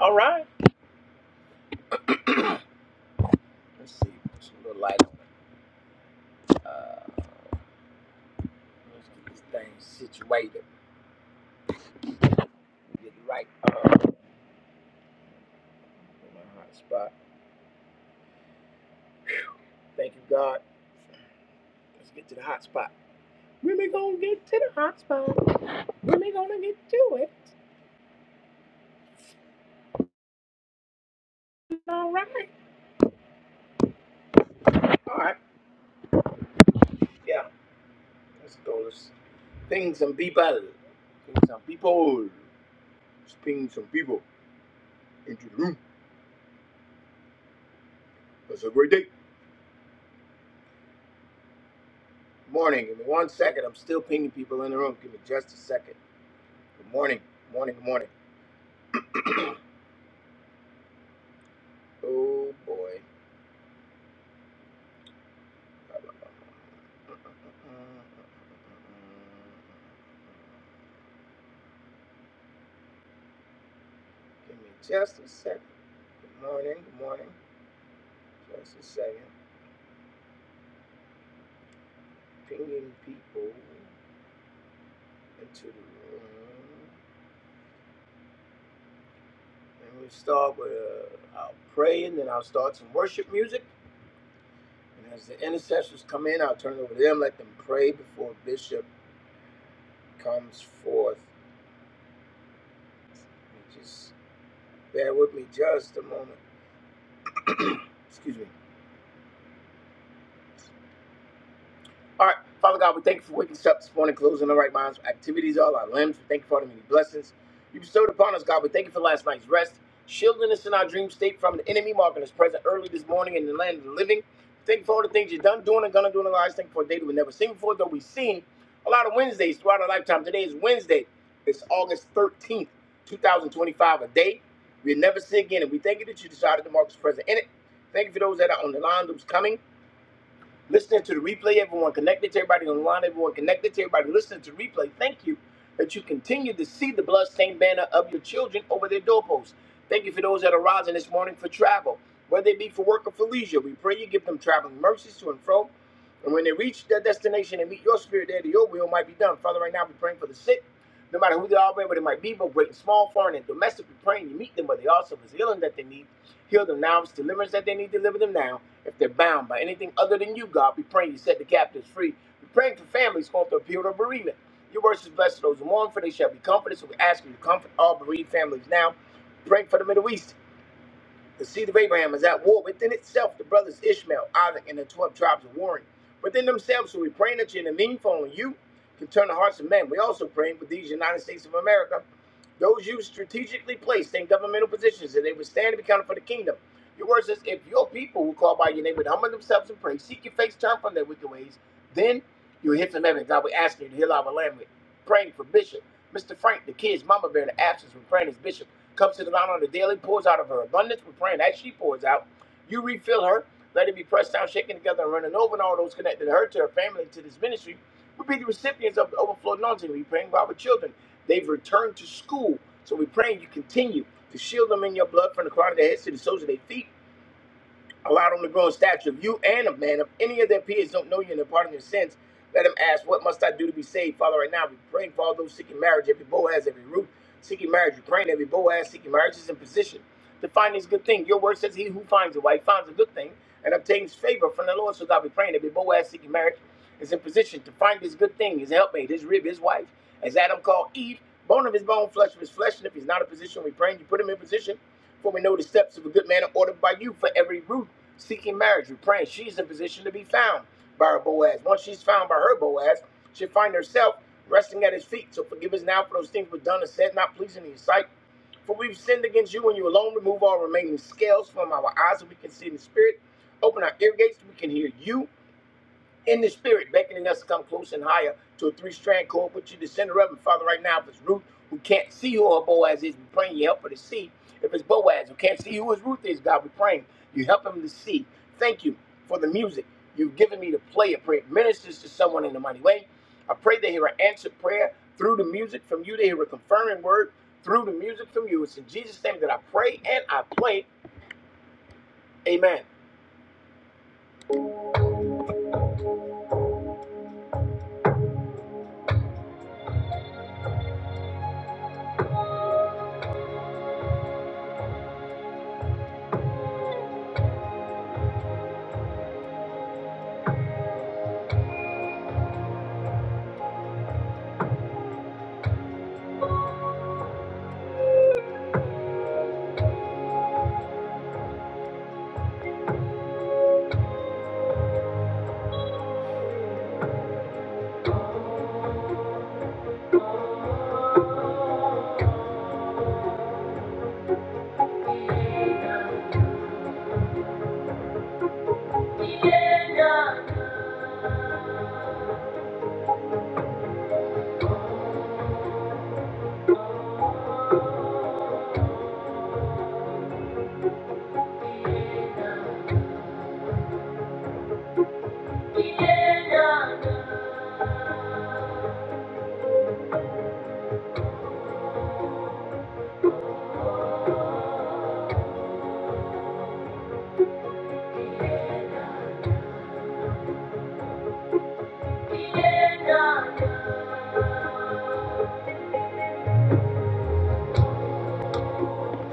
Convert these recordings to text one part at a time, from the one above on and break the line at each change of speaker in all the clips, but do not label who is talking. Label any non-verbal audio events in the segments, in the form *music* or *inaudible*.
All right.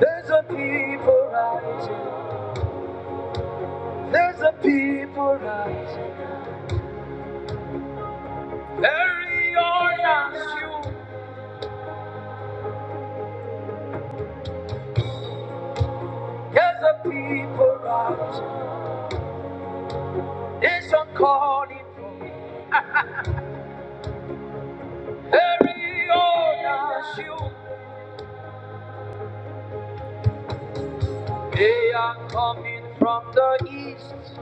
There's a people rising. There's a people rising. Very honest you. There's a people rising. It's a calling from every other shoe. They are coming from the east.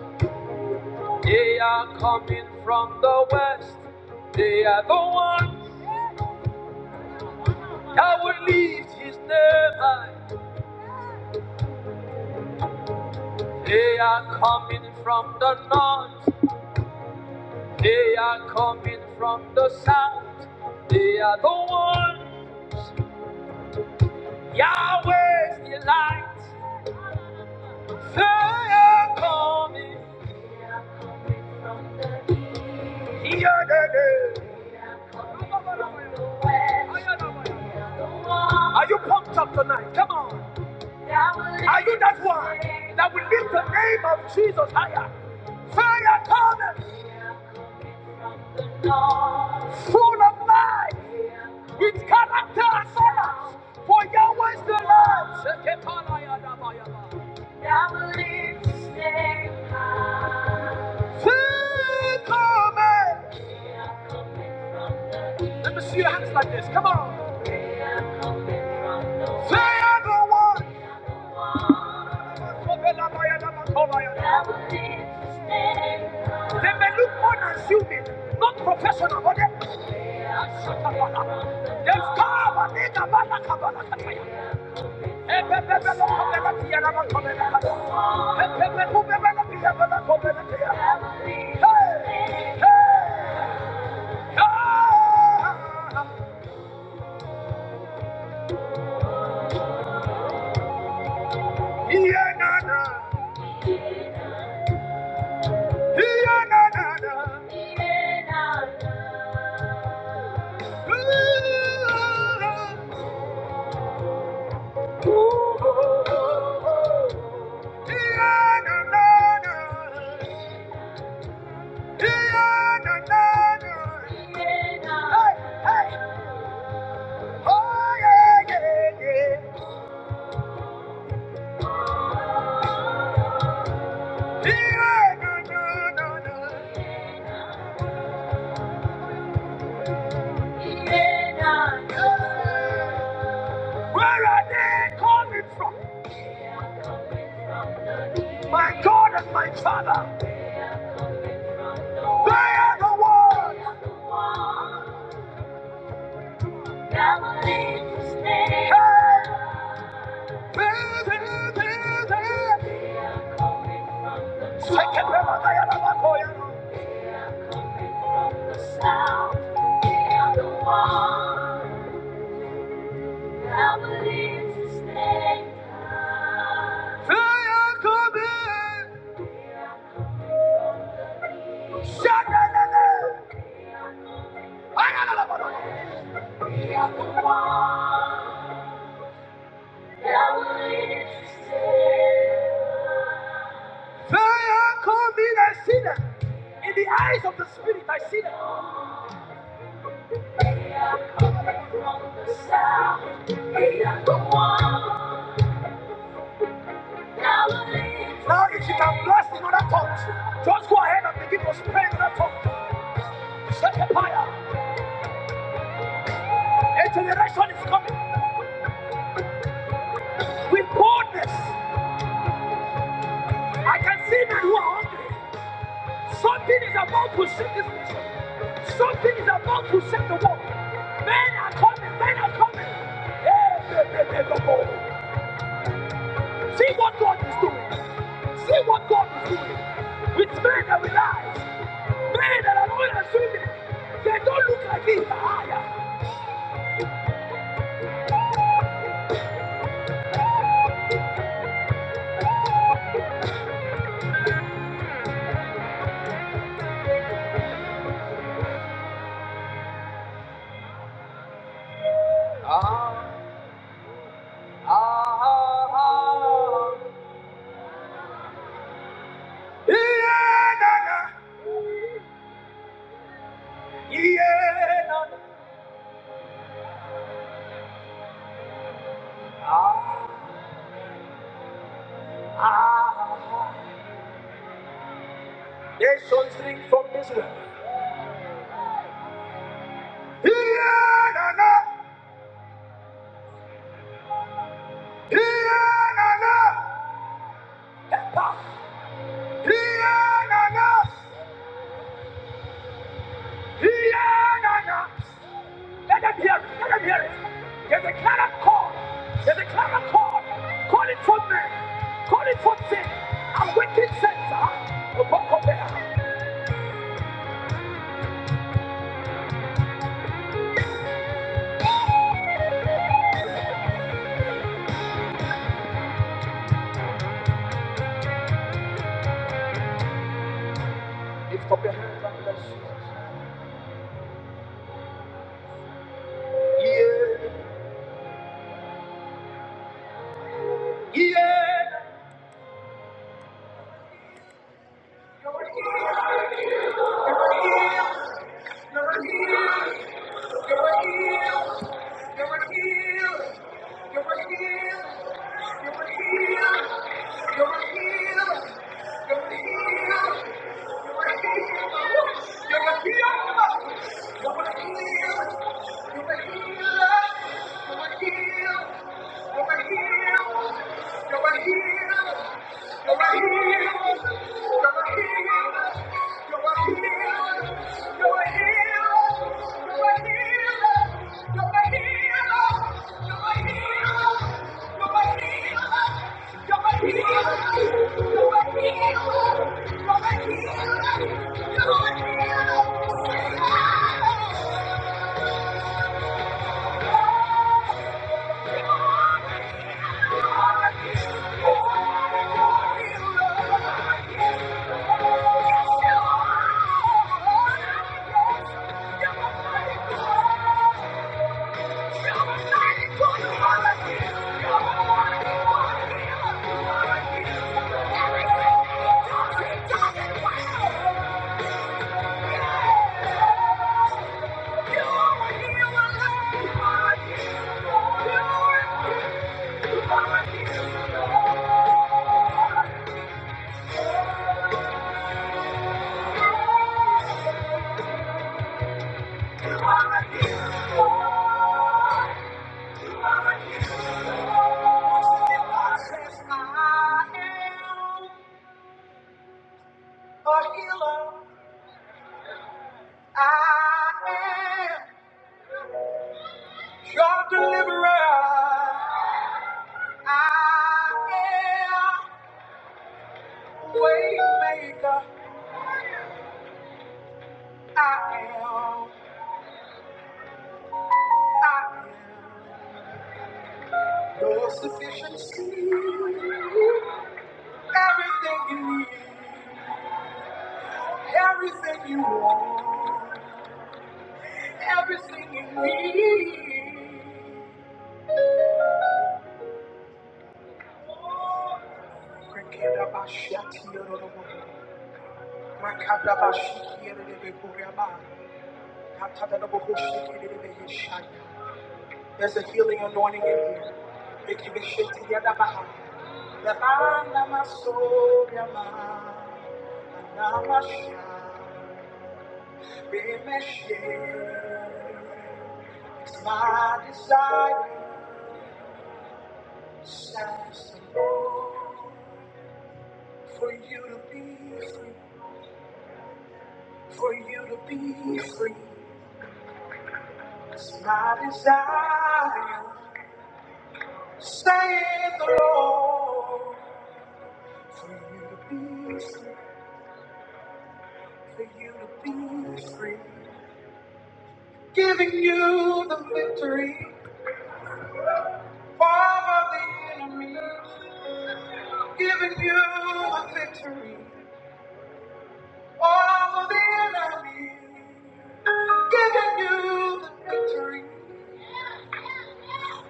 They are coming from the west. They are the ones that will lift his name high. They are coming from the north. They are coming from the south. They are the ones. Yahweh's your light. Fire coming. Here the day. Are you pumped up tonight? Come on. Are you that one that will lift the name of Jesus higher? Fire coming, full of life, with character and solar. For Yahweh's the Lord. Shekepanaya dabayaba. Yahweh is the Lord. Fire coming. Let me see your hands like this. Come on. Fire the one. the Lord. They may look unasuming, not professional, but they. There's come a nigga, bala, kabala, kataya. Ebebebelo, kobela, tiyana, ma, kobela, kataya. Ebebe, kubebela, biyabela, kobela, tiya. Hey, hey, ah. Iyenana, iyenanana. Ooh, ooh, ooh, ooh. Iyenanana. Where are they coming from? My God and my Father, they are the ones. Hey! are one. one. the the to to stay. stay. that believes to stay down. In the eyes of the Spirit, I see them. We are coming from the south. We are the one. Now, if you can blast in other tongues, just go ahead and begin to pray in other tongues. Set a fire. A generation is coming with boldness. I can see men who are hungry. Something is about to shift this nation. Something is about to shift the world. Men are coming. Men are coming. Hey, hey, hey, hey, go, go. See what God is doing. See what God is doing. With men that realize, men that are not assuming, they don't look like this. Higher. Ah, ah, ah. Yeah, na, na. Yeah, na, na. Ah, ah, ah. Nations drink from this well. Yeah, na, na. Yeah, na, na. Epa. Yeah, na, na. Yeah, na, na. Let them hear it. Let them hear it. There's a clarion call. There's a clarion call. Call it for men. Call it for sin. And wicked sins. Huh? Lift up your hands and bless Jesus. Yeah. Yeah. You're my healer. You're a healer. You're a healer. You're a healer. You're a healer. You're a healer. You're a healer. You're my healer. You're a healer. You're a healer. You're a healer. You're a healer. You're a healer. You're a healer. Thank you. I am a healer. I am your deliverer. I am way maker. I am, I am your sufficiency. Everything you need, everything you want, everything you need. Forget about shit, you know. There's a healing anointing in here. It can be shaken together by hand. The hand of my soul, your mind, my shine, It's my desire, says the Lord, for you to be free, for you to be free. It's my desire. Saith the Lord, for you to be free, for you to be free, giving you the victory over the enemy, giving you the victory over the enemy, giving you the victory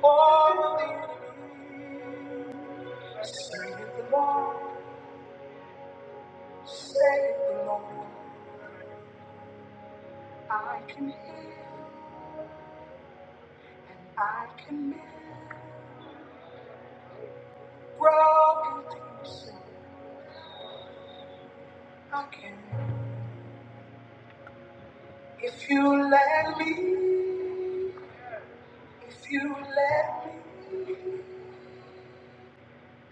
over the enemy. Saith the Lord, saith the Lord, I can heal, I can mend. broken things I can. If you let me, if you let me,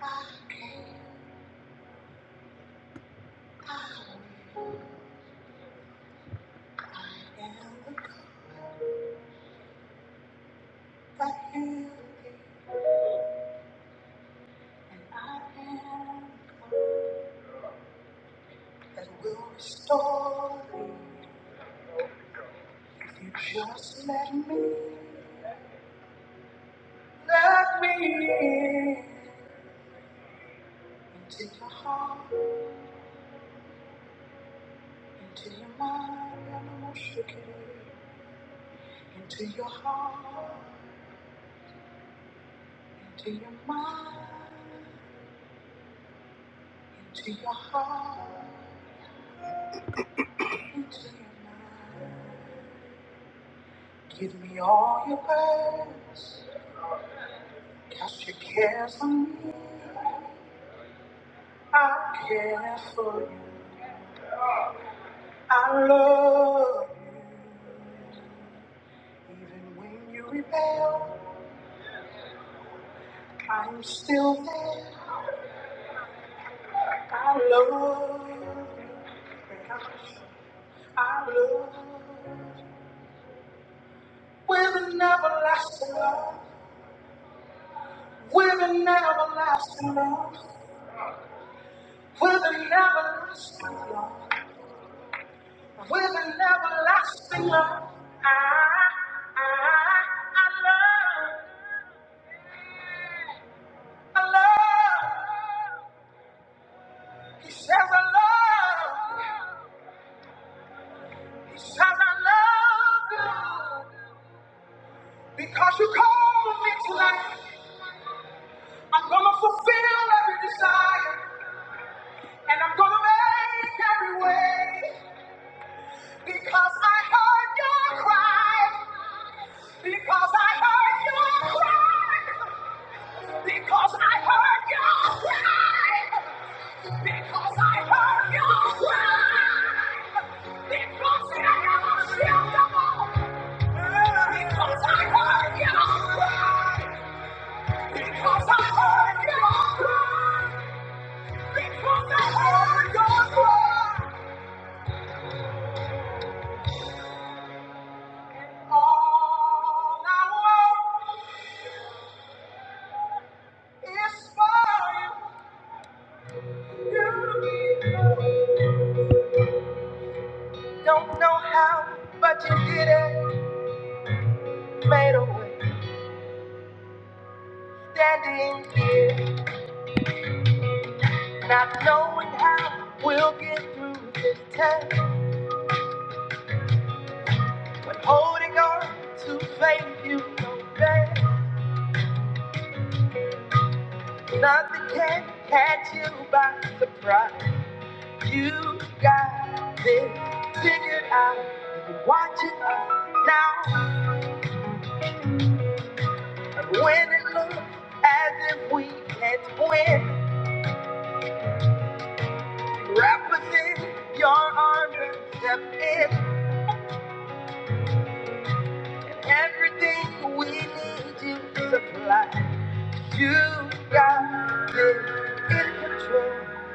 I can. I am the God that healed thee, and I am the God that will restore thee. If you just let me, let me in into your heart, into your mind, and I won't shake it. into your heart, into your mind, into your heart, into your mind. Give me all your burdens, cast your cares on me. I care for you, I love you. Even when you rebel, I'm still there. I love you, I love you. With an everlasting love, with an everlasting love, with an everlasting love, with an everlasting love. I, I, I love, I love. He says I love, he says I love you. Because you called me tonight, I'm gonna fulfill every desire, and I'm gonna make every way. Because I heard your cry. Because I heard your cry. Because I heard your cry. Because I heard your cry. Because I am a Because I heard your cry. Because I heard your cry. Because I heard your cry. All I want. It's for you. You Don't know how, but you did it. Made a way, standing here, not knowing how we'll get through this test. But holding on to faith, you know best. Nothing can catch you by surprise. You got this figured out. You're watching us now, and when it looks as if we can't win. Wrap us in your arms and step in. Everything we need you supply. You got it in control.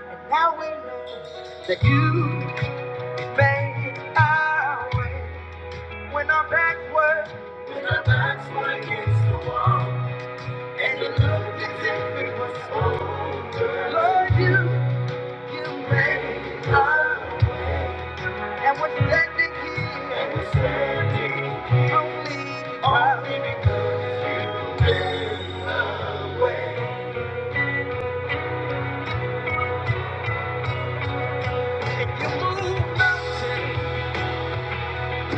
And now we know that you made our way. When our backs were, when our backs were against the wall. And it looked as if it was over. Lord, you, you made our way, And we're standing here. And we If you move mountains,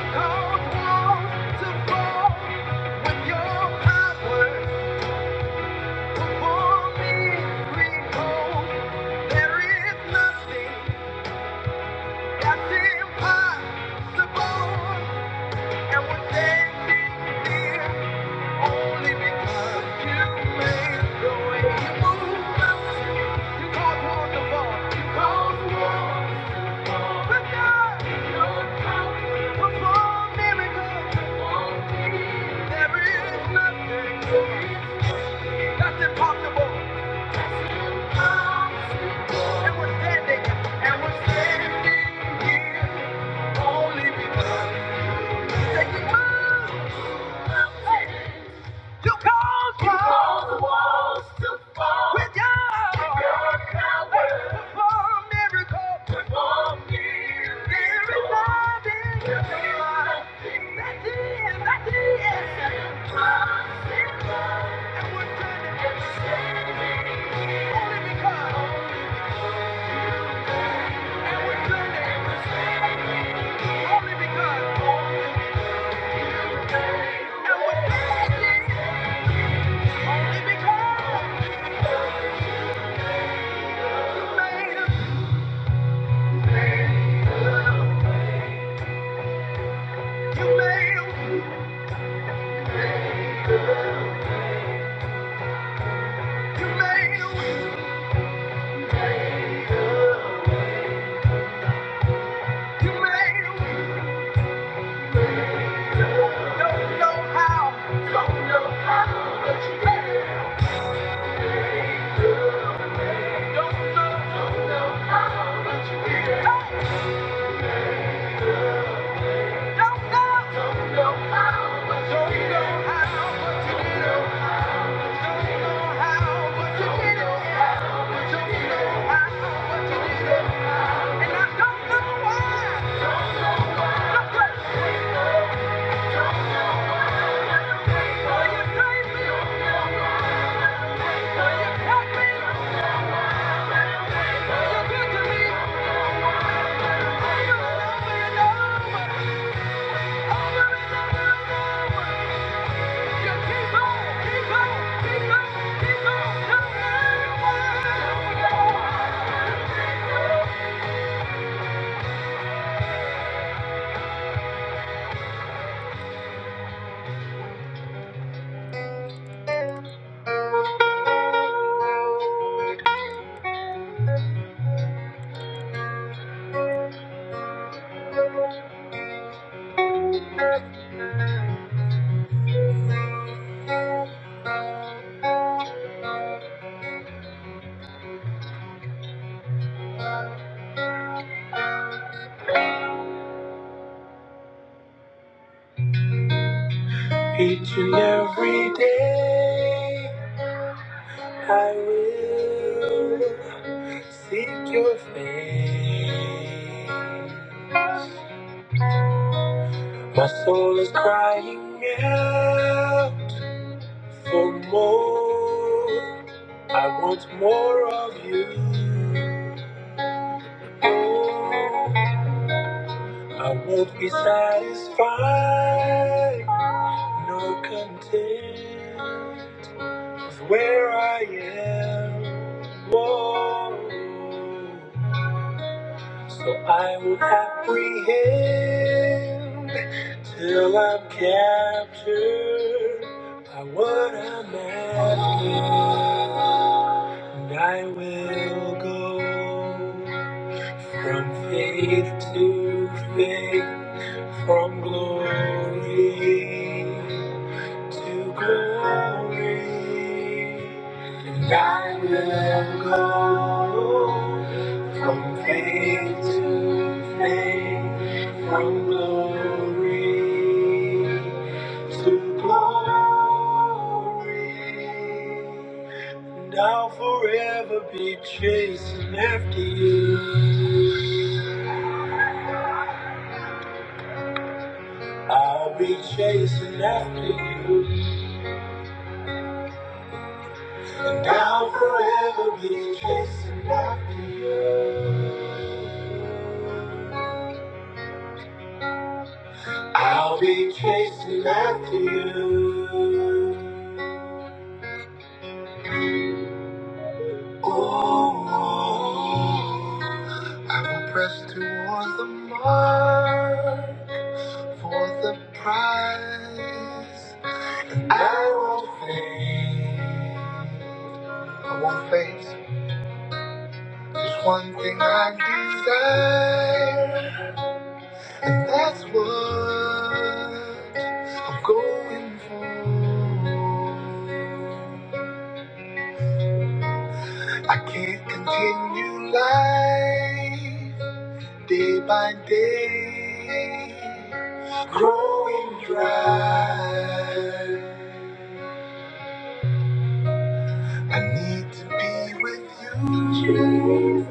cause walls to fall with your power for me, recall. There is nothing that's impossible, and we're standing here. Only because you made the way you moved. You caused war to to fall. But your power, performed There is nothing that's impossible. And we're standing, and we're standing here only because you said you moved. You caused war. With your your power. Perform miracles. Perform There is miracles. nothing that is, that is impossible. And we're good at saving. Only because. And we're good at saving. Only because. Only because. And we're good at Only because. You made us. You made a way, you made a way, you made a Don't know how, but you did. Don't don't know, don't know how, but you did. Don't know how, but you did. Don't know how, but you did. Don't know how, but you did. And I don't know why. Don't know why. Each and every day I will seek your face. My soul is crying out. For more, I want more of you. Oh, I won't be satisfied, nor content with where I am. Oh. So I will apprehend till I'm captured by what I'm after. And I will go from faith to faith, from glory to glory. And I will go from faith to faith, from glory to glory. And I'll forever be chasing after you. I'll be chasing after you. And I'll forever be chasing after you. I'll be chasing after you. Oh, oh. I will press toward the mark for the prize. I won't faint. I won't faint. There's one thing I desire, and that's what I'm going for. I can't continue life day by day, growing dry. I need to be with you. Jesus.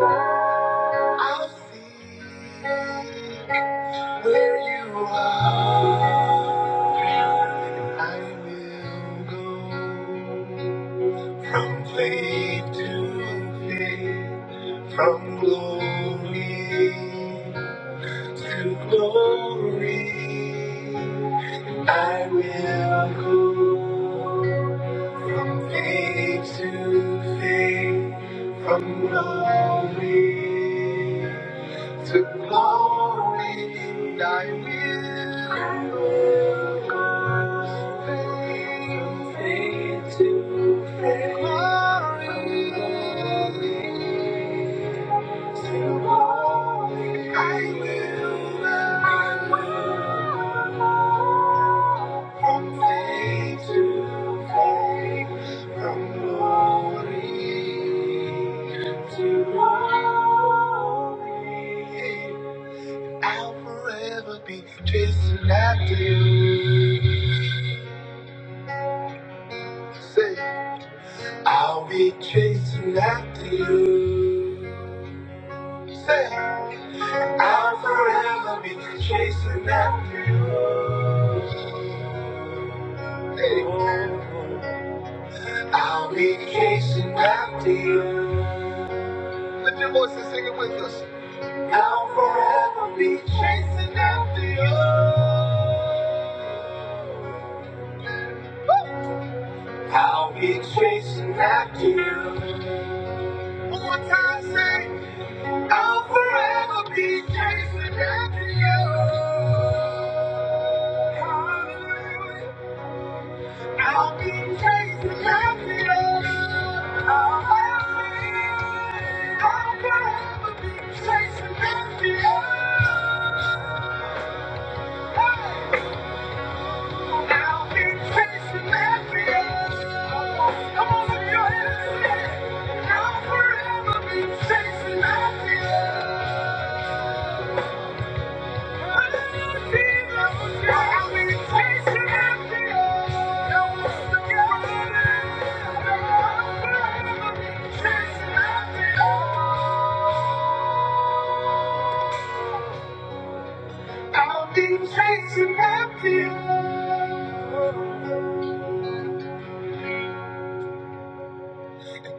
I'll seek where you are, and I will go. From faith to faith, from glory to glory, I will go from faith to faith, from glory to glory, and I will go from faith to faith, from glory. Chasing after you, say I'll be chasing after you. Say. I'll forever be chasing after you. Hey. I'll be chasing after you. Lift your voice and sing it with us. I'll forever be chasing after you. Woo. I'll be chasing after you. One more time, say, I'll forever be chasing after you. Hallelujah. I'll be chasing happiness. I'll happy. I'll forever be chasing happiness. Hey! I'll be chasing happiness. Come on, lift your hands and say it. I'll forever be chasing happiness. I'll be chasing after you.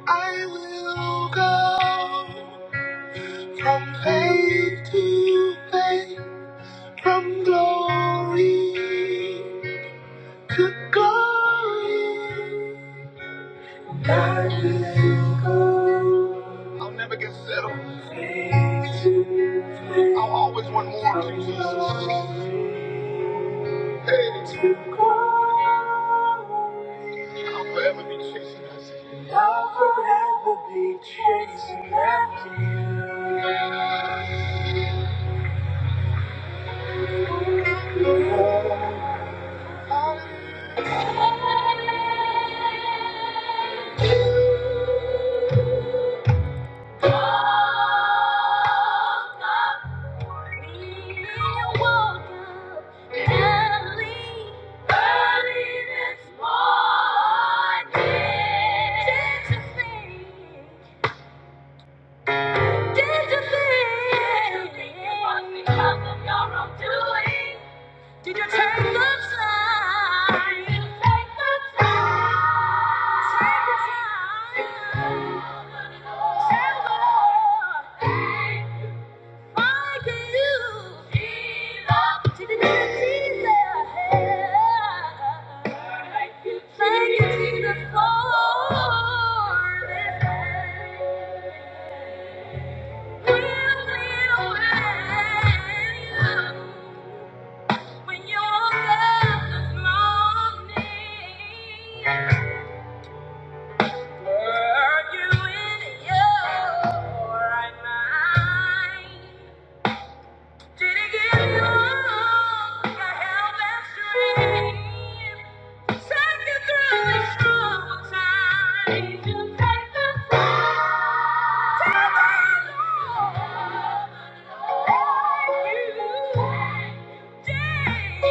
I will go from faith to faith, from glory. to glory. God is good. I'll never get settled. I'll always want more of you, Jesus. Hey, to glory. I'll forever be chasing after you. I'll forever be chasing after you. Woke up, we woke up early, early this morning. Did you think? Did you think? you think because of your wrongdoing? Did take the time? Did you take the time? Take the time. Tell the Lord. Thank you. Why you feel Thank you, Jesus, for this day. Will you were you in your right mind? Did he give you all the help and strength? Take you through these troubled times. You take the fall. Tell the Lord, you. Holy Spirit,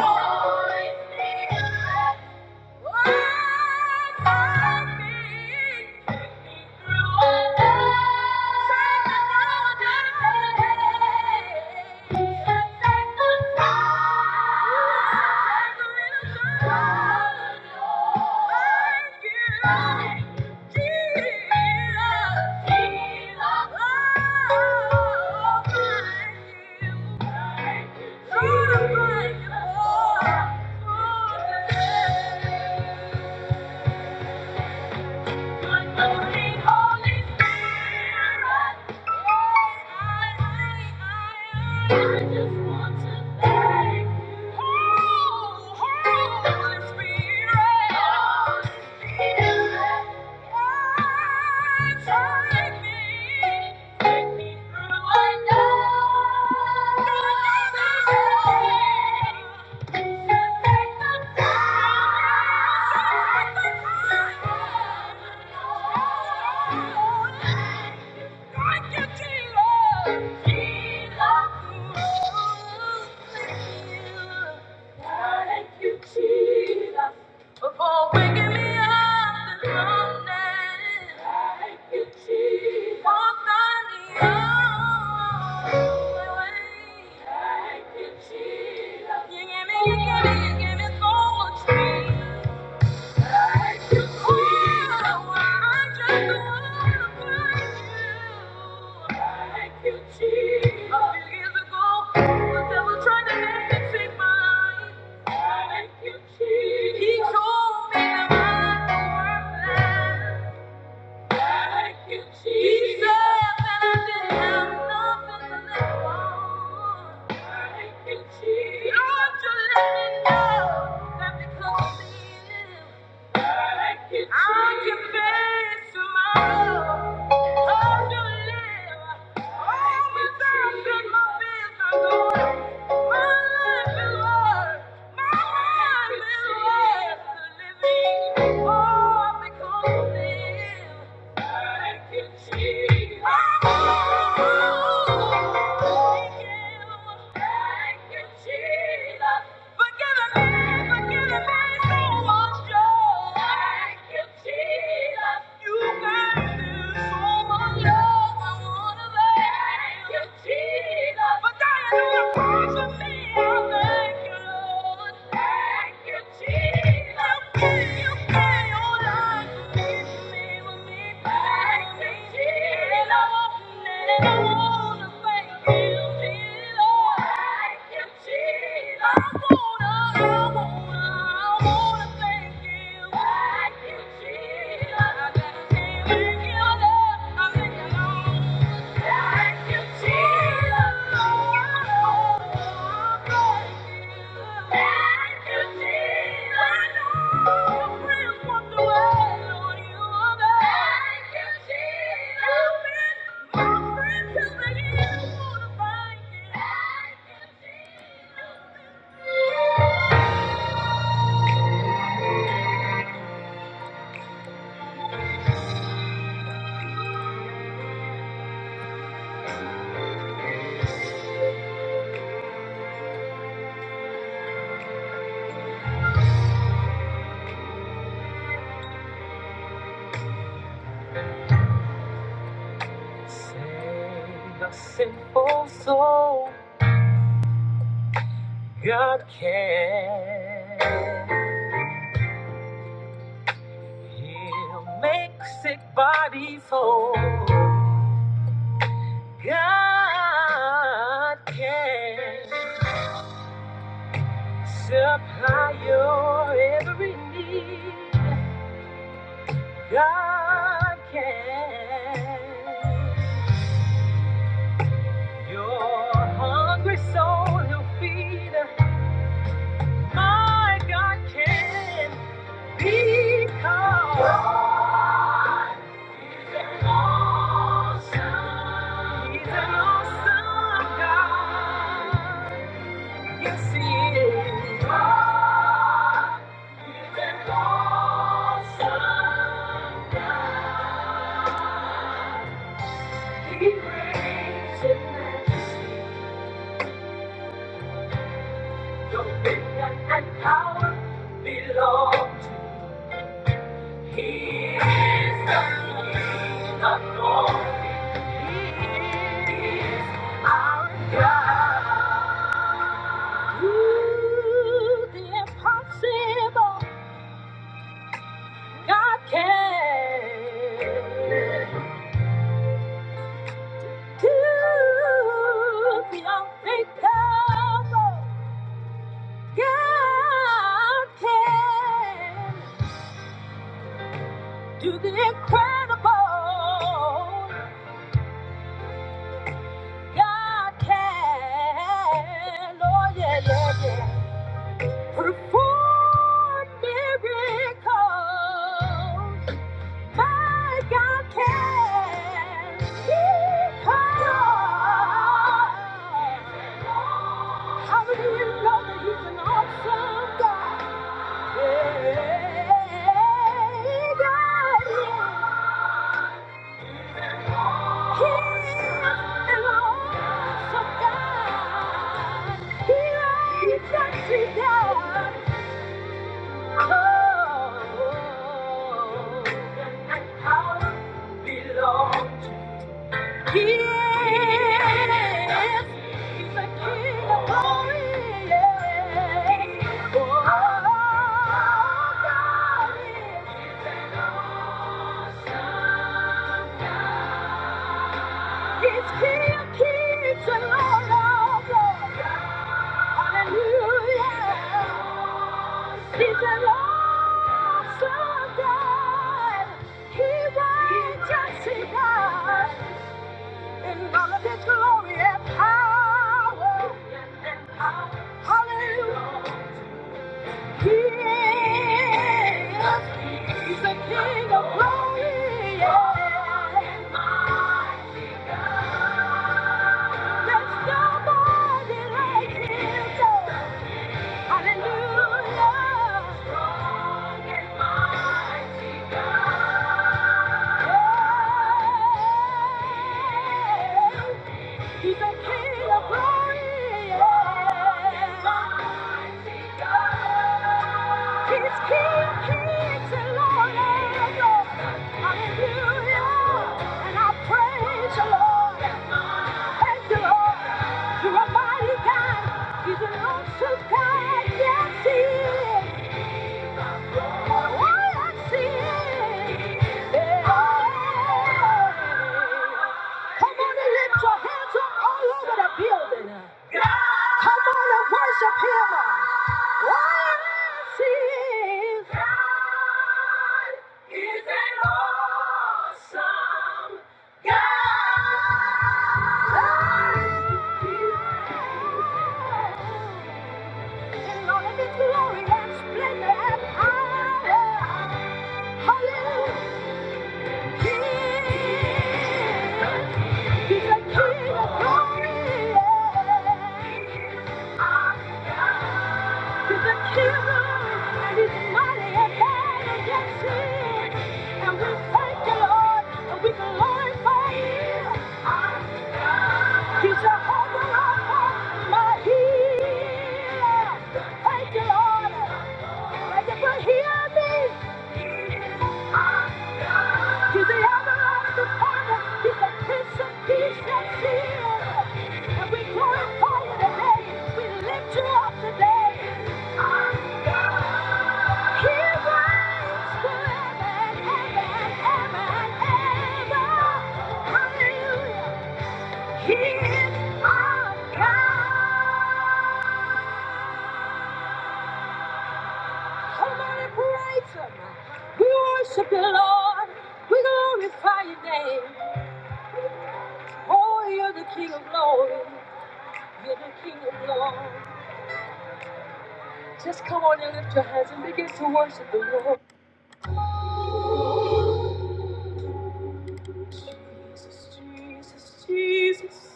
Holy Spirit. Thank you. Trying to find your heart. Thank you. Thank you, Jesus. Before waking me up this morning, thank you, Jesus. Walked on your way. Thank you, Jesus. You give me, you give me, you give me so much peace. He told me that I'm worthless. Thank you, Jesus. He said that I didn't have nothing to live for. Thank you, Jesus. Lord, you let me know that because of you, I can face tomorrow. Hope to live. All the times that my bills are going, my life is worth, my life is worth living. All because of you. Thank you. Jesus. I'm Thank you. Thank you. Jesus. Save a sinful soul, God can. He'll make sick bodies whole, God can. Supply your every need, God can. Your hungry soul, he'll feed. My God can be called. God is an awesome. He's an awesome God. Yes, He is. God is an awesome. He reigns in majesty, dominion, and power belong to Him. He is the King of glory. Do the incredible. God can. Oh, yeah, yeah, yeah. Perform miracles. But God can because how do you know that He's an awesome God? Yeah, God is. He is an awesome God. He reigns He does. Awesome. It's King of Kings and Lord of Lords. Hallelujah. He's a Lord, so God. He reigns, yes, he does. In all of his glory and power. Hallelujah. There's nobody like him. He's a king of glory. He's king of kings and lord of lords. Hallelujah. And I praise the Lord. Thank a mighty God. Good God. Yes, he is. Come on and lift your hands up all over the building. Come on and worship him. All I see is God is an awesome In all of his glory and splendor and power. Hallelujah. He's Yeah. He's a hero, and he's mighty and mighty against And we thank you, Lord, and we glorify you. He's a holy rock, my healer. Thank you, Lord. Thank you for me. He's the everlasting Father. He's the Prince of Peace and Seal. And we glorify you today. We lift you up today. He is our God. Somebody praise him. We worship you, Lord. We glorify your name. Oh, you're the King of glory. You're the King of glory. Just come on and lift your hands and begin to worship the Lord. Jesus, Jesus, Jesus.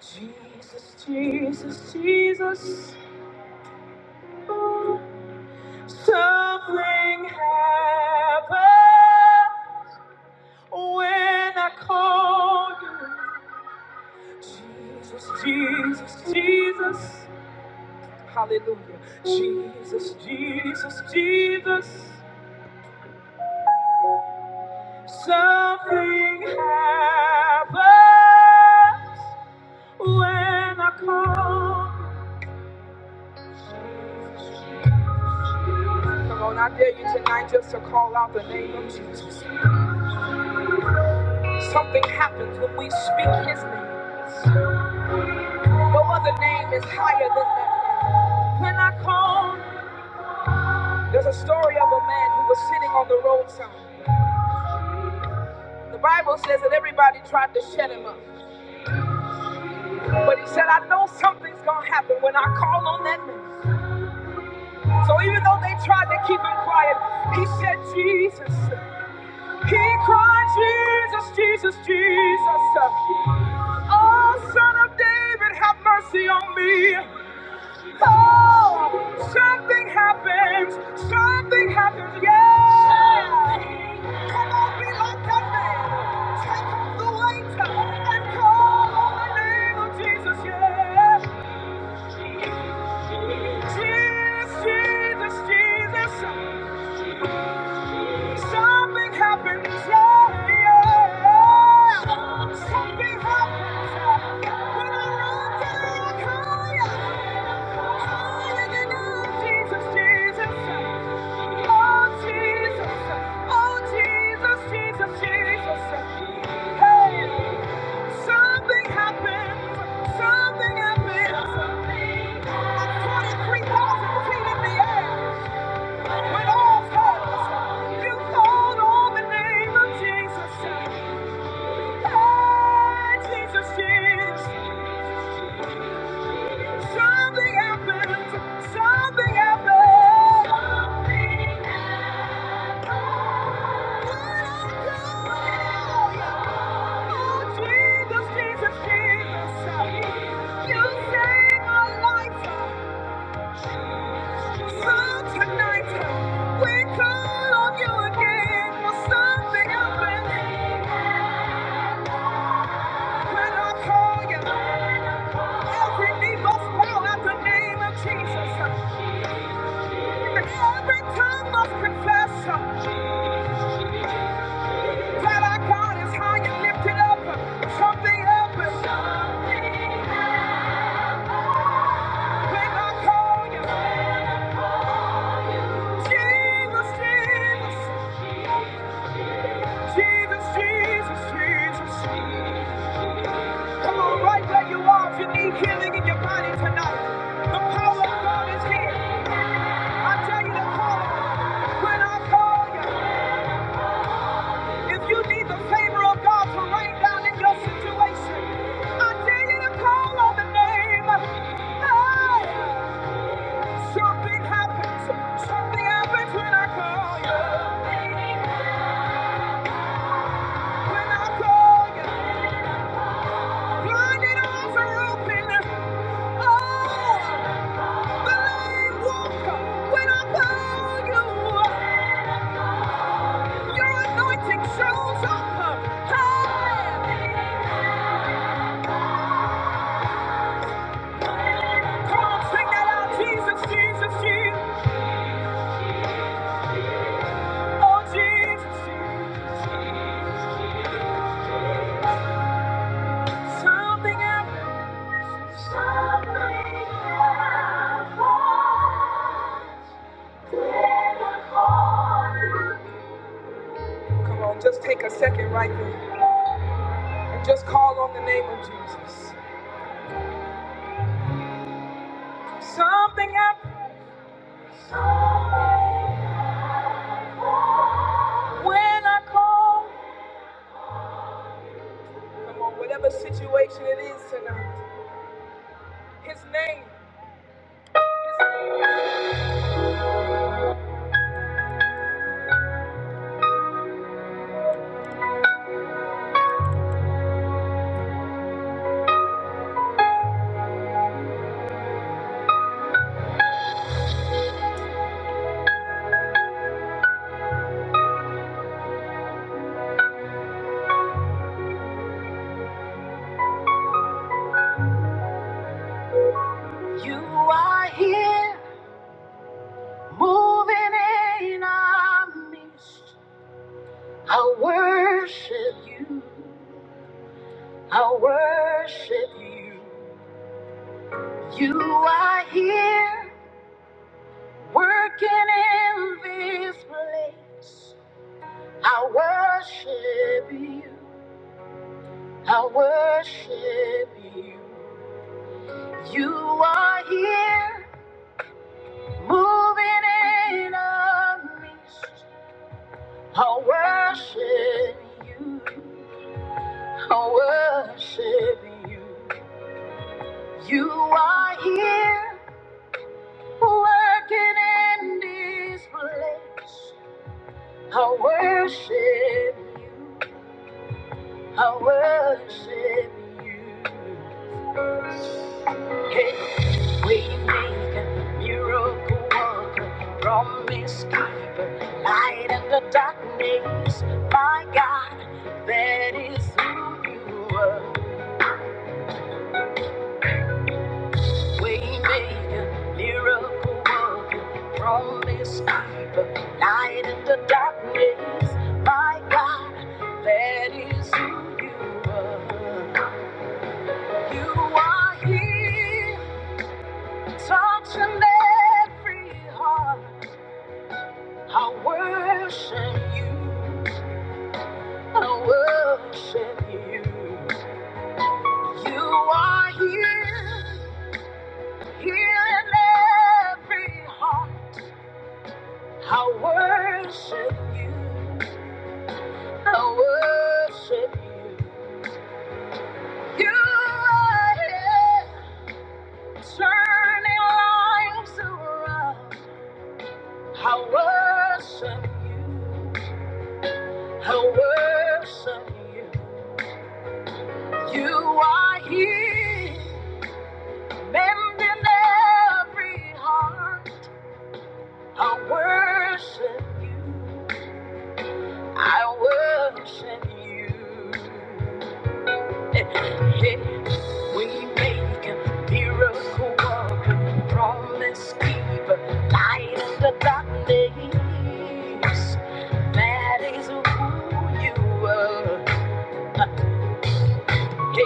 Jesus, Jesus, Jesus, something happened when I called you. Jesus, Jesus, Jesus, hallelujah. Jesus, Jesus, Jesus, something happened when I called you. Come on, I dare you tonight just to call out the name of Jesus. Something happens when we speak his name. No other name is higher than that. When I call, there's a story of a man who was sitting on the roadside. The Bible says that everybody tried to shut him up. But he said, I know something's gonna happen when I call on that name. So even though they tried to keep him quiet, he said, Jesus. He cried, Jesus, Jesus, Jesus. Oh, son of David, have mercy on me. Oh, something happens. Something happens. Yeah. Come on, be like that man. Take off the weight and call on the name of Jesus. Yeah. Jesus, Jesus, Jesus. Something happens, yeah, yeah. Something happens yeah. when I run to you, I call you. Calling your name, Jesus, Jesus. Oh, Jesus. Oh, Jesus, Jesus, Jesus. Hey, something happens, something happens. I'm 23,000 feet in the air. When all comes, you called on the name of Jesus. Hey, Jesus, Jesus. Something happened. Something happened. Oh, Jesus, Jesus, You saved my life. So tonight, we call on you again. for Something happened. When I call you, every knee must bow at the name of Jesus, every tongue must confess that our God is high and lifted up. Something happens when I call you, Jesus, Jesus, Jesus, Jesus, Jesus. Come on, right where you are, if you need healing in your body tonight, the power of God is here. I tell you to call When I call you. If you need the favor of God to rain down in your situation, I dare you to call on the name. Hey, something happens. Something happens when I call you. When I call you, blinded eyes are open. Oh, the lame walk. When I call you, your anointing shows up. Hey, come on, sing that out, Jesus, Jesus, Jesus. Oh, Jesus, something happens. Come on, just take a second right there and just call on the name of Jesus. Something happens when I call. Come on, whatever situation it is tonight, His name. His name. You are here, moving in our midst. I worship you. I worship you. You are here. Working in this place, I worship you. I worship you. You are here, moving in our midst. I worship you. I worship you. You are here, working in this place. I worship you. I worship you. Hey, waymaker, miracle worker, promise keeper, light in the darkness. My God, that is who you are. Waymaker, miracle worker, promise keeper, light in the darkness. My God, that is who you are. You are here. Touching every heart. I worship you. I worship you. You are here, here in every heart. I worship you. I worship you. You are here, turning lives around. I worship you. I worship you. You are here, mending every heart. I worship you. I worship you. *laughs* Yeah, We make a miracle worker, promise keeper, light in the darkness. That is who you are. *laughs*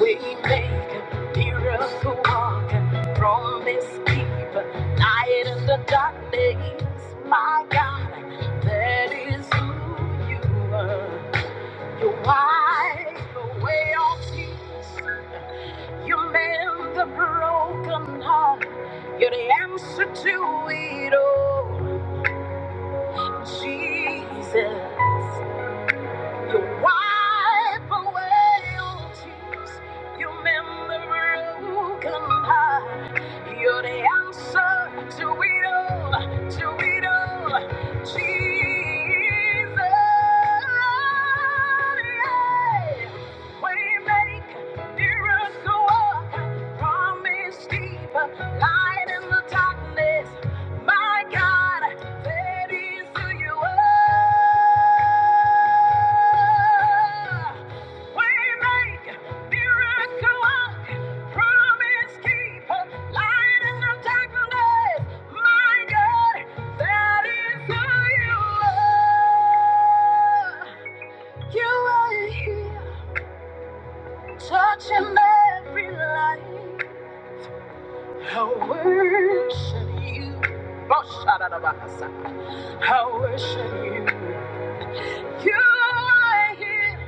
Waymaker, miracle walker, promise keeper, light in the darkness, my God, that is who you are. You wide the way of peace, you mend the broken heart, you're the answer to it all, Jesus. You wipe away all tears. You mend the broken heart. You're the answer to it all, to it all. Jesus, yeah. Waymaker, miracle worker, promise keeper, light in the darkness. My God. That is who you are. Waymaker, miracle worker, promise keeper, light in the darkness. My God, that is who you are. You are here, touching every life. I worship you. Oh, shout out about the I worship you. You are here,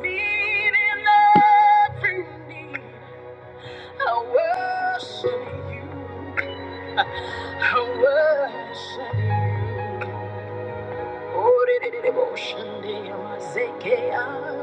meeting love through me. I worship you. I worship you. Oh, did it devotion, dear, my Zekiah.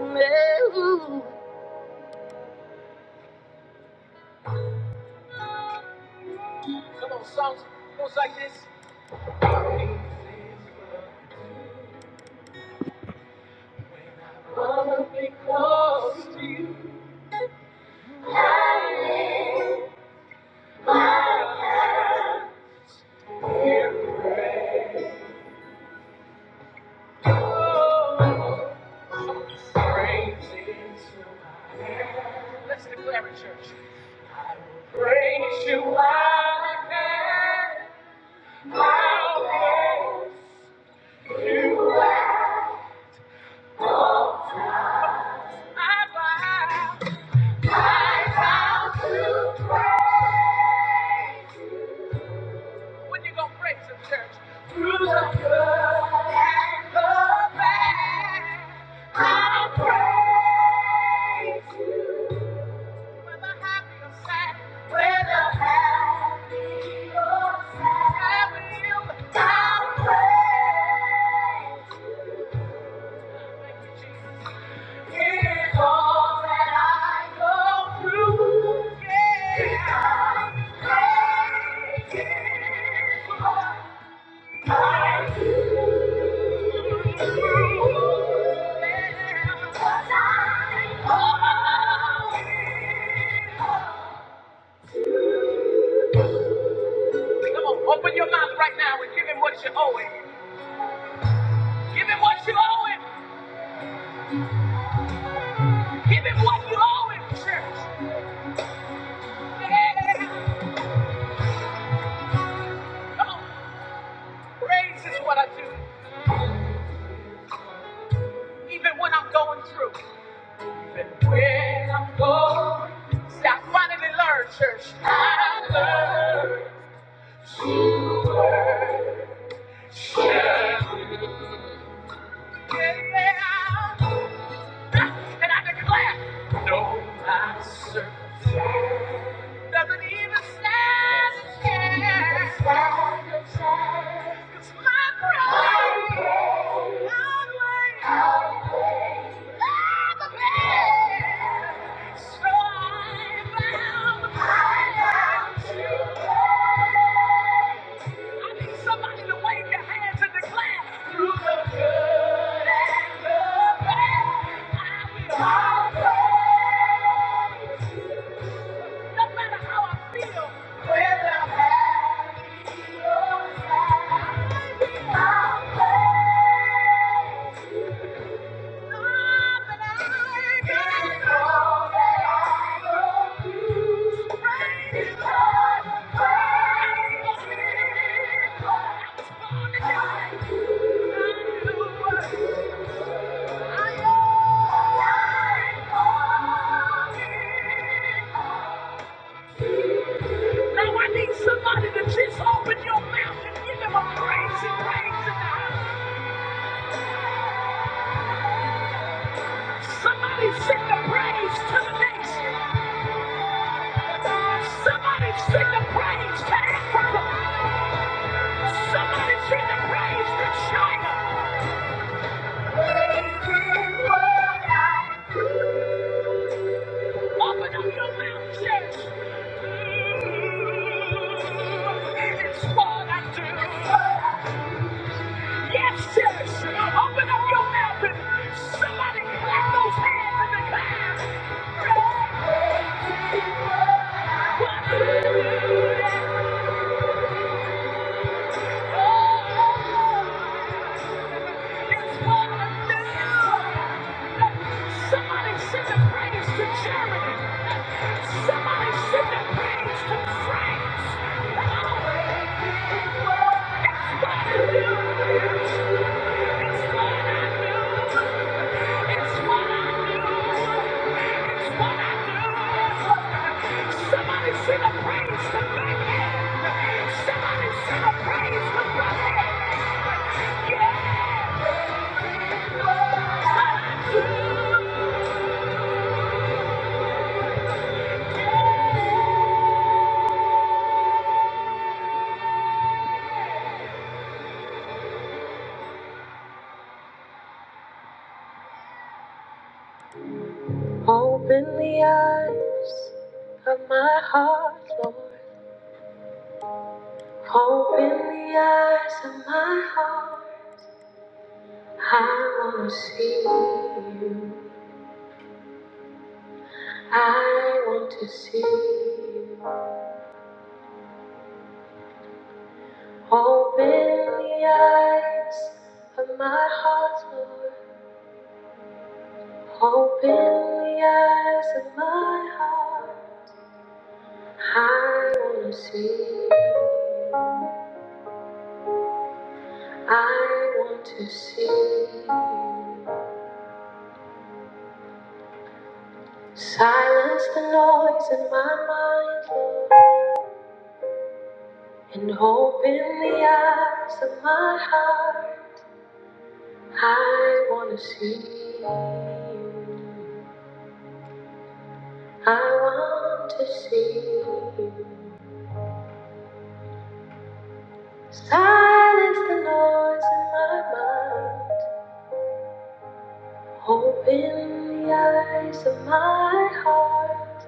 Let's declare it, church. Praise you, I can. I bow. I bow. When you gonna praise him, church? Through the good and the bad, I praise you. Whether happy or sad, whether happy or sad, I will, praise you. Thank you, Jesus. It is all that I go through. Yeah. Because praise is what I do. Come on, open your mouth right now and give him what you owe him. Give him what you owe him. Give him what you owe him, church. Yeah. Come on, praise is what I do, even when I'm going through. Even when I'm going, through. see, I finally learned, church. I learned. Yeah. And I declare Doesn't even stand a chance. Cause my pride outweighs the pain. So I found the power to pray. I need somebody to wave their hands and declare, "Through the good and the bad, I will always No matter how I feel, whether I'm happy I'll praise you. Lord, that I can all that I go through. Praise you, I was Now I need somebody to just open your mouth and give him a praise and praise in the house. Somebody send the praise to the nation. Somebody send the praise to Africa. Somebody send the praise to China. Open up your mouth, church. It's what I do. Yes, church. Open up your mouth and somebody clap those hands in the clouds. It's what I do. Somebody send a praise to Germany. Somebody send a praise to France. Come on. That's what it is. Yeah. Open the eyes of my heart, Lord. Open the eyes of my heart. I want to see you. I want to see you open the eyes of my heart, Lord. Open the eyes of my heart. I want to see you. I want to see you. Silence the noise in my mind, Lord, and open the eyes of my heart. I want to see you. I want to see you. Silence the noise in my mind. Open the eyes of my heart.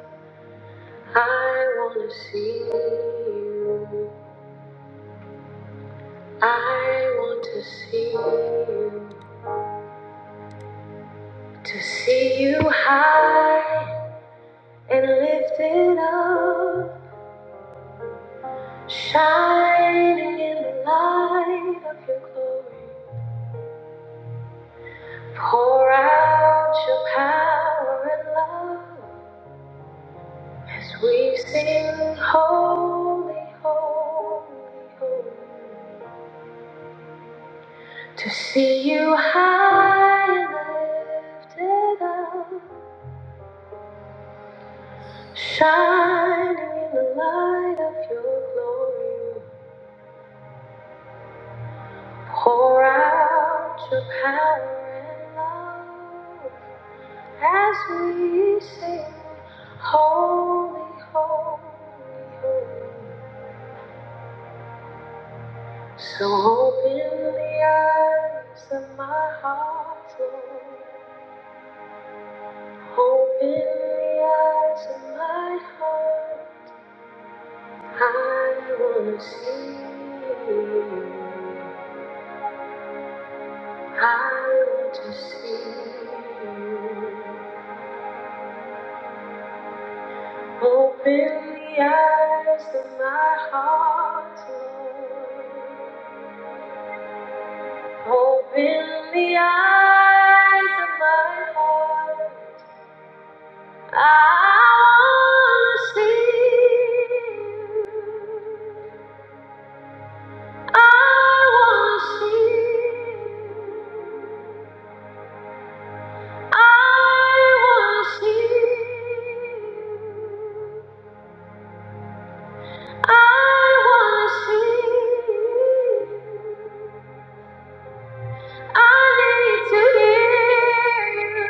I want to see you. I want to see you. To see you high and lifted up. Shining in the light of your glory. Pour out your power and love as we sing holy, holy, holy. To see you high and lifted up, shining in the light of your glory. Pour out your power and love as we sing holy, holy, holy. So open the eyes of my heart, Lord. Open the eyes of my heart. I want to see you. I want to see you. Open the eyes of my heart, Lord. Open the eyes of my heart. I wanna see. I wanna see. I wanna see. I wanna see. I need to hear you.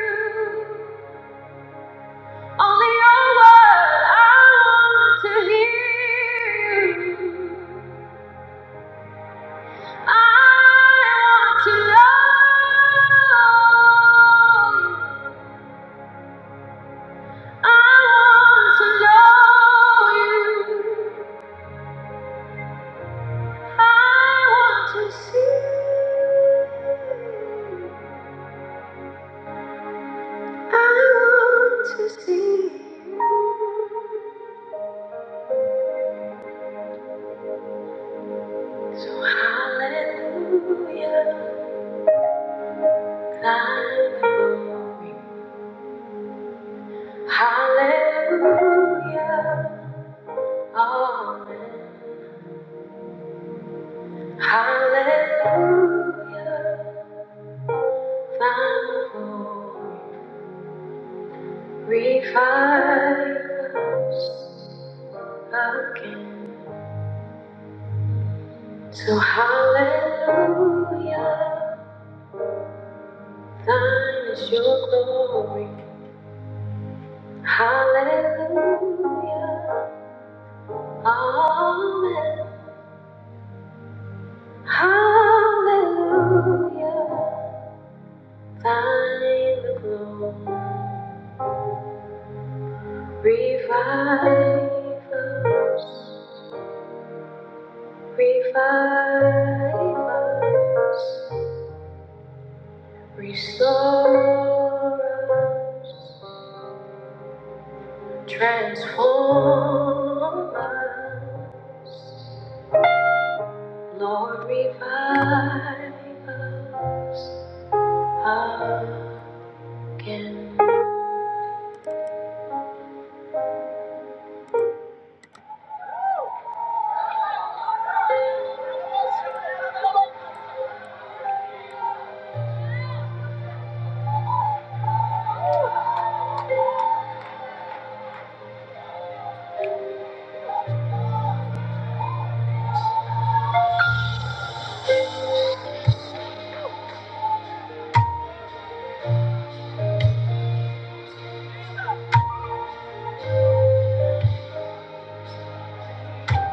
Only your word. I want to hear you. I want to know you. I want to know you. I want to see. So I want to see. you. So hallelujah, thy glory. Hallelujah, amen. Hallelujah. My home revive us again. So hallelujah, thine is your glory. Hallelujah, amen. Hallelujah, thine the glory. Revive us, revive us. Restore us, transform us, Lord, revive us again.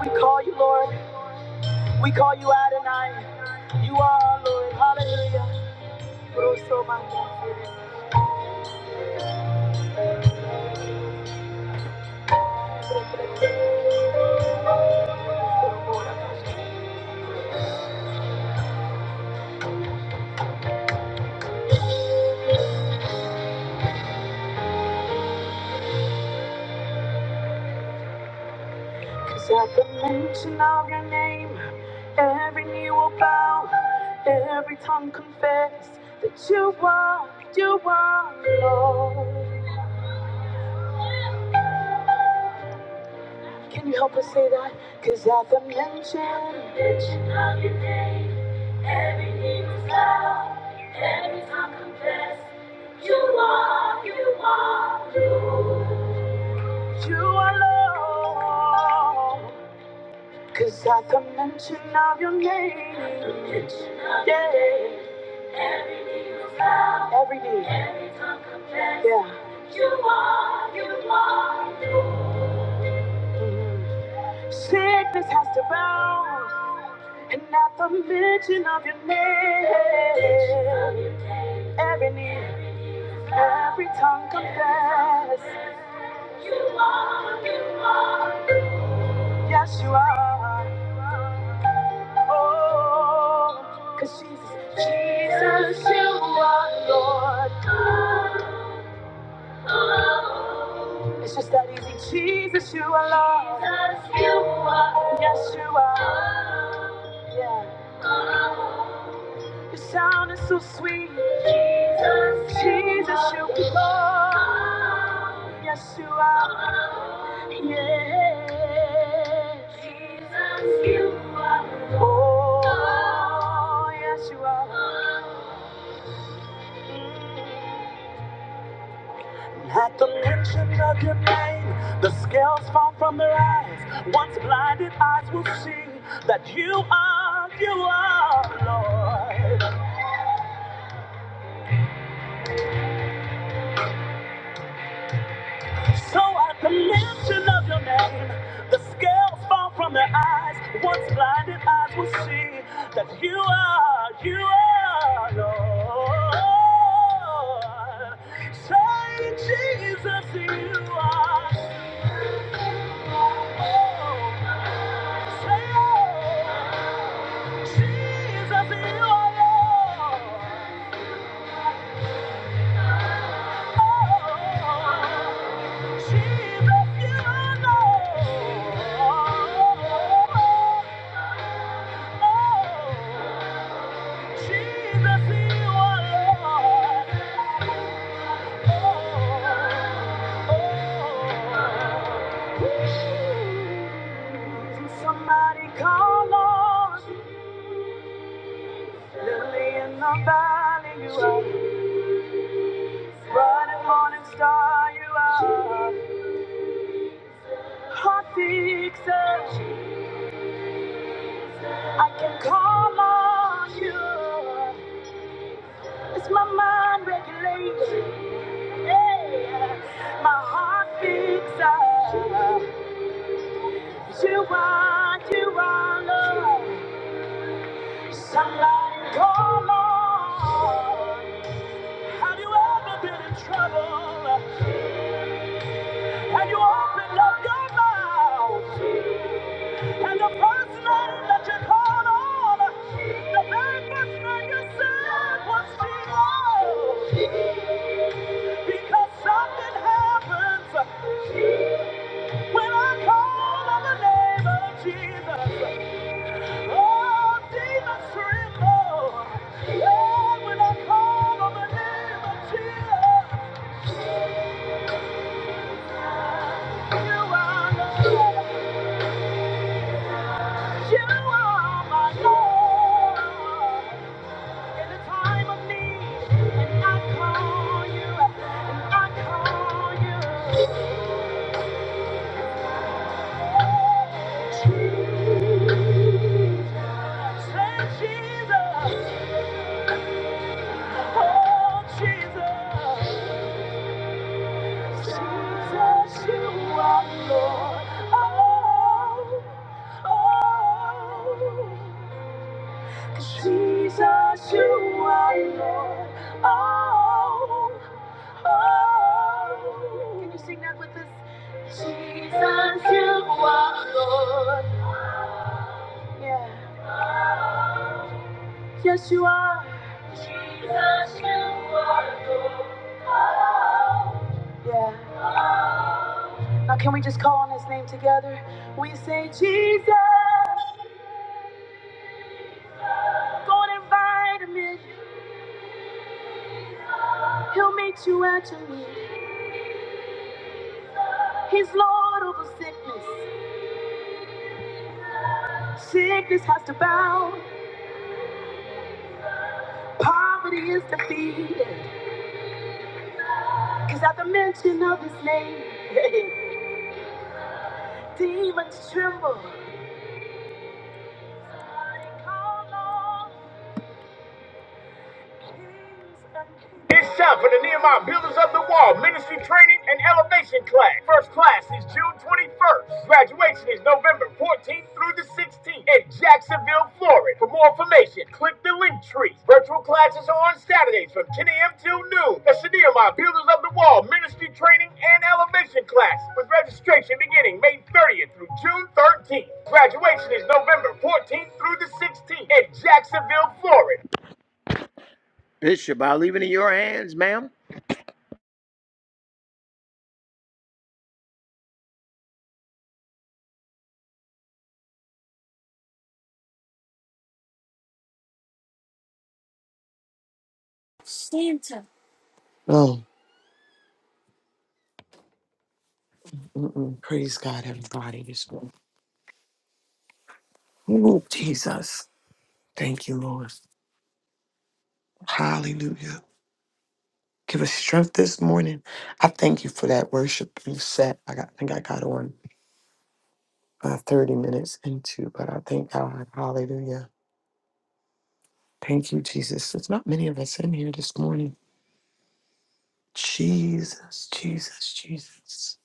We call you Lord, we call you Adonai. You are our Lord, hallelujah. Cause at the mention of your name, every knee will bow, every tongue confess that you are, you are Lord. Can you help us say that? Cause at the mention, at the mention of your name, every knee will bow, every tongue confess that you are, you are Lord. You are Lord. Cause at the mention of your name, yeah, every knee, yeah. Mhm. Sickness has to bow, and at the mention of your name, every knee, every tongue confess, yes you are. Oh, cause Jesus, Jesus, you are Lord. It's just that easy, Jesus, you are Lord. Yes you are. Yeah. Your sound is so sweet. Jesus, Jesus, you are. Yes, you are. Oh, yes, you are. At the mention of your name, the scales fall from their eyes. Once blinded eyes will see that you are, you are, Lord. So at the mention of your name, the scales fall from their eyes. Once blinded eyes will see that you are, you are Lord. Say, Jesus, you are. Say, oh, Jesus, you are Lord. Somebody call Lord, Lily in the valley, you are. Bright and morning star, you are. my fixer. I can call on you. It's my mind regulation. Yeah. My heart fixer. You are, you are love. Somebody call on. Have you ever been in trouble? Have you opened up your mouth? And the first name that you called on, the very first name you said was Jesus. Because something happens when I call on the name of Jesus. Oh, demons tremble. Oh, when I call on the name of Jesus. You are Lord. You are my Lord. In the time of need, and I call you, and I call you. Say, Jesus, oh Jesus, Jesus, you are Lord. Oh, oh, Jesus, you are Lord. Oh. Oh, can you sing that with us? Jesus, you are Lord. Yeah. Yes, you are. Yeah. Now, can we just call on his name together? We say, Jesus, go and invite him in. He'll meet you at your need. He's Lord over sickness. Sickness has to bow. Poverty is defeated. Cause at the mention of his name, *laughs* demons tremble.
Oh, mm-mm. praise God, everybody. This morning. Ooh, Jesus. Thank you, Lord. Hallelujah. Give us strength this morning. I thank you for that worship you set. I got, I think I got on uh, 30 minutes into, but I thank God. Hallelujah. Thank you, Jesus. There's not many of us in here this morning. Jesus, Jesus, Jesus.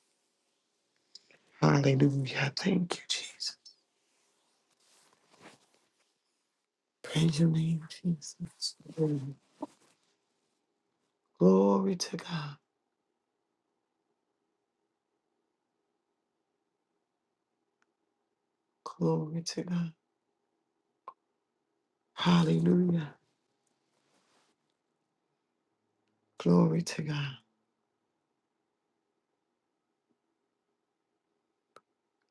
Hallelujah. Thank you, Jesus. Praise your name, Jesus. Glory to God. Glory to God. Hallelujah. Glory to God.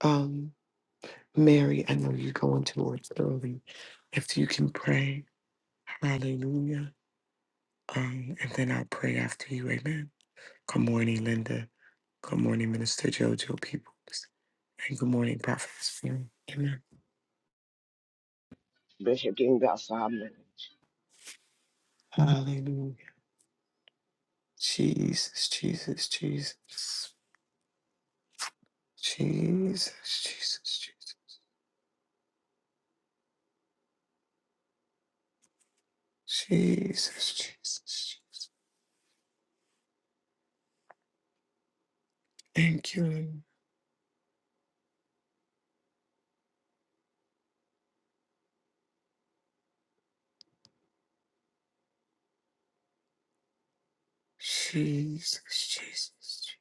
Um, Mary, I know you're going towards early. If you can pray, hallelujah. Um, and then I'll pray after you. Amen. Good morning, Linda. Good morning, Minister Jojo Peoples. And good morning, Prophet Mary. Amen.
Bishop, give me about five minutes.
Hallelujah. Jesus, Jesus, Jesus. Jesus, Jesus, Jesus. Jesus, Jesus. Jesus. Thank you. Lord. Jesus, Jesus.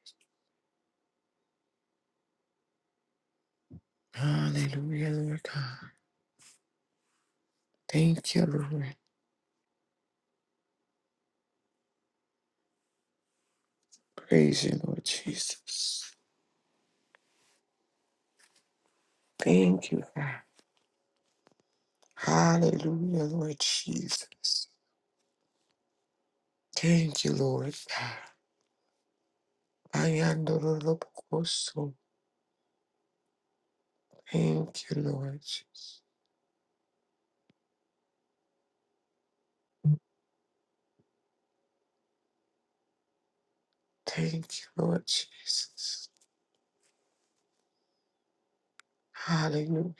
Hallelujah, Lord God. Thank you, Lord. Praise you, Lord Jesus. Thank you, God. Hallelujah, Lord Jesus. Thank you, Lord God. I am the Lord of hosts. Thank you, Lord Jesus. Thank you, Lord Jesus. Hallelujah.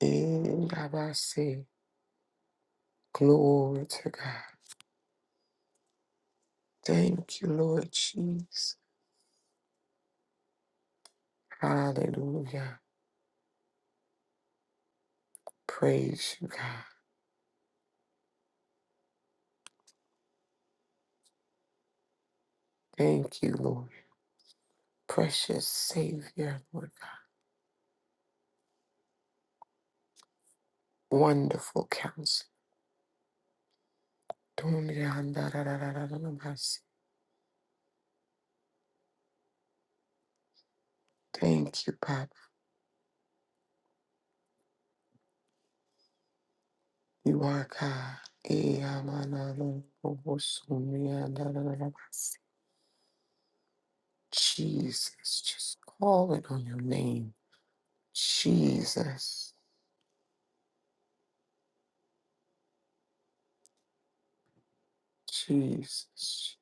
And I say, glory to God. Thank you, Lord Jesus. Hallelujah. Praise you, God. Thank you, Lord. Precious Savior, Lord God. Wonderful counselor. dun dun Thank you, Papa. You are God. Eyamanalobosomiyadadadadabas. Jesus, just call it on your name. Jesus, Jesus,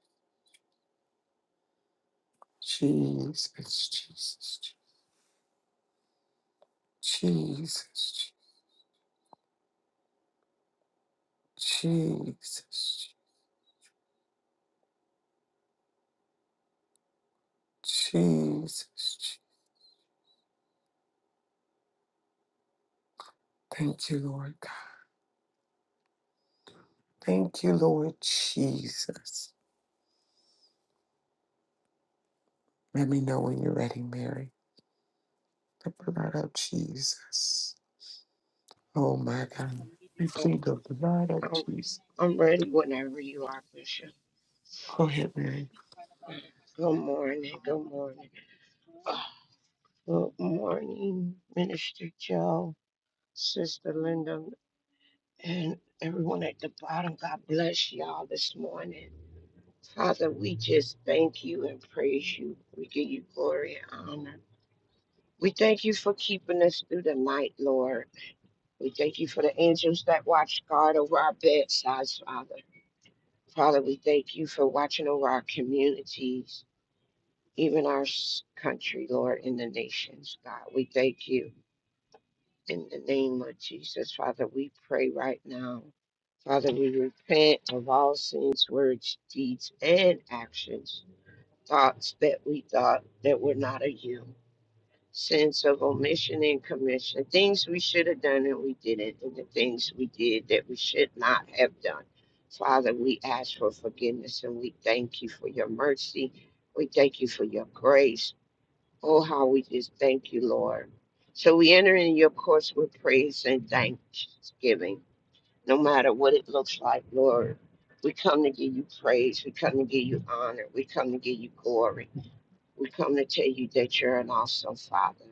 Jesus, Jesus, Jesus, Jesus, Jesus. Thank you, Lord. Thank you, Lord Jesus. Let me know when you're ready, Mary. The blood of Jesus. Oh my God. We
I'm,
plead the blood of
I'm,
Jesus.
I'm ready whenever you are, Bishop.
Go ahead, Mary.
Good morning. Good morning. Good morning, Minister Joe, Sister Linda, and everyone at the bottom. God bless y'all this morning. Father, we just thank you and praise you. We give you glory and honor. We thank you for keeping us through the night, Lord. We thank you for the angels that watch guard over our bedsides, Father. Father, we thank you for watching over our communities, even our s- country, Lord, in the nations, God. We thank you in the name of Jesus. Father, we pray right now. Father, we repent of all sins, words, deeds, and actions, thoughts that we thought that were not of you sense of omission and commission, things we should have done and we didn't, and the things we did that we should not have done. Father, we ask for forgiveness and we thank you for your mercy. We thank you for your grace. Oh, how we just thank you, Lord. So we enter in your courts with praise and thanksgiving, no matter what it looks like, Lord. We come to give you praise. We come to give you honor. We come to give you glory. We come to tell you that you're an awesome Father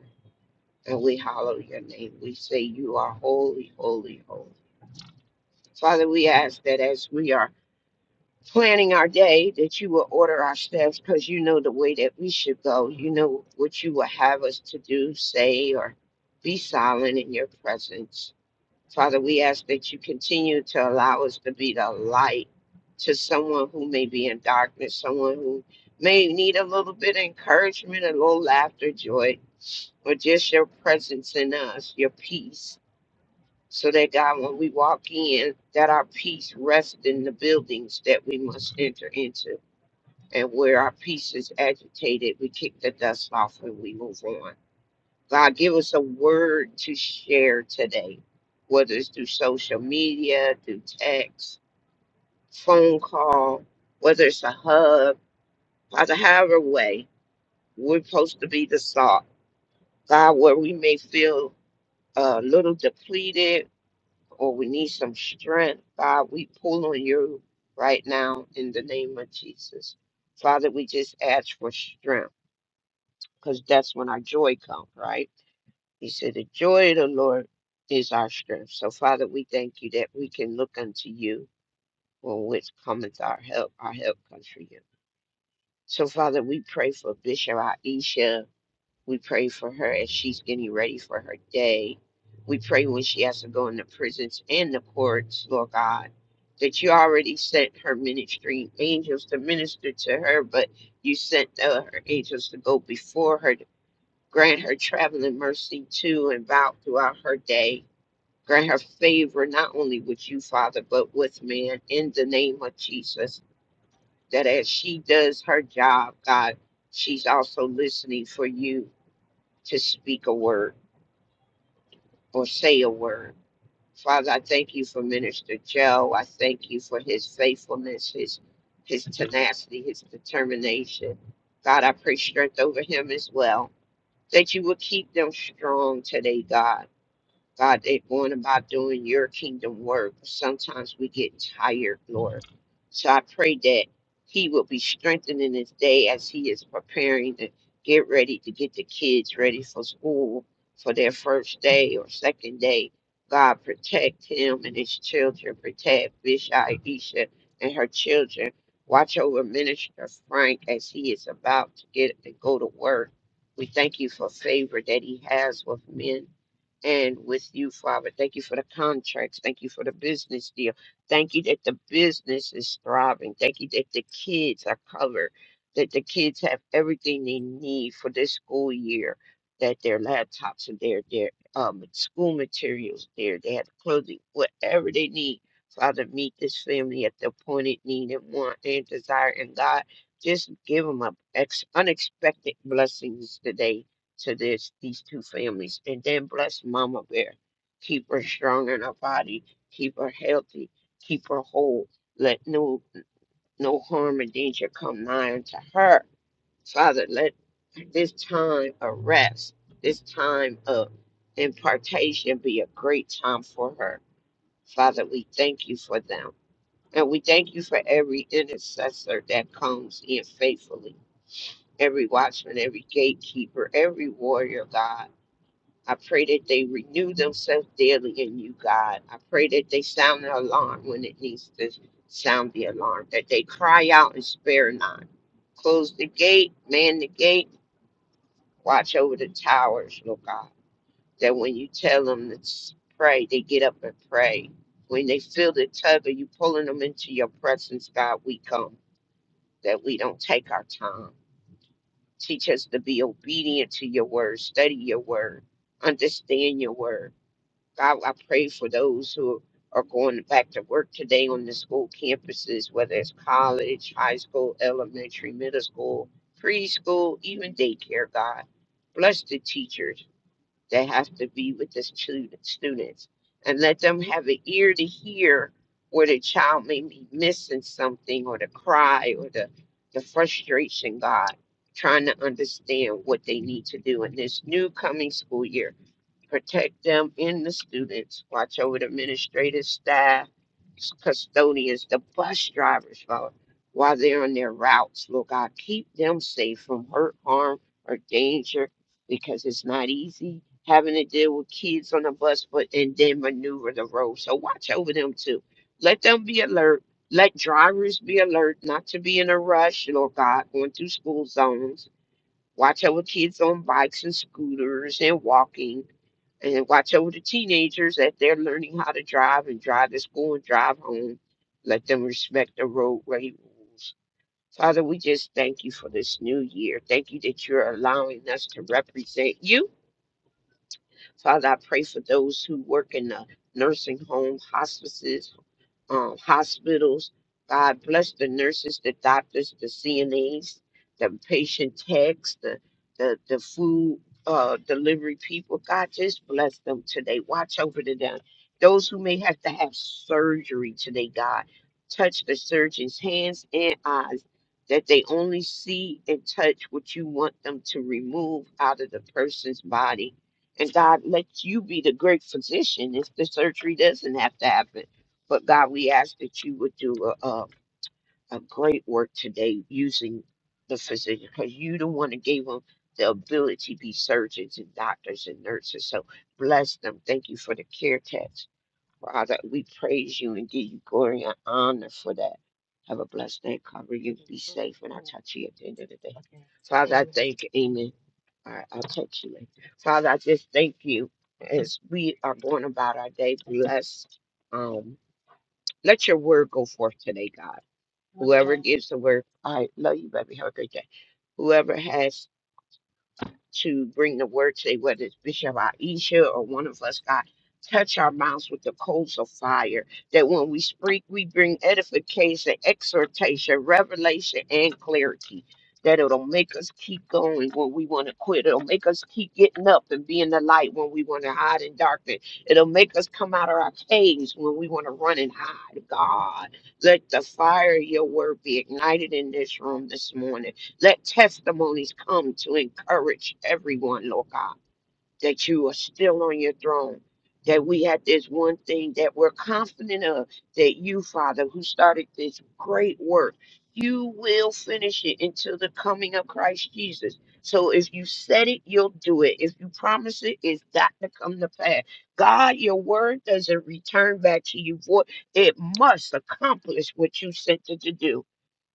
and we hallow your name. We say you are holy, holy, holy. Father, we ask that as we are planning our day, that you will order our steps because you know the way that we should go. You know what you will have us to do, say, or be silent in your presence. Father, we ask that you continue to allow us to be the light to someone who may be in darkness, someone who may need a little bit of encouragement, a little laughter, joy, or just your presence in us, your peace so that God, when we walk in, that our peace rests in the buildings that we must enter into. And where our peace is agitated, we kick the dust off and we move on. God, give us a word to share today, whether it's through social media, through text, phone call, whether it's a hug, Father, however way, we're supposed to be the salt. God, where we may feel a little depleted, or we need some strength, God, we pull on you right now in the name of Jesus. Father, we just ask for strength because that's when our joy comes, right? You said the joy of the Lord is our strength. So, Father, we thank you that we can look unto you when which cometh our help. Our help comes from you. So, Father, we pray for Bishop Aisha we pray for her as she's getting ready for her day. We pray when she has to go in the prisons and the courts, Lord God, that you already sent her ministry angels to minister to her, but you sent uh, her angels to go before her to grant her traveling mercy to and about throughout her day. Grant her favor not only with you, Father, but with man in the name of Jesus. That as she does her job, God, she's also listening for you to speak a word. or say a word. Father, I thank you for Minister Joe. I thank you for his faithfulness, his his tenacity, his determination. God, I pray strength over him as well. That you will keep them strong today, God. God, they're going about doing your kingdom work. Sometimes we get tired, Lord. So I pray that he will be strengthened in his day as he is preparing to get ready to get the kids ready for school for their first day or second day. God, protect him and his children. Protect Bishop Aisha and her children. Watch over Minister Frank as he is about to get and go to work. We thank you for favor that he has with men and with you, Father. Thank you for the contracts. Thank you for the business deal. Thank you that the business is thriving. Thank you that the kids are covered, that the kids have everything they need for this school year, that their laptops are there, their um, school materials there, they have clothing, whatever they need. Father, meet this family at the appointed need and want and desire. And God, just give them a ex- unexpected blessings today to this these two families. And then bless Mama Bear. Keep her strong in her body. Keep her healthy. Keep her whole. Let no no harm and danger come nigh unto her. Father, let this time of rest, this time of impartation be a great time for her. Father, we thank you for them. And we thank you for every intercessor that comes in faithfully, every watchman, every gatekeeper, every warrior, God I pray that they renew themselves daily in you, God. I pray that they sound the alarm when it needs to sound the alarm, that they cry out and spare not. Close the gate, man the gate, watch over the towers, Lord God. That when you tell them to s- pray, they get up and pray. When they feel the tug of you pulling them into your presence, God, we come, that we don't take our time. Teach us to be obedient to your word, study your word, understand your word God, I pray for those who are going back to work today on the school campuses, whether it's college, high school, elementary, middle school, preschool, even daycare, God. Bless the teachers that have to be with the stu- students and let them have an ear to hear where the child may be missing something or the cry or the, the frustration, God, trying to understand what they need to do in this new coming school year protect them and the students. Watch over the administrative staff, custodians, the bus drivers, Lord, while they're on their routes. Lord God, keep them safe from hurt, harm, or danger because it's not easy having to deal with kids on the bus, but and then maneuver the road. So watch over them too. Let them be alert. Let drivers be alert not to be in a rush, Lord God, going through school zones. Watch over kids on bikes and scooters and walking and watch over the teenagers as they're learning how to drive and drive to school and drive home. Let them respect the roadway rules. Father, we just thank you for this new year. Thank you that you're allowing us to represent you. Father, I pray for those who work in the nursing home, hospices, um, hospitals. God bless the nurses, the doctors, the CNAs, the patient techs, the the, the food uh, delivery people. God just bless them today. Watch over to them. Those who may have to have surgery today, God, touch the surgeon's hands and eyes that they only see and touch what you want them to remove out of the person's body. And God, let you be the great physician if the surgery doesn't have to happen but God, we ask that you would do a, a, a great work today using the physician because you the one that gave them the ability to be surgeons and doctors and nurses. So bless them. Thank you for the care text. Father, we praise you and give you glory and honor for that. Have a blessed day. Cover you. Be safe. And I'll talk to you at the end of the day. Father, I thank you. Amen. All right, I'll text you later. Father, I just thank you as we are going about our day. Bless. Um, Let your word go forth today, God. Whoever gives the word, I love you, baby. Have a great day. Whoever has to bring the word today, whether it's Bishop Aisha or one of us, God. Touch our mouths with the coals of fire, that when we speak, we bring edification, exhortation, revelation, and clarity. That it'll make us keep going when we want to quit. It'll make us keep getting up and be in the light when we want to hide in darkness. It'll make us come out of our caves when we want to run and hide. God, let the fire of your word be ignited in this room this morning let testimonies come to encourage everyone, Lord God that you are still on your throne, that we have this one thing that we're confident of, that you, Father, who started this great work, you will finish it until the coming of Christ Jesus. So if you said it, you'll do it. If you promise it, it's got to come to pass. God, your word doesn't return back to you void. It must accomplish what you sent it to do.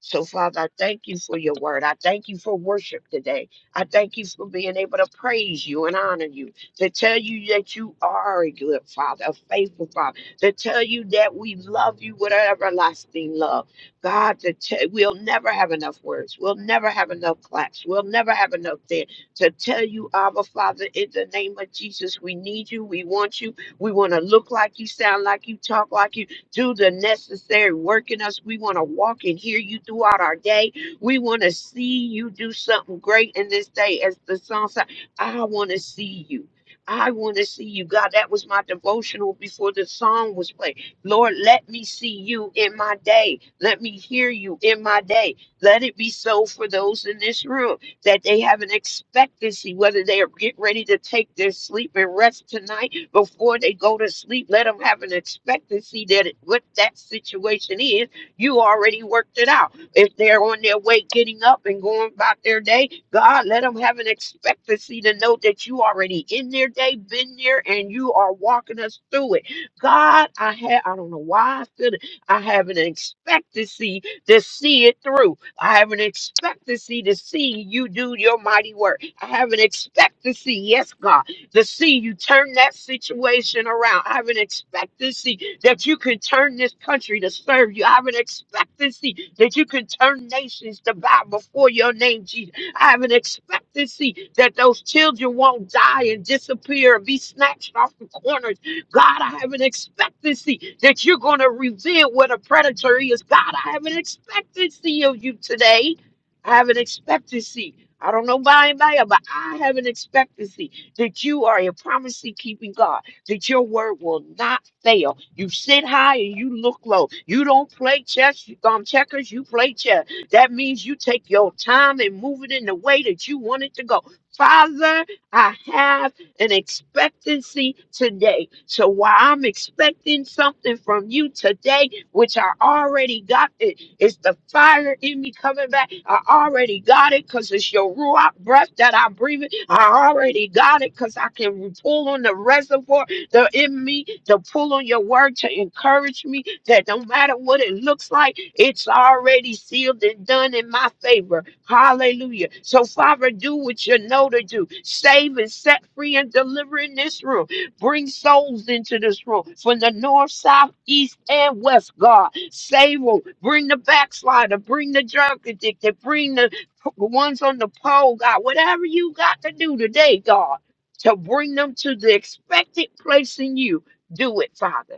So, Father, I thank you for your word. I thank you for worship today. I thank you for being able to praise you and honor you, to tell you that you are a good father, a faithful father, to tell you that we love you with an everlasting love. God, to tell, we'll never have enough words. We'll never have enough claps. We'll never have enough there to tell you, Abba Father, in the name of Jesus, we need you. We want you. We want to look like you, sound like you, talk like you, do the necessary work in us. We want to walk and hear you throughout our day. We want to see you do something great in this day. As the song said, I want to see you. I want to see you. God, that was my devotional before the song was played. Lord, let me see you in my day. Let me hear you in my day. Let it be so for those in this room that they have an expectancy, whether they are getting ready to take their sleep and rest tonight before they go to sleep. Let them have an expectancy that it, what that situation is, you already worked it out. If they're on their way getting up and going about their day, God, let them have an expectancy to know that you already in their day, been there, and you are walking us through it. God, I have I don't know why I feel it. I have an expectancy to see it through. I have an expectancy to see you do your mighty work. I have an expectancy, yes, God to see you turn that situation around. I have an expectancy that you can turn this country to serve you. I have an expectancy that you can turn nations to bow before your name, Jesus. I have an expectancy that those children won't die and disappear and be snatched off the corners. God, I have an expectancy that you're going to reveal what a predator is. God, I have an expectancy of you today. I have an expectancy. I don't know about anybody, else, but I have an expectancy that you are a promise keeping God, that your word will not fail. You sit high and you look low. You don't play chess, um, checkers, you play chess. That means you take your time and move it in the way that you want it to go. Father, I have an expectancy today. So while I'm expecting something from you today, which I already got it. It's the fire in me coming back. I already got it because it's your ruach breath that I'm breathing. I already got it because I can pull on the reservoir that in me, to pull on your word to encourage me that no matter what it looks like, it's already sealed and done in my favor. Hallelujah. So, Father, do what you know to do. Save and set free and deliver in this room. Bring souls into this room from the north, south, east, and west, God. Save them. Bring the backslider. Bring the drug addicted. Bring the p- the ones on the pole, God, whatever you got to do today, God, to bring them to the expected place in you, do it, Father.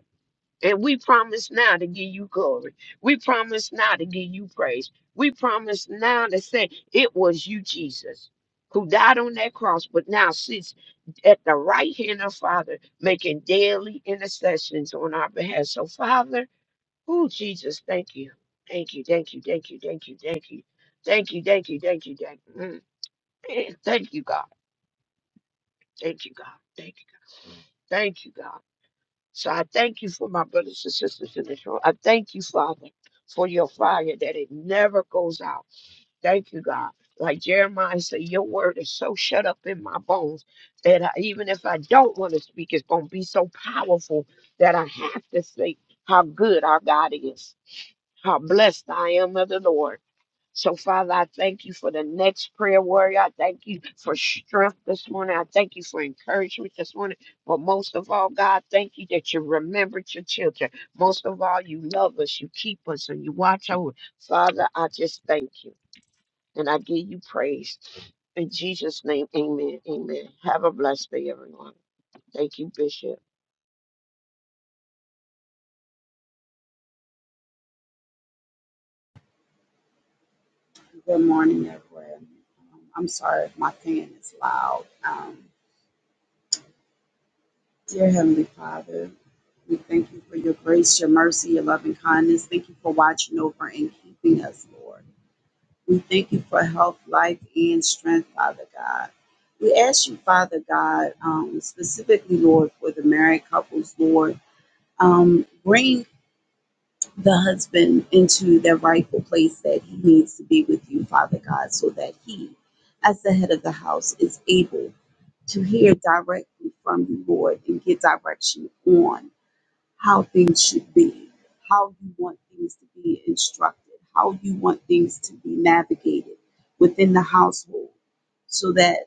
And we promise now to give you glory. We promise now to give you praise. We promise now to say it was you, Jesus, who died on that cross, but now sits at the right hand of Father, making daily intercessions on our behalf. So, Father, Oh, Jesus, thank you. Thank you, thank you, thank you, thank you, thank you. Thank you, thank you, thank you, thank you. Mm. *clears throat* Thank you, God. Thank you, God. Thank you. Thank you, God. So I thank you for my brothers and sisters in this room. I thank you, Father, for your fire that it never goes out. Thank you, God. Like Jeremiah said, your word is so shut up in my bones that I, even if I don't want to speak, it's going to be so powerful that I have to say how good our God is, how blessed I am of the Lord So, Father, I thank you for the next prayer warrior. I thank you for strength this morning. I thank you for encouragement this morning. But most of all, God, thank you that you remembered your children. Most of all, you love us, you keep us, and you watch over. us. Father, I just thank you and I give you praise. In Jesus' name, amen. Amen. Have a blessed day, everyone. Thank you, Bishop.
Good morning, everyone. I'm sorry if my fan is loud. Um, dear Heavenly Father, we thank you for your grace, your mercy, your loving kindness. Thank you for watching over and keeping us, Lord. We thank you for health, life, and strength, Father God. We ask you, Father God, um, specifically, Lord, for the married couples, Lord, um, bring the husband into the rightful place that he needs to be with you, Father God, so that he, as the head of the house, is able to hear directly from you, Lord, and get direction on how things should be, how you want things to be instructed, how you want things to be navigated within the household, so that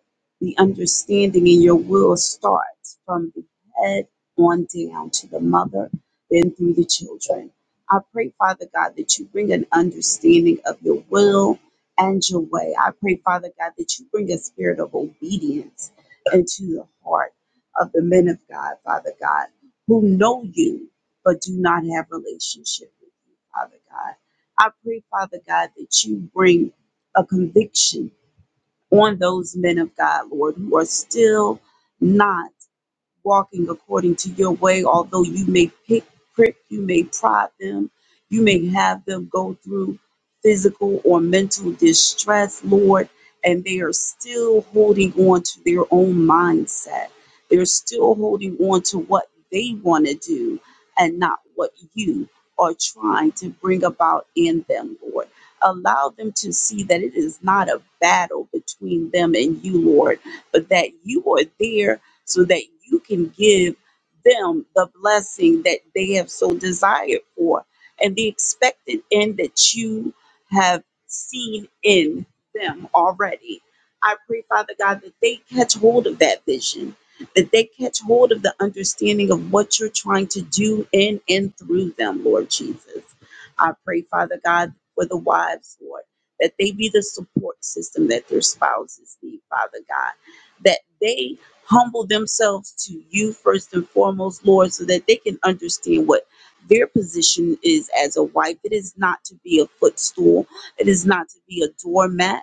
the understanding in your will starts from the head on down to the mother, then through the children. I pray, Father God, that you bring an understanding of your will and your way. I pray, Father God, that you bring a spirit of obedience into the heart of the men of God, Father God who know you but do not have relationship with you, Father God. I pray, Father God, that you bring a conviction on those men of God, Lord, who are still not walking according to your way, although you may pick, prick, you may prod them, you may have them go through physical or mental distress, Lord, and they are still holding on to their own mindset. They're still holding on to what they want to do and not what you are trying to bring about in them, Lord. Allow them to see that it is not a battle between them and you, Lord, but that you are there so that you can give them the blessing that they have so desired for and the expected end that you have seen in them already. I pray, Father God, that they catch hold of that vision, that they catch hold of the understanding of what you're trying to do in and through them, Lord Jesus. I pray, Father God, for the wives, Lord, that they be the support system that their spouses need, Father God, that they humble themselves to you first and foremost, Lord, so that they can understand what their position is as a wife. It is not to be a footstool, it is not to be a doormat.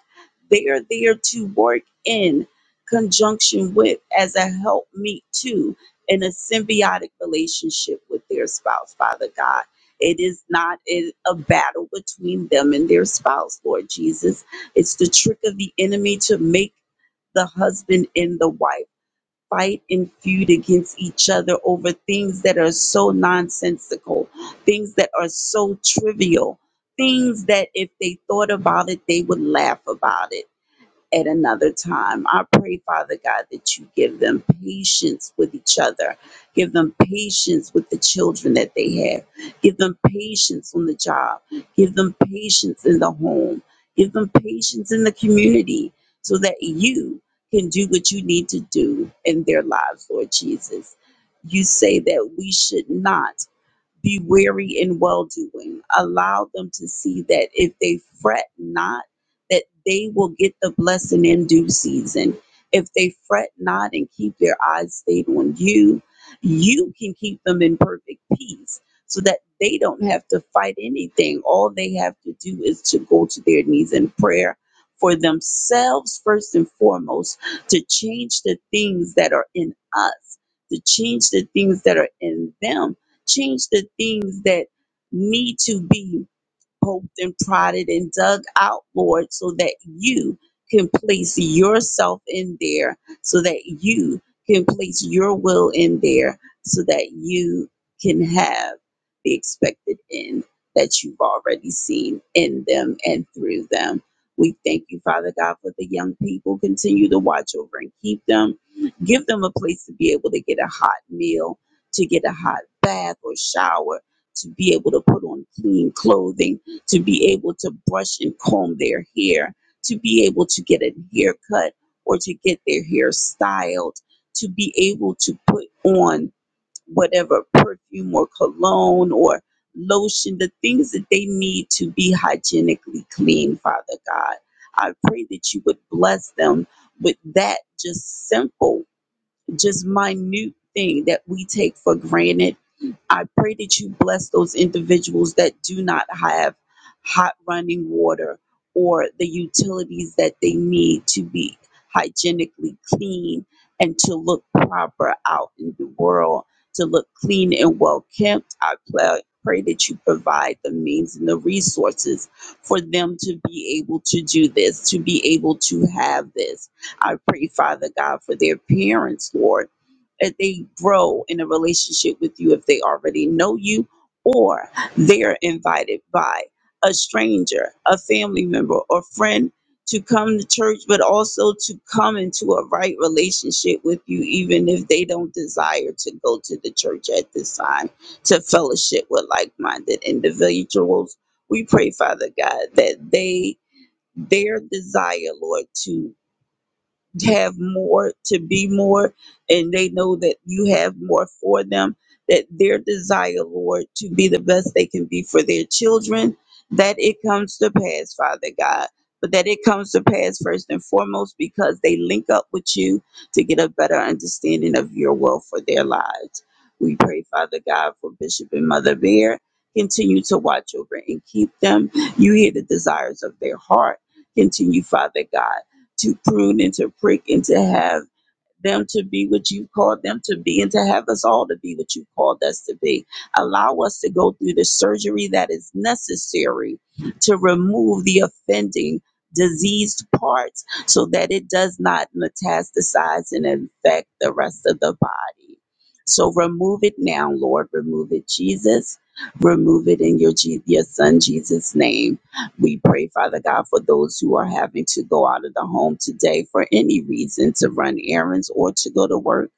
They are there to work in conjunction with, as a helpmeet meet to, in a symbiotic relationship with their spouse, Father God. It is not a a battle between them and their spouse, Lord Jesus. It's the trick of the enemy to make the husband and the wife fight and feud against each other over things that are so nonsensical, things that are so trivial, things that if they thought about it, they would laugh about it at another time. I pray, Father God, that you give them patience with each other. Give them patience with the children that they have. Give them patience on the job. Give them patience in the home. Give them patience in the community so that you can do what you need to do in their lives, Lord Jesus. You say that we should not be weary in well doing. Allow them to see that if they fret not, that they will get the blessing in due season. If they fret not and keep their eyes stayed on you, you can keep them in perfect peace so that they don't have to fight anything. All they have to do is to go to their knees in prayer for themselves, first and foremost, to change the things that are in us, to change the things that are in them Change the things that need to be poked and prodded and dug out, Lord, so that you can place yourself in there, so that you can place your will in there, so that you can have the expected end that you've already seen in them and through them. We thank you, Father God, for the young people. Continue to watch over and keep them. Give them a place to be able to get a hot meal, to get a hot bath or shower, to be able to put on clean clothing to be able to brush and comb their hair, to be able to get a haircut or to get their hair styled, to be able to put on whatever perfume or cologne or lotion, the things that they need to be hygienically clean, Father God. I pray that you would bless them with that just simple, just minute thing that we take for granted I pray that you bless those individuals that do not have hot running water or the utilities that they need to be hygienically clean and to look proper out in the world, to look clean and well kept. I pla- pray that you provide the means and the resources for them to be able to do this, to be able to have this. I pray, Father God, for their parents, Lord uh, they grow in a relationship with you if they already know you or they're invited by a stranger, a family member, or friend to come to church, but also to come into a right relationship with you, even if they don't desire to go to the church at this time to fellowship with like minded individuals. We pray, Father God, that they their desire, Lord, to have more to be more and they know that you have more for them that their desire lord to be the best they can be for their children that it comes to pass father god but that it comes to pass first and foremost because they link up with you to get a better understanding of your will for their lives we pray father god for bishop and mother bear continue to watch over and keep them you hear the desires of their heart continue father god to prune and to prick and to have them to be what you called them to be and to have us all to be what you called us to be. Allow us to go through the surgery that is necessary to remove the offending diseased parts so that it does not metastasize and infect the rest of the body. So remove it now, Lord. Remove it, Jesus. Remove it in your, Je- your son, Jesus' name we pray, Father God, for those who are having to go out of the home today for any reason to run errands or to go to work.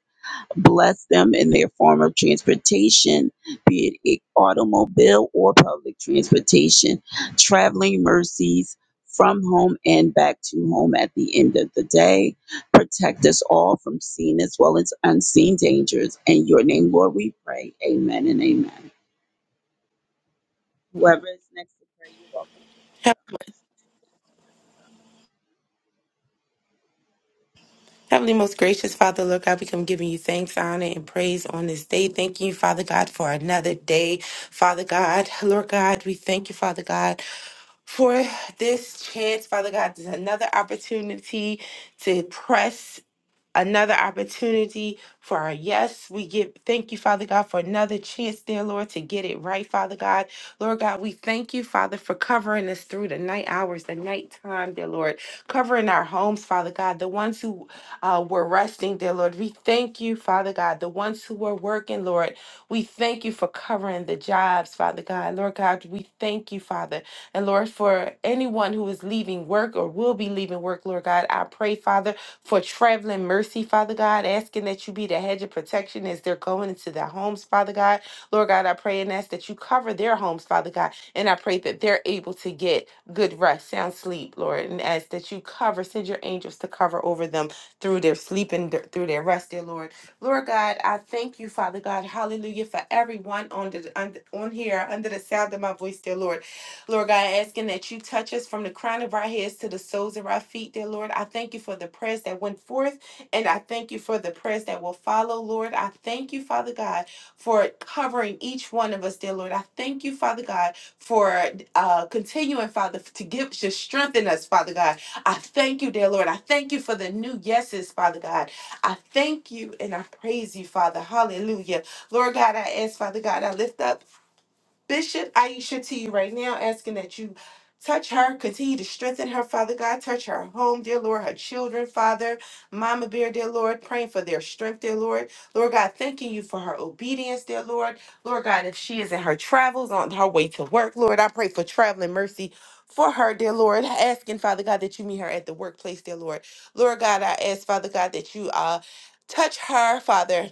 Bless them in their form of transportation, be it a- automobile or public transportation, traveling mercies from home and back to home at the end of the day. Protect us all from seen as well as unseen dangers. In your name, Lord, we pray. Amen and amen. Whoever is next to pray, you're welcome.
Heavenly, most gracious Father, Lord God, we come giving you thanks, honor, and praise on this day. Thank you, Father God, for another day. Father God, Lord God, we thank you, Father God, for this chance, Father God. There's another opportunity to press. another opportunity for our yes. We give thank you, Father God, for another chance, dear Lord, to get it right, Father God. Lord God, we thank you, Father, for covering us through the night hours, the nighttime, dear Lord, covering our homes, Father God, the ones who uh, were resting, dear Lord. We thank you, Father God, the ones who were working, Lord. We thank you for covering the jobs, Father God. Lord God, we thank you, Father. And Lord, for anyone who is leaving work or will be leaving work, Lord God, I pray, Father for traveling mercy, Father God, asking that you be the hedge of protection as they're going into their homes, Father God. Lord God, I pray and ask that you cover their homes, Father God, and I pray that they're able to get good rest, sound sleep, Lord, and ask that you cover, send your angels to cover over them through their sleep and th- through their rest, dear Lord. Lord God, I thank you, Father God, hallelujah, for everyone on the, on, on here under the sound of my voice, dear Lord. Lord God, asking that you touch us from the crown of our heads to the soles of our feet, dear Lord. I thank you for the prayers that went forth, and I thank you for the prayers that will follow, Lord. I thank you, Father God, for covering each one of us, dear Lord. I thank you, Father God, for uh, continuing, Father, to give to strengthen us, Father God. I thank you, dear Lord. I thank you for the new yeses, Father God. I thank you and I praise you, Father. Hallelujah. Lord God, I ask, Father God, I lift up. Bishop Aisha to you right now, asking that you touch her, continue to strengthen her, Father God. Touch her home, dear Lord, her children, Father. Mama Bear, dear Lord, praying for their strength, dear Lord. Lord God, thanking you for her obedience, dear Lord. Lord God, if she is in her travels on her way to work, Lord, I pray for traveling mercy. For her, dear Lord, asking Father God that you meet her at the workplace, dear Lord. Lord God, I ask Father God that you uh touch her, Father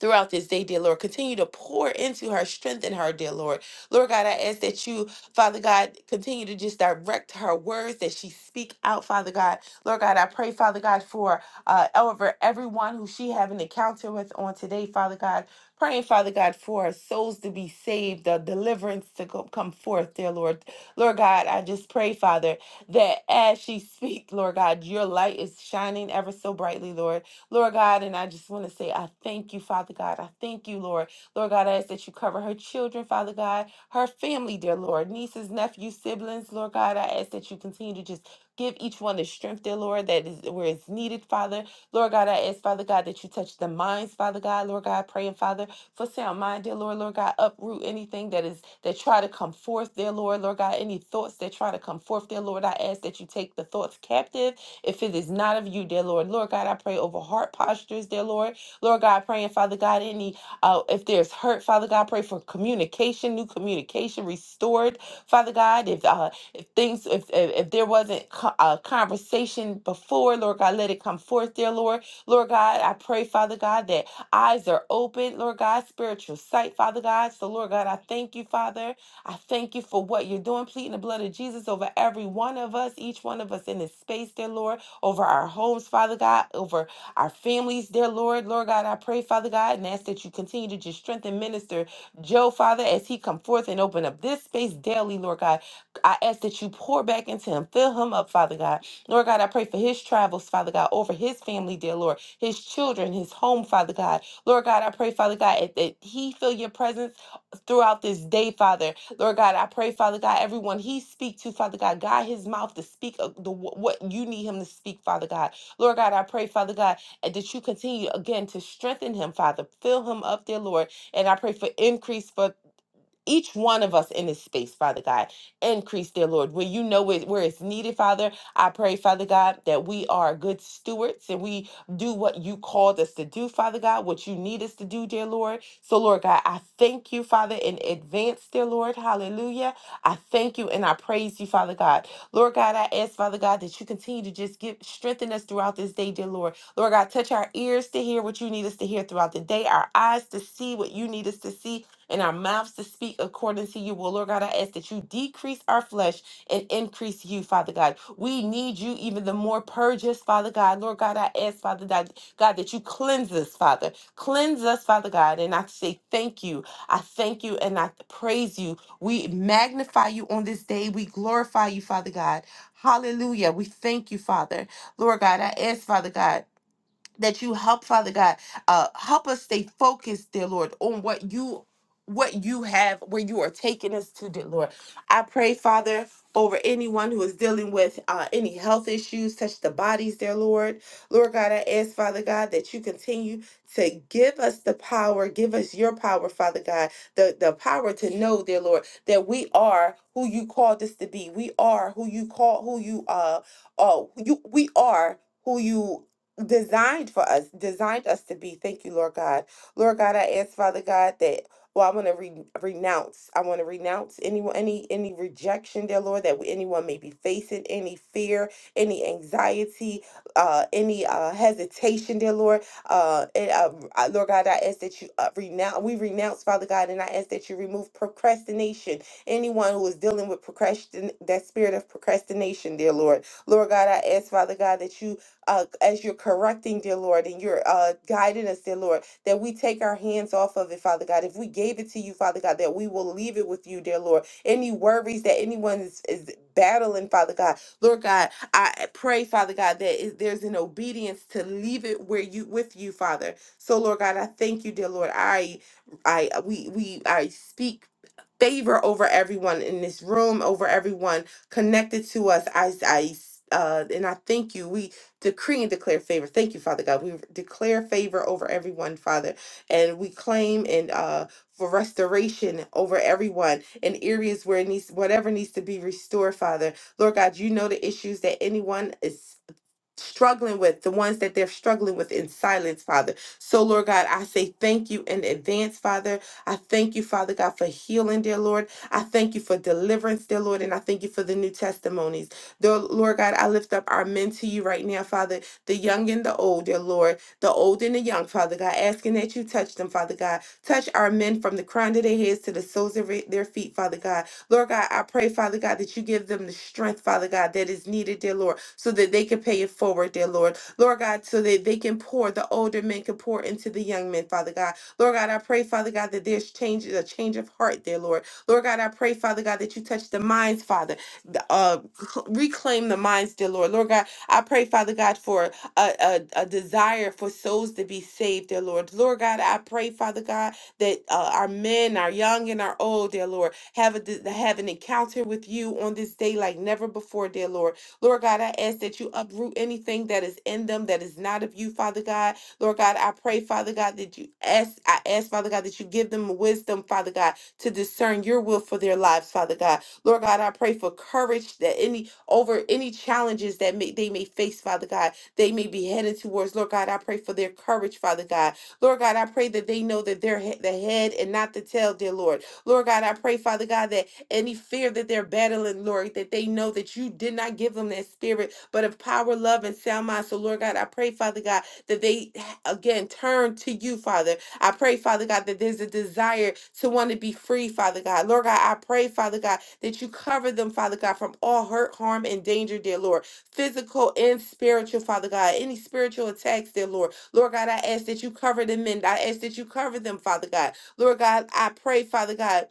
throughout this day, dear Lord. Continue to pour into her, strengthen her, dear Lord. Lord God, I ask that you, Father God, continue to just direct her words that she speak out, Father God. Lord God, I pray, Father God, for uh, over everyone who she have an encounter with on today, Father God. Praying, Father God, for souls to be saved, the deliverance to go, come forth, dear Lord. Lord God, I just pray, Father, that as she speak, Lord God, your light is shining ever so brightly, Lord. Lord God, and I just want to say, I thank you, Father God. I thank you, Lord. Lord God, I ask that you cover her children, Father God, her family, dear Lord, nieces, nephews, siblings, Lord God. I ask that you continue to just give each one the strength, dear Lord, that is where it's needed, Father. Lord God, I ask, Father God, that you touch the minds, Father God, Lord God, praying, Father, for sound mind, dear Lord, Lord God, uproot anything that is that try to come forth, dear Lord, Lord God, any thoughts that try to come forth, dear Lord, I ask that you take the thoughts captive if it is not of you, dear Lord. Lord God, I pray over heart postures, dear Lord. Lord God, praying, Father God, any uh, if there's hurt, Father God, pray for communication, new communication restored, Father God. If uh, if things, if if, if there wasn't co- a conversation before, Lord God, let it come forth, dear Lord. Lord God, I pray, Father God, that eyes are open, Lord God, spiritual sight, Father God. So, Lord God, I thank you, Father. I thank you for what you're doing, pleading the blood of Jesus over every one of us, each one of us in this space, dear Lord, over our homes, Father God, over our families, dear Lord. Lord God, I pray, Father God, and ask that you continue to just strengthen Minister Joe, Father, as he come forth and open up this space daily, Lord God. I ask that you pour back into him, fill him up, Father God. Lord God, I pray for his travels, Father God, over his family, dear Lord, his children, his home, Father God. Lord God, I pray, Father God, that that he feel your presence throughout this day, Father. Lord God, I pray, Father God, everyone he speak to, Father God, guide his mouth to speak of the what you need him to speak, Father God. Lord God, I pray, Father God, uh, that you continue again to strengthen him, Father. Fill him up, dear Lord. And I pray for increase for each one of us in this space, Father God. Increase, dear Lord, where you know it, where it's needed, Father. I pray, Father God, that we are good stewards and we do what you called us to do, Father God, what you need us to do, dear Lord. So, Lord God, I thank you, Father, in advance, dear Lord. Hallelujah. I thank you and I praise you, Father God. Lord God, I ask, Father God, that you continue to just give strengthen us throughout this day, dear Lord. Lord God, touch our ears to hear what you need us to hear throughout the day, our eyes to see what you need us to see, and our mouths to speak according to you. Well, Lord God, I ask that you decrease our flesh and increase you, Father God. We need you even the more. Purge us, Father God. Lord God, I ask, Father God, God, that you cleanse us, Father. Cleanse us, Father God. And I say thank you. I thank you and I praise you. We magnify you on this day. We glorify you, Father God. Hallelujah. We thank you, Father. Lord God, I ask, Father God that you help father god uh help us stay focused dear lord on what you what you have where you are taking us to dear lord i pray father over anyone who is dealing with uh, any health issues touch the bodies dear lord lord god i ask father god that you continue to give us the power give us your power father god the, the power to know dear lord that we are who you called us to be we are who you call who you uh oh you we are who you designed for us, designed us to be. Thank you, Lord God. Lord God, I ask, Father God, that well, I want to re- renounce. I want to renounce anyone, any any rejection, dear Lord, that anyone may be facing, any fear, any anxiety, uh, any uh, hesitation, dear Lord. Uh, and, uh, uh, Lord God, I ask that you uh, renounce. We renounce, Father God, and I ask that you remove procrastination. Anyone who is dealing with procrastin, that spirit of procrastination, dear Lord. Lord God, I ask, Father God, that you uh, as you're correcting, dear Lord, and you're uh, guiding us, dear Lord, that we take our hands off of it, Father God. If we gave it to you, Father God, that we will leave it with you, dear Lord. Any worries that anyone is, is battling, Father God, Lord God, I pray, Father God, that is, there's an obedience to leave it where you with you, Father. So, Lord God, I thank you, dear Lord. I, I, we, we, I speak favor over everyone in this room, over everyone connected to us. I, I, uh, and I thank you. We decree and declare favor. Thank you, Father God. We declare favor over everyone, Father, and we claim and uh for restoration over everyone in areas where it needs whatever needs to be restored, Father. Lord God, you know the issues that anyone is struggling with, the ones that they're struggling with in silence, Father. So, Lord God, I say thank you in advance, Father. I thank you, Father God, for healing, dear Lord. I thank you for deliverance, dear Lord, and I thank you for the new testimonies. Dear Lord God, I lift up our men to you right now, Father, the young and the old, dear Lord, the old and the young, Father God, asking that you touch them, Father God. Touch our men from the crown of their heads to the soles of their feet, Father God. Lord God, I pray, Father God, that you give them the strength, Father God, that is needed, dear Lord, so that they can pay it forward, dear Lord. Lord God, so that they can pour, the older men can pour into the young men, Father God. Lord God, I pray, Father God, that there's change, a change of heart, dear Lord. Lord God, I pray, Father God, that you touch the minds, Father. the- Uh, cl- reclaim the minds, dear Lord. Lord God, I pray, Father God, for a, a, a desire for souls to be saved, dear Lord. Lord God, I pray, Father God, that uh, our men, our young and our old, dear Lord, have a de- have an encounter with you on this day like never before, dear Lord. Lord God, I ask that you uproot anything that is in them that is not of you, Father God. Lord God, I pray, Father God, that you ask, I ask, Father God, that you give them wisdom, Father God, to discern your will for their lives, Father God. Lord God, I pray for courage that any over any challenges that may, they may face, Father God, they may be headed towards. Lord God, I pray for their courage, Father God. Lord God, I pray that they know that they're he- the head and not the tail, dear Lord. Lord God, I pray, Father God, that any fear that they're battling, Lord, that they know that you did not give them that spirit, but of power, love, and sound mind. So, Lord God, I pray, Father God, that they again turn to you, Father. I pray, Father God, that there's a desire to want to be free, Father God. Lord God, I pray, Father God, that you cover them, Father God, from all hurt, harm, and danger, dear Lord. Physical and spiritual, Father God. Any spiritual attacks, dear Lord. Lord God, I ask that you cover the men. I ask that you cover them, Father God. Lord God, I pray, Father God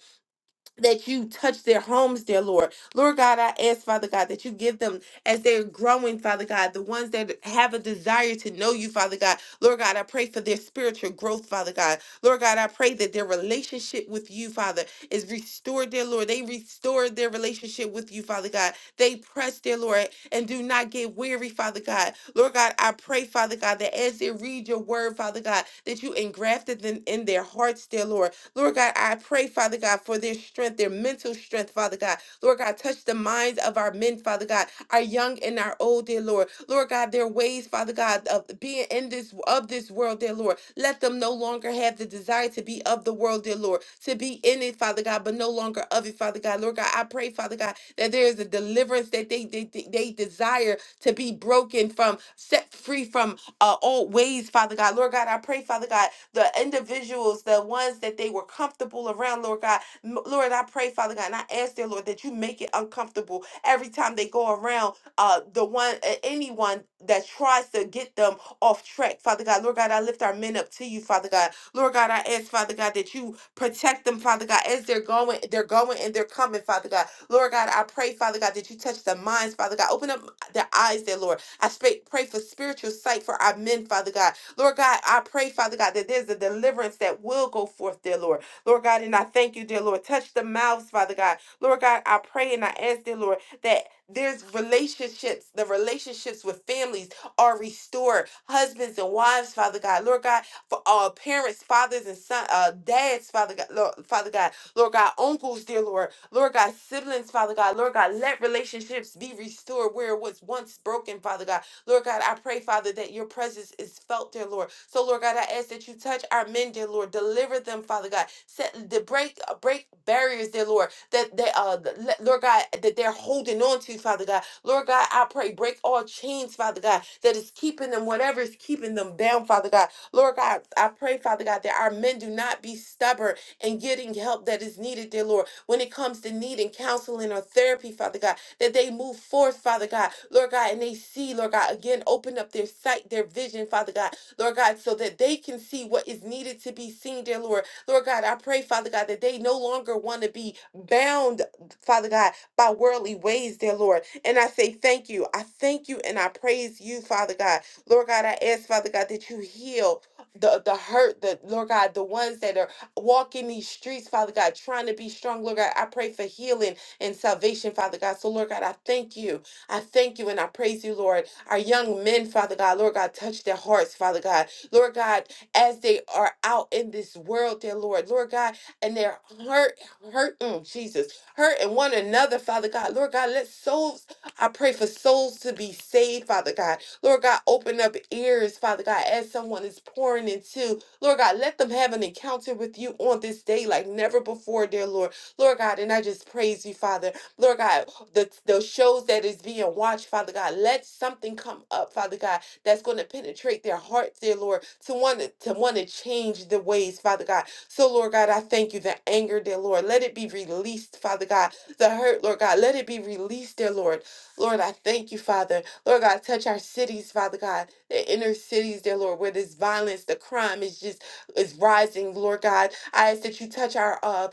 that you touch their homes, dear Lord. Lord God, I ask, Father God, that you give them as they're growing, Father God, the ones that have a desire to know you, Father God. Lord God, I pray for their spiritual growth, Father God. Lord God, I pray that their relationship with you, Father, is restored, dear Lord. They restore their relationship with you, Father God. They press, dear Lord, and do not get weary, Father God. Lord God, I pray, Father God, that as they read your word, Father God, that you engrafted them in their hearts, dear Lord. Lord God, I pray, Father God, for their strength, their mental strength, Father God. Lord God, touch the minds of our men, Father God, our young and our old, dear Lord. Lord God, their ways, Father God, of being in this of this world, dear Lord. Let them no longer have the desire to be of the world, dear Lord, to be in it, Father God, but no longer of it, Father God. Lord God, I pray, Father God, that there is a deliverance that they they, they they desire to be broken from, set free from uh, old ways, Father God. Lord God, I pray, Father God, the individuals, the ones that they were comfortable around, Lord God. M- Lord, I pray, Father God, and I ask, dear Lord, that you make it uncomfortable every time they go around uh, the one, uh, anyone that tries to get them off track, Father God. Lord God, I lift our men up to you, Father God. Lord God, I ask, Father God, that you protect them, Father God, as they're going, they're going and they're coming, Father God. Lord God, I pray, Father God, that you touch the minds, Father God. Open up their eyes, dear Lord I sp- pray for spiritual sight for our men, Father God. Lord God, I pray, Father God, that there's a deliverance that will go forth, dear Lord. Lord God, and I thank you, dear Lord. Touch the mouths, Father God. Lord God, I pray and I ask, dear Lord, that there's relationships, the relationships with families are restored. Husbands and wives, Father God. Lord God, for uh, parents, fathers and son, uh, dads, Father God, Lord, Father God. Lord God, uncles, dear Lord. Lord God, siblings, Father God. Lord God, let relationships be restored where it was once broken, Father God. Lord God, I pray, Father, that your presence is felt, dear Lord. So, Lord God, I ask that you touch our men, dear Lord. Deliver them, Father God. Set the break uh, break barriers, dear Lord, that they uh th- let- Lord God, that they're holding on to, Father God. Lord God, I pray, break all chains, Father God, that is keeping them, whatever is keeping them down, Father God. Lord God, I pray, Father God, that our men do not be stubborn and getting help that is needed, dear Lord. When it comes to need and counseling or therapy, Father God, that they move forth, Father God, Lord God, and they see, Lord God, again, open up their sight, their vision, Father God, Lord God, so that they can see what is needed to be seen, dear Lord. Lord God, I pray, Father God, that they no longer want to be bound, Father God, by worldly ways, dear Lord. And I say thank you. I thank you and I praise you, Father God. Lord God, I ask, Father God, that you heal the, the hurt, the Lord God, the ones that are walking these streets, Father God, trying to be strong, Lord God. I pray for healing and salvation, Father God. So, Lord God, I thank you. I thank you and I praise you, Lord. Our young men, Father God, Lord God, touch their hearts, Father God. Lord God, as they are out in this world, dear Lord, Lord God, and they're hurt, hurt, mm, Jesus, hurting one another, Father God. Lord God, let souls, I pray for souls to be saved, Father God. Lord God, open up ears, Father God, as someone is pouring into Lord God, let them have an encounter with you on this day like never before, dear Lord. Lord God, and I just praise you, Father. Lord God, the, the shows that is being watched, Father God, let something come up, Father God, that's going to penetrate their hearts, dear Lord, to want to, to want to change the ways, Father God. So, Lord God, I thank you. The anger, dear Lord, let it be released, Father God. The hurt, Lord God, let it be released, dear Lord. Lord, I thank you, Father. Lord God, touch our cities, Father God, the inner cities, dear Lord, where this violence, the crime is just is rising, Lord God. I ask that you touch our uh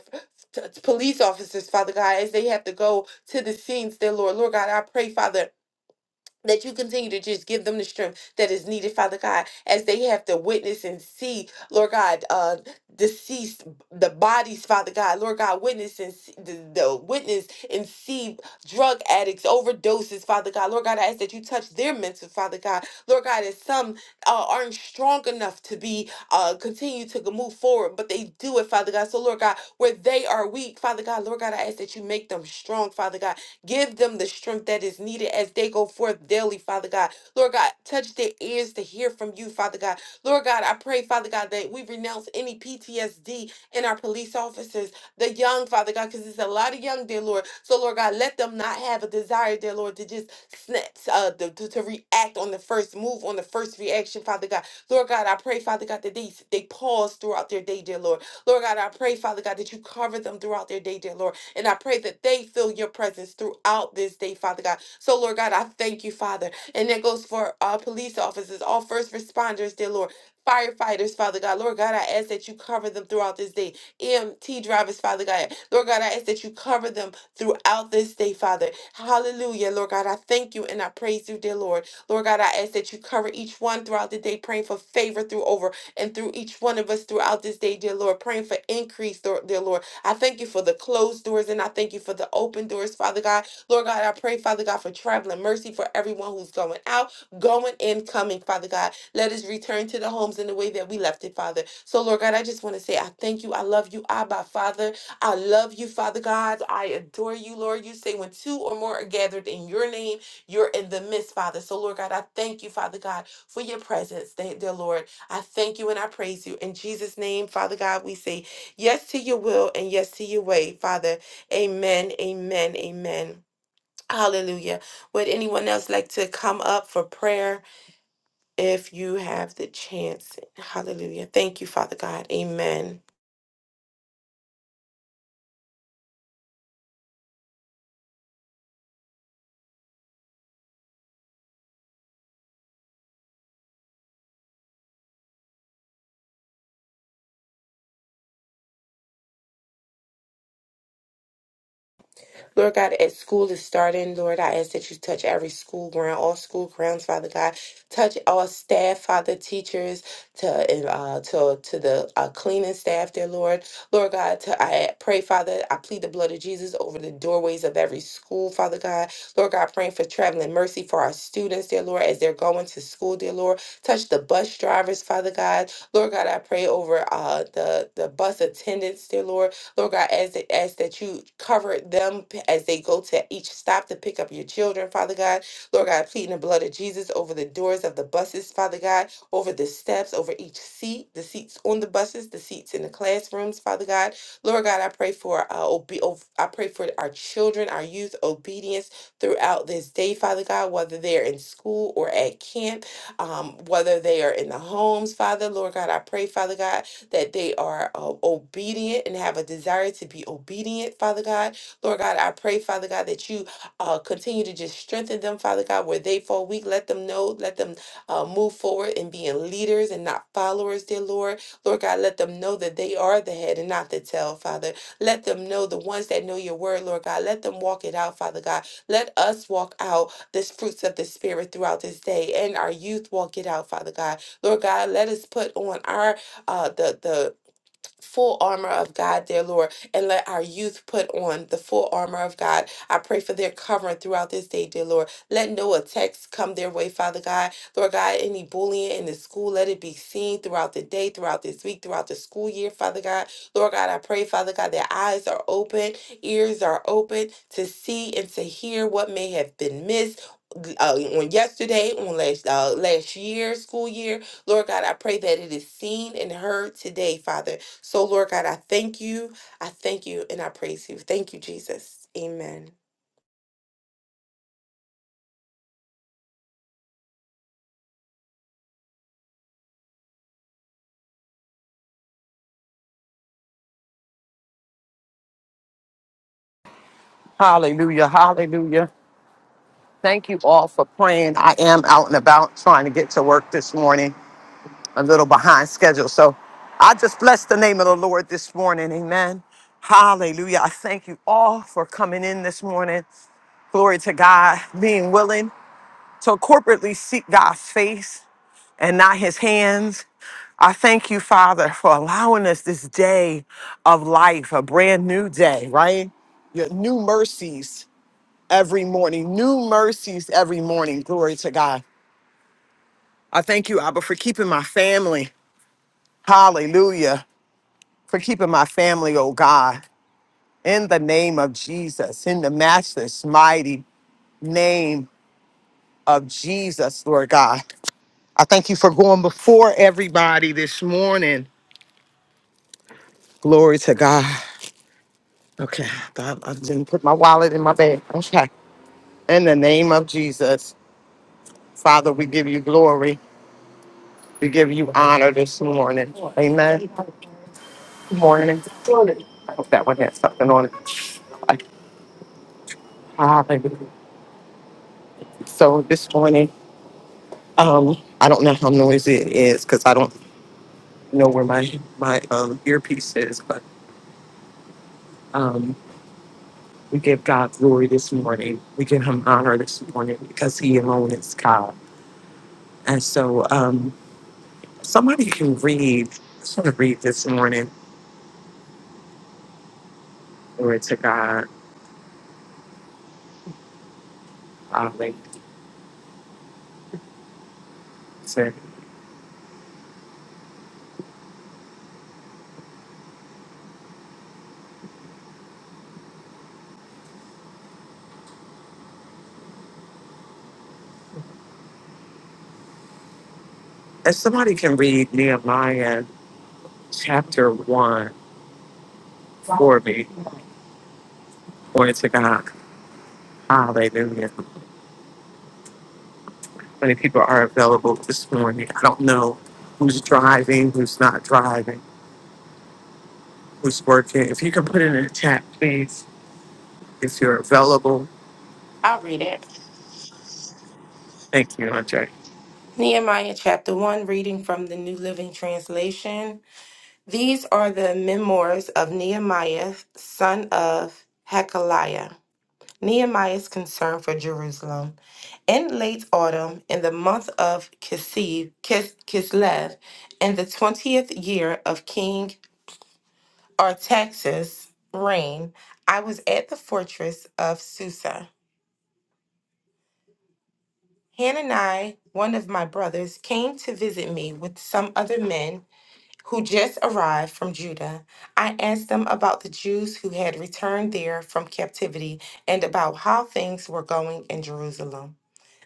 t- t- police officers, Father God, as they have to go to the scenes, dear Lord. Lord God, I pray, Father, that you continue to just give them the strength that is needed, Father God, as they have to witness and see, Lord God, uh, deceased the bodies, Father God, Lord God, witness and see, the, the witness and see drug addicts, overdoses, Father God, Lord God, I ask that you touch their mental, Father God, Lord God, as some uh, aren't strong enough to be uh continue to go- move forward, but they do it, Father God. So Lord God, where they are weak, Father God, Lord God, I ask that you make them strong, Father God Give them the strength that is needed as they go forth daily, Father God. Lord God, touch their ears to hear from you, Father God. Lord God, I pray, Father God, that we renounce any PTSD in our police officers, the young, Father God, because there's a lot of young, dear Lord. So, Lord God, let them not have a desire, dear Lord, to just snap, uh, to, to, to react on the first move, on the first reaction, Father God. Lord God, I pray, Father God, that they, they pause throughout their day, dear Lord. Lord God, I pray, Father God, that you cover them throughout their day, dear Lord. And I pray that they feel your presence throughout this day, Father God. So, Lord God, I thank you, Father. And that goes for all police officers, all first responders, dear Lord. Firefighters, Father God. Lord God, I ask that you cover them throughout this day. EMT drivers, Father God. Lord God, I ask that you cover them throughout this day, Father. Hallelujah. Lord God, I thank you and I praise you, dear Lord. Lord God, I ask that you cover each one throughout the day, praying for favor through over and through each one of us throughout this day, dear Lord. Praying for increase, Lord- dear Lord I thank you for the closed doors and I thank you for the open doors, Father God. Lord God, I pray, Father God, for traveling mercy for everyone who's going out, going and coming, Father God. Let us return to the homes in the way that we left it, Father. So, Lord God, I just want to say I thank you. I love you, Abba, Father. I love you, Father God. I adore you, Lord. You say when two or more are gathered in your name, you're in the midst, Father. So, Lord God, I thank you, Father God, for your presence, thank- dear Lord. I thank you and I praise you. In Jesus' name, Father God, we say Yes to your will and yes to your way, Father. Amen, amen, amen. Hallelujah. Would anyone else like to come up for prayer if you have the chance? Hallelujah. Thank you, Father God. Amen. Lord God, as school is starting, Lord, I ask that you touch every school ground, all school grounds, Father God. Touch all staff, Father, teachers, to and, uh, to to the uh, cleaning staff, there, Lord. Lord God, to, I pray, Father, I plead the blood of Jesus over the doorways of every school, Father God. Lord God, praying for traveling mercy for our students, dear Lord, as they're going to school, dear Lord. Touch the bus drivers, Father God. Lord God, I pray over uh, the the bus attendants, dear Lord. Lord God, as as that you cover them as they go to each stop to pick up your children, Father God. Lord God, pleading the blood of Jesus over the doors of the buses, Father God, over the steps, over each seat, the seats on the buses, the seats in the classrooms, Father God. Lord God, I pray for uh, obe- of- I pray for our children, our youth obedience throughout this day, Father God, whether they're in school or at camp, um, whether they are in the homes, Father. Lord God, I pray, Father God, that they are uh, obedient and have a desire to be obedient, Father God. Lord God, I pray, Father God, that you uh, continue to just strengthen them, Father God, where they fall weak. Let them know, let them uh, move forward in being leaders and not followers, dear Lord. Lord God, let them know that they are the head and not the tail, Father. Let them know the ones that know your word, Lord God. Let them walk it out, Father God. Let us walk out the fruits of the Spirit throughout this day and our youth walk it out, Father God. Lord God, let us put on our uh, the the full armor of God, dear Lord, and let our youth put on the full armor of God. I pray for their covering throughout this day, dear Lord. Let no attacks come their way, Father God. Lord God, any bullying in the school, let it be seen throughout the day, throughout this week, throughout the school year, Father God. Lord God, I pray, Father God, their eyes are open, ears are open to see and to hear what may have been missed. Uh, on yesterday, on last uh, last year, school year, Lord God, I pray that it is seen and heard today, Father. So, Lord God, I thank you. I thank you and I praise you. Thank you, Jesus. Amen.
Hallelujah. Hallelujah. Thank you all for praying. I am out and about trying to get to work this morning, a little behind schedule. So I just bless the name of the Lord this morning. Amen. Hallelujah. I thank you all for coming in this morning. Glory to God, being willing to corporately seek God's face. and not his hands. I thank you, Father, for allowing us this day of life, a brand new day, right? Your new mercies every morning, new mercies every morning. Glory to God. I thank you, Abba, for keeping my family. Hallelujah. For keeping my family, oh God, in the name of Jesus, in the matchless, mighty name of Jesus, Lord God. I thank you for going before everybody this morning. Glory to God. Okay, God, I didn't put my wallet in my bag. Okay. In the name of Jesus, Father, we give you glory. We give you honor this morning. Amen. Good morning. I hope that one had something on it. Like, Hallelujah. So this morning, um, I don't know how noisy it is because I don't know where my my um, earpiece is, but um, we give God glory this morning. We give Him honor this morning because He alone is God. And so, um, Somebody can read. I sort of read this morning. Glory to God. Hallelujah. If somebody can read Nehemiah chapter one for me, glory to God. Hallelujah. Many people are available this morning. I don't know who's driving, who's not driving, who's working. If you can put it in the chat, please, if you're available.
I'll read it.
Thank you, Andre.
Nehemiah chapter 1, reading from the New Living Translation. These are the memoirs of Nehemiah, son of Hekeliah. Nehemiah's concern for Jerusalem. In late autumn, in the month of Kislev, Kis- Kislev, in the 20th year of King or Texas rain, I was at the fortress of Susa. Hanani, one of my brothers, came to visit me with some other men who just arrived from Judah. I asked them about the Jews who had returned there from captivity and about how things were going in Jerusalem.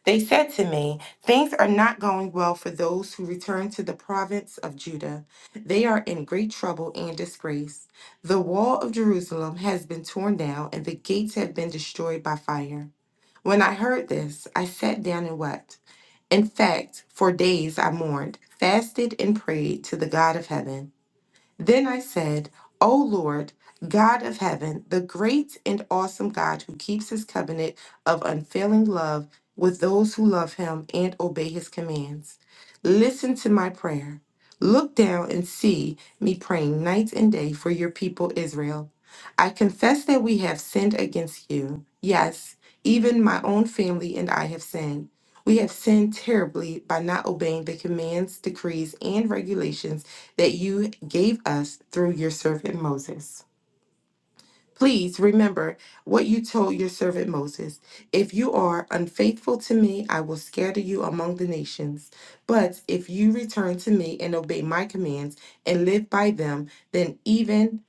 They said to me, Things are not going well for those who return to the province of Judah. They are in great trouble and disgrace. The wall of Jerusalem has been torn down, and the gates have been destroyed by fire. When I heard this, I sat down and wept. In fact, for days I mourned, fasted, and prayed to the God of heaven. Then I said, O Lord, God of heaven, the great and awesome God who keeps his covenant of unfailing love with those who love him and obey his commands, listen to my prayer. Look down and see me praying night and day for your people Israel. I confess that we have sinned against you. Yes, even my own family and I have sinned. We have sinned terribly by not obeying the commands, decrees, and regulations that you gave us through your servant Moses. Please remember what you told your servant Moses. If you are unfaithful to me, I will scatter you among the nations. But if you return to me and obey my commands and live by them, then even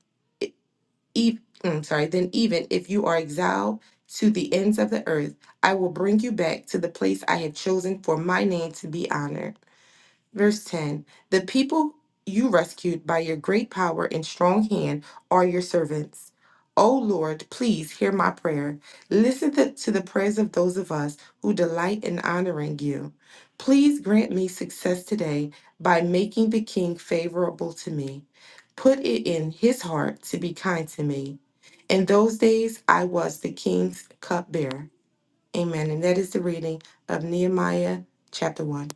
if I'm sorry, then even if you are exiled to the ends of the earth, I will bring you back to the place I have chosen for my name to be honored. Verse 10 The people you rescued by your great power and strong hand are your servants. O Lord, please hear my prayer. Listen to, to the prayers of those of us who delight in honoring you. Please grant me success today by making the king favorable to me. Put it in his heart to be kind to me. In those days, I was the king's cupbearer. Amen. And that is the reading of Nehemiah chapter 1.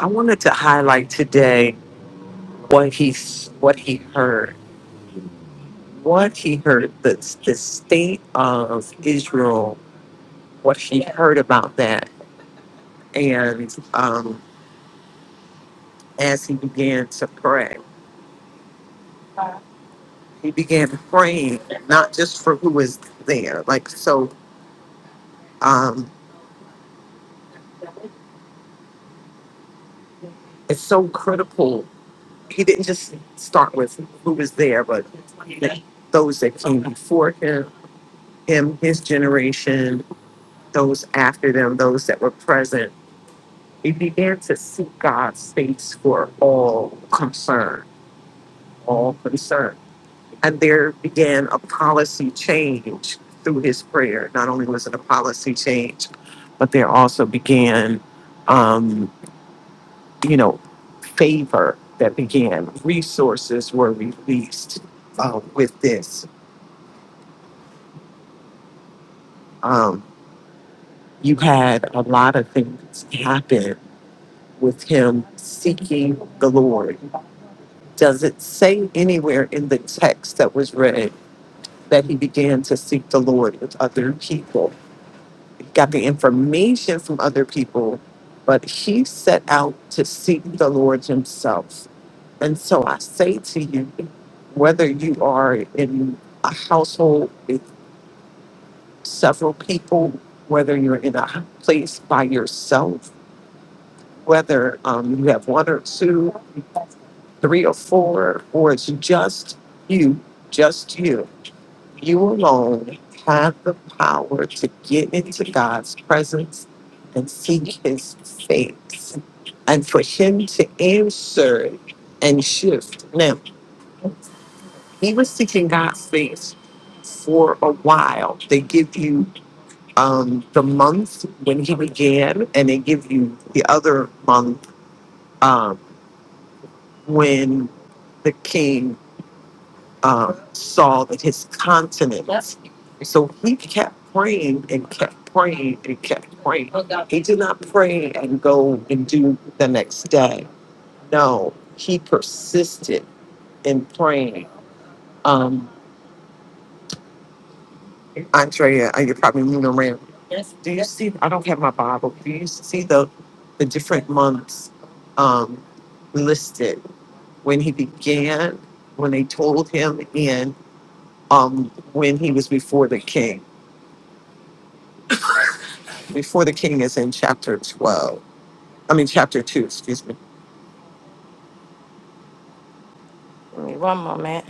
I wanted to highlight today what he what he heard. what he heard, the, the state of Israel, what he heard about that. And um, as he began to pray, he began praying not just for who was there. Like, so um, it's so critical. He didn't just start with who was there, but the, those that came before him, him, his generation, those after them, those that were present. He began to seek God's face for all concern all concerned. And there began a policy change through his prayer. Not only was it a policy change, but there also began, um, you know, favor that began. Resources were released uh, with this. Um, you had a lot of things happen with him seeking the Lord. Does it say anywhere in the text that was read that he began to seek the Lord with other people? got the information from other people, but he set out to seek the Lord himself. And so I say to you, whether you are in a household with several people, whether you're in a place by yourself, whether um, you have one or two, three or four, or it's just you, just you You alone have the power to get into God's presence and seek his face and for him to answer and shift. Now, he was seeking God's face for a while. They give you um, the month when he began, and they give you the other month um, when the king. um, Saul and his continence. So he kept praying and kept praying and kept praying. He did not pray and go and do the next day. No, he persisted in praying. Um, Andrea, uh, you're probably moving around. Do you see? I don't have my Bible. Do you see the the different months um, listed when he began, when they told him, and um, when he was before the king? before the king is in chapter 12. I mean, chapter 2, excuse me.
Give me one moment.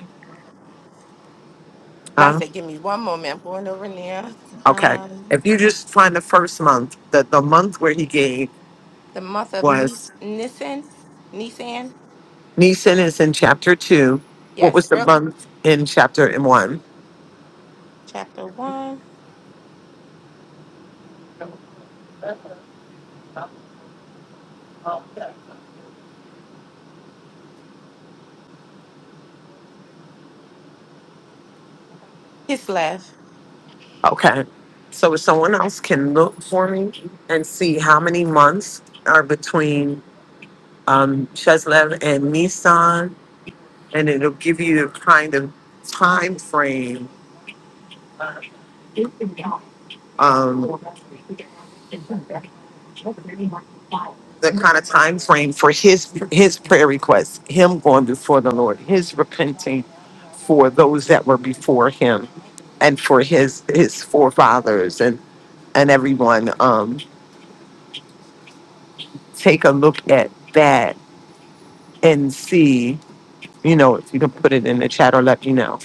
And I
Huh?
said, give me one moment. I'm going over now.
Okay.
Um,
If you just find the first month, that the month where he gave
the month of
was
Nis- Nisan, Nisan,
Nisan is in chapter 2. What
yes,
was the
early,
month in chapter in 1?
chapter one, Kislev.
Okay. So if someone else can look for me and see how many months are between um, Shezlev and Nisan, and it'll give you the kind of time frame um, the kind of time frame for his his prayer requests, him going before the Lord, his repenting for those that were before him, and for his his forefathers and and everyone. Um, take a look at that and see. You know, if you can put it in the chat or let me know.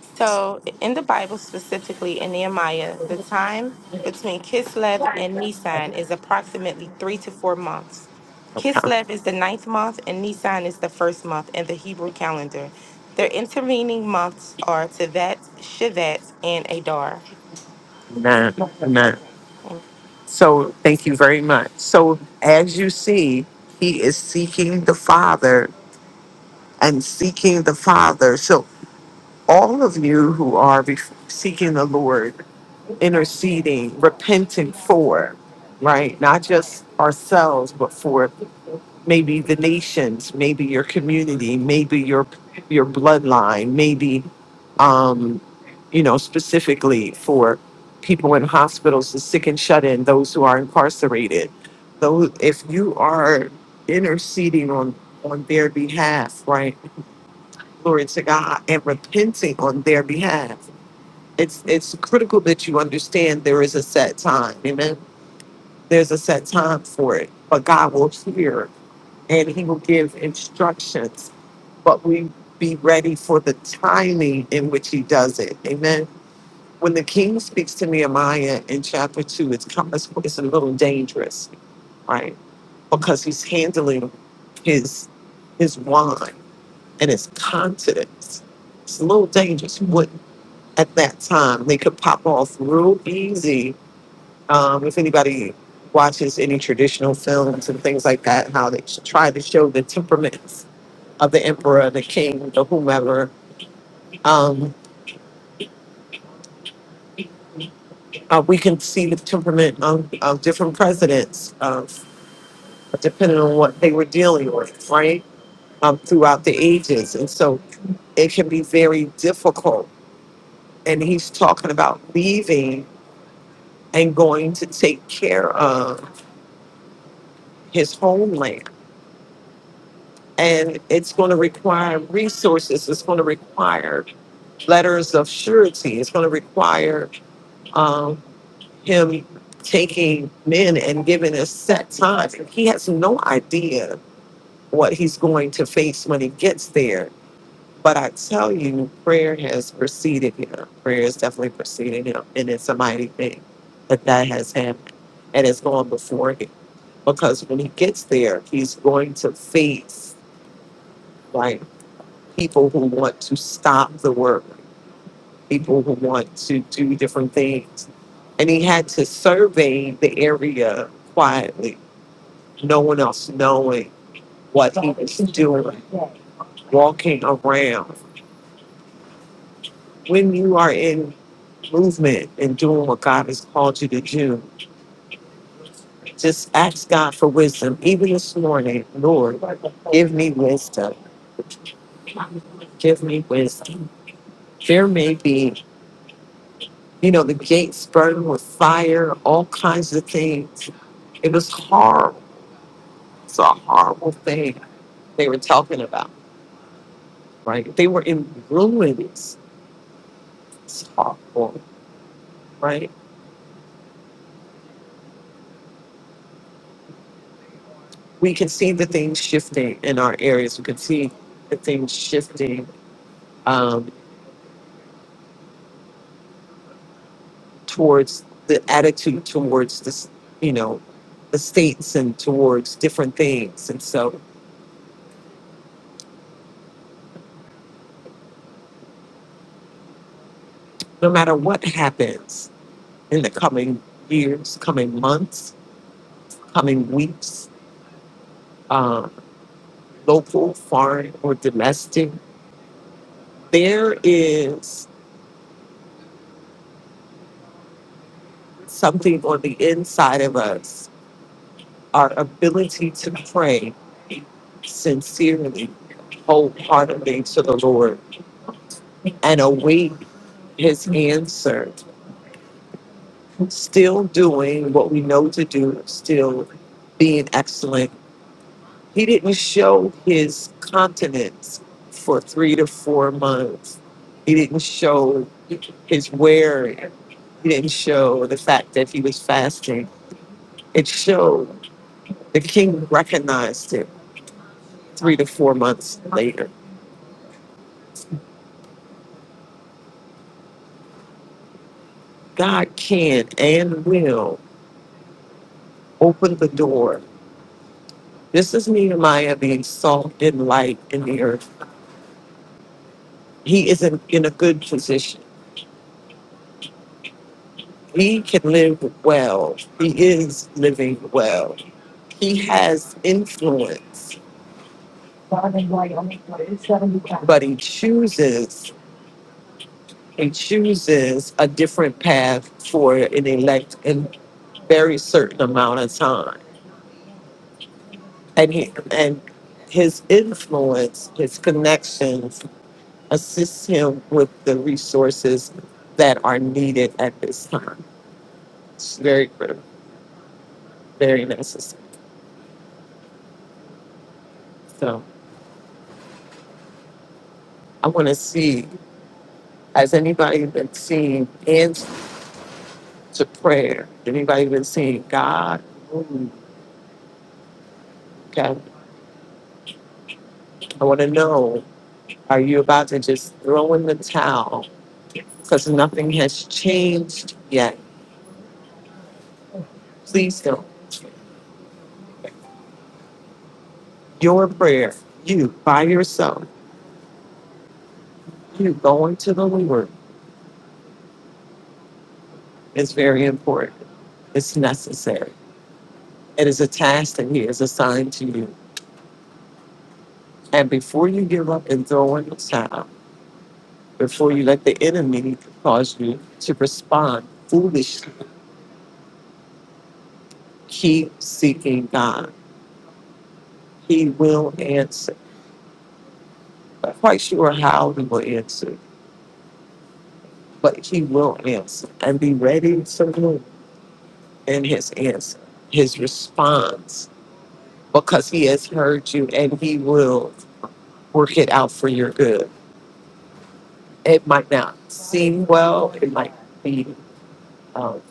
So in the Bible, specifically in Nehemiah, the time between Kislev and Nisan is approximately three to four months.
Okay.
Kislev is the ninth month, and Nisan is the first month in the Hebrew calendar. Their intervening months are Tevet, Shivat, and Adar.
Nah, nah. So thank you very much. So as you see, he is seeking the Father and seeking the Father. So all of you who are be- seeking the Lord, interceding, repenting for, right? Not just ourselves, but for maybe the nations, maybe your community, maybe your your bloodline, maybe um, you know specifically for people in hospitals, the sick and shut in, those who are incarcerated. Those, if you are interceding on on their behalf, right? Glory to God and repenting on their behalf it's it's critical that you understand there is a set time amen there's a set time for it but god will hear and he will give instructions but we be ready for the timing in which he does it amen when the king speaks to nehemiah in chapter 2 it's kind of- it's a little dangerous right because he's handling his his wine and his confidence it's a little dangerous what at that time they could pop off real easy Um, if anybody watches any traditional films and things like that, how they sh- try to show the temperaments of the emperor, the king, the whomever, um, uh, we can see the temperament of, of different presidents, of, depending on what they were dealing with, right? Um, throughout the ages. And so it can be very difficult. And he's talking about leaving and going to take care of his homeland and it's going to require resources. It's going to require letters of surety. It's going to require um, him taking men and giving us set times. And He has no idea what he's going to face when he gets there. But I tell you, prayer has preceded him. Prayer has definitely preceded him, and it's a mighty thing that that has happened and it's gone before him. Because when he gets there, he's going to face. like. people who want to stop the work, people who want to do different things. And he had to survey the area quietly, no one else knowing what he was doing, walking around. When you are in movement and doing what God has called you to do, just ask God for wisdom. Even this morning, Lord, give me wisdom. Give me wisdom. There may be You know, the gates burned with fire, all kinds of things. It was horrible. It's a horrible thing they were talking about, right? They were in ruins. It's horrible, right? We can see the things shifting in our areas. We can see the things shifting um, towards the attitude towards this, you know, the states and towards different things. And so, no matter what happens in the coming years, coming months, coming weeks. um, local, foreign, or domestic, there is something on the inside of us, our ability to pray sincerely, wholeheartedly to the Lord, and await His answer, still doing what we know to do, still being excellent. He didn't show His continence for three to four months. He didn't show His wearing. He didn't show the fact that he was fasting. It showed the king recognized it three to four months later. God can and will open the door. This is Nehemiah being salt and light in the earth. He is in, in a good position. He can live well. He is living well. He has influence. But he chooses and chooses a different path for an elect in very certain amount of time. And he and his influence, his connections assists him with the resources that are needed at this time. It's very critical, very necessary. So I wanna see, has anybody been seeing answer to prayer? Anybody been seeing God? Mm, okay. I wanna know, are you about to just throw in the towel because nothing has changed yet. Please don't. Your prayer, you by yourself, you going to the Lord is very important. It's necessary. It is a task that He has assigned to you. And before you give up and throw in the towel, before you let the enemy cause you to respond foolishly, keep seeking God. He will answer. Not quite sure how He will answer, but He will answer. And be ready to move and his answer, his response, because he has heard you and he will work it out for your good. It might not seem well, it might be, um,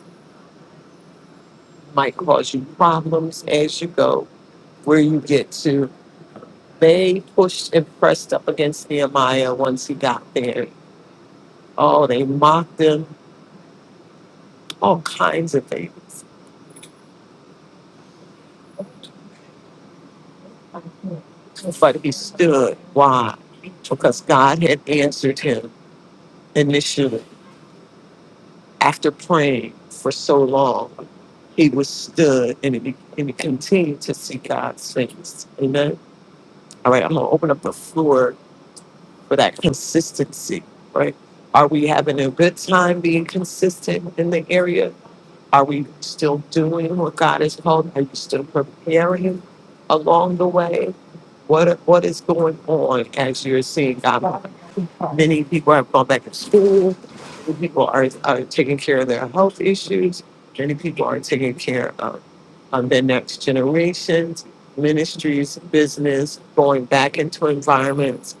might cause you problems as you go, where you get to. They pushed and pressed up against Nehemiah once he got there. Oh, they mocked him, all kinds of things. But he stood. Why? Because God had answered him initially After praying for so long, he withstood and he, and he continued to see God's face. Amen. All right, I'm going to open up the floor for that consistency, right? Are we having a good time being consistent in the area? Are we still doing what God has called? Are you still preparing along the way? What what is going on as you're seeing God? Many people have gone back to school. Many people are, are taking care of their health issues. Many people are taking care of of their next generations, ministries, business, going back into environments.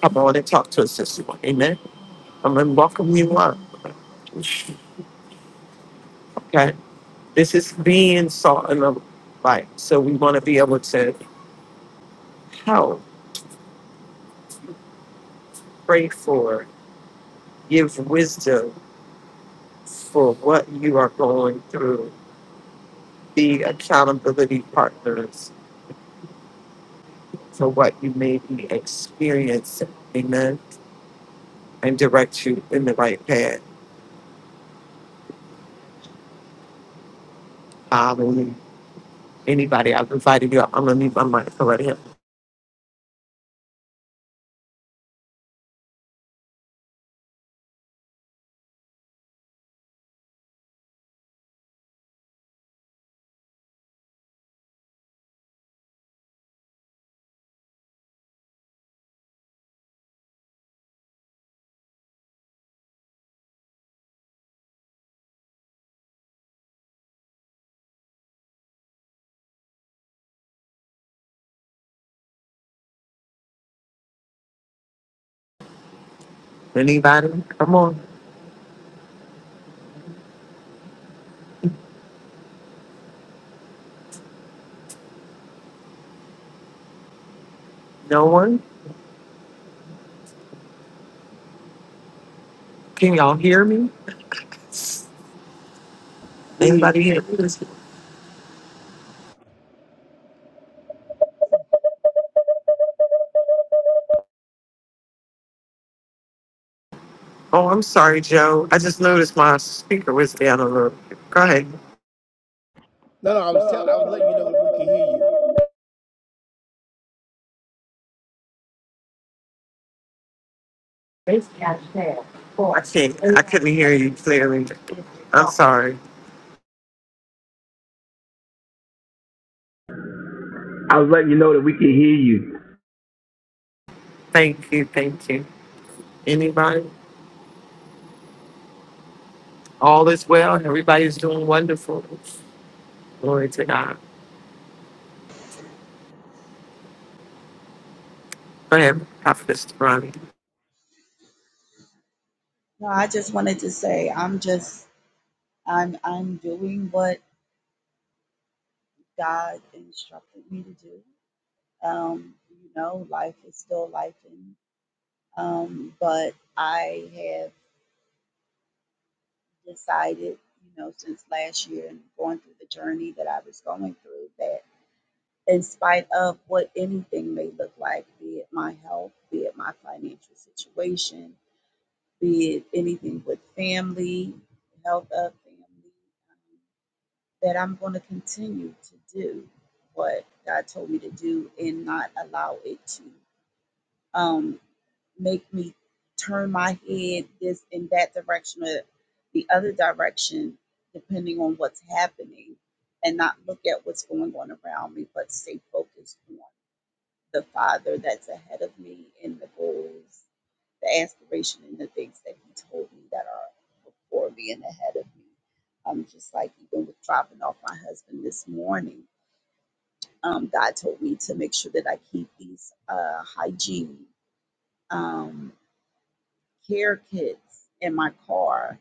Come on and talk to us this morning. Amen. I'm going to welcome you up. Okay. This is being salt and the light. So we want to be able to help, pray for, give wisdom for what you are going through, be accountability partners for what you may be experiencing. Amen. And direct you in the right path. Hallelujah. Anybody, I've invited you. up. I'm going to leave my mic for right here. Anybody? Come on. No one? Can y'all hear me? Anybody here? Oh, I'm sorry, Joe. I just noticed my speaker was down a little. bit. Go ahead. I can't. I couldn't hear you clearly. I'm sorry.
I was letting you know that we can hear you.
Thank you. Thank you. Anybody? All is well. Everybody's doing wonderful. Glory to God. Go ahead, Prophetess Ronnie.
No, I just wanted to say I'm just I'm I'm doing what God instructed me to do. Um, you know, life is still life, and um, but I have decided, you know, since last year and going through the journey that I was going through, that in spite of what anything may look like, be it my health, be it my financial situation, be it anything with family, health of family. that I'm going to continue to do what God told me to do and not allow it to um, make me turn my head this in that direction or the other direction, depending on what's happening, and not look at what's going on around me, but stay focused on the Father that's ahead of me and the goals the aspiration and the things that he told me that are before me and ahead of me. Um, just like even with dropping off my husband this morning, um, God told me to make sure that I keep these uh, hygiene um, care kits in my car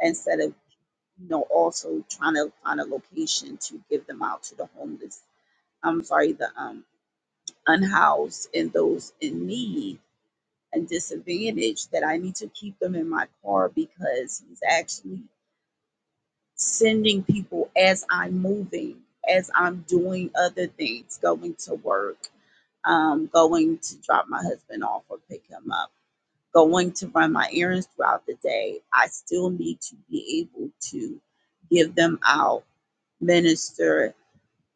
instead of you know also trying to find a location to give them out to the homeless. I'm sorry, the um, unhoused and those in need and disadvantaged. that I need to keep them in my car because he's actually sending people as I'm moving, as I'm doing other things, going to work, um, going to drop my husband off or pick him up, going to run my errands throughout the day. I still need to be able to give them out, minister,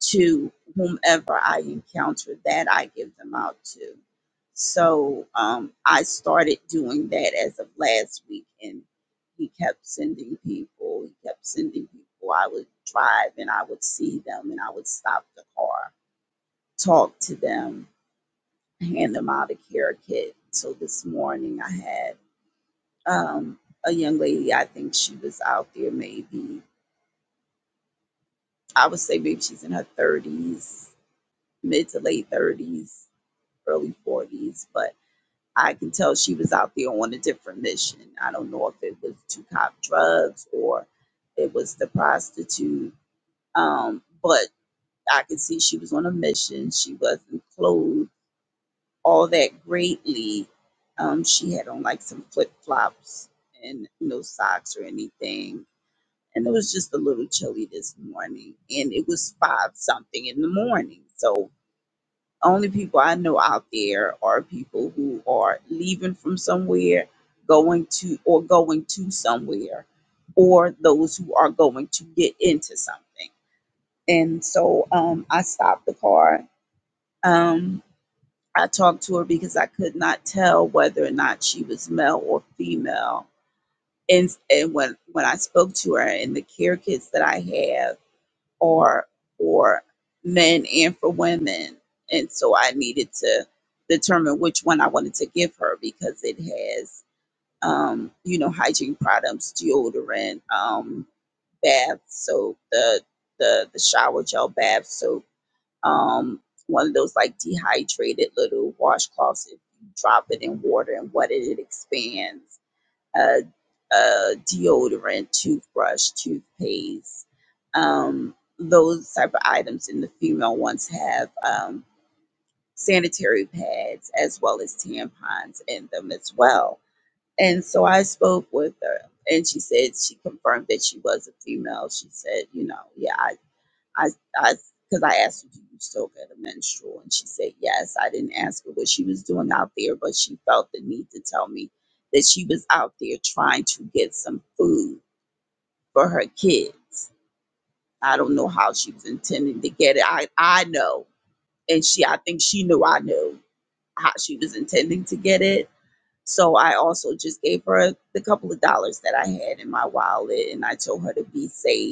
to whomever I encounter that I give them out to. So um, I started doing that as of last week, and he kept sending people. He kept sending people. I would drive and I would see them, and I would stop the car, talk to them, hand them out a care kit. So this morning I had um, a young lady. I think she was out there, maybe I would say maybe she's in her thirties, mid to late thirties early 40s, but I can tell she was out there on a different mission. I don't know if it was to cop drugs or it was the prostitute, um, but I could see she was on a mission. She wasn't clothed all that greatly. Um, she had on like some flip flops and no socks or anything. And it was just a little chilly this morning, and it was five something in the morning. So only people I know out there are people who are leaving from somewhere, going to or going to somewhere, or those who are going to get into something. And so um, I stopped the car. Um, I talked to her because I could not tell whether or not she was male or female. And, and when, when I spoke to her and the care kits that I have, are for men and for women. And so I needed to determine which one I wanted to give her because it has, um, you know, hygiene products, deodorant, um, bath soap, the, the, the shower gel bath soap, um, one of those like dehydrated little washcloths. If you drop it in water and wet it, it expands uh, uh, deodorant, toothbrush, toothpaste, um, those type of items. And the female ones have um, sanitary pads as well as tampons in them as well. And so I spoke with her, and she said she confirmed that she was a female. She said, you know, yeah, I. I, I, because I asked her, "Do you still get a menstrual?" And she said, "Yes." I didn't ask her what she was doing out there, but she felt the need to tell me that she was out there trying to get some food for her kids. I don't know how she was intending to get it. I, I know, and she, I think she knew I knew how she was intending to get it. So I also just gave her the couple of dollars that I had in my wallet, and I told her to be safe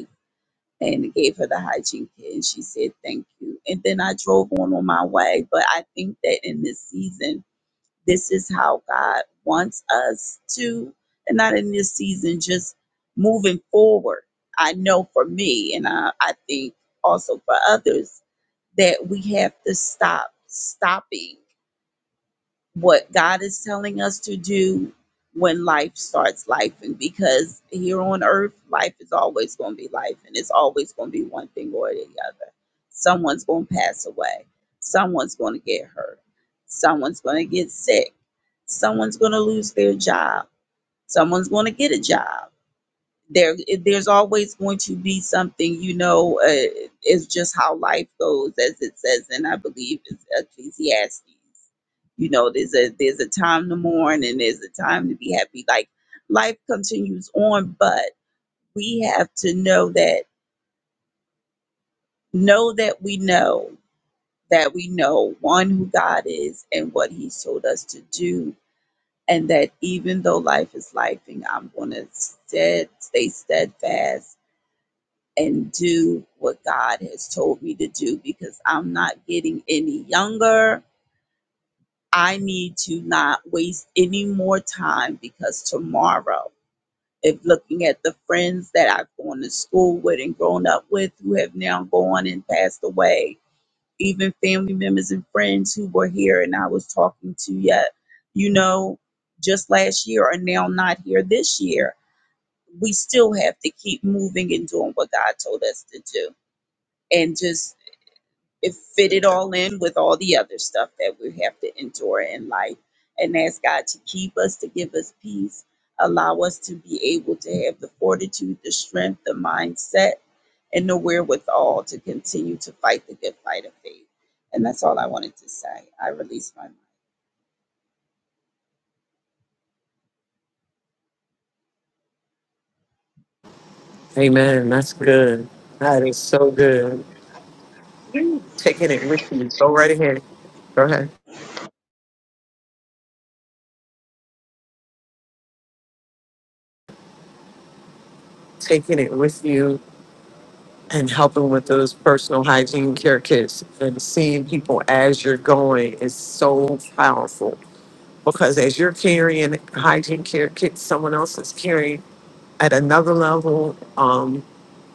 and gave her the hygiene kit and she said thank you and then i drove on on my way but i think that in this season this is how god wants us to and not in this season just moving forward i know for me and i, I think also for others that we have to stop stopping what God is telling us to do when life starts life and because here on earth life is always going to be life and it's always going to be one thing or the other someone's going to pass away someone's going to get hurt someone's going to get sick someone's going to lose their job someone's going to get a job there there's always going to be something you know uh, it's just how life goes as it says and i believe it's ecclesiastes you know there's a there's a time to mourn and there's a time to be happy like life continues on but we have to know that know that we know that we know one who god is and what he's told us to do and that even though life is life and i'm going to stead, stay steadfast and do what God has told me to do because I'm not getting any younger. I need to not waste any more time because tomorrow, if looking at the friends that I've gone to school with and grown up with who have now gone and passed away, even family members and friends who were here and I was talking to yet, you know, just last year are now not here this year. We still have to keep moving and doing what God told us to do and just it fit it all in with all the other stuff that we have to endure in life and ask God to keep us, to give us peace, allow us to be able to have the fortitude, the strength, the mindset, and the wherewithal to continue to fight the good fight of faith. And that's all I wanted to say. I release my
Amen. That's good. That is so good. taking it with you. Go right ahead. Go ahead. Taking it with you and helping with those personal hygiene care kits and seeing people as you're going is so powerful because as you're carrying hygiene care kits, someone else is carrying at another level um,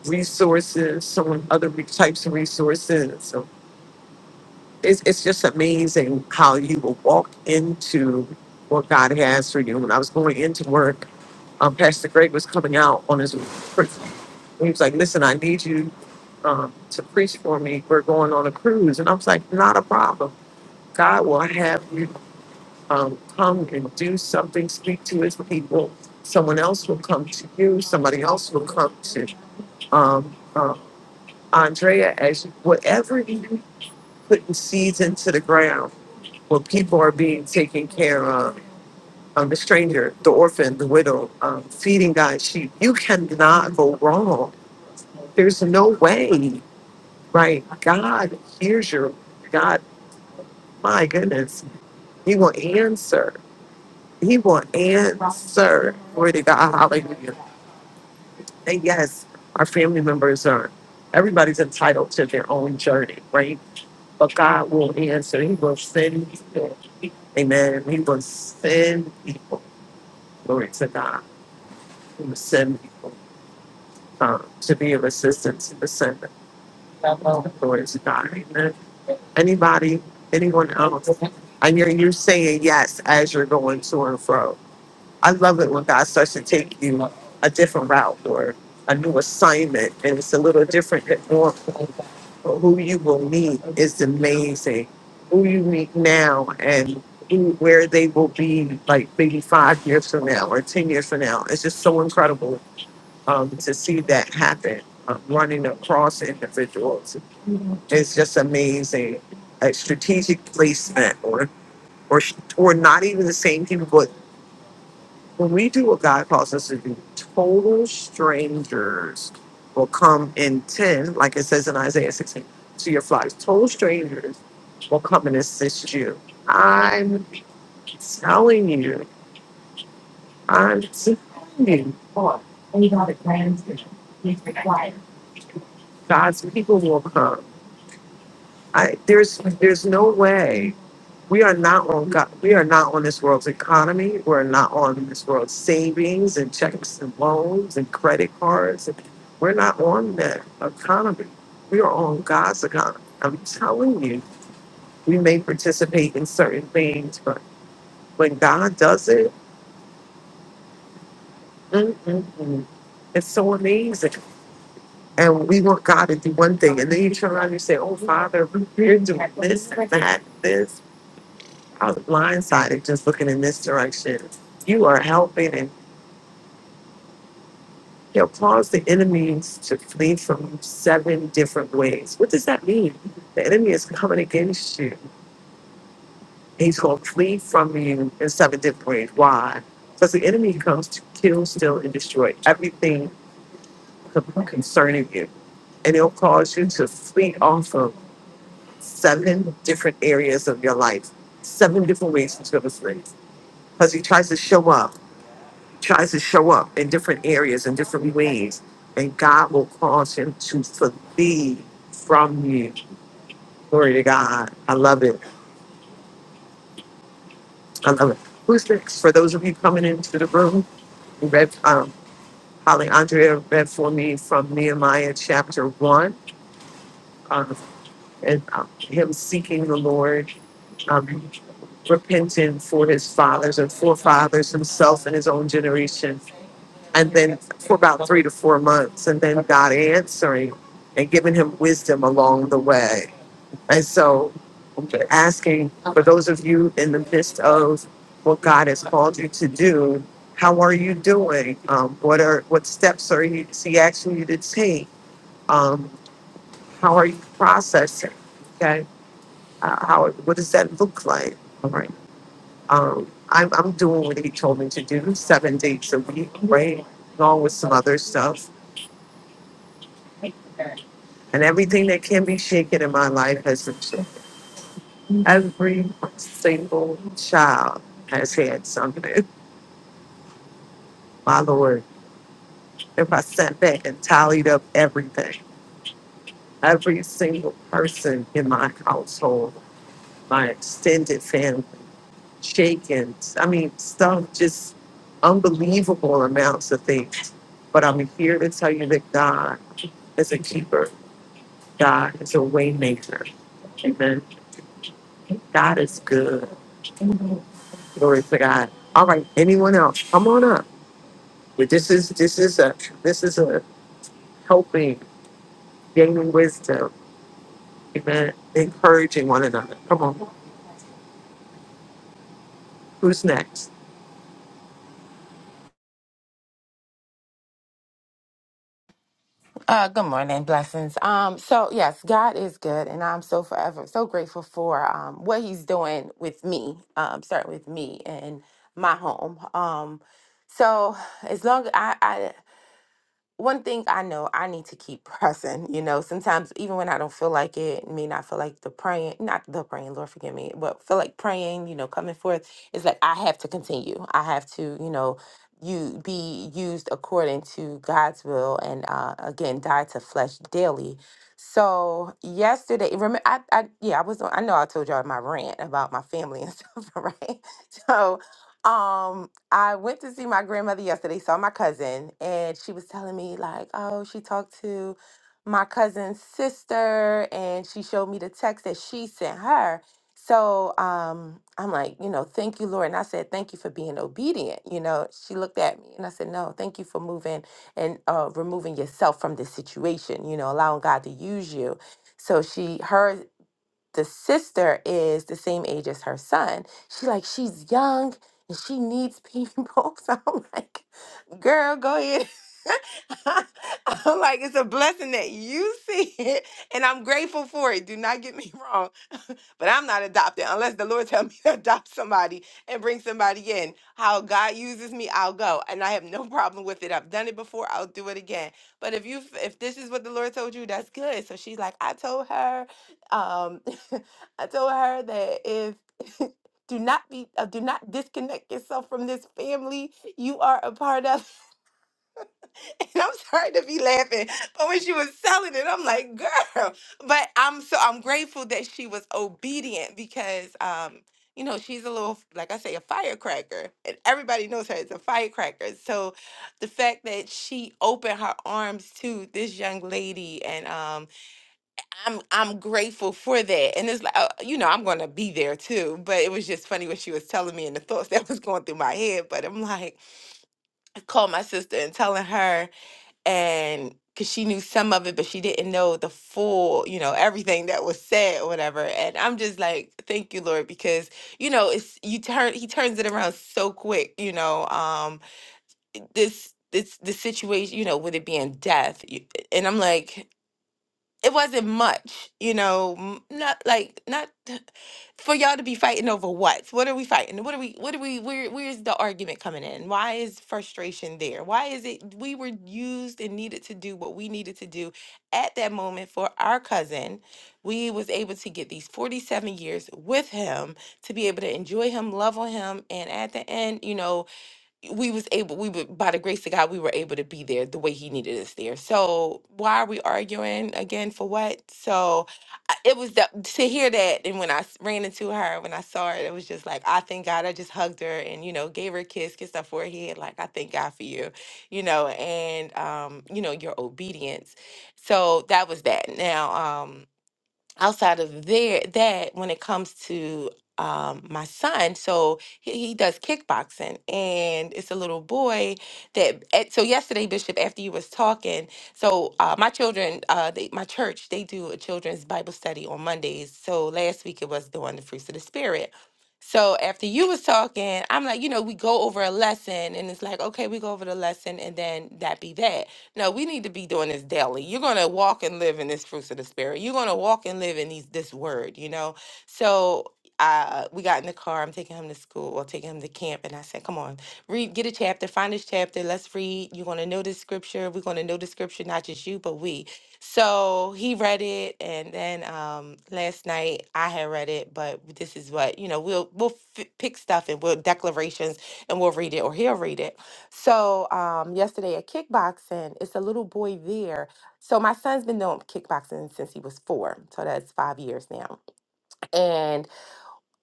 resources, some other re- types of resources. So it's, it's just amazing how you will walk into what God has for you. When I was going into work, um, Pastor Greg was coming out on his he was like, listen, I need you um, to preach for me. We're going on a cruise. And I was like, not a problem. God will have you um, come and do something, speak to his people. Someone else will come to you. Somebody else will come to um, uh, Andrea as whatever you putting seeds into the ground where people are being taken care of. Um, the stranger, the orphan, the widow, um, feeding God's sheep. You cannot go wrong. There's no way. right? God hears your God. My goodness, He will answer. He will answer. Glory to God. Hallelujah. And yes, our family members are. Everybody's entitled to their own journey, right? But God will answer. He will send people. Amen. He will send people. Glory to God. He will send people um, to be of assistance. He will send Glory to God. Amen. Anybody, anyone else? I hear you saying yes as you're going to and fro. I love it when God starts to take you a different route or a new assignment, and it's a little different than normal. But who you will meet is amazing. Who you meet now and who- where they will be like maybe five years from now or 10 years from now. It's just so incredible um, to see that happen, um, running across individuals is just amazing. A strategic placement, or or or not even the same people, but when we do what God calls us to do, total strangers will come in ten, like it says in Isaiah sixteen, to your flocks. Total strangers will come and assist you. I'm telling you, I'm telling you. God's people will come. I, there's there's no way we are not on God. We are not on this world's economy. We're not on this world's savings and checks and loans and credit cards. We're not on that economy. We are on God's economy. I'm telling you, we may participate in certain things, but when God does it, mm, mm, mm, it's so amazing. And we want God to do one thing, and then you turn around and you say, "Oh, Father, we are doing this that, this." I was blindsided just looking in this direction. You are helping, and he'll cause the enemies to flee from seven different ways. What does that mean? The enemy is coming against you. He's going to flee from you in seven different ways. Why? Because the enemy comes to kill, steal, and destroy everything con- concerning you. And it will cause you to flee off of seven different areas of your life, seven different ways to flee. Because he tries to show up. tries to show up in different areas in different ways, and God will cause him to flee from you. Glory to God. I love it. I love it. Who's next? For those of you coming into the room, you read um, Holly Andrea read for me from Nehemiah chapter one, um, and um, him seeking the Lord, um, repenting for his fathers and forefathers, himself and his own generation and then for about three to four months, and then God answering and giving him wisdom along the way. And so, okay. asking for those of you in the midst of what God has called you to do, how are you doing? Um, what are what steps are you is he asking you to take? Um, how are you processing? Okay, uh, how what does that look like? All right. Um, I'm, I'm doing what he told me to do, seven days a week, right? Along with some other stuff And everything that can be shaken in my life has been shaken. Every single child has had something. My Lord, if I sat back and tallied up everything, every single person in my household, my extended family, shaken. I mean, stuff just unbelievable amounts of things. But I'm here to tell you that God is a keeper. God is a way maker. Amen. God is good. Glory to God. All right, anyone else? Come on up. But This is this is a this is a helping, gaining wisdom. Amen. Encouraging one another. Come on. Who's next?
Uh, good morning, blessings. Um, so yes, God is good, and I'm so forever so grateful for um what He's doing with me. Um, starting with me and my home. Um, so as long I I one thing I know I need to keep *laughs* pressing, you know, sometimes even when I don't feel like it, may not feel like the praying, not the praying, Lord forgive me, but feel like praying, you know, coming forth, it's like I have to continue. I have to, you know, you be used according to God's will and uh again die to flesh daily. So yesterday, remember I, I yeah, I was on I know I told y'all my rant about my family and *laughs* stuff, right? So um I went to see my grandmother yesterday, saw my cousin, and she was telling me, like, oh, she talked to my cousin's sister and she showed me the text that she sent her. So um, I'm like, you know, thank you, Lord. And I said, thank you for being obedient. You know, she looked at me and I said, no, thank you for moving and uh, removing yourself from this situation, you know, allowing God to use you. So she, her the sister is the same age as her son. She like she's young and she needs people. *laughs* So I'm like, girl, go ahead. *laughs* I'm like, it's a blessing that you see it, and I'm grateful for it. Do not get me *laughs* wrong but I'm not adopted unless the Lord tell me *laughs* to adopt somebody and bring somebody in. How God uses me, I'll go, and I have no *laughs* problem with it. I've done it before. I'll do it again. But if you if this is what the Lord told you, that's good. So she's like, I told her, um, *laughs* I told her that if *laughs* do not be uh, do not disconnect yourself from this family you are a part of *laughs* And I'm sorry to be laughing, but when she was selling it, I'm like, girl. But I'm so I'm grateful that she was obedient because um, you know, she's a little like I say, a firecracker. And everybody knows her as a firecracker. So the fact that she opened her arms to this young lady and um I'm I'm grateful for that. And it's like uh, you know, I'm gonna be there too. But it was just funny what she was telling me and the thoughts *laughs* that was going through my head. But I'm like, I called my sister and telling her and because she knew some of it, but she didn't know the full, you know, everything that was said or whatever. And I'm just like, thank you, Lord, because you know, it's you turn he turns it around so quick, you know. Um, this this the situation, you know, with it being death, you- and I'm like it wasn't much, you know, m- not like not for y'all to be fighting over what? What are we fighting? What are we what are we where where's the argument coming in? Why is frustration there? Why is it we were used and needed to do what we needed to do at that moment for our cousin. We was able to get these 47 years with him to be able to enjoy him, love on him, and at the end, you know, we was able we were by the grace of God we were able to be there the way he needed us there. So why are we arguing again for what? So I- it was that to hear that and when I s- ran into her when I saw her it was just like I thank God I just hugged her and you know gave her a kiss kissed her forehead like I thank God for you you know and um you know your obedience. So that was that. Now um outside of there that when it comes to um my son so he, he does kickboxing and it's a little boy that at, so yesterday bishop after you was talking so uh my children uh they, my church they do a children's bible study on mondays so last week it was doing the fruits of the spirit so after you was talking i'm like you know we go over a lesson and it's like okay we go over the lesson and then that be that no, we need to be doing this daily. You're going to walk and live in this fruits of the spirit. You're going to walk and live in these this word, you know? So uh, we got in the car. I'm taking him to school or taking him to camp. And I said, come on, read, get a chapter, find this chapter. Let's read. You're going to know this scripture. We're going to know the scripture, not just you, but we. So he read it. And then um, last night I had read it, but this is what, you know, we'll, we'll f- pick stuff and we'll declarations and we'll read it or he'll read it. So um, yesterday at kickboxing, it's a little boy there. So my son's been doing kickboxing since he was four. So that's five years now. And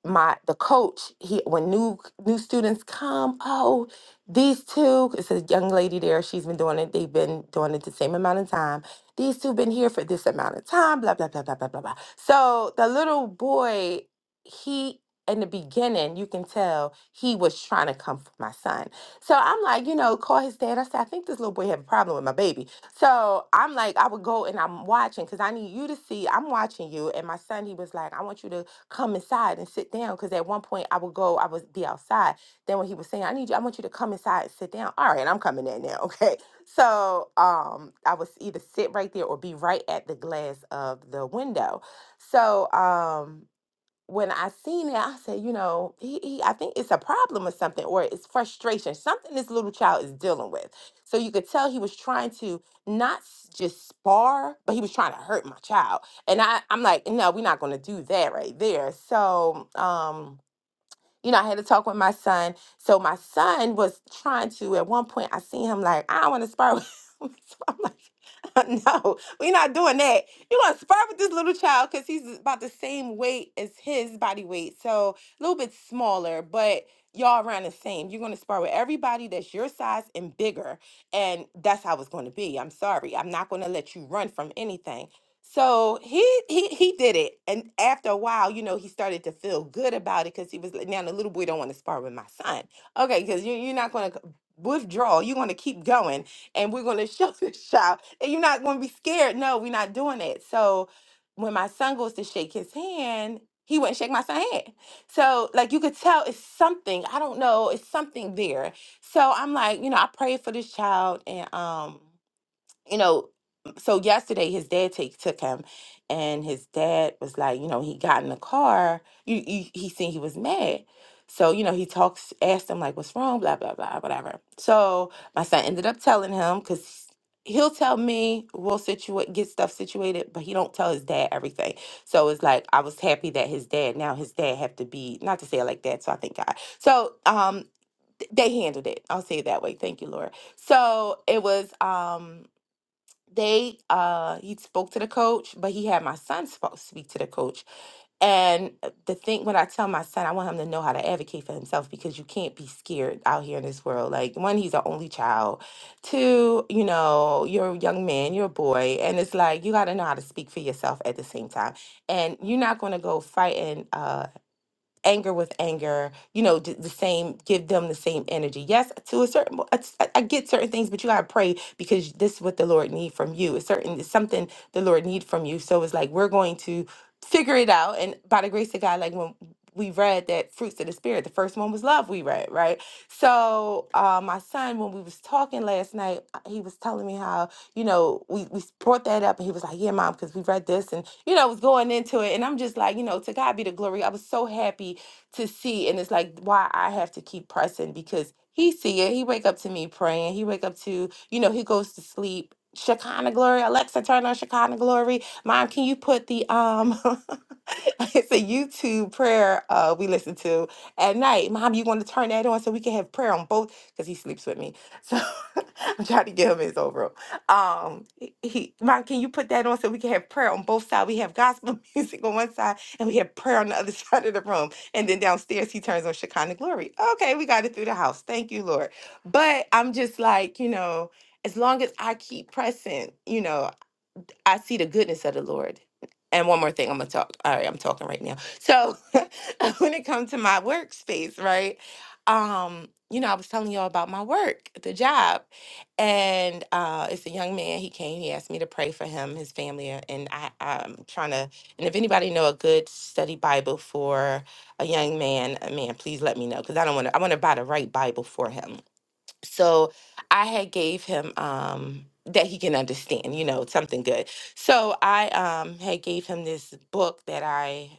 my the coach he when new new students come oh these two it's a young lady there she's been doing it they've been doing it the same amount of time these two been here for this amount of time blah blah blah blah blah blah blah so the little boy he in the beginning you can tell he was trying to come for my son so i'm like you know call his dad i said i think this little boy have a problem with my baby so i'm like i would go and i'm watching because i need you to see i'm watching you and my son he was like i want you to come inside and sit down. Because at one point I would go, I would be outside. Then when he was saying, I need you, I want you to come inside and sit down. All right, I'm coming in now. *laughs* Okay. So um, I would either sit right there or be right at the glass of the window. So um, when I seen it, I said, you know, he, he I think it's a problem or something, or it's frustration, something this little child is dealing with. So you could tell he was trying to not s- just spar, but he was trying to hurt my child. And I, I'm like, no, we're not gonna do that right there. So um you know, I had to talk with my son. So my son was trying to, at one point, I seen him like, I want to spar with him. *laughs* So I'm like, *laughs* no, we're not doing that. You're going to spar with this little child because he's about the same weight as his body weight. So a little bit smaller, but y'all around the same. You're going to spar with everybody that's your size and bigger. And that's how it's going to be. I'm sorry. I'm not going to let you run from anything. So he he he did it, and after a while, you know, he started to feel good about it because he was like, now the little boy don't want to spar with my son, okay? Because you you're not going to withdraw, you're going to keep going, and we're going to show *laughs* this child, and you're not going to be scared. No, we're not doing that. So when my son goes to shake his hand, he wouldn't shake my son's hand. So like you could tell, it's something I don't know, it's something there. So I'm like, you know, I prayed for this child, and um you know, so yesterday his dad take took him, and his dad was like, you know, he got in the car. You, you he seen he was mad, so you know he talks asked him like, what's wrong, blah blah blah, whatever. So my son ended up telling him because he'll tell me we'll situate get stuff situated, but he don't tell his dad everything. So it's like I was happy that his dad now his dad have to be not to say it like that. So I thank God. So um th- they handled it. I'll say it that way. Thank you, Lord. So it was um they uh he spoke to the coach but he had my son sp- speak to the coach and uh, the thing when i tell my son i want him to know how to advocate for himself because you can't be scared out here in this world like one he's an only child two you know you're a young man you're a boy and it's like you got to know how to speak for yourself at the same time and you're not going to go fighting uh anger with anger you know d- the same give them the same energy yes to a certain mo- it's- i I get certain things but you gotta pray because this is what the lord need from you it's certain it's something the lord need from you so it's like we're going to figure it out and by the grace of god like when we read that fruits of the spirit the first one was love we read right so uh, my son when we was talking last night uh, he was telling me how you know, we, we brought that up and he was like, yeah, mom, because we read this and, you know, was going into it. And I'm just like, you know, to God be the glory. I was so happy to see. And it's like why I have to keep pressing because he see it. He wake up to me praying. He wake up to, you know, he goes to sleep. Shekinah glory. Alexa, turn on Shekinah glory. Mom, can you put the um *laughs* it's a YouTube prayer uh we listen to at night. Mom, you want to turn that on so we can have prayer on both because he sleeps with me. So *laughs* I'm trying to get him his overall um he, he- mom can you put that on so we can have prayer on both sides we have gospel *laughs* music on one side and we have prayer on the other *laughs* side of the room and then downstairs he turns on shekinah glory okay we got it through the house thank you lord but i'm just like you know as long as i keep pressing you know I see the goodness of the Lord. And one more thing, I'm gonna talk. All right, I'm talking right now. So *laughs* when it comes to my workspace, right? Um, you know, I was telling y'all about my work, the job, and uh, it's a young man. He came. He asked me to pray for him, his family, a- and I, I'm trying to. And if anybody know a good study Bible for a young man, uh, man, please let me know because I don't want to. I want to buy the right Bible for him so i had gave him um that he can understand you know something good so i um had gave him this book that i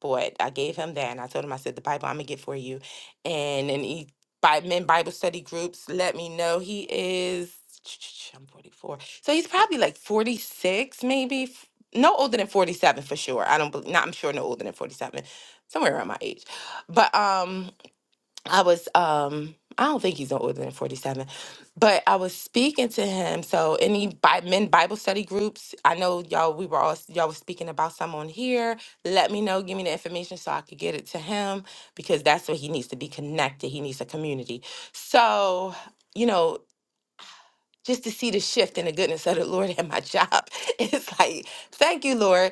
bought i gave him that and i told him i said the bible i'm gonna get for you and and he by men bible study groups let me know he is *tsk* i'm 44 so he's probably like 46 maybe f- no older than 47 for sure i don't bel- not i'm sure no older than 47 somewhere around my age but um I was um I don't think he's older than 47, but I was speaking to him. So any bi- men Bible study groups, I know y'all we were all y'all was speaking about someone here. Let me know, give me the information so I could get it to him because that's what he needs to be connected. He needs a community. So, you know, just to see the shift in the goodness of the Lord *laughs* at my job, *laughs* it's like, thank you, Lord.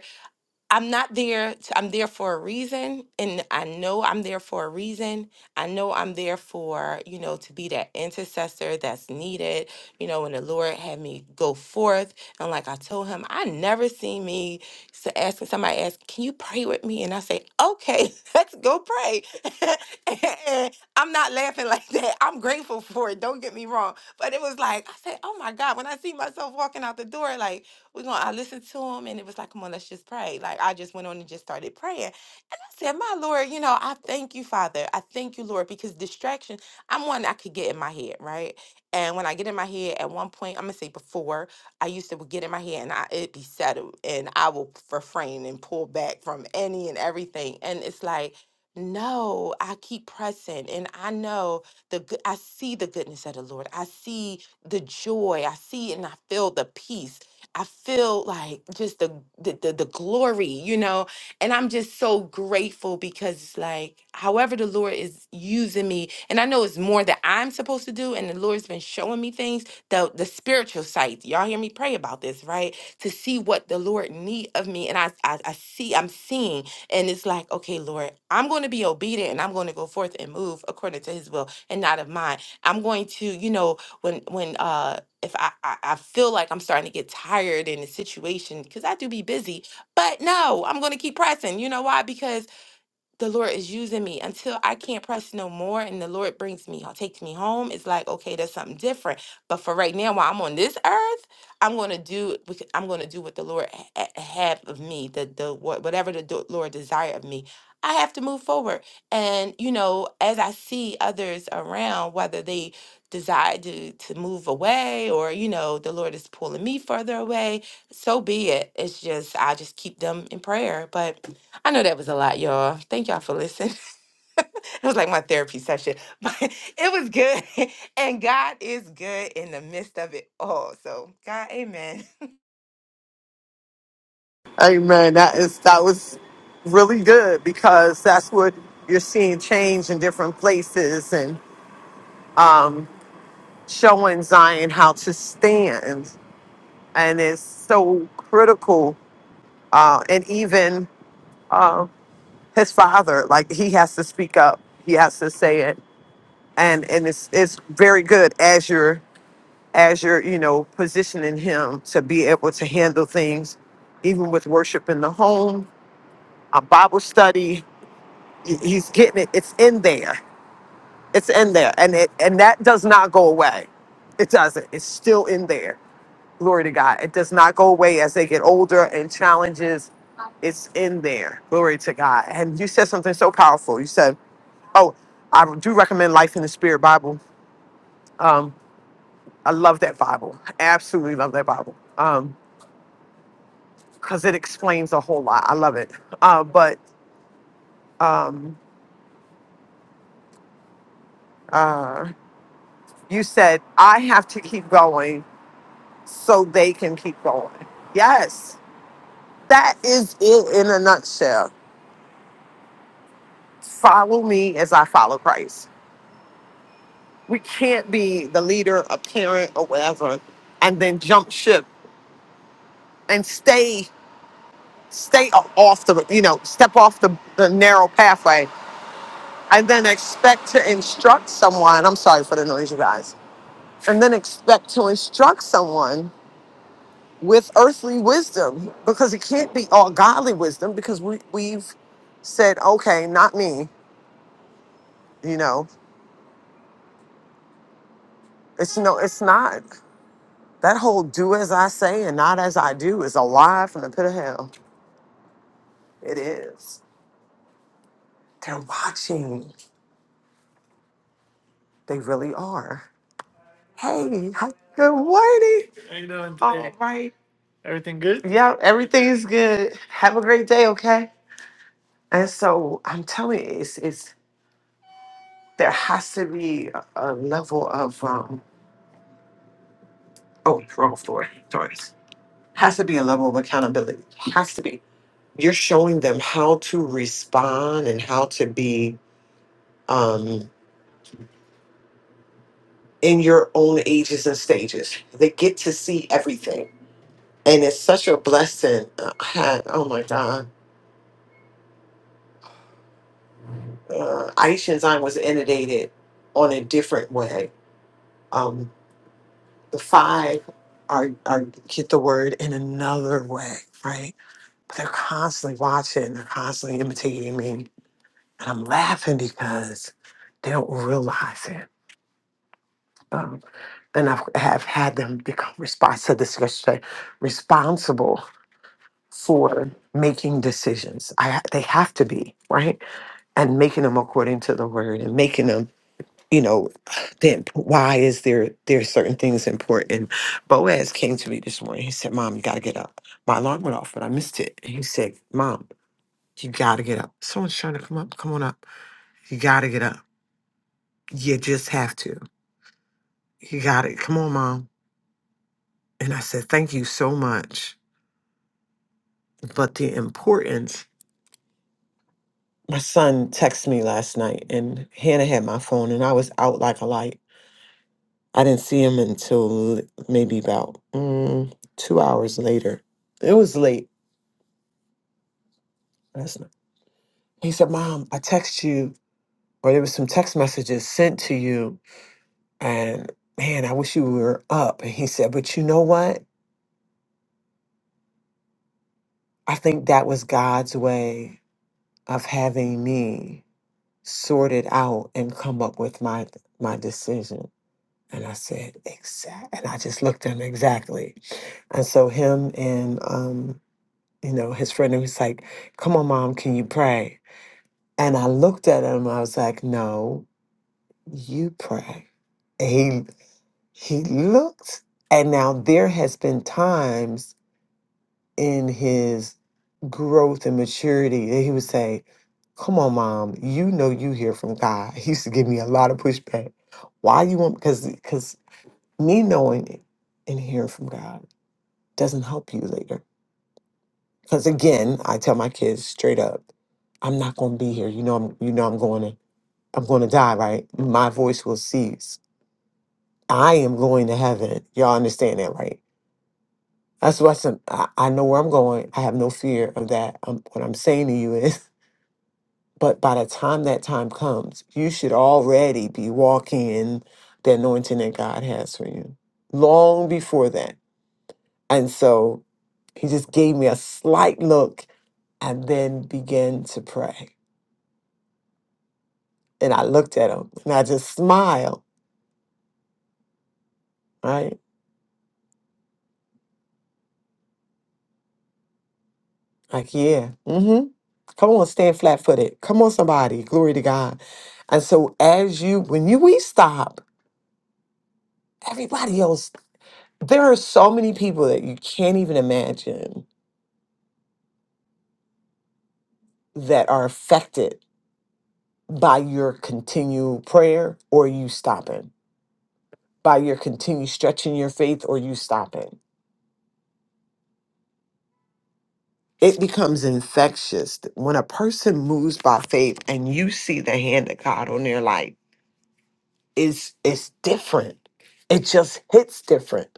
I'm not there. To, I'm there for a reason, and I know I'm there for a reason. I know I'm there for you know to be that intercessor that's needed. You know, when the Lord had me go forth, and like I told Him, I never see me s- asking somebody ask, "Can you pray with me?" And I say, "Okay, *laughs* let's go pray." *laughs* and I'm not laughing *laughs* like that. I'm grateful for it. Don't get me wrong, but it was like I said, "Oh my God!" When I see myself walking out the door, like we're gonna I listened to him and it was like, come on, let's just pray. Like I just went on and just started praying said, My Lord, you know, I thank you, Father. I thank you, Lord, because distraction, I'm one I could get in my head, right? And when I get in my head, at one point, I'm gonna say before, I used to get in my head and I it be settled and I will refrain and pull back from any and everything. And it's like, no, I keep pressing and I know the good I see the goodness of the Lord. I see the joy. I see and I feel the peace. I feel like just the the, the, the glory, you know, and I'm just so grateful because, like, however the Lord is using me, and I know it's more that I'm supposed to do, and the Lord's been showing me things, the, the spiritual sight. Y'all hear me pray about this, right? To see what the Lord need of me. And I, I, I see, I'm seeing, and it's like, okay, Lord, I'm going to be obedient and I'm going to go forth and move according to his will and not of mine. I'm going to, you know, when, when, uh, if I, I, I feel like I'm starting to get tired in the situation, because I do be busy, but no, I'm going to keep pressing. You know why? Because the Lord is using me until I can't press no more and the Lord brings me, takes me home. It's like, okay, that's something different. But for right now, while I'm on this earth, I'm going to do, bec- I'm going to do what the Lord ha- ha- have of me, the, the, wha- whatever the do- Lord desire of me. I have to move forward. And, you know, as I see others around, whether they desire to, to move away or, you know, the Lord is pulling me further away, so be it. It's just, I just keep them in prayer. But I know that was a lot, y'all. Thank y'all for listening. *laughs* It was like my therapy session, *laughs* but it was good. *laughs* And God is good in the midst of it all. So, God, amen.
Amen. That is that was really good because that's what you're seeing change in different places and um, showing Zion how to stand, and it's so critical. Uh, and even uh, his father, like he has to speak up. He has to say it and and it's it's very good as you're as you're you know positioning him to be able to handle things even with worship in the home a bible study he- he's getting it it's in there it's in there and it and that does not go away it doesn't it's still in there glory to god it does not go away as they get older and challenges it's in there glory to god and you said something so powerful you said oh i do recommend life in the spirit bible Um, I love that Bible. Absolutely love that Bible. Um, because it explains a whole lot. I love it. Uh, but um, uh, you said I have to keep going so they can keep going. Yes, that is it in a nutshell. Follow me as I follow Christ. We can't be the leader, a parent, or whatever, and then jump ship and stay stay off the you know step off the, the narrow pathway and then expect to instruct someone. I'm sorry for the noise, you guys. And then expect to instruct someone with earthly wisdom because it can't be all godly wisdom because we, we've said, okay, not me. You know, it's no, it's not. That whole do as I say and not as I do is a lie from the pit of hell. It is. They're watching. They really are. Hey, hi- good morning. How you doing All today? right. Everything good? Yeah, everything's good. Have a great day, okay? And so I'm telling you, it's, it's there has to be a a level of um oh wrong floor, sorry. Has to be a level of accountability. Has to be. You're showing them how to respond and how to be um in your own ages and stages. They get to see everything. And it's such a blessing. Uh, had- oh my God. uh, Aisha was inundated on a different way. Um, the five are, are get the word in another way, right? But they're constantly watching, they're constantly imitating me. And I'm laughing because they don't realize it. Um, and I have had them become responsible to this yesterday, responsible for making decisions. I, ha- they have to be, right? And making them according to the word and making them you know, then why is there there are certain things important? Boaz came to me this morning. He said, "Mom, you got to get up." My alarm went off, but I missed it. And he said, "Mom, you got to get up. Someone's trying to come up. Come on up. You got to get up. You just have to. You got it. Come on, Mom." And I said, "Thank you so much." But the importance. My son texted me last night, and Hannah had my phone, and I was out like a light. I didn't see him until l- maybe about mm, two hours later. It was late. That's not- He said, Mom, I text you, or there was some text messages sent to you, and man, I wish you were up. And he said, But you know what? I think that was God's way of having me sort it out and come up with my my decision. And I said, exact. And I just looked at him exactly. And so him and um, you know, his friend and he's like, Come on, mom, can you pray? And I looked at him, I was like, No, you pray. And he he looked. And now there has been times in his growth and maturity that he would say, Come on, mom, you know you hear from God. *laughs* He used to give me a lot of pushback. Why you want because because me knowing it and hearing from God doesn't help you later. Because again, I tell my kids straight up. I'm not going to be here. You know, I'm, you know, I'm going to, I'm going to die, right? My voice will cease. I am going to heaven. Y'all understand that, right? That's what I said. I, I know where I'm going. I have no fear of that. Um what I'm saying to you is, *laughs* but by the time that time comes, you should already be walking in the anointing that God has for you long before that. And so he just gave me a slight look and then began to pray. And I looked at him and I just smiled, right? Like, yeah. Mm-hmm. Come on, stand flat footed. Come on, somebody. Glory to God. And so as you when you we stop, everybody else, there are so many people that you can't even imagine that are affected by your continued prayer or you stopping, by your continued stretching your faith or you stopping. It becomes infectious when a person moves by faith and you see the hand of God on their life. It's it's different. It just hits different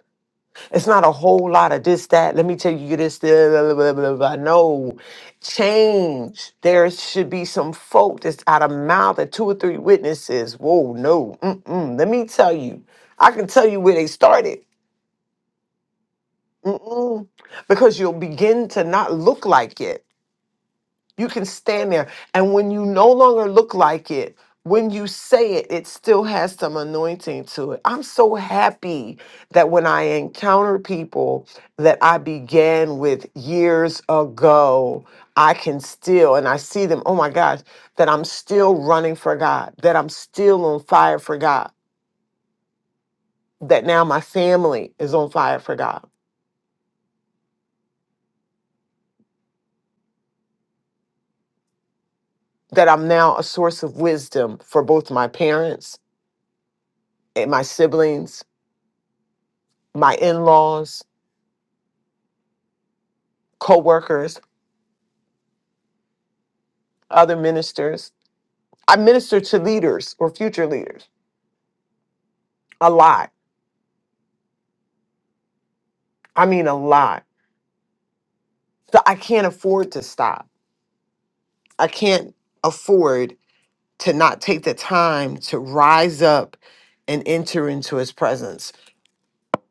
It's not a whole lot of this, that. Let me tell you this. Blah, blah, blah, blah, blah. No, change. There should be some folk that's out of mouth of two or three witnesses. Whoa, no. Mm-mm. Let me tell you. I can tell you where they started. Mm-mm. Because you'll begin to not look like it. You can stand there. And when you no longer look like it, when you say it, it still has some anointing to it. I'm so happy that when I encounter people that I began with years ago, I can still, and I see them, oh my gosh, that I'm still running for God, that I'm still on fire for God, that now my family is on fire for God, that I'm now a source of wisdom for both my parents and my siblings, my in laws co-workers, other ministers. I minister to leaders or future leaders a lot. I mean a lot. So I can't afford to stop. I can't afford to not take the time to rise up and enter into his presence.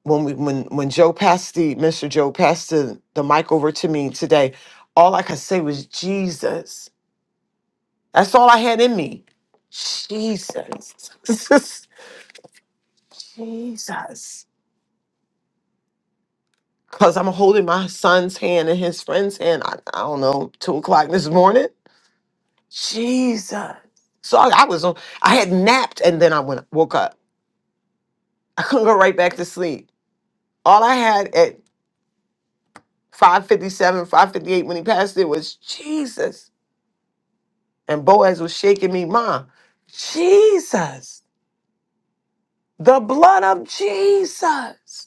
When we when when Joe passed the Mr. Joe passed the, the mic over to me today, all I could say was Jesus. That's all I had in me. Jesus. *laughs* Jesus. Cause I'm holding my son's hand and his friend's hand. I, I don't know, two o'clock this morning. Jesus. So I, I was on. I had napped and then I went woke up. I couldn't go right back to sleep. All I had at 5:57, 5:58 when he passed it was Jesus. And Boaz was shaking me, Mom. Jesus, the blood of Jesus.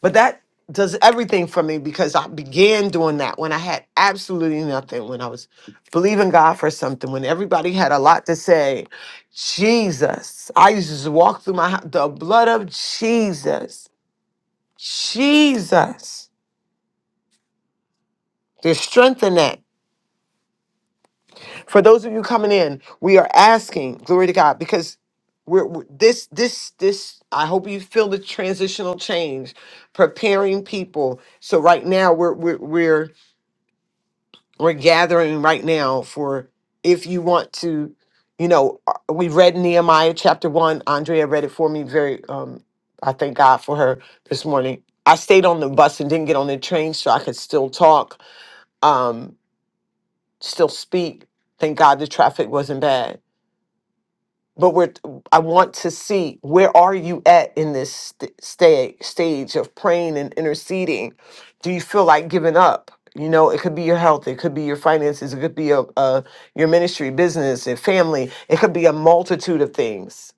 But that does everything for me because I began doing that when I had absolutely nothing, when I was believing God for something, when everybody had a lot to say. Jesus, I used to just walk through my house, the blood of Jesus, Jesus. There's strength in that. For those of you coming in, we are asking, glory to God, because we're, we this, this, this. I hope you feel the transitional change, preparing people. So right now, we're we're we're We're gathering right now for if you want to, you know, uh, we read Nehemiah chapter one. Andrea read it for me very, um, I thank God for her this morning. I stayed on the bus and didn't get on the train, so I could still talk, um, still speak. Thank God the traffic wasn't bad but we're i want to see where are you at in this st- sta- stage of praying and interceding do you feel like giving up you know it could be your health it could be your finances it could be a, a, your ministry business and family it could be a multitude of things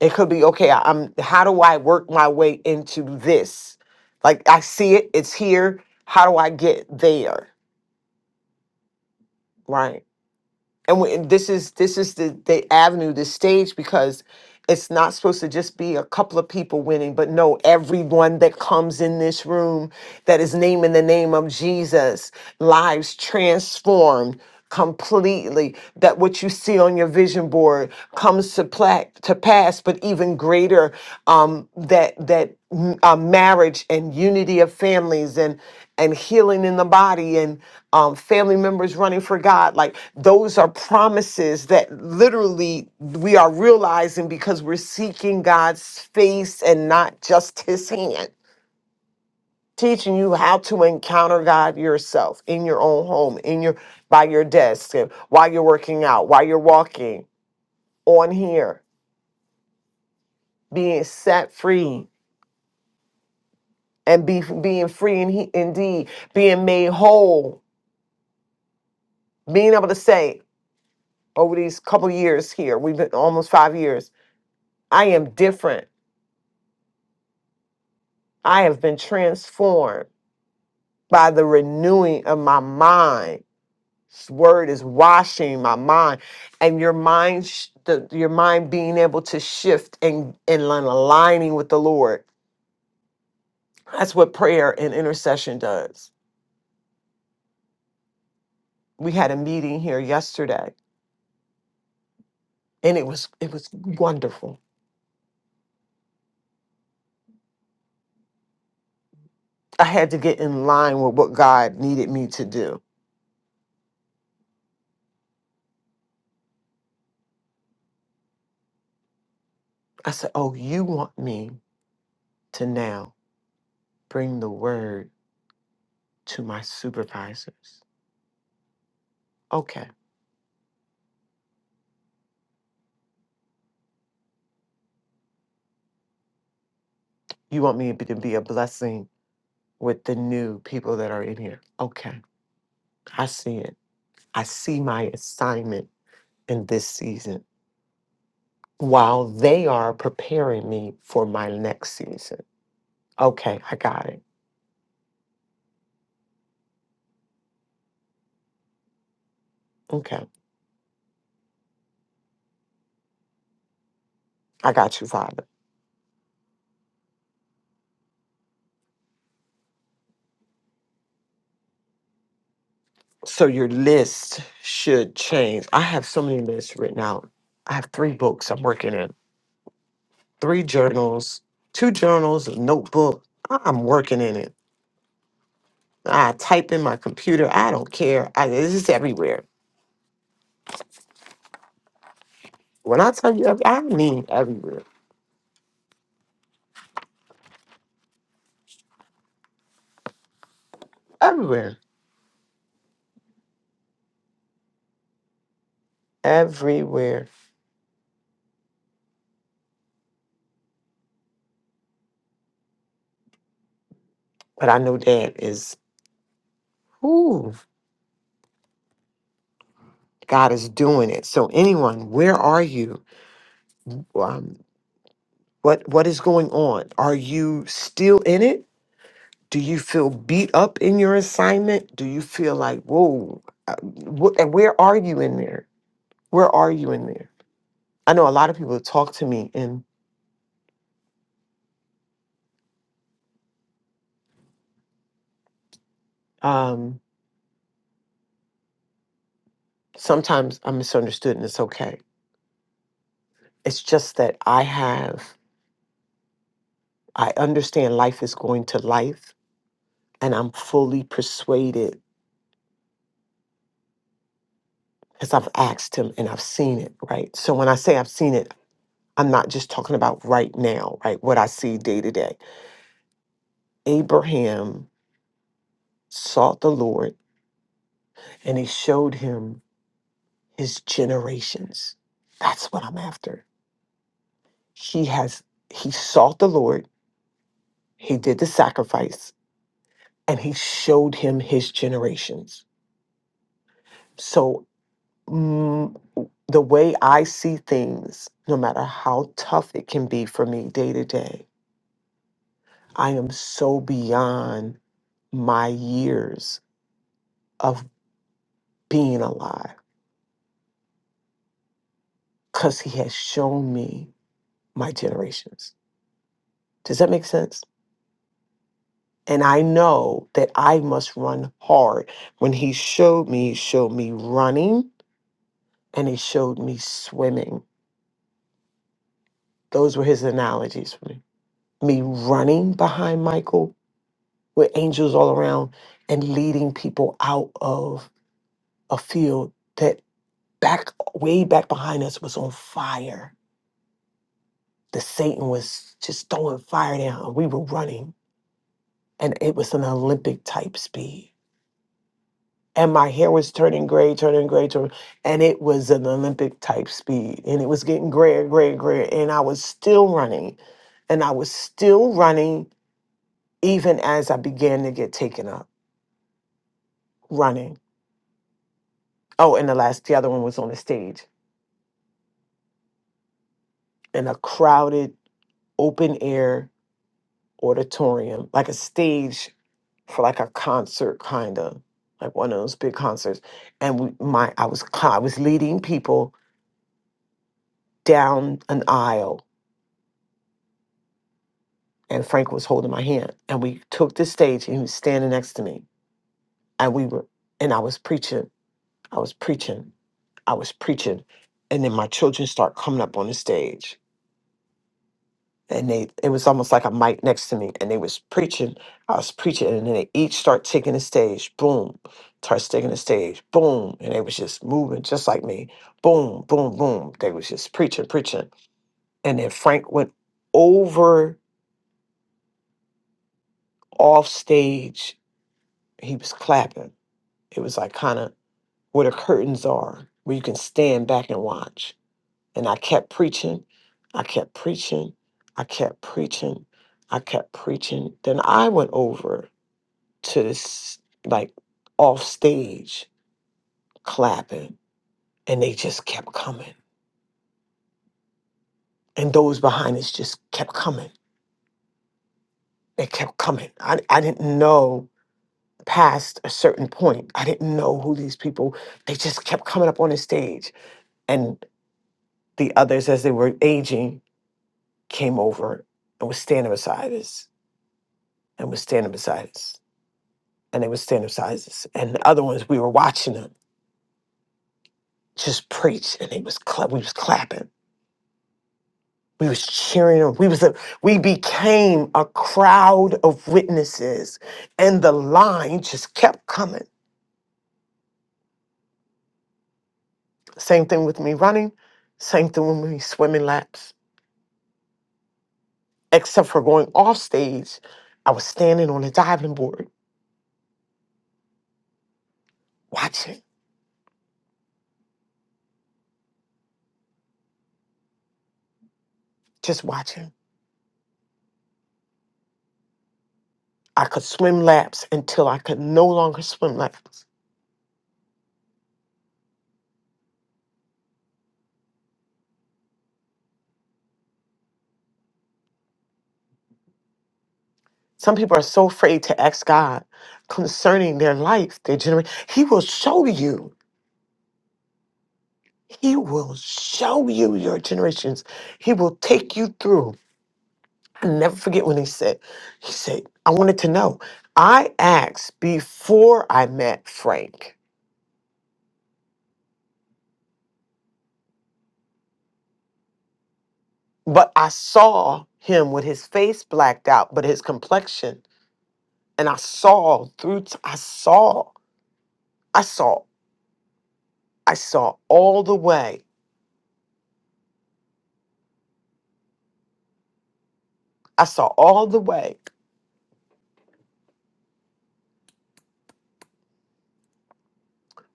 it could be okay I- i'm how do i work my way into this like i see it it's here how do i get there Right. and, we, and this is this is the the avenue the stage because it's not supposed to just be a couple of people winning but no everyone that comes in this room that is named in the name of Jesus, lives transformed completely that what you see on your vision board comes to pla- to pass but even greater um that that mm, uh, marriage and unity of families and and healing in the body and um, family members running for God like those are promises that literally we are realizing because we're seeking God's face and not just his hand teaching you how to encounter God yourself in your own home, in your by your desk, and while you're working out, while you're walking on here, being set free and be being free and he, indeed being made whole, being able to say over these couple years here, we've been almost five years, I am different. I have been transformed by the renewing of my mind His word is washing my mind, and your mind, sh- the, your mind being able to shift and and aligning with the Lord. That's what prayer and intercession does. We had a meeting here yesterday, and it was it was wonderful. I had to get in line with what God needed me to do. I said, "Oh, you want me to now bring the word to my supervisors? Okay. You want me to be to be a blessing with the new people that are in here? Okay, I see it." I see my assignment in this season while they are preparing me for my next season. Okay, I got it. Okay, I got you, Father. So your list should change. I have so many lists written out. I have three books I'm working in, three journals, two journals, a notebook. I- I'm working in it. I type in my computer. I don't care. I, this is everywhere. When I tell you, every- I mean everywhere, everywhere, everywhere. But I know Dad is. Ooh, God is doing it. So, anyone, where are you? Um, what What is going on? Are you still in it? Do you feel beat up in your assignment? Do you feel like, whoa, uh, wh- and where are you in there? Where are you in there? I know a lot of people talk to me, and um, sometimes I'm misunderstood, and it's okay. It's just that I have, I understand life is going to life, and I'm fully persuaded because I've asked him and I've seen it, right? So when I say I've seen it, I'm not just talking about right now, right? What I see day to day. Abraham sought the Lord and he showed him his generations. That's what I'm after. He has, he sought the Lord, he did the sacrifice, and he showed him his generations. So mm, the way I see things, no matter how tough it can be for me day to day, I am so beyond my years of being alive because he has shown me my generations. Does that make sense? And I know that I must run hard. When he showed me, he showed me running and he showed me swimming. Those were his analogies for me. Me running behind Michael with angels all around and leading people out of a field that back way back behind us was on fire the Satan was just throwing fire down. and We were running, and it was an Olympic type speed. And my hair was turning gray, turning gray, turning, and it was an Olympic type speed. And it was getting grayer, grayer, grayer. And I was still running, and I was still running even as I began to get taken up running. Oh, and the last, the other one was on the stage in a crowded, open air auditorium, like a stage for like a concert kind of like one of those big concerts and we, my I was co- I was leading people down an aisle and Frank was holding my hand and we took the stage and he was standing next to me and we were and I was preaching I was preaching I was preaching and then my children start coming up on the stage and they it was almost like a mic next to me and they was preaching i was preaching and then they each start taking the stage boom starts taking the stage boom and they was just moving just like me boom boom boom they was just preaching preaching and then frank went over off stage he was clapping it was like kind of where the curtains are where you can stand back and watch and i kept preaching i kept preaching i kept preaching i kept preaching then i went over to this like off stage clapping and they just kept coming and those behind us just kept coming they kept coming i, I didn't know past a certain point i didn't know who these people they just kept coming up on the stage and the others as they were aging came over and was standing beside us and was standing beside us and they was standing beside us and the other ones we were watching them just preach and they was cla- we was clapping We was cheering him. We was a, we became a crowd of witnesses, and the line just kept coming. Same thing with me running, same thing with me swimming laps. Except for going off stage, I was standing on a diving board, watching, just watching. I could swim laps until I could no longer swim laps. Some people are so afraid to ask God concerning their life, their generation. He will show you. He will show you your generations. He will take you through. I never forget when he said, he said, I wanted to know. I asked before I met Frank, but I saw him with his face blacked out, but his complexion, and I saw through, t- I saw, I saw, I saw all the way. I saw all the way.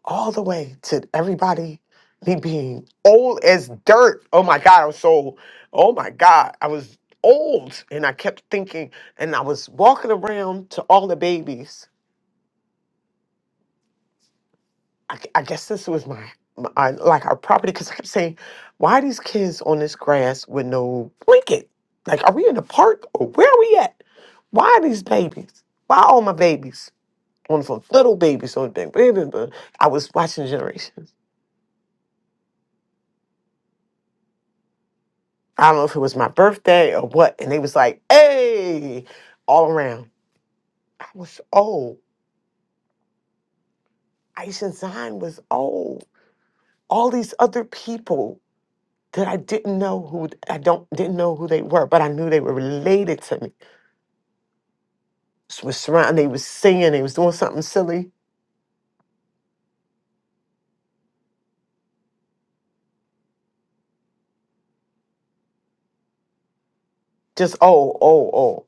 all the way to everybody me being old as dirt. Oh my God, I was so, oh my God, I was old. And I kept thinking, and I was walking around to all the babies. I, I guess this was my, my I- like our property, because I kept saying, why are these kids on this grass with no blanket? Like, are we in the park or where are we at? Why are these babies? Why all my babies on the phone? Little babies on the thing. I was watching Generations. I don't know if it was my birthday or what, and they was like, "Hey!" all around. I was old. Aisha Zion was old. All these other people that I didn't know who I don't didn't know who they were, but I knew they were related to me. S- Was surrounding. They was singing. They was doing something silly. Just oh, oh, oh.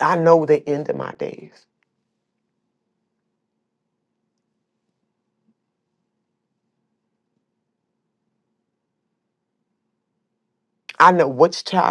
I know the end of my days. I know which child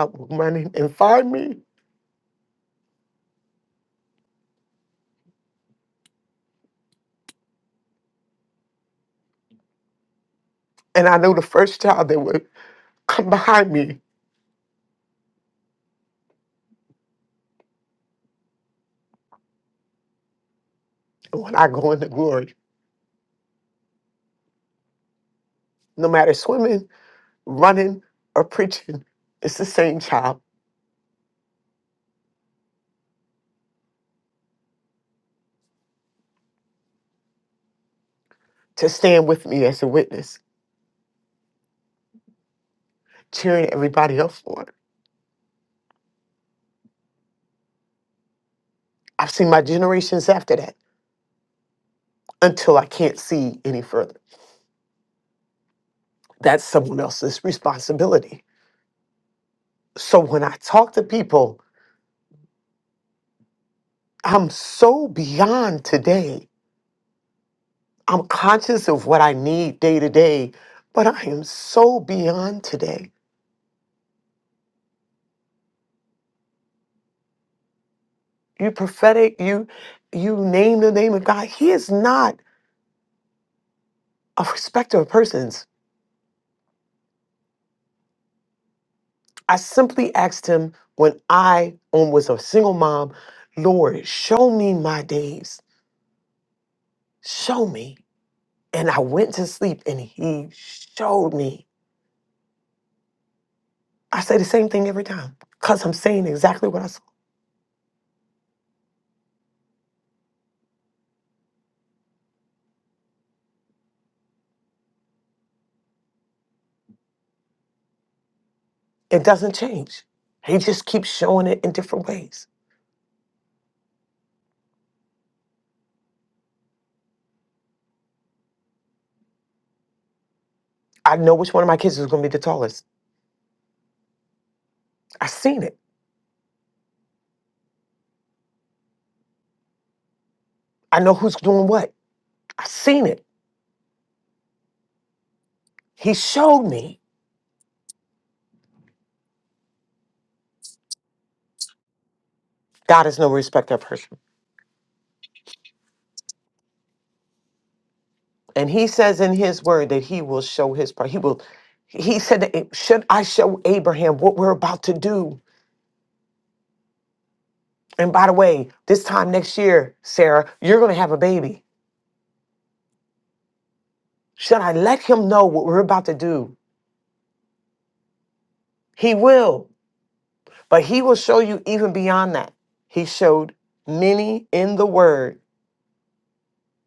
no man running or preaching is the same child. Just children. I said that. That's someone else's responsibility. So when I talk to people, I'm so beyond today. I'm conscious of what I need day to day, but I am so beyond today. You prophetic, you you name the name of God. He is not a respecter of persons. I simply asked him when I um, was a single mom, Lord, show me my days. Show me. And I went to sleep and he showed me I say the same thing every time because I'm saying exactly what I saw. And that's- he's, I know who's doing what. I've seen it. He showed me. God is no respecter of person. And he says in his word that he will show his part. He will, he said, that, it- should I show Abraham what we're about to do? And by the way, this time next year, Sarah, you're going to have a baby. Should I let him know what we're about to do? He will, but he will show you even beyond that. He showed many in the word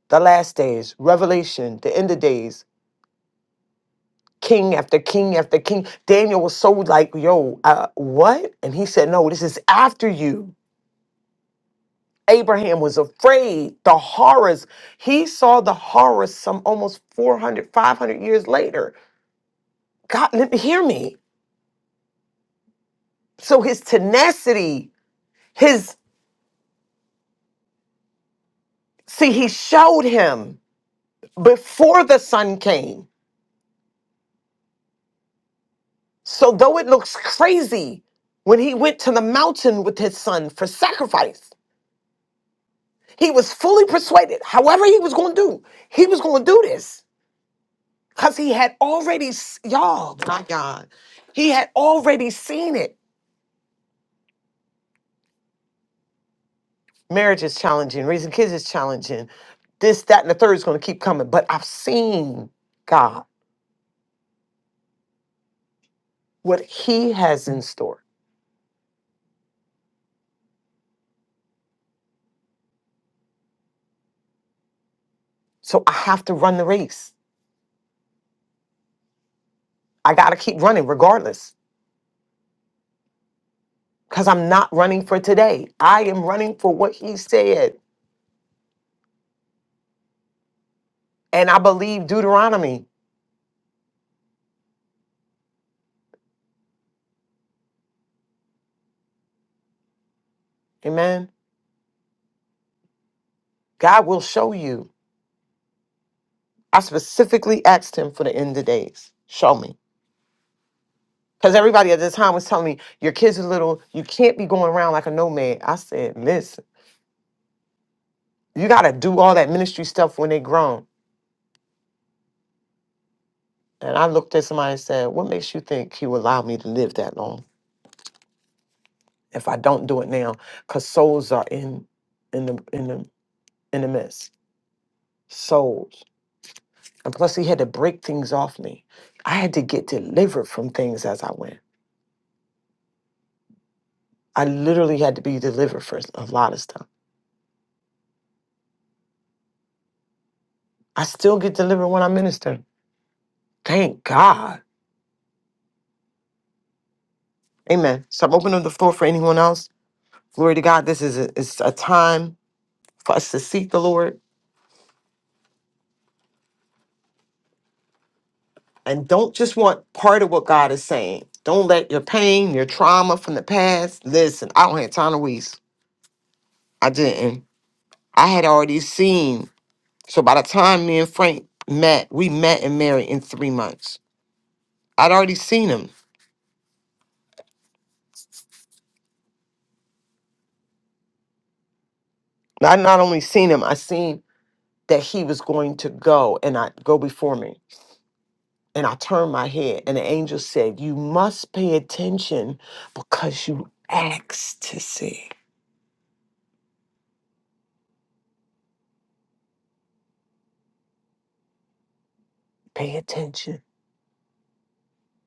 the last days, Revelation, the end of days, king after king after king. Daniel was so like, yo, uh, what? And he said, no, this is after you. Abraham was afraid, the horrors. He saw the horrors some almost 400, 500 years later. God, let me hear me. So his tenacity, his, see, he showed him before the sun came. So though it looks crazy when he went to the mountain with his son for sacrifice, He was fully persuaded. However, he was going to do, he was going to do this because he had already, s- y'all, my God, he had already seen it. Marriage is challenging, raising kids is challenging. This, that, and the third is going to keep coming. But I've seen God, what He has in store. So I have to run the race. I got to keep running regardless because I'm not running for today. I am running for what He said. And I believe Deuteronomy. Amen. God will show you. I specifically asked him for the end of days. Show me. Because everybody at the time was telling me, your kids are little, you can't be going around like a nomad. I said, listen, you got to do all that ministry stuff when they grown. And I looked at somebody and said, what makes you think he will allow me to live that long if I don't do it now? Because souls are in, in, the, in, the, in the mess. Souls. And plus, he had to break things off me. I had to get delivered from things as I went. I literally had to be delivered for a lot of stuff. I still get delivered when I minister. Thank God. Amen. So I'm opening the floor for anyone else. Glory to God. This is a, it's a time for us to seek the Lord and don't just want part of what God is saying. Don't let your pain, your trauma from the past. Listen, I don't have time to waste. I didn't. I had already seen. So by the time me and Frank met, we met and married in three months. I'd already seen him. I not only seen him, I seen that he was going to go and not go before me. and I turned my head, and the angel said, You must pay attention because you asked to see. Pay attention.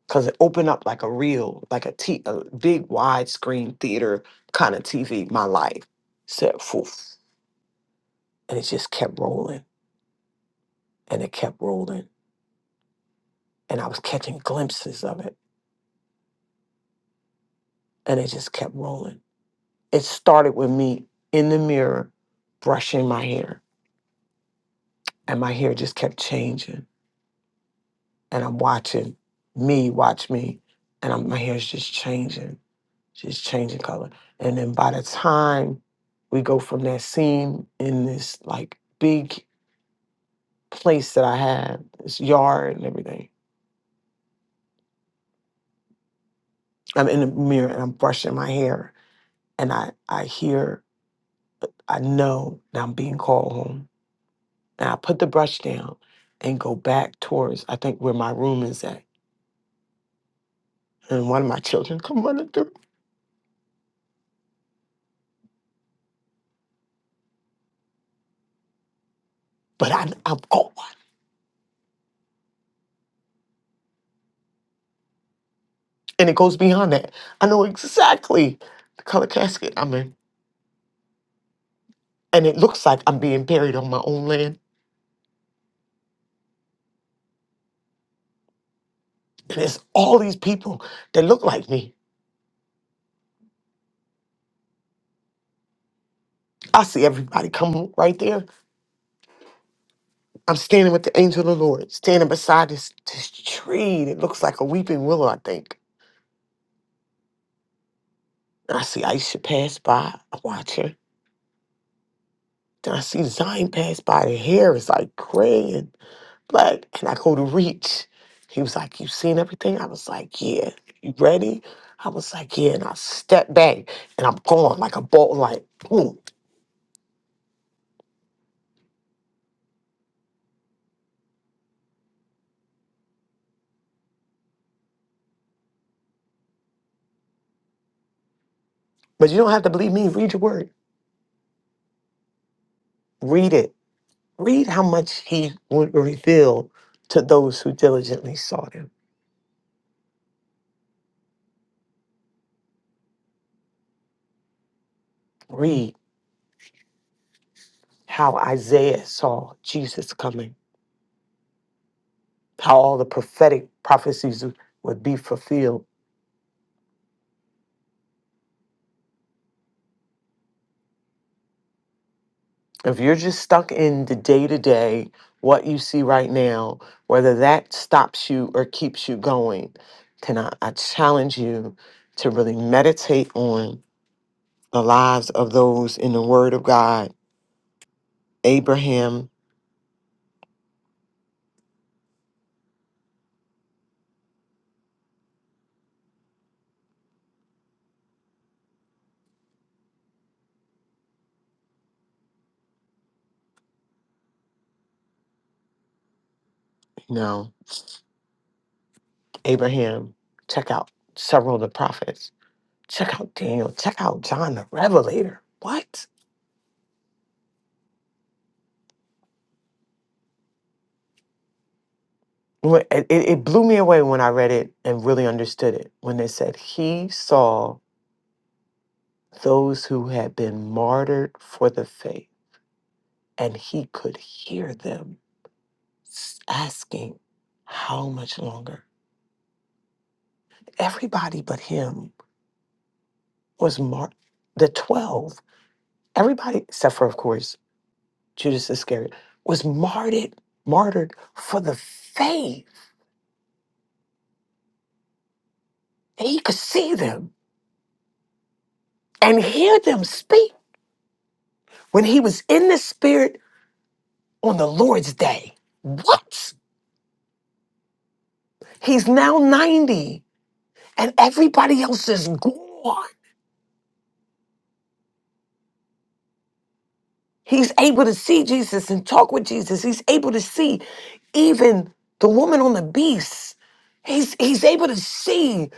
Because it opened up like a real, like a, t- a big widescreen theater kind of TV, my life. Said, Foof. And it just kept rolling and it kept rolling. And I was catching glimpses of it and it just kept rolling. It started with me in the mirror brushing my hair, and my hair just kept changing and I'm watching me watch me, and I'm, my hair's just changing, just changing color. And then by the time we go from that scene in this like big place that I had, this yard and everything, I'm in the mirror and I'm brushing my hair, and I I hear, I know that I'm being called home, and I put the brush down and go back towards I think where my room is at, and one of my children come running through, but I I'm gone. and it goes beyond that. I know exactly the color casket I'm in, and it looks like I'm being buried on my own land. And it's all these people that look like me. I see everybody come right there. I'm standing with the angel of the Lord, standing beside this, this tree that looks like a weeping willow, I think. And I see Aisha pass by. I watch her. Then I see Zion pass by. The hair is like gray and Like, and I go to reach. He was like, You seen everything? I was like, Yeah. You ready? I was like, Yeah. And I step back and I'm gone like a bolt, like, boom. But you don't have to believe me. Read your word. Read it. Read how much he would reveal to those who diligently sought him. Read how Isaiah saw Jesus coming, how all the prophetic prophecies would be fulfilled If you're just stuck in the day to day, what you see right now, whether that stops you or keeps you going, can I, I challenge you to really meditate on the lives of those in the Word of God? Abraham, you know, Abraham, check out several of the prophets, check out Daniel, check out John the Revelator. What? When- It, it it blew me away when I read it and really understood it when they said, He saw. those who had been martyred for the faith, and he could hear them s- asking, How much longer? Everybody but him was martyred. The 12, everybody, except for, of course, Judas Iscariot, was martyred, martyred for the faith. And he could see them and hear them speak when he was in the spirit on the Lord's day. What? He's now 90 and everybody else is gone. He's able to see Jesus and talk with Jesus. He's able to see even the woman on the beast. He's he's able to see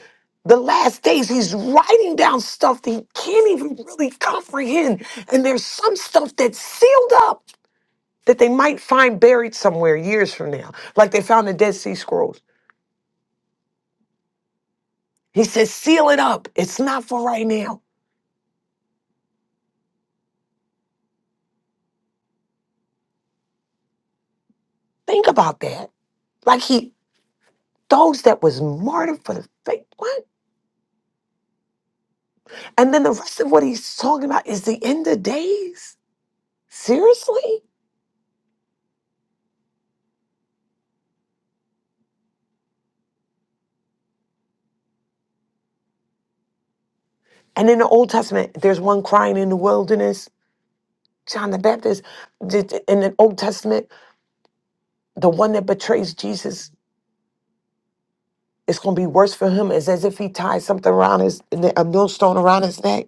the last days. He's writing down stuff that he can't even really comprehend. And there's some stuff that's sealed up that they might find buried somewhere years from now, like they found the Dead Sea Scrolls. He says, seal it up. It's not for right now. Think about that. Like he, those that was martyred for the faith. What? And then the rest of what he's talking about is the end of days. Seriously? In the Old Testament, there's one crying in the wilderness. John the Baptist, did- in the Old Testament, the one that betrays Jesus going to be worse for him is as if he ties something around his, a millstone around his neck.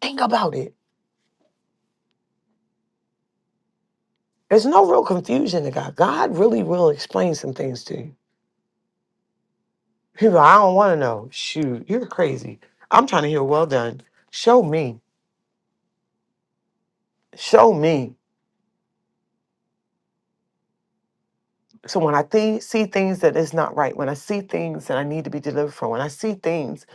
Think about There's no confusion to God. God really will explain some things to you. People, I don't want to know. Shoot, you're crazy. I'm trying to hear well done. Show me. Show me. So when I thi- see things that is not right, when I see things that I need to be delivered from, when I see things,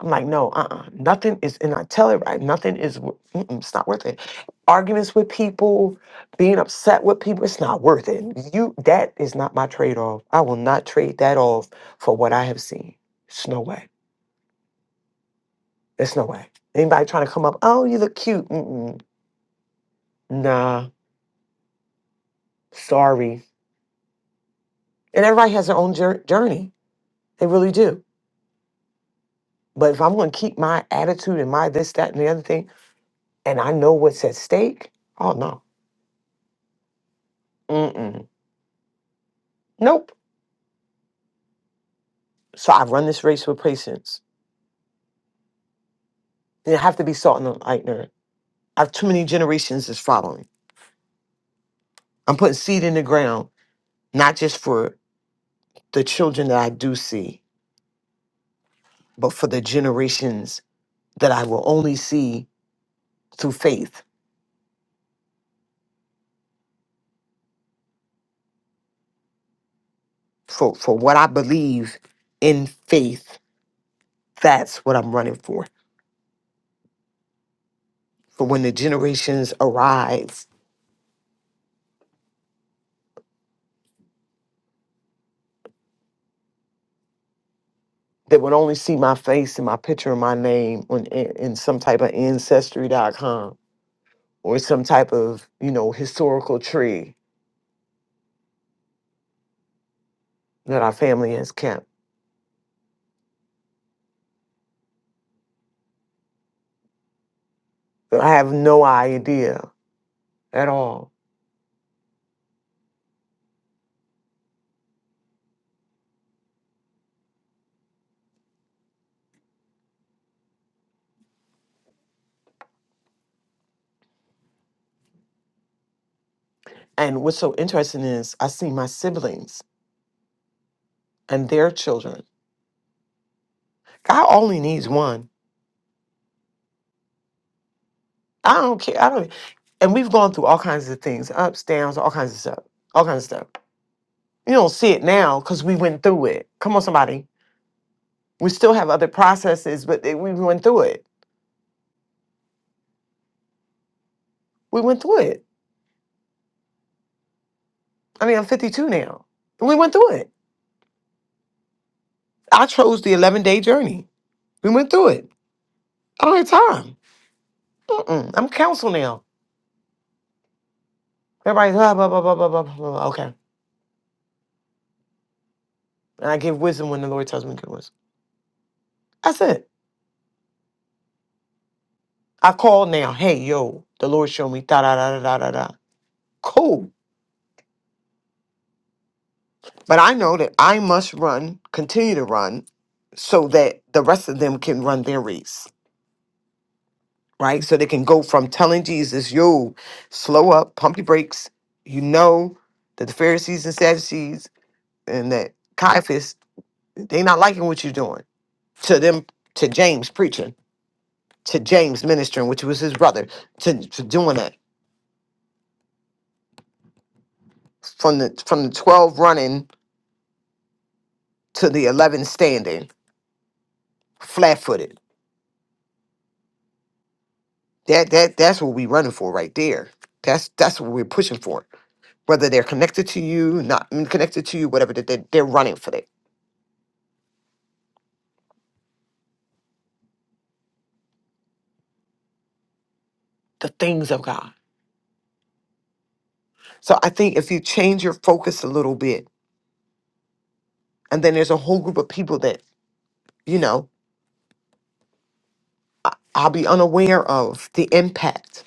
I'm like, no, uh-uh, nothing is, and I tell it right, nothing is, wor- mm-mm, it's not worth it. Arguments with people, being upset with people, it's not worth it. You, that is not my trade off. I will not trade that off for what I have seen. It's no way. It's no way. Anybody trying to come up, oh, you look cute. Mm-mm, nah, sorry. And everybody has their own jour- journey. They really do. But if I'm going to keep my attitude and my this, that, and the other thing, and I know what's at stake, oh no, mm-mm, nope. So I run this race with patience. And it have to be salt and lightener. I have too many generations that's following. I'm putting seed in the ground, not just for the children that I do see, but for the generations that I will only see through faith. For for what I believe in faith, that's what I'm running for. For when the generations arrive that would only see my face and my picture and my name on in, in some type of ancestry.com or some type of you know historical tree that our family has kept But i have no idea at all and what's so interesting is i see my siblings and their children god only needs one i don't care i don't and we've gone through all kinds of things ups downs all kinds of stuff all kinds of stuff you don't see it now because we went through it come on somebody we still have other processes but they- we went through it we went through it I mean, I'm 52 now. And we went through it. I chose the 11 day journey. We went through it. I don't have time. Mm-mm. I'm counsel now. Everybody's blah, blah, blah, blah, blah, blah, blah. blah. Okay. And I give wisdom when the Lord tells me to give wisdom. That's it. I call now. Hey, yo, the Lord showed me da, da, da, da, da, da, da. Cool. But I know that I must run, continue to run, so that the rest of them can run their race. right? So they can go from telling Jesus, yo, slow up, pump your brakes. You know that the Pharisees and Sadducees and that Caiaphas, they not liking what you're doing. To them, to James preaching, to James ministering, which was his brother, to, to doing that. From the from the 12 running to the 11 standing, flat footed. That that that's what we running for right there. That's that's what we're pushing for. Whether they're connected to you, not connected to you, whatever, that they, they're running for that. The things of God So I think if you change your focus a little bit, and then there's a whole group of people that, you know, I'll be unaware of the impact.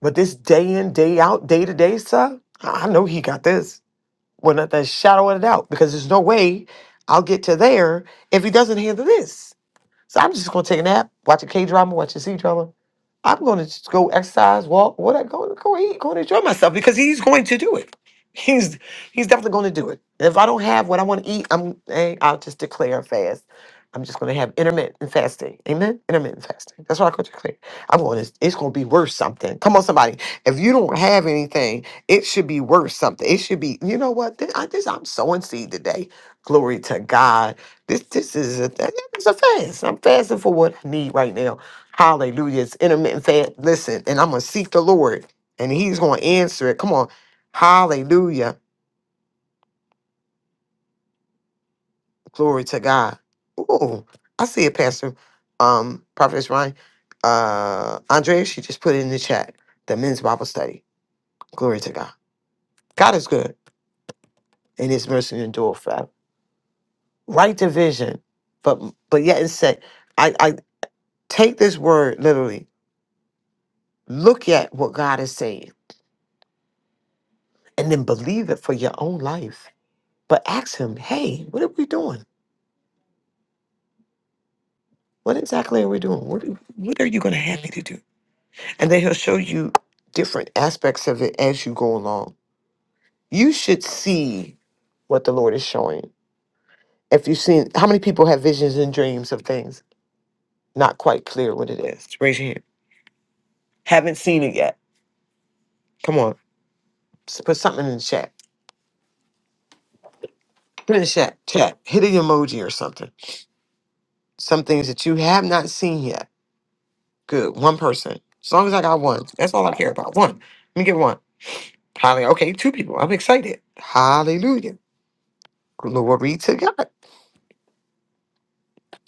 But this day in, day out, day to day stuff, I I know he got this without the shadow of a doubt because there's no way I'll get to there if he doesn't handle this. So I'm just gonna take a nap, watch a K drama, watch a C drama. I'm gonna just go exercise, walk, what I go go eat, go and enjoy myself because he's going to do it. He's he's definitely gonna do it. And if I don't have what I want to eat, I'm eh, I'll just declare a fast. I'm just gonna have intermittent fasting. Amen. Intermittent fasting. That's what I could declare. I'm going to it's gonna be worth something. Come on, somebody. If you don't have anything, it should be worth something. It should be, you know what? Th- I just I'm sowing seed today. Glory to God this this is a th- it's a fast. I'm fasting for what I need right now. Hallelujah. It's intermittent fast. Listen, and I'm gonna seek the Lord and He's gonna answer it. Come on. Hallelujah. Glory to God. Ooh, I see it, Pastor. Um, Prophet Ryan. Uh Andrea, she just put it in the chat. The men's Bible study. Glory to God. God is good and his mercy endure forever. Right division. But but yet it said, I, I take this word literally Look at what God is saying and then believe it for your own life. But ask Him, hey, what are we doing? What exactly are we doing? What, what are you going to have me to do? And then He'll show you different aspects of it as you go along. You should see what the Lord is showing. If you've seen, how many people have visions and dreams of things not quite clear what it is? Raise your hand. Haven't seen it yet. Come on, s- put something in the chat. Put it in the chat. Chat. Hit an emoji or something. Some things that you have not seen yet Good. One person. As long as I got one. That's all I care about. One. Let me get one. Hallelujah. Okay, two people. I'm excited. Hallelujah. Glory to God.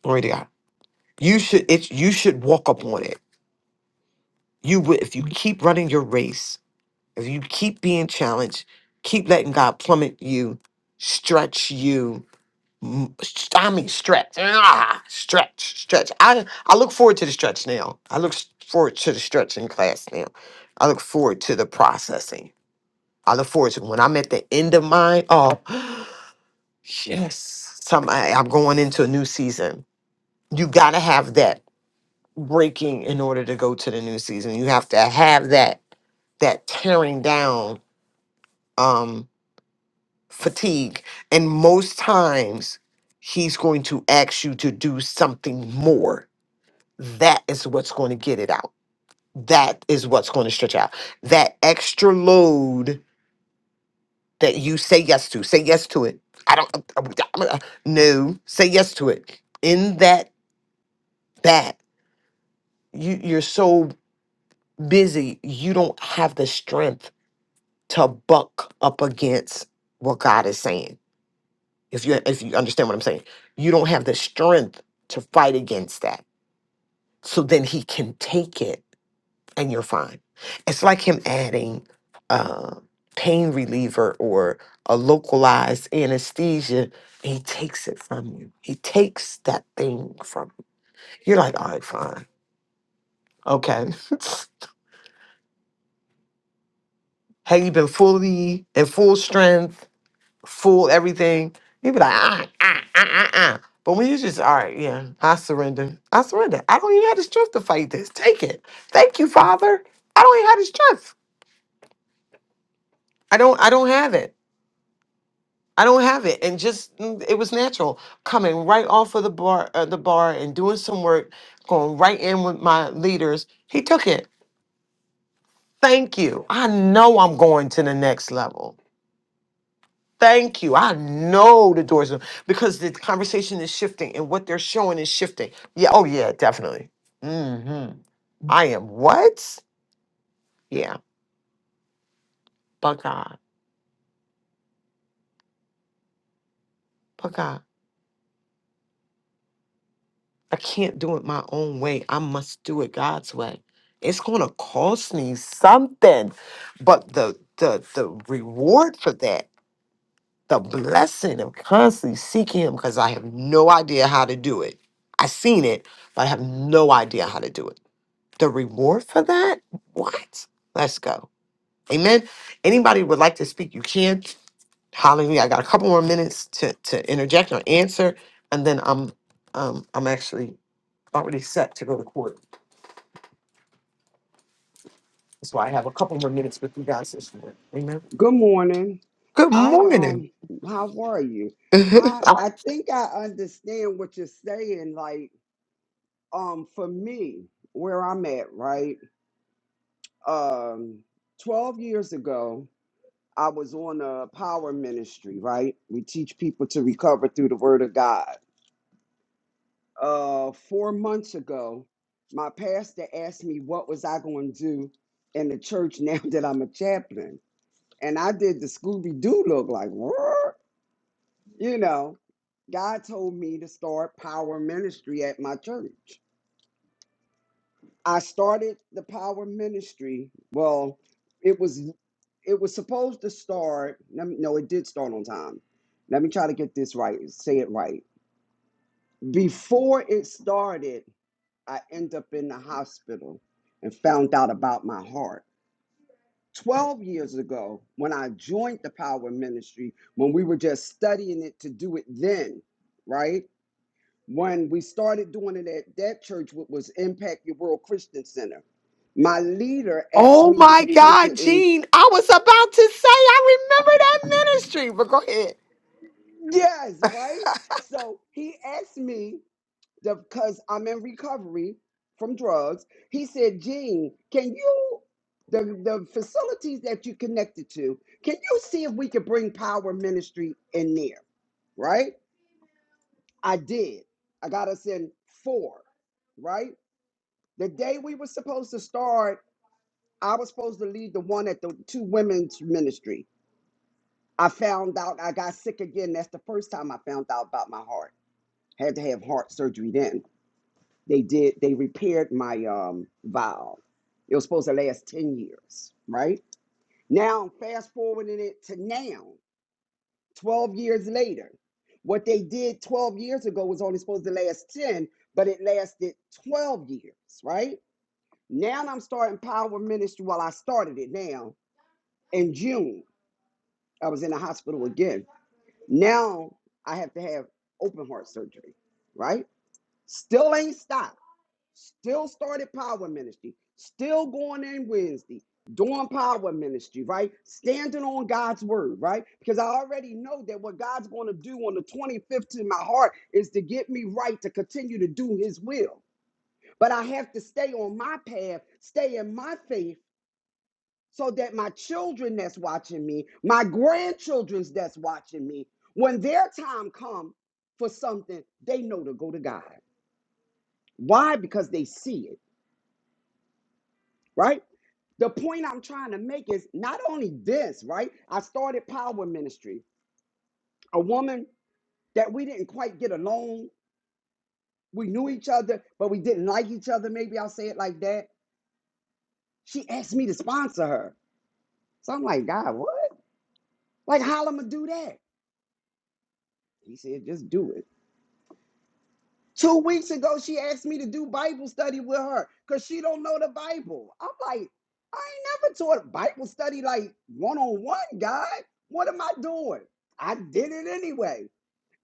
Glory to God. You should it's you should walk up on it. You would if you keep running your race, if you keep being challenged, keep letting God plummet you, stretch you. m- st- I mean stretch. Ah, stretch, stretch. I I look forward to the stretch now. I look s- forward to the stretching class now. I look forward to the processing. I look forward to when I'm at the end of mine. Oh, *gasps* yes, some I- I'm going into a new season. You gotta have that breaking in order to go to the new season. You have to have that that tearing down um, fatigue, and most times he's going to ask you to do something more. That is what's going to get it out. That is what's going to stretch out. That extra load that you say yes to. Say yes to it. I don't. uh, uh, uh, no, say yes to it. In that that you you're so busy, you don't have the strength to buck up against what God is saying. If you if you understand what I'm saying, you don't have the strength to fight against that. So then He can take it and you're fine. It's like him adding uh, pain reliever or a localized anesthesia. He takes it from you. He takes that thing from you. You're like, all right, fine. Okay. *laughs* Had you been fully in full strength, full everything, you'd be like, ah, ah, ah, ah, ah. But when you just, all right, yeah, I surrender. I surrender. I don't even have the strength to fight this. Take it. Thank you, Father. I don't even have the strength. I don't I don't have it. I don't have it, and just mm, it was natural coming right off of the bar, uh, the bar, and doing some work, going right in with my leaders. He took it. Thank you. I know I'm going to the next level. Thank you. I know the doors are because the conversation is shifting and what they're showing is shifting. Yeah. Oh yeah. Definitely. Hmm. I am what? Yeah. Buckeye. Buckeye. I can't do it my own way. I must do it God's way. It's going to cost me something, but the the the reward for that, the blessing of constantly seeking Him, because I have no idea how to do it. I seen it, but I have no idea how to do it. The reward for that, what? Let's go. Amen. Anybody would like to speak, you can. Hallelujah. I got a couple more minutes to to interject or answer, and then I'm um I'm actually already set to go to court. That's why I have a couple more minutes with you guys this morning. Amen.
Good morning.
Good
I
morning.
um how are you?
*laughs*
I I think I understand what you're saying like um for me where I'm at, right? Um 12 years ago, I was on a power ministry, right? We teach people to recover through the word of God. Uh 4 months ago, my pastor asked me what was I going to do in the church now *laughs* that I'm a chaplain. And I did the Scooby Doo look like, what? You know, God told me to start power ministry at my church. I started the power ministry. Well, it was it was supposed to start. Let me, no, it did start on time. Let me try to get this right. Say it right. Before it started, I ended up in the hospital and found out about my heart. 12 years ago, when I joined the power ministry, when we were just studying it to do it then, right? When we started doing it at that church, which was Impact Your World Christian Center, my leader asked
oh
me
my
to take
God,
it in.
Jean. I was about to say I remember that ministry, but go ahead.
Yes, right? So he asked me, because I'm in recovery from drugs, he said, Gene, can you, the, the facilities that you connected to, can you see if we could bring power ministry in there? Right? I did. I got us in four, right? The day we were supposed to start I was supposed to lead the one at the two women's ministry. I found out I got sick again. That's the first time I found out about my heart. Had to have heart surgery then. They did, they repaired my um valve. It was supposed to last 10 years, right? Now, fast forwarding it to now, 12 years later. What they did 12 years ago was only supposed to last 10, but it lasted 12 years, right? Now I'm starting Power Ministry. Well, I started it now in June. I was in the hospital again. Now I have to have open heart surgery, right? Still ain't stopped. Still started power ministry. Still going in Wednesday, doing power ministry, right? Standing on God's word, right? Because I already know that what God's going to do on the 25th in my heart is to get me right to continue to do his will. But I have to stay on my path, stay in my faith so that my children that's watching me, my grandchildren's that's watching me, when their time comes for something, they know to go to God. Why? Because they see it, right? The point I'm trying to make is not only this, right? I started Power Ministry, a woman that we didn't quite get along. We knew each other, but we didn't like each other. Maybe I'll say it like that. She asked me to sponsor her. So I'm like, God, what? Like, how am I going to do that? He said, just do it. Two weeks ago, she asked me to do Bible study with her because she don't know the Bible. I'm like, I ain't never taught Bible study like one on one, God. What am I doing? I did it anyway,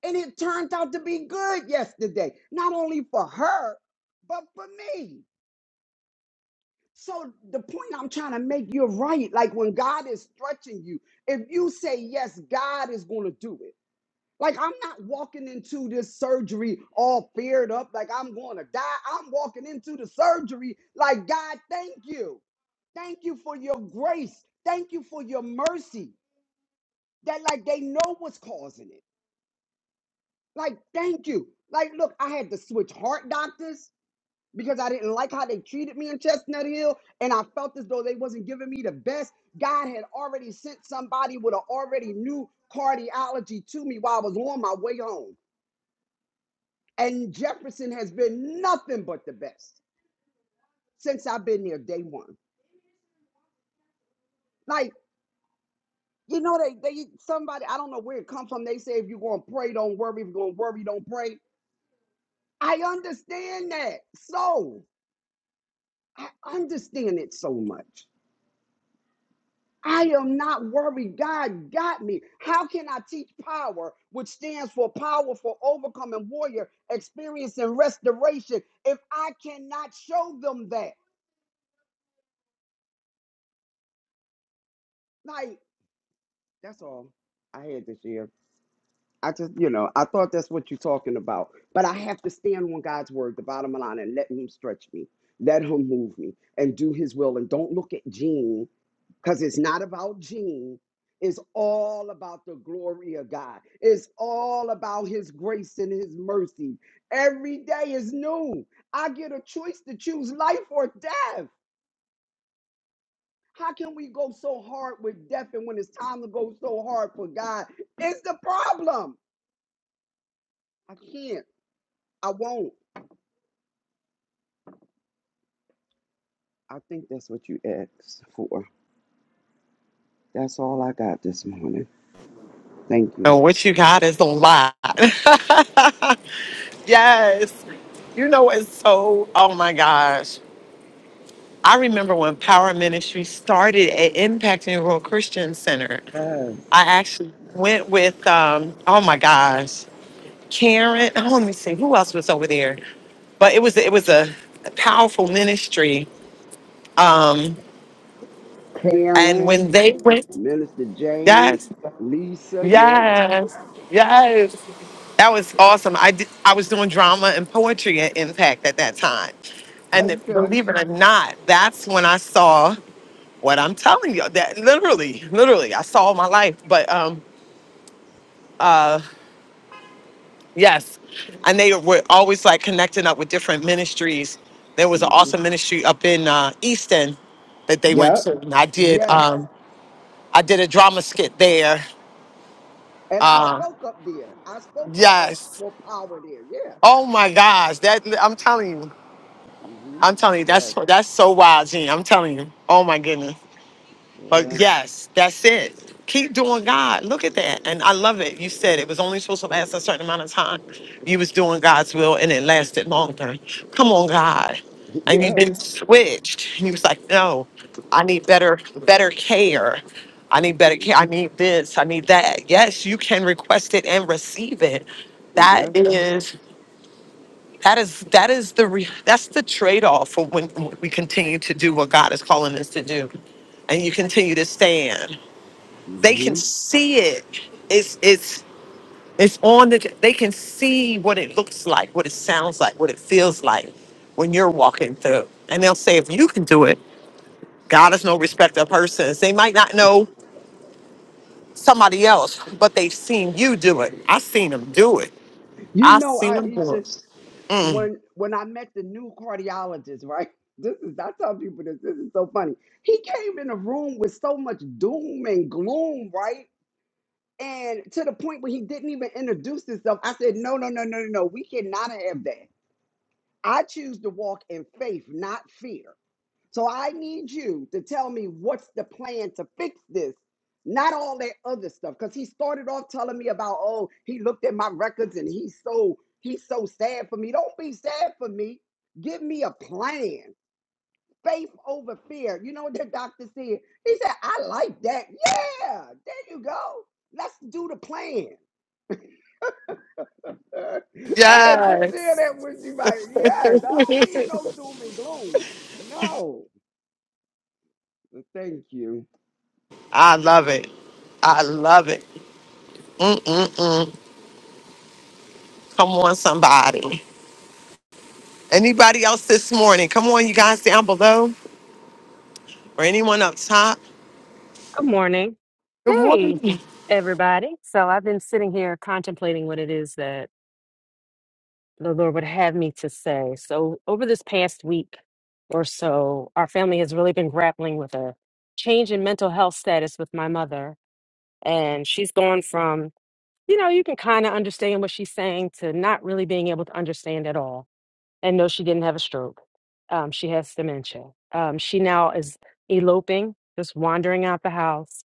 and it turned out to be good yesterday. Not only for her, but for me. So the point I'm trying to make, you're right. Like when God is stretching you, if you say yes, God is going to do it. Like I'm not walking into this surgery all feared up, like I'm going to die. I'm walking into the surgery like God, thank you. Thank you for your grace. Thank you for your mercy. That like they know what's causing it. Like thank you. Like look, I had to switch heart doctors because I didn't like how they treated me in Chestnut Hill and I felt as though they wasn't giving me the best. God had already sent somebody with an already new cardiology to me while I was on my way home. And Jefferson has been nothing but the best since I've been there day one. Like, you know, they they somebody, I don't know where it comes from. They say if you're gonna pray, don't worry. If you're gonna worry, don't pray. I understand that. So I understand it so much. I am not worried. God got me. How can I teach power, which stands for powerful, overcoming warrior, experience and restoration, if I cannot show them that? Like, that's all I had this year. I just, you know, I thought that's what you're talking about. But I have to stand on God's word, the bottom line, and let Him stretch me, let Him move me, and do His will. And don't look at Gene, because it's not about Gene. It's all about the glory of God. It's all about His grace and His mercy. Every day is new. I get a choice to choose life or death. How can we go so hard with death? And when it's time to go so hard for God, it's the problem. I can't. I won't. I think that's what you asked for. That's all I got this morning. Thank you.
And what you got is a lot. *laughs* yes. You know, it's so, oh my gosh. I remember when Power Ministry started at Impact and Rural Christian Center.
Yes.
I actually went with, um, oh my gosh, Karen. Oh, let me see, who else was over there? but it was it was a powerful ministry. Um, and when they
Karen,
went,
Minister James,
yes,
Lisa, yeah.
yes, yes, that was awesome. I did, I was doing drama and poetry at Impact at that time, and
Okay.
believe it or not, that's when I saw what I'm telling you. That literally, literally, I saw my life. But um, uh, Yes. And they were always like connecting up with different ministries. There was an
Mhm.
awesome ministry up in uh, Easton that they went
Yep.
to. And I did
Yes.
um I did a drama skit there.
And I
Uh,
spoke up there. I spoke for us
yes.
for power there. Yeah.
Oh my gosh. That I'm telling you.
hmm
I'm telling you, that's
Yes.
that's so wild, Gene. I'm telling you. Oh my goodness.
Yeah.
But yes, that's it. Keep doing God. Look at that. And I love it. You said it was only supposed to last a certain amount of time. You was doing God's will and it lasted longer. Come on, God.
*laughs*
And you then
Yes.
switched. You was like, no, I need better, better care. I need better care. I need this. I need that. Yes, you can request it and receive it. That
Yes.
is that is that is the re- that's the trade-off for when we continue to do what God is calling us to do and you continue to stand. They can
hmm
see it. It's it's it's on the. They can see what it looks like, what it sounds like, what it feels like when you're walking through. And they'll say, if you can do it, God is no respecter of persons. They might not know somebody else, but they've seen you do it. I seen them do it.
You
I
know,
seen them do
Aisha,
it.
when when I met the new cardiologist, right? *laughs* This is I tell people this. This is so funny. He came in the room with so much doom and gloom, right? And to the point where he didn't even introduce himself. I said, no, no, no, no, no, no. We cannot have that. I choose to walk in faith, not fear. So I need you to tell me what's the plan to fix this, not all that other stuff. Because he started off telling me about, oh, he looked at my records and he's so he's so sad for me. Don't be sad for me. Give me a plan. Faith over fear. You know what the doctor said? He said, I like that. Yeah, there you go. Let's do the plan. *laughs* Uh, I had to share
Yes.
that with you. Like, yes, I don't need no
*laughs*
doom and gloom. No. Thank you.
I love it. I love it. Mm-mm-mm. Come on, somebody. Anybody else this morning? Come on, you guys down below. or anyone up top,
Good morning. Hey, everybody. So I've been sitting here contemplating what it is that the Lord would have me to say. So, over this past week or so, our family has really been grappling with a change in mental health status with my mother. And she's gone from, you know, you can kind of understand what she's saying to not really being able to understand at all. And no, she didn't have a stroke. Um, she has dementia. Um, she now is eloping, just wandering out the house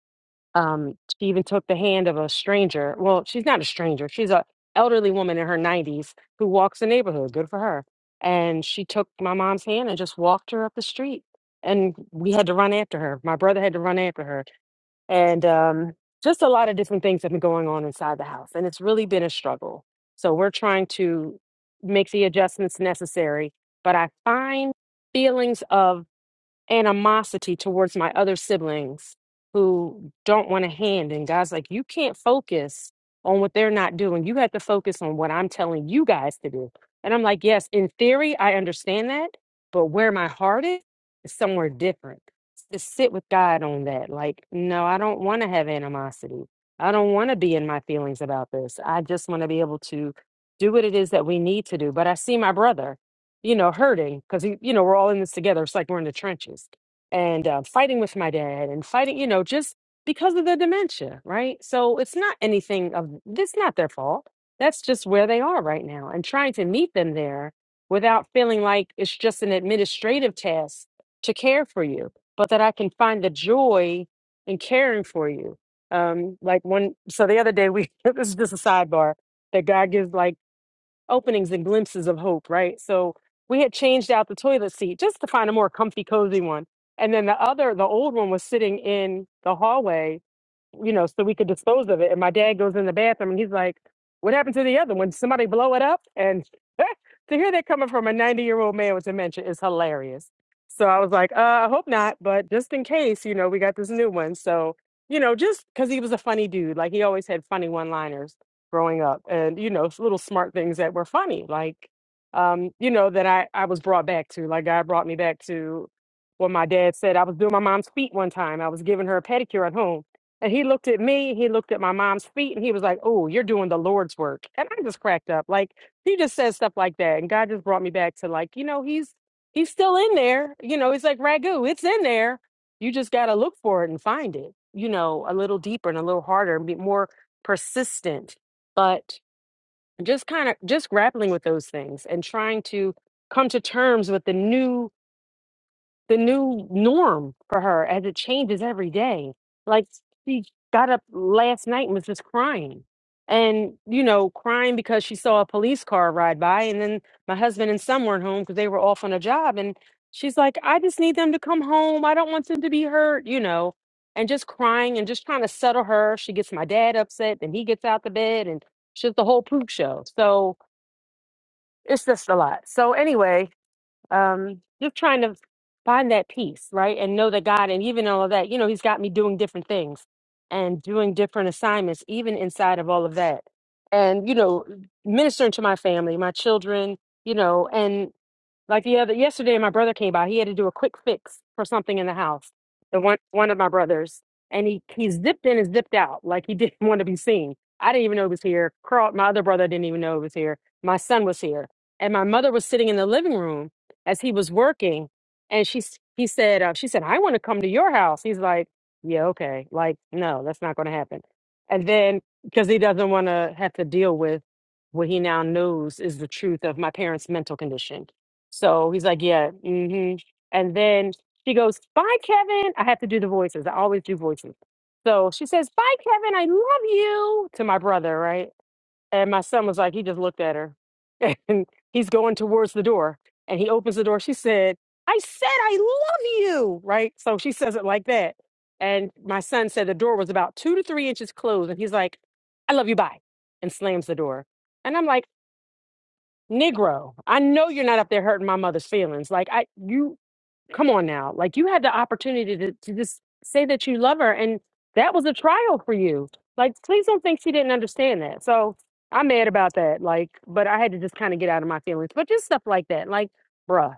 um, she even took the hand of a stranger. Well, she's not a stranger. She's a elderly woman in her 90s who walks the neighborhood. Good for her. And she took my mom's hand and just walked her up the street. And we had to run after her. My brother had to run after her. And um, just a lot of different things have been going on inside the house. And it's really been a struggle. So we're trying to make the adjustments necessary. But I find feelings of animosity towards my other siblings who don't want a hand. And God's like, you can't focus on what they're not doing. You have to focus on what I'm telling you guys to do. And I'm like, yes, in theory, I understand that, but where my heart is, is somewhere different. To sit with God on that. Like, no, I don't want to have animosity. I don't want to be in my feelings about this. I just want to be able to do what it is that we need to do. But I see my brother you know, hurting because, you know, we're all in this together. It's like we're in the trenches and uh, fighting with my dad and fighting, you know, just because of the dementia, right? So it's not anything of this, not their fault. That's just where they are right now. And trying to meet them there without feeling like it's just an administrative task to care for you, but that I can find the joy in caring for you. Um, like one, so the other day we, *laughs* this is just a sidebar that God gives like openings and glimpses of hope, right? So we had changed out the toilet seat just to find a more comfy, cozy one. And then the other, the old one was sitting in the hallway, you know, so we could dispose of it. And my dad goes in the bathroom and he's like, What happened to the other one? Did somebody blow it up? And *laughs* to hear that coming from a 90 year old man with dementia is hilarious. So I was like, uh, I hope not, but just in case, you know, we got this new one. So, you know, just because he was a funny dude, like he always had funny one liners growing up and you know little smart things that were funny like um you know that i i was brought back to like god brought me back to what my dad said i was doing my mom's feet one time i was giving her a pedicure at home and he looked at me he looked at my mom's feet and he was like oh you're doing the lord's work and i just cracked up like he just says stuff like that and god just brought me back to like you know he's he's still in there you know he's like ragu it's in there you just got to look for it and find it you know a little deeper and a little harder and be more persistent but just kind of just grappling with those things and trying to come to terms with the new the new norm for her as it changes every day. Like she got up last night and was just crying. And, you know, crying because she saw a police car ride by. And then my husband and son weren't home because they were off on a job. And she's like, I just need them to come home. I don't want them to be hurt, you know, and just crying and just trying to settle her. She gets my dad upset. Then he gets out the bed and she's the whole poop show. So it's just a lot. So, anyway, um just trying to find that peace right and know that god and even all of that you know he's got me doing different things and doing different assignments even inside of all of that and you know ministering to my family my children you know and. Like the other yesterday, my brother came by. He had to do a quick fix for something in the house. The one one of my brothers, and he he zipped in and zipped out like he *laughs* didn't want to be seen. I didn't even know he was here. Carl, my other brother didn't even know he was here. My son was here, and my mother was sitting in the living room as he was working, and she s- he said uh, she said I want to come to your house. He's like, yeah, okay, like no, that's not going to happen. And then because he doesn't want to have to deal with what he now knows is the truth of my parents' mental condition so he's like, yeah. hmm And then she goes, bye, Kevin. I have to do the voices. I always do voices. So she says, bye, Kevin. I love you to my brother, right? And my son was like, he just looked at her *laughs* and he's going towards the door. And he opens the door. She said, I said, I love you, right? So she says it like that. And my son said the door was about two to three inches closed. And he's like, I love you, bye, and slams the door. And I'm like, Negro, I know you're not up there hurting my mother's feelings. Like I you come on now. Like you had the opportunity to, to just say that you love her and that was a trial for you. Like please don't think she didn't understand that. So I'm mad about that. Like, but I had to just kind of get out of my feelings. But just stuff like that. Like, bruh.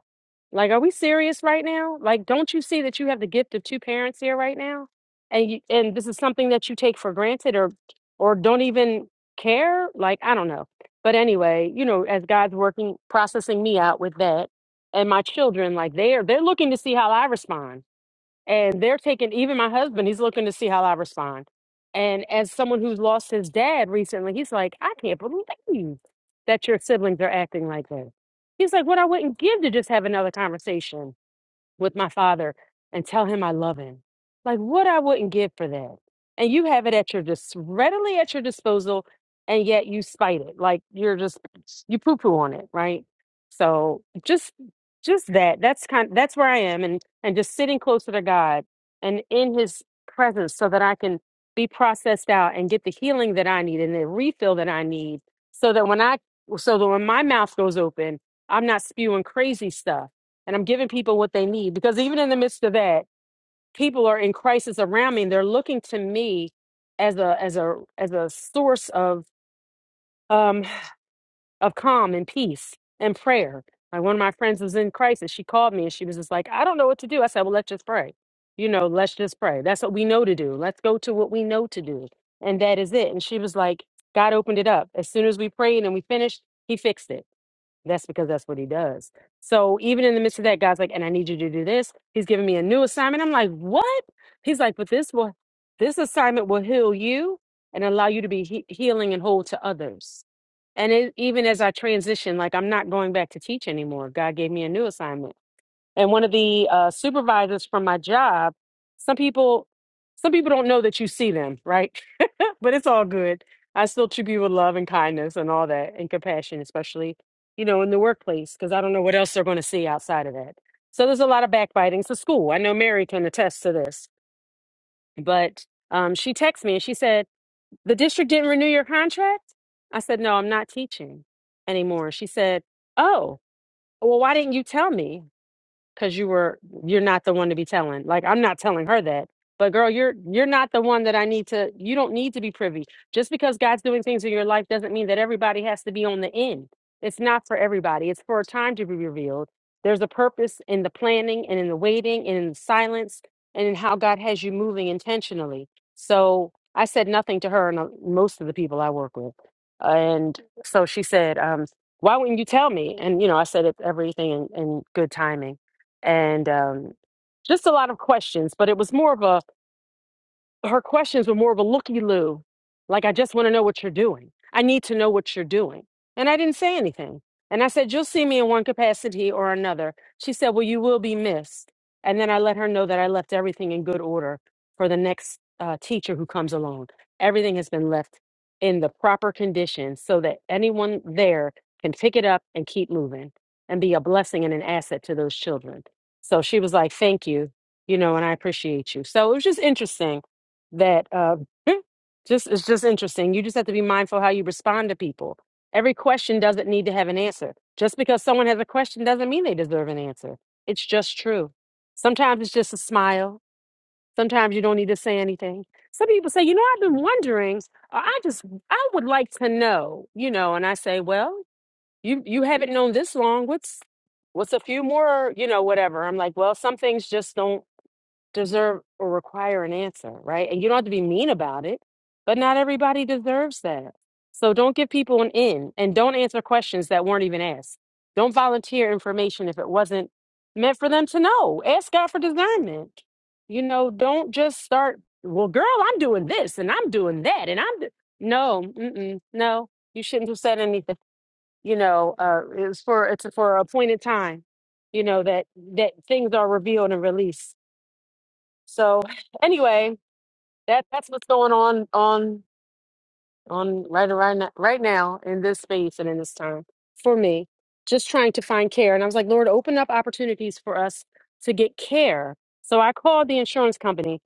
Like, are we serious right now? Like, don't you see that you have the gift of two parents here right now? And you, and this is something that you take for granted or or don't even care? Like, I don't know. But anyway, you know, as God's working processing me out with that and my children, like they're they're looking to see how I respond and they're taking even my husband he's looking to see how i respond and as someone who's lost his dad recently he's like i can't believe that your siblings are acting like that he's like what i wouldn't give to just have another conversation with my father and tell him I love him. Like what I wouldn't give for that. And you have it at your dis readily at your disposal, and yet you spite it. Like you're just you poo poo on it, right? So just just that. That's kind. That's where I am, and and just sitting closer to God and in His presence, so that I can be processed out and get the healing that I need and the refill that I need, so that when I so that when my mouth goes open, I'm not spewing crazy stuff and I'm giving people what they need. Because even in the midst of that, people are in crisis around me, and they're looking to me as a as a as a source of um of calm and peace and prayer. Like one of my friends was in crisis. She called me and she was just like, "I don't know what to do." I said, "Well, let's just pray. You know, let's just pray. That's what we know to do. Let's go to what we know to do, and that is it." And she was like, "God opened it up. As soon as we prayed and we finished, He fixed it." That's because that's what he does. So even in the midst of that, God's like, and I need you to do this. He's giving me a new assignment. I'm like, what? He's like, but this will, this assignment will heal you and allow you to be he- healing and whole to others. And it, even as I transition, like I'm not going back to teach anymore. God gave me a new assignment and one of the uh, supervisors from my job some people some people don't know that you see them right *laughs* but it's all good i still treat people with love and kindness and all that and compassion especially you know in the workplace because i don't know what else they're going to see outside of that so there's a lot of backbitings to school i know mary can attest to this but um, she texted me and she said the district didn't renew your contract i said no i'm not teaching anymore she said oh well why didn't you tell me because you were you're not the one to be telling like i'm not telling her that but girl you're you're not the one that i need to you don't need to be privy just because god's doing things in your life doesn't mean that everybody has to be on the end it's not for everybody it's for a time to be revealed there's a purpose in the planning and in the waiting and in the silence and in how god has you moving intentionally so i said nothing to her and uh, most of the people i work with and so she said um, why wouldn't you tell me and you know i said it's everything in, in good timing and um, just a lot of questions. But it was more of a, her questions were more of a looky loo. Like, I just want to know what you're doing. I need to know what you're doing. And I didn't say anything. And I said, You'll see me in one capacity or another. She said, Well, you will be missed. And then I let her know that I left everything in good order for the next uh, teacher who comes along. Everything has been left in the proper condition so that anyone there can pick it up and keep moving and be a blessing and an asset to those children. So she was like, Thank you, you know, and I appreciate you. So it was just interesting that uh, *clears throat* *laughs* just it's just interesting. You just have to be mindful how you respond to people. Every question doesn't need to have an answer. Just because someone has a question doesn't mean they deserve an answer. It's just true. Sometimes it's just a smile. Sometimes you don't need to say anything. Some people say, you know, I've been wondering. Or I just I would like to know, you know. And I say, well, you you haven't known this long. What's what's a few more, you know, whatever. I'm like, well, some things just don't deserve or require an answer, right? And you don't have to be mean about it, but not everybody deserves that. So don't give people an in and don't answer questions that weren't even asked. Don't volunteer information if it wasn't meant for them to know. Ask God for discernment. You know, don't just start, well, girl, I'm doing this and I'm doing that and I'm, do-" no, mm-mm, no, you shouldn't have said anything. You know, uh, it's for, it's for a appointed time, you know, that, that things are revealed and released. So anyway, that that's what's going on on on right right now, right now in this space and in this time for me, just trying to find care. And I was like, Lord, open up opportunities for us to get care. So I called the insurance company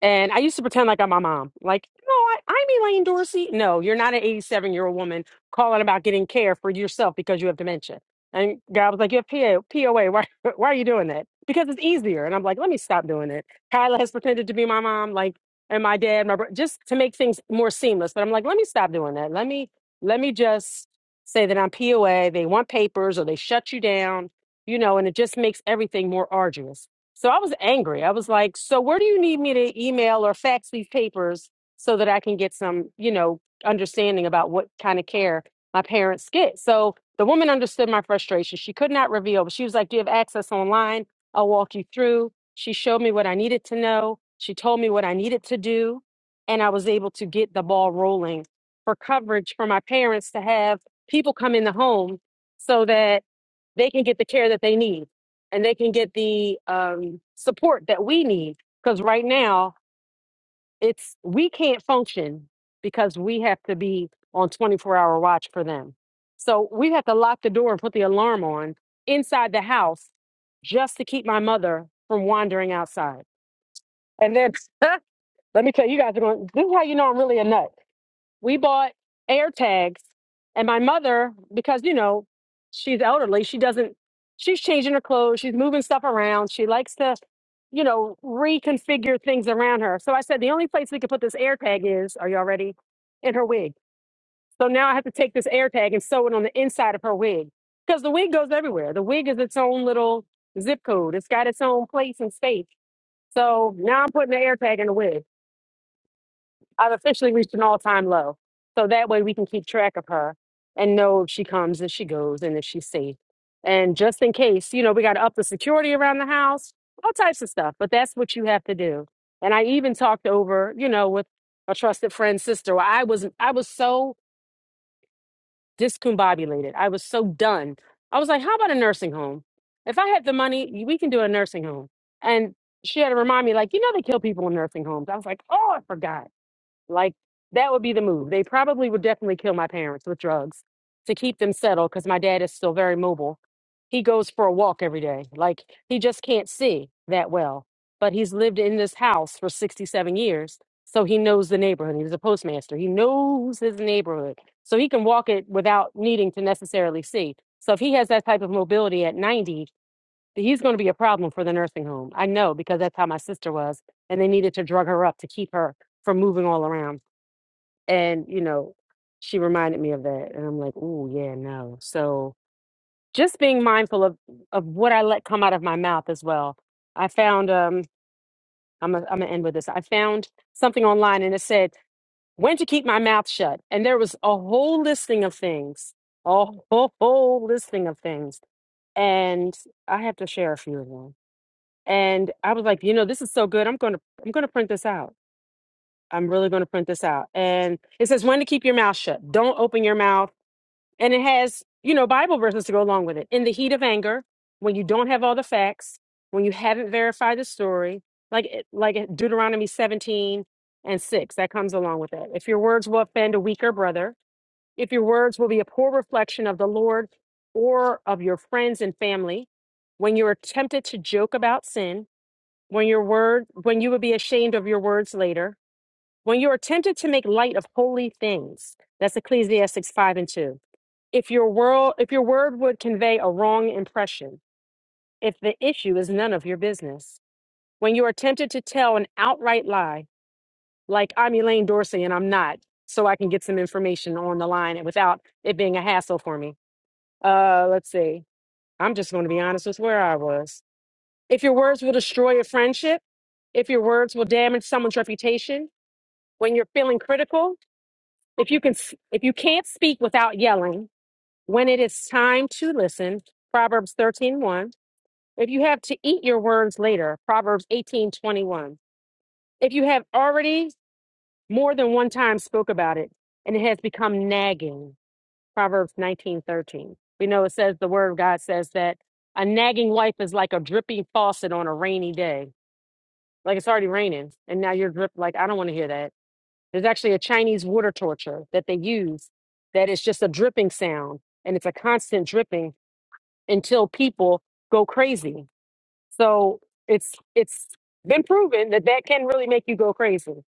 and I used to pretend like I'm my mom. Like, no, I, I'm Elaine Dorsey. No, you're not an 87 year old woman calling about getting care for yourself because you have dementia. And God was like, you have PO, POA. Why, *laughs* why are you doing that? Because it's easier. And I'm like, let me stop doing it. Kyla has pretended to be my mom, like, and my dad, my bro- just to make things more seamless. But I'm like, let me stop doing that. Let me, let me just say that I'm POA. They want papers or they shut you down, you know, and it just makes everything more arduous. So I was angry. I was like, so where do you need me to email or fax these papers so that I can get some, you know, understanding about what kind of care my parents get? So the woman understood my frustration. She could not reveal, but she was like, Do you have access online? I'll walk you through. She showed me what I needed to know. She told me what I needed to do. And I was able to get the ball rolling for coverage for my parents to have people come in the home so that they can get the care that they need and they can get the um, support that we need because right now it's we can't function because we have to be on 24 hour watch for them so we have to lock the door and put the alarm on inside the house just to keep my mother from wandering outside and then *laughs* let me tell you you guys are going this is how you know i'm really a nut we bought air tags and my mother because you know she's elderly she doesn't she's changing her clothes she's moving stuff around she likes to you know reconfigure things around her so i said the only place we could put this air tag is are you all ready in her wig so now i have to take this air tag and sew it on the inside of her wig because the wig goes everywhere the wig is its own little zip code it's got its own place and space so now i'm putting the air tag in the wig I've officially reached an all time low. So that way we can keep track of her and know if she comes, if she goes, and if she's safe. And just in case, you know, we got to up the security around the house, all types of stuff. But that's what you have to do. And I even talked over, you know, with a trusted friend's sister. Well, I was I was so discombobulated. I was so done. I was like, how about a nursing home? If I had the money, we can do a nursing home. And she had to remind me, like, you know, they kill people in nursing homes. I was like, oh, I forgot. Like that would be the move. They probably would definitely kill my parents with drugs to keep them settled because my dad is still very mobile. He goes for a walk every day. Like he just can't see that well. But he's lived in this house for 67 years. So he knows the neighborhood. He was a postmaster. He knows his neighborhood. So he can walk it without needing to necessarily see. So if he has that type of mobility at 90, he's going to be a problem for the nursing home. I know because that's how my sister was. And they needed to drug her up to keep her from moving all around. And, you know, she reminded me of that. And I'm like, ooh, yeah, no. So just being mindful of, of what I let come out of my mouth as well. I found, um, I'm going I'm to end with this. I found something online and it said, when to keep my mouth shut. And there was a whole listing of things, a whole, whole listing of things. And I have to share a few of them. And I was like, you know, this is so good. I'm going to, I'm going to print this out. I'm really going to print this out. And it says when to keep your mouth shut. Don't open your mouth and it has you know bible verses to go along with it in the heat of anger when you don't have all the facts when you haven't verified the story like it- like it- deuteronomy 17 and 6 that comes along with it if your words will offend a weaker brother if your words will be a poor reflection of the lord or of your friends and family when you're tempted to joke about sin when your word when you would be ashamed of your words later when you are tempted to make light of holy things that's ecclesiastes 5 and 2 if your world if your word would convey a wrong impression if the issue is none of your business when you are tempted to tell an outright lie like i'm elaine dorsey and i'm not so i can get some information on the line and without it being a hassle for me uh let's see i'm just going to be honest with where i was if your words will destroy a friendship if your words will damage someone's reputation when you're feeling critical if you can s- if you can't speak without yelling when it is time to listen proverbs thirteen one. if you have to eat your words later proverbs eighteen twenty one. if you have already more than one time spoke about it and it has become nagging proverbs nineteen thirteen. we know it says the word of god says that a nagging wife is like a dripping faucet on a rainy day like it's already raining and now you're drip like i don't want to hear that there's actually a chinese water torture that they use that is just a dripping sound and it's a constant dripping until people go crazy. So it's it's been proven that that can really make you go crazy.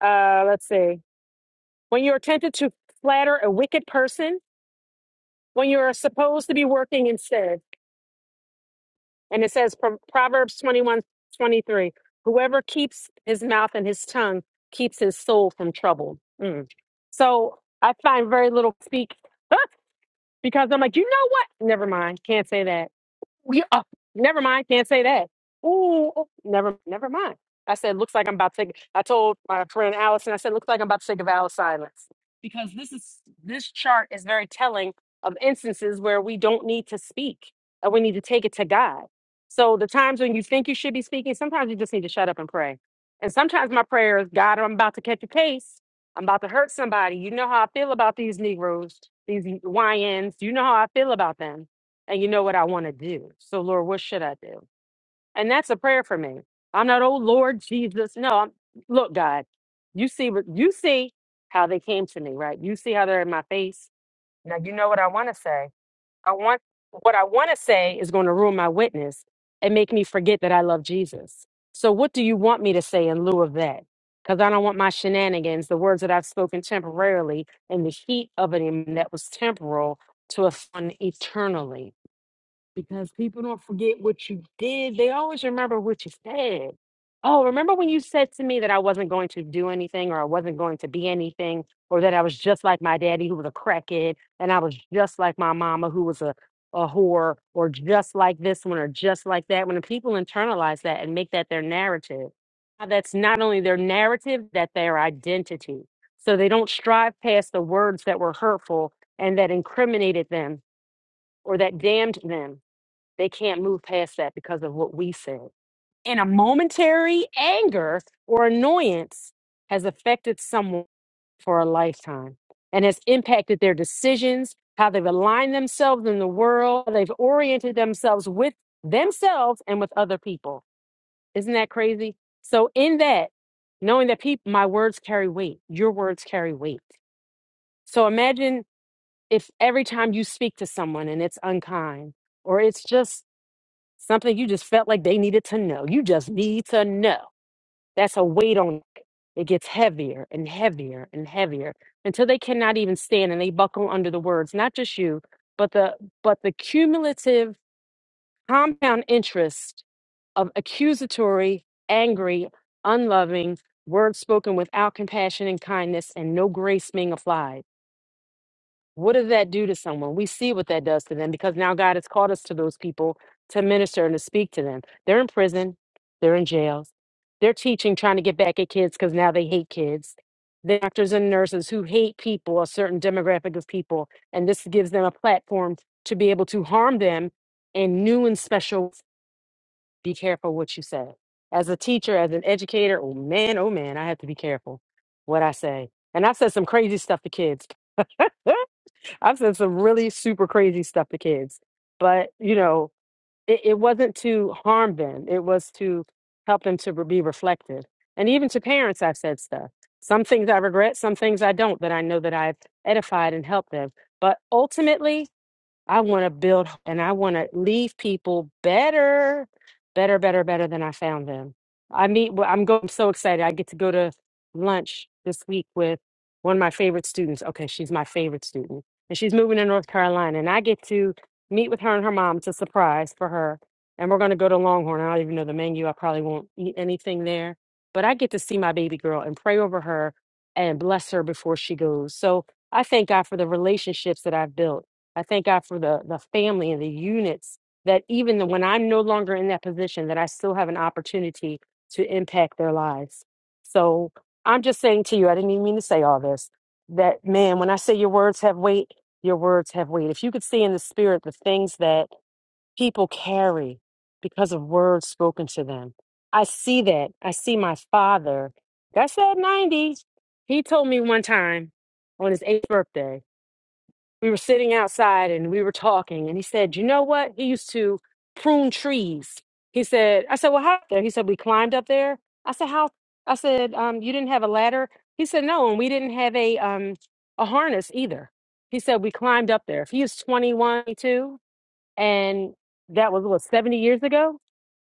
Uh, let's see. When you're tempted to flatter a wicked person, when you're supposed to be working instead, and it says from Proverbs 21 23, whoever keeps his mouth and his tongue keeps his soul from trouble. Mm. So I find very little speak *laughs* because I'm like, you know what? Never mind. Can't say that We oh, never mind. Can't say that. Ooh, oh, never, never mind. I said, looks like I'm about to. Take, I told my friend Allison. I said, looks like I'm about to take a vow of silence because this is this chart is very telling of instances where we don't need to speak and we need to take it to God. So the times when you think you should be speaking, sometimes you just need to shut up and pray. And sometimes my prayer is, God, I'm about to catch a case. I'm about to hurt somebody. You know how I feel about these Negroes, these YNs. You know how I feel about them and you know what I want to do. So, Lord, what should I do? And that's a prayer for me. I'm not, oh Lord Jesus. No, I'm, look, God, you see what you see how they came to me, right? You see how they're in my face. Now you know what I want to say. I want what I want to say is going to ruin my witness and make me forget that I love Jesus. So, what do you want me to say in lieu of that? Because I don't want my shenanigans, the words that I've spoken temporarily in the heat of an em- that was temporal to offend eternally because people don't forget what you did. They always remember what you said. Oh, remember when you said to me that I wasn't going to do anything or I wasn't going to be anything or that I was just like my daddy who was a crackhead and I was just like my mama who was a, a whore or just like this one or just like that. When the people internalize that and make that their narrative, now that's not only their narrative, that their identity. So they don't strive past the words that were hurtful and that incriminated them or that damned them they can't move past that because of what we said. And a momentary anger or annoyance has affected someone for a lifetime and has impacted their decisions, how they've aligned themselves in the world, how they've oriented themselves with themselves and with other people. Isn't that crazy? So, in that, knowing that people, my words carry weight, your words carry weight. So, imagine if every time you speak to someone and it's unkind or it's just something you just felt like they needed to know. You just need to know. That's a weight on it. It gets heavier and heavier and heavier until they cannot even stand and they buckle under the words, not just you, but the but the cumulative compound interest of accusatory, angry, unloving words spoken without compassion and kindness and no grace being applied what does that do to someone? We see what that does to them because now God has called us to those people to minister and to speak to them. They're in prison, they're in jails, they're teaching, trying to get back at kids because now they hate kids. The doctors and nurses who hate people, a certain demographic of people, and this gives them a platform to be able to harm them in new and special. ways. Be careful what you say. As a teacher, as an educator, oh man, oh man, I have to be careful what I say. And I've said some crazy stuff to kids. *laughs* I've said some really super crazy stuff to kids, but you know, it, it wasn't to harm them. It was to help them to be reflective. And even to parents, I've said stuff. Some things I regret, some things I don't, that I know that I've edified and helped them. But ultimately, I want to build and I want to leave people better, better, better, better than I found them. I meet, well, I'm going, I'm so excited. I get to go to lunch this week with one of my favorite students. Okay, she's my favorite student. And she's moving to North Carolina. And I get to meet with her and her mom. It's a surprise for her. And we're going to go to Longhorn. I don't even know the menu. I probably won't eat anything there. But I get to see my baby girl and pray over her and bless her before she goes. So I thank God for the relationships that I've built I thank God for the the family and the units that even the, when I'm no longer in that position, that I still have an opportunity to impact their lives. So I'm just saying to you, I didn't even mean to say all this. That man, when I say your words have weight, your words have weight. If you could see in the spirit the things that people carry because of words spoken to them, I see that. I see my father. That's that 90. He told me one time on his eighth birthday we were sitting outside and we were talking and he said you know what he used to prune trees he said i said well how up there he said we climbed up there i said how i said um, you didn't have a ladder he said no and we didn't have a um, a harness either he said we climbed up there if he was 21 22 and that was what 70 years ago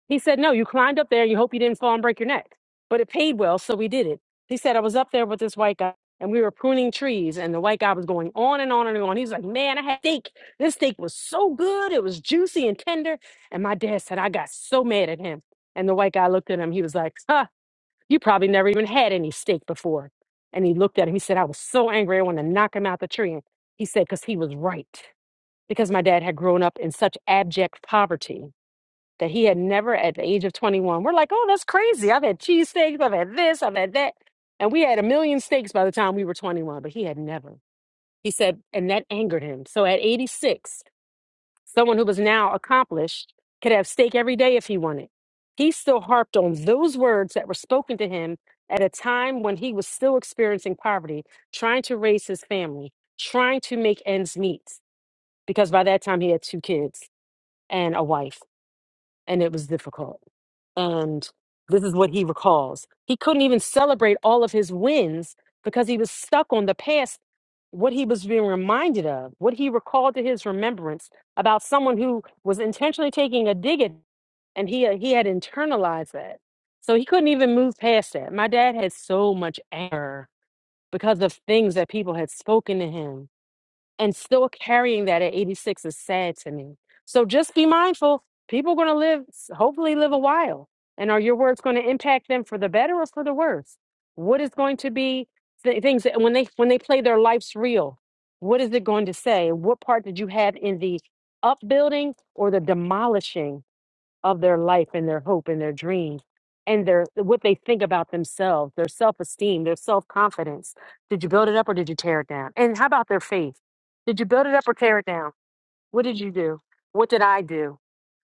he said, No, you climbed up there and you hope you didn't fall and break your neck. But it paid well, so we did it. He said, I was up there with this white guy and we were pruning trees and the white guy was going on and on and on. He was like, Man, I had steak. This steak was so good. It was juicy and tender. And my dad said, I got so mad at him. And the white guy looked at him. He was like, Huh, you probably never even had any steak before. And he looked at him. He said, I was so angry. I wanted to knock him out the tree. And he said, Because he was right. Because my dad had grown up in such abject poverty that he had never at the age of 21. We're like, oh, that's crazy. I've had cheesesteaks, I've had this, I've had that. And we had a million steaks by the time we were 21, but he had never. He said, and that angered him. So at 86, someone who was now accomplished could have steak every day if he wanted. He still harped on those words that were spoken to him at a time when he was still experiencing poverty, trying to raise his family, trying to make ends meet, because by that time he had two kids and a wife and it was difficult. And this is what he recalls. He couldn't even celebrate all of his wins because he was stuck on the past, what he was being reminded of, what he recalled to his remembrance about someone who was intentionally taking a dig at and he uh, he had internalized that. So he couldn't even move past that. My dad had so much anger because of things that people had spoken to him and still carrying that at 86 is sad to me. So just be mindful. People are going to live, hopefully, live a while. And are your words going to impact them for the better or for the worse? What is going to be th- things that when they when they play their life's reel? What is it going to say? What part did you have in the upbuilding or the demolishing of their life and their hope and their dreams and their what they think about themselves, their self-esteem, their self-confidence. Did you build it up or did you tear it down? And how about their faith? Did you build it up or tear it down? What did you do? What did I do?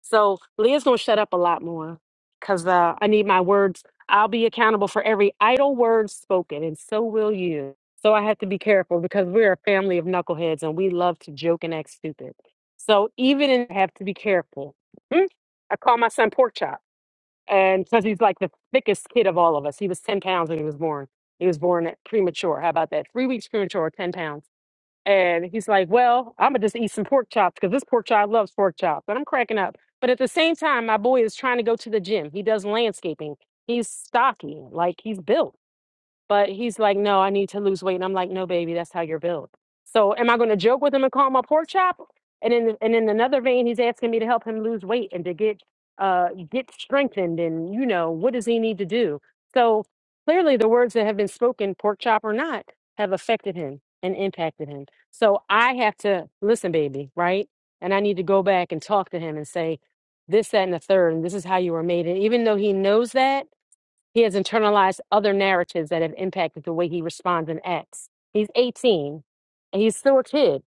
So Leah's gonna shut up a lot more because uh, I need my words. I'll be accountable for every idle word spoken, and so will you. So I have to be careful because we're a family of knuckleheads and we love to joke and act stupid. So even in, I have to be careful. Hmm? I call my son Pork Chop, and because he's like the thickest kid of all of us, he was ten pounds when he was born. He was born premature. How about that? Three weeks premature, ten pounds. And he's like, Well, I'm going to just eat some pork chops because this pork chop loves pork chops. And I'm cracking up. But at the same time, my boy is trying to go to the gym. He does landscaping. He's stocky, like he's built. But he's like, no, I need to lose weight. And I'm like, no, baby, that's how you're built. So am I going to joke with him and call him a pork chop? And in and in another vein, he's asking me to help him lose weight and to get uh get strengthened. And you know, what does he need to do? So clearly, the words that have been spoken, pork chop or not, have affected him and impacted him. So I have to listen, baby, right? And I need to go back and talk to him and say this, that, and the third, and this is how you were made. And even though he knows that. He has internalized other narratives that have impacted the way he responds and acts. He's 18 and he's still a kid,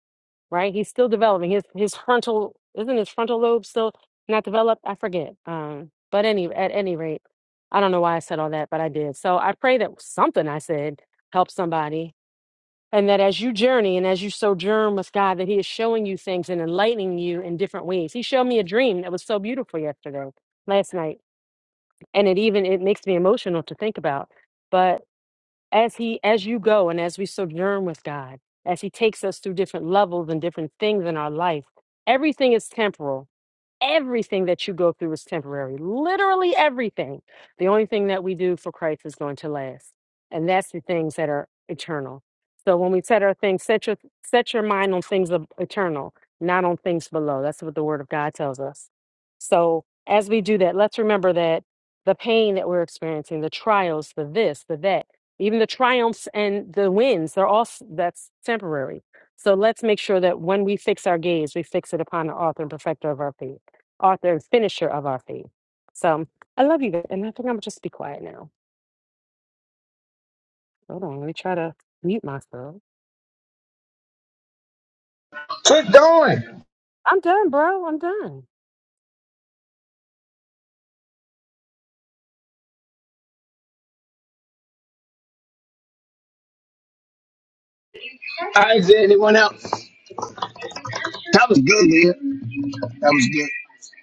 right? He's still developing. His his frontal isn't his frontal lobe still not developed? I forget. Um, but any at any rate, I don't know why I said all that, but I did. So I pray that something I said helps somebody. And that as you journey and as you sojourn with God, that He is showing you things and enlightening you in different ways. He showed me a dream that was so beautiful yesterday, last night and it even it makes me emotional to think about but as he as you go and as we sojourn with god as he takes us through different levels and different things in our life everything is temporal everything that you go through is temporary. Literally everything. The only thing that we do for Christ is going to last. And that's the things that are eternal. So when we set our things, set your set your mind on things of eternal, not on things below. That's what the word of God tells us. So as we do that, let's remember that the pain that we're experiencing, the trials, the this, the that, even the triumphs and the wins, they're all s- that's temporary. So let's make sure that when we fix our gaze, we fix it upon the author and perfecter of our faith author and finisher of our faith. So I love you, guys, and I think I'm just be quiet now. Hold on, let me try to mute myself.
Quit going.
I'm done, bro. I'm done.
All right, is there anyone else? That was good, man. That was good.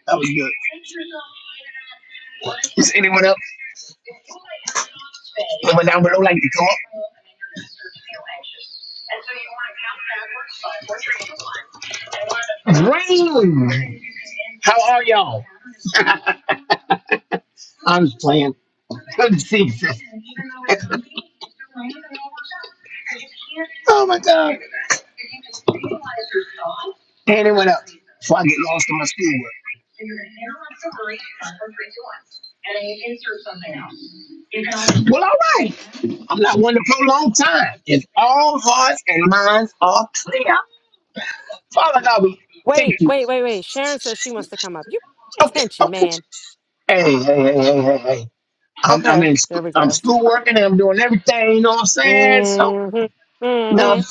That was good. Is anyone else? Anyone down below like to come up? Green. How are y'all? *laughs* I'm just playing. Good to see you, sis. *laughs* oh my God. Anyone else? Before I get lost in my schoolwork. Well, all right. I'm not one to prolong time. If all hearts and minds are clear. Father God, we thank
Wait,
you.
wait, wait, wait. Sharon says she wants to come up. You pay
Okay,
attention,
okay.
man.
Hey, hey, hey, hey, hey, hey. I'm, I'm
Okay,
in,
there
sc-
we
I'm
go.
school working and I'm doing everything. You know what I'm saying? So,
Mm-hmm,
no,
mm-hmm.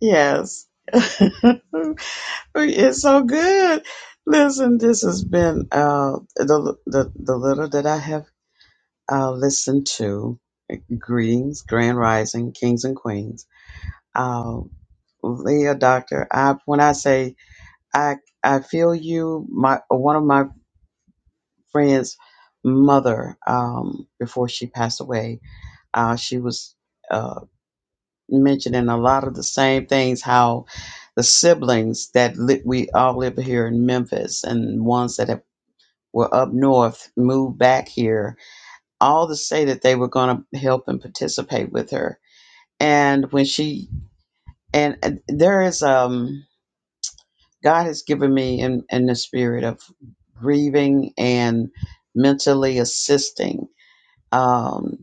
Yes. *laughs* it's so good. Listen, this has been uh, the, the, the little that I have uh, listened to. Greetings, Grand Rising, Kings and Queens. Uh, Leah, Doctor, I, when I say I, I feel you, my one of my friends' mother, um, before she passed away, uh, she was. uh, mentioning a lot of the same things how the siblings that li- we all live here in Memphis and ones that have, were up north moved back here, all to say that they were going to help and participate with her. And when she, and, and there is, um, God has given me in, in the spirit of grieving and mentally assisting. Um,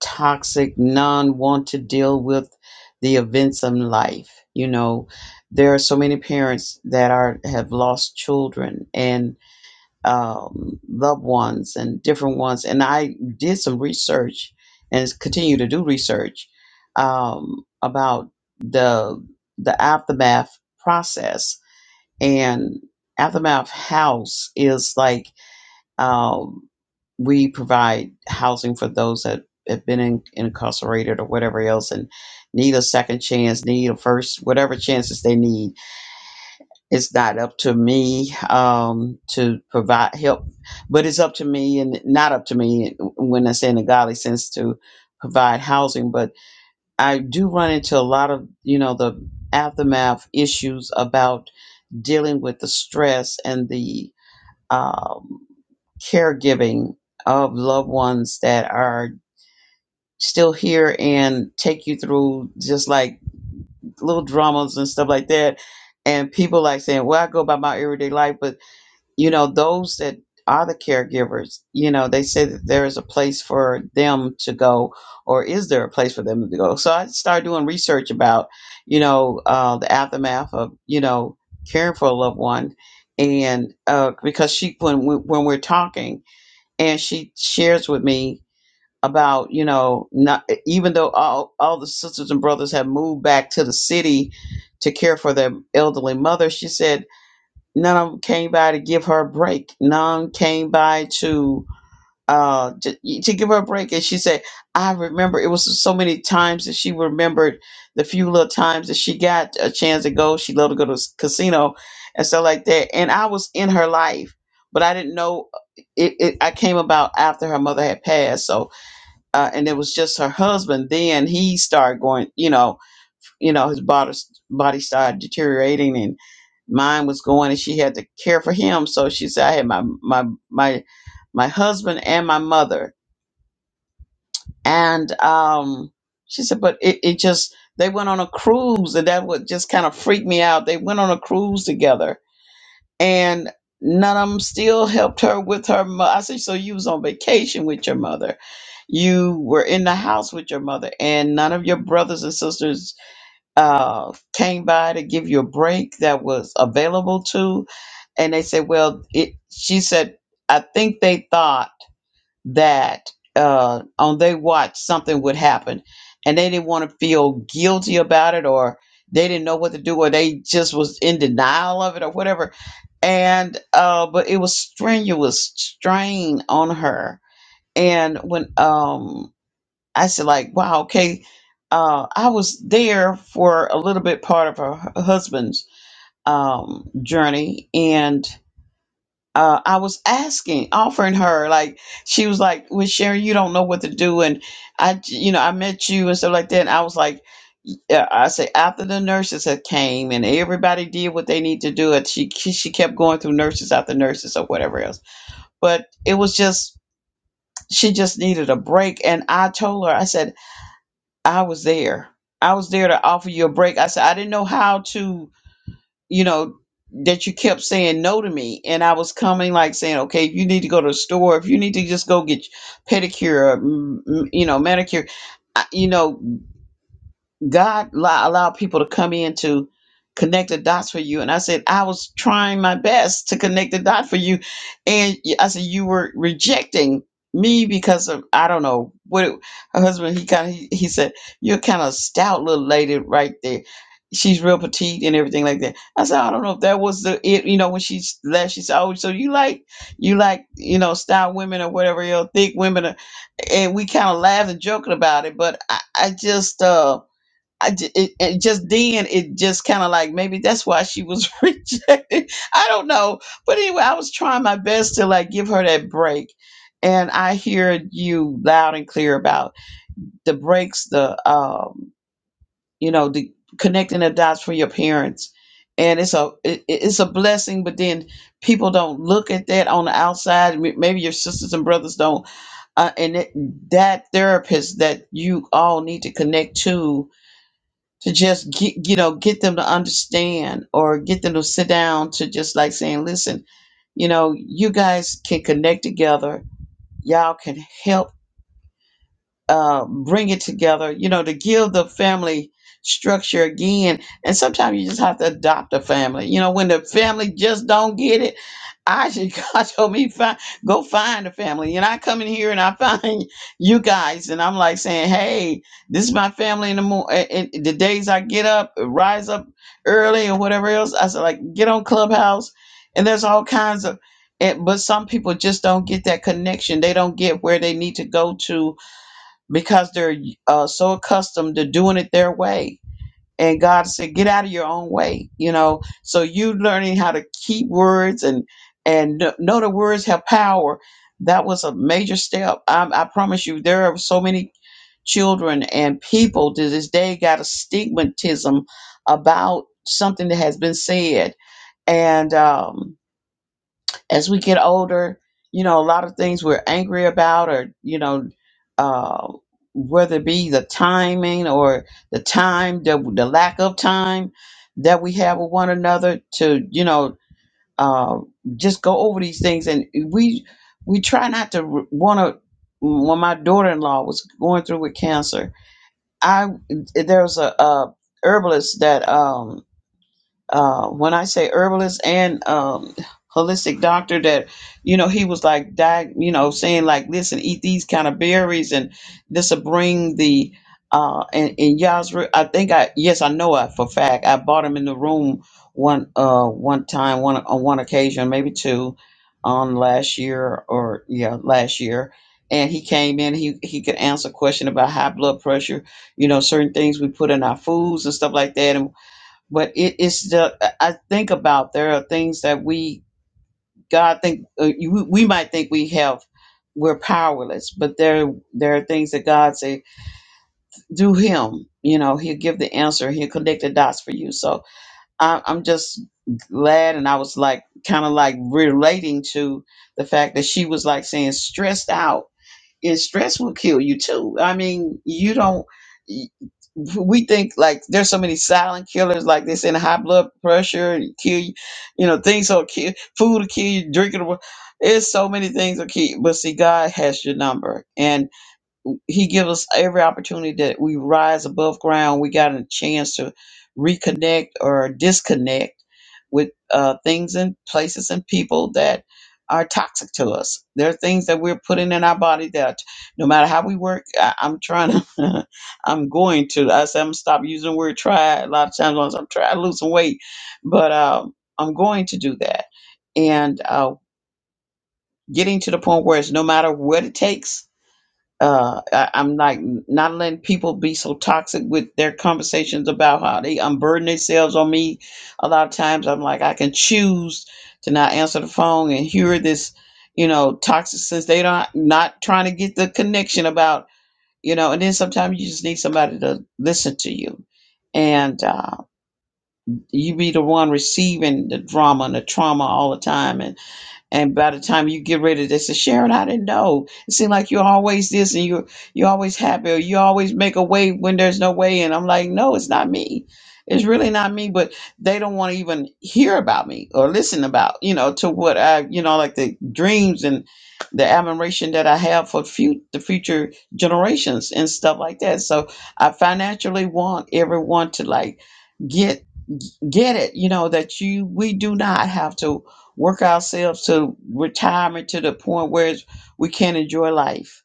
toxic, none want to deal with the events of life. You know, there are so many parents that are have lost children and um, loved ones and different ones. And I did some research and continue to do research um, about the the aftermath process and aftermath house is like um, we provide housing for those that have been in, incarcerated or whatever else and need a second chance, need a first, whatever chances they need. It's not up to me um, to provide help, but it's up to me and not up to me when I say in a godly sense to provide housing. But I do run into a lot of, you know, the aftermath issues about dealing with the stress and the. um, caregiving of loved ones that are still here and take you through just like little dramas and stuff like that. And people like saying, Well, I go about my everyday life, but you know, those that are the caregivers, you know, they say that there is a place for them to go, or is there a place for them to go? So I started doing research about, you know, uh, the aftermath of, you know, caring for a loved one. And uh, because she, when, we, when we're talking, and she shares with me about you know not even though all all the sisters and brothers have moved back to the city to care for their elderly mother she said none of them came by to give her a break none came by to uh to, to give her a break and she said i remember it was so many times that she remembered the few little times that she got a chance to go she loved to go to s- casino and stuff like that and i was in her life but i didn't know uh, it, it i came about after her mother had passed so uh, and it was just her husband then he started going you know you know his body body started deteriorating and mine was going and she had to care for him so she said i had my my my my husband and my mother and um, she said, but it, it just, they went on a cruise and that would just kind of freak me out. They went on a cruise together and none of them still helped her with her mother. I said, so you was on vacation with your mother. You were in the house with your mother and none of your brothers and sisters uh, came by to give you a break that was available to. And they said, well, it, she said, I think they thought that uh, on their watch something would happen and they didn't want to feel guilty about it or they didn't know what to do or they just was in denial of it or whatever and uh, but it was strenuous strain on her and when um i said like wow okay uh, I was there for a little bit part of her hu- husband's um, journey, and uh, I was asking, offering her, like, she was like, Well, Sherry, you don't know what to do. And I, j- you know, I met you and stuff like that. And I was like, yeah, I say after the nurses had came and everybody did what they need to do. It she she she kept going through nurses after nurses or whatever else. But it was just she just needed a break. And I told her, I said I was there. I was there to offer you a break. I said I didn't know how to you know, that you kept saying no to me. And I was coming like saying, okay, if you need to go to the store, if you need to just go get pedicure, or, mm, mm, you know, manicure, I- you know God allow, allow people to come in to connect the dots for you. And I said, I was trying my best to connect the dot for you. And y- I said, you were rejecting me because of, I don't know what it, her husband, he kind of, he, he said, you're kind of stout little lady right there. She's real petite and everything like that. I said, I don't know if that was the, it, you know, when she s- left, she said, oh, so you like, you like, you know, stout women or whatever, you know, thick women. Or, and we kind of laughed and joking about it, but I, I just, uh, I j- it, it just then it just kind of like maybe that's why she was *laughs* rejected. I don't know, but anyway, I was trying my best to like give her that break, and I hear you loud and clear about the breaks, the um, you know, the connecting the dots for your parents, and it's a it, it- it's a blessing. But then people don't look at that on the outside. M- Maybe your sisters and brothers don't, uh, and it, that therapist that you all need to connect to to just get you know get them to understand or get them to sit down to just like saying listen you know you guys can connect together y'all can help uh, bring it together, you know, to give the family structure again. And sometimes you just have to adopt a family. You know, when the family just don't get it, I should *laughs* God told me find go find a family. And I come in here and I *laughs* find you guys and I'm like saying, Hey, this is my family in the morning and the days I get up, rise up early or whatever else. I said like get on Clubhouse and there's all kinds of and, but some people just don't get that connection. They don't get where they need to go to because they're uh, so accustomed to doing it their way. And God said, "Get out of your own way," you know. So you learning how to keep words and and kn- know the words have power. That was a major step. I, I promise you, there are so many children and people to this day got a stigmatism about something that has been said, and um, as we get older, you know, a lot of things we're angry about, or you know, uh, whether it be the timing or the time, the, the lack of time that we have with one another to, you know, uh, just go over these things, and we we try not to want to. When my daughter-in-law was going through with cancer, I there was a, a herbalist that um, uh, when I say herbalist and um, holistic doctor, that you know he was like, di- you know, saying like, listen, eat these kind of berries, and this will bring the uh, and and y'all's. Re- I think I yes, I know I for a fact I bought him in the room one uh one time one on one occasion maybe two on last year or yeah last year and he came in he he could answer a question about high blood pressure you know certain things we put in our foods and stuff like that and but it is the i I think about there are things that we god think uh, you, we might think we have we're powerless but there there are things that god say do him you know he'll give the answer he'll connect the dots for you so I, i'm just glad and i was like kind of like relating to the fact that she was like saying stressed out and stress will kill you too. I mean, you don't. We think like there's so many silent killers, like this in high blood pressure kill you. You know, things will kill, food will kill you, drinking. will- It's so many things will kill. You. But see, God has your number, and he gives us every opportunity that we rise above ground. We got a chance to reconnect or disconnect with uh, things and places and people that are toxic to us. There are things that we're putting in our body that no matter how we work, I, I'm trying to, *laughs* I'm going to, I said, I'm gonna stop using the word try a lot of times once I'm trying to lose some weight, but um, I'm going to do that. And uh, getting to the point where it's no matter what it takes, uh, I, I'm like not letting people be so toxic with their conversations about how they unburden themselves on me. A lot of times, I'm like, I can choose to not answer the phone and hear this, you know, toxic since they don't not trying to get the connection about, you know. And then sometimes you just need somebody to listen to you, and uh, you be the one receiving the drama and the trauma all the time, and and by the time you get ready, they say, Sharon, I didn't know. It seemed like you're always this and you're you're always happy or you always make a way when there's no way. And I'm like, no, it's not me. It's really not me. But they don't want to even hear about me or listen about, you know, to what I, you know, like the dreams and the admiration that I have for fut the future generations and stuff like that. So I financially want everyone to like get get it you know that you we do not have to work ourselves to retirement to the point where it's- we can't enjoy life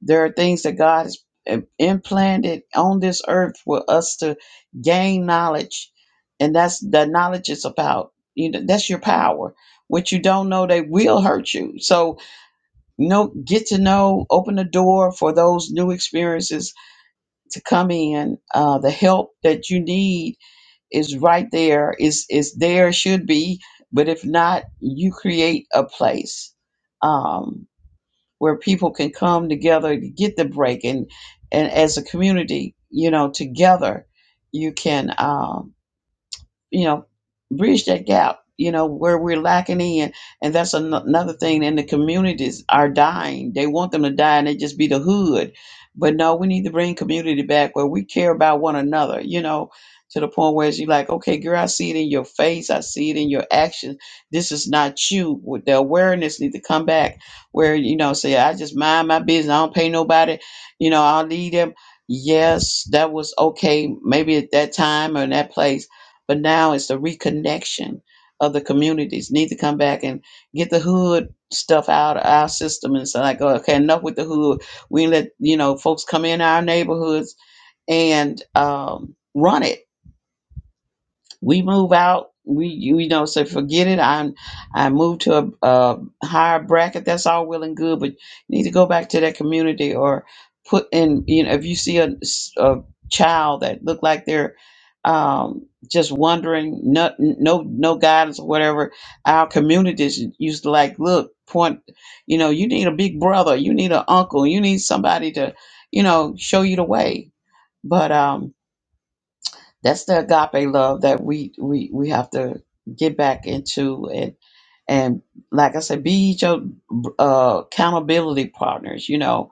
there are things that god has im- implanted on this earth for us to gain knowledge and that's that knowledge is about you know that's your power what you don't know they will hurt you so no, get to know open the door for those new experiences to come in uh, the help that you need is right there. Is is there. Should be, but if not, you create a place um, where people can come together to get the break, and and as a community, you know, together, you can. Um, you know, bridge that gap, you know, where we're lacking in. And that's an- another thing. And the communities are dying. They want them to die and they just be the hood. But no, we need to bring community back where we care about one another, you know, to the point where it's you like, okay, girl, I see it in your face. I see it in your actions. This is not you. With The awareness need to come back where, you know, say, I just mind my business. I don't pay nobody. You know, I'll leave them. Yes, that was okay. Maybe at that time or in that place but now it's the reconnection of the communities need to come back and get the hood stuff out of our system and so like okay enough with the hood we let you know folks come in our neighborhoods and um, run it we move out we you know say forget it i i move to a, a higher bracket that's all well and good but you need to go back to that community or put in you know if you see a, s- a child that look like they're um just wondering no no no guidance or whatever our communities used to like look point you know you need a big brother you need an uncle you need somebody to you know show you the way but um that's the agape love that we we we have to get back into and and like I said, be each other uh, accountability partners. You know,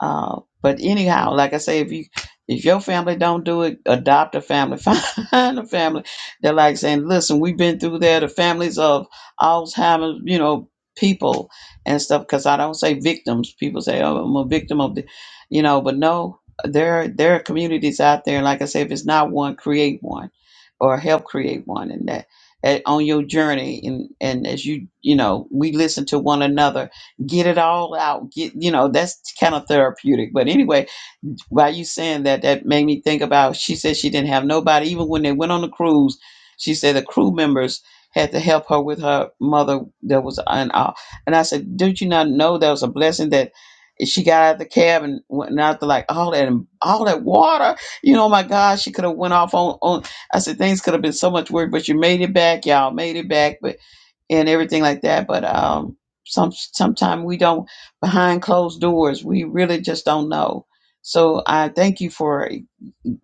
uh, but anyhow, like I say, if you if your family don't do it, adopt a family, *laughs* find a family. They're like saying, "Listen, we've been through there. The families of Alzheimer's, you know, people and stuff." Because I don't say victims. People say, "Oh, I'm a victim of the," you know, but no, there there are communities out there. Like I say, if it's not one, create one, or help create one, and that. eh, On your journey, and and as you you know, we listen to one another get it all out get you know that's kind of therapeutic but anyway while you saying that that made me think about she said she didn't have nobody even when they went on the cruise she said the crew members had to help her with her mother that was an uh, and i said did you not know that was a blessing that she got out of the cab and went out to like all that all that water you know my god she could have went off on on i said things could have been so much worse but you made it back y'all made it back but and everything like that. But um, some sometimes we don't behind closed doors. We really just don't know. So I thank you for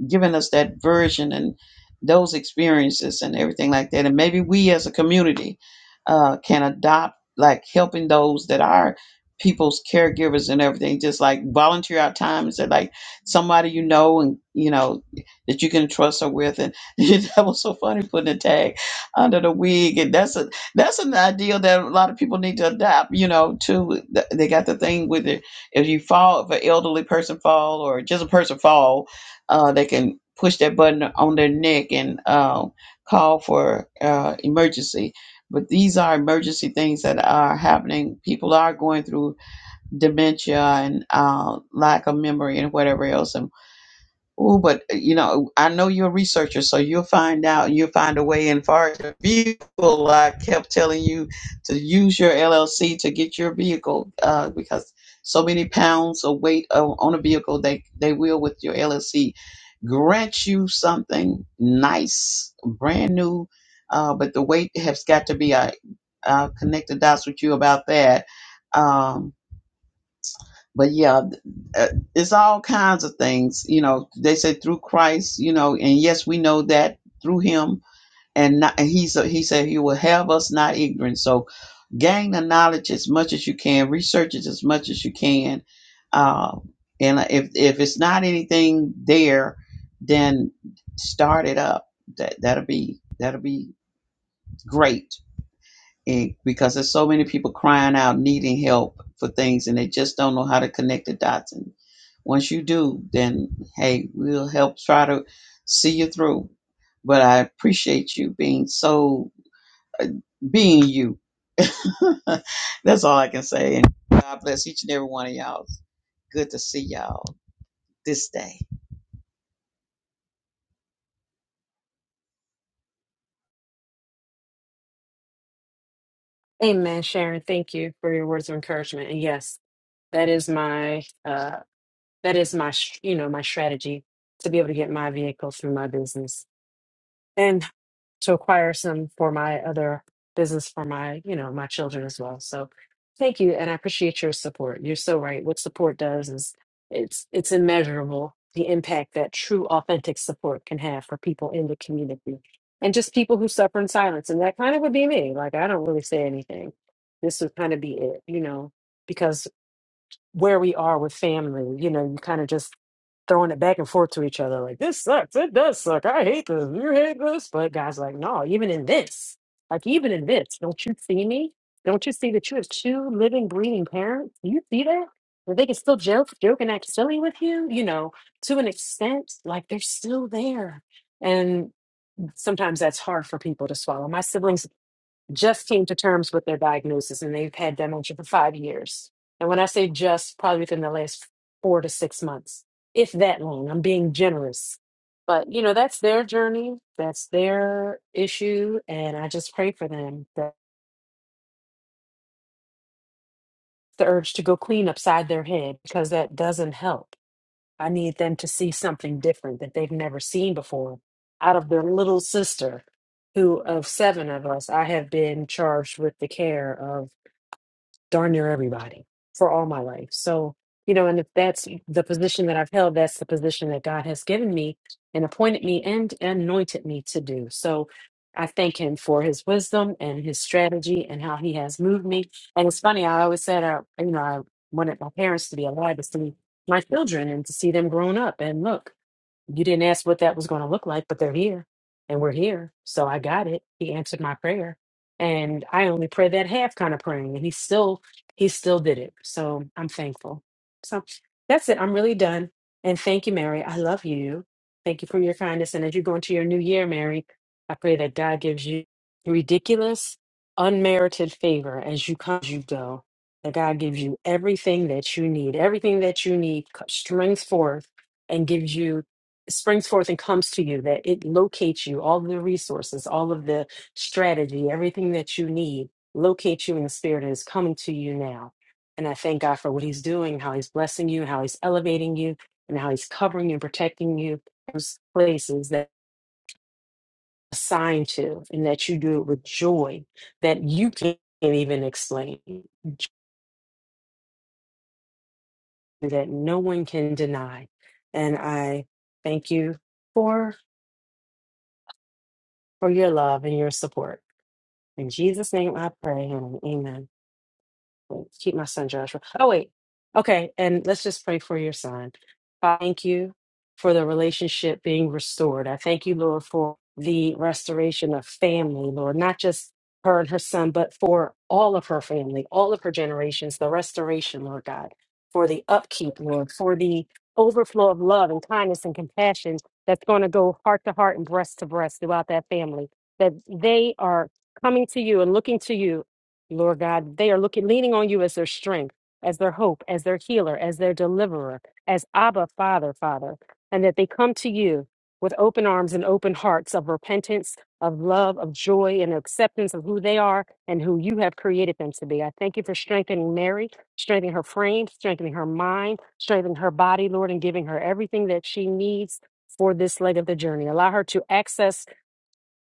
and Giving us that version and those experiences and everything like that. And maybe we as a community uh, can adopt like helping those that are people's caregivers and everything, just like volunteer our time and say like somebody you know and you know that you can trust her with. And *laughs* that was so funny putting a tag under the wig. And that's a that's an idea that a lot of people need to adopt, you know, too. Th- They got the thing with it. If you fall, if an elderly person fall or just a person fall, uh, they can push that button on their neck and um, call for uh, emergency. But these are emergency things that are happening. People are going through dementia and uh, lack of memory and whatever else. And Oh, but uh, you know, I know you're a researcher, so you'll find out. You'll find a way. And far as your vehicle, I kept telling you to use your LLC to get your vehicle uh, because so many pounds of weight o- on a vehicle, they they will with your LLC grant you something nice, brand new. Uh, but the weight has got to be. I uh, connect the dots with you about that. Um, but yeah, th- uh, it's all kinds of things. You know, they say through Christ. You know, and yes, we know that through Him, and not, and He's a, He said He will have us not ignorant. So gain the knowledge as much as you can, research it as much as you can, uh, and uh, if if it's not anything there, then start it up. That that'll be that'll be great and because there's so many people crying out needing help for things and they just don't know how to connect the dots and once you do then hey we'll help try to see you through but i appreciate you being so uh, being you *laughs* that's all i can say and god bless each and every one of y'all good to see y'all this day.
Amen, Sharon. Thank you for your words of encouragement. And yes, that is my uh, that is my sh- you know my strategy to be able to get my vehicle through my business. and. to acquire some for my other business for my you know my children as well so thank you and i appreciate your support you're so right what support does is it's it's immeasurable the impact that true authentic support can have for people in the community and just people who suffer in silence and that kind of would be me like i don't really say anything this would kind of be it you know because where we are with family. You know, you kind of just throwing it back and forth to each other, like this sucks, it does suck, I hate this, you hate this. But God's like, no, even in this, like even in this, don't you see me? Don't you see that you have two living, breathing parents? Do you see that? That they can still joke, joke and act silly with you, you know, to an extent, like they're still there. And sometimes that's hard for people to swallow. My siblings just came to terms with their diagnosis and they've had dementia for five years. And when I say just, probably within the last four to six months, if that long, I'm being generous. But, you know, that's their journey, that's their issue. And I just pray for them that the urge to go clean upside their head because that doesn't help. I need them to see something different that they've never seen before out of their little sister, who of seven of us, I have been charged with the care of darn near everybody for all my life. So, you know, and if that's the position that I've held, that's the position that God has given me and appointed me and anointed me to do. So I thank him for his wisdom and his strategy and how he has moved me. And it's funny, I always said, I, you know, I wanted my parents to be alive to see my children and to see them grown up. And look, you didn't ask what that was going to look like, but they're here and we're here. So I got it. He answered my prayer. And I only pray that half kind of praying. And he still, he still did it. So I'm thankful. So that's it. I'm really done. And thank you, Mary. I love you. Thank you for your kindness. And as you go into your new year, Mary, I pray that God gives you ridiculous, unmerited favor as you come, as you go. That God gives you everything that you need, everything that you need, co- strings forth, and gives you springs forth and comes to you, that it locates you, all the resources, all of the strategy, everything that you need, locates you in the spirit and is coming to you now. And I thank God for what He's doing, how He's blessing you, how He's elevating you, and how He's covering and protecting you. Those places that you're assigned to, and that you do it with joy that you can't even explain, joy that no one can deny. And I thank you for for your love and your support. In Jesus' name I pray, honey. Amen. Let's keep my son Joshua. Oh, wait. Okay. And let's just pray for your son. Father, Thank you for the relationship being restored. I thank you, Lord, for the restoration of family, Lord, not just her and her son, but for all of her family, all of her generations, the restoration, Lord God, for the upkeep, Lord, for the overflow of love and kindness and compassion that's going to go heart to heart and breast to breast throughout that family, that they are coming to you and looking to you Lord God, they are looking, leaning on you as their strength, as their hope, as their healer, as their deliverer, as Abba, Father, Father, and that they come to you with open arms and open hearts of repentance, of love, of joy, and acceptance of who they are and who you have created them to be. I thank you for strengthening Mary, strengthening her frame, strengthening her mind, strengthening her body, Lord, and giving her everything that she needs for this leg of the journey. Allow her to access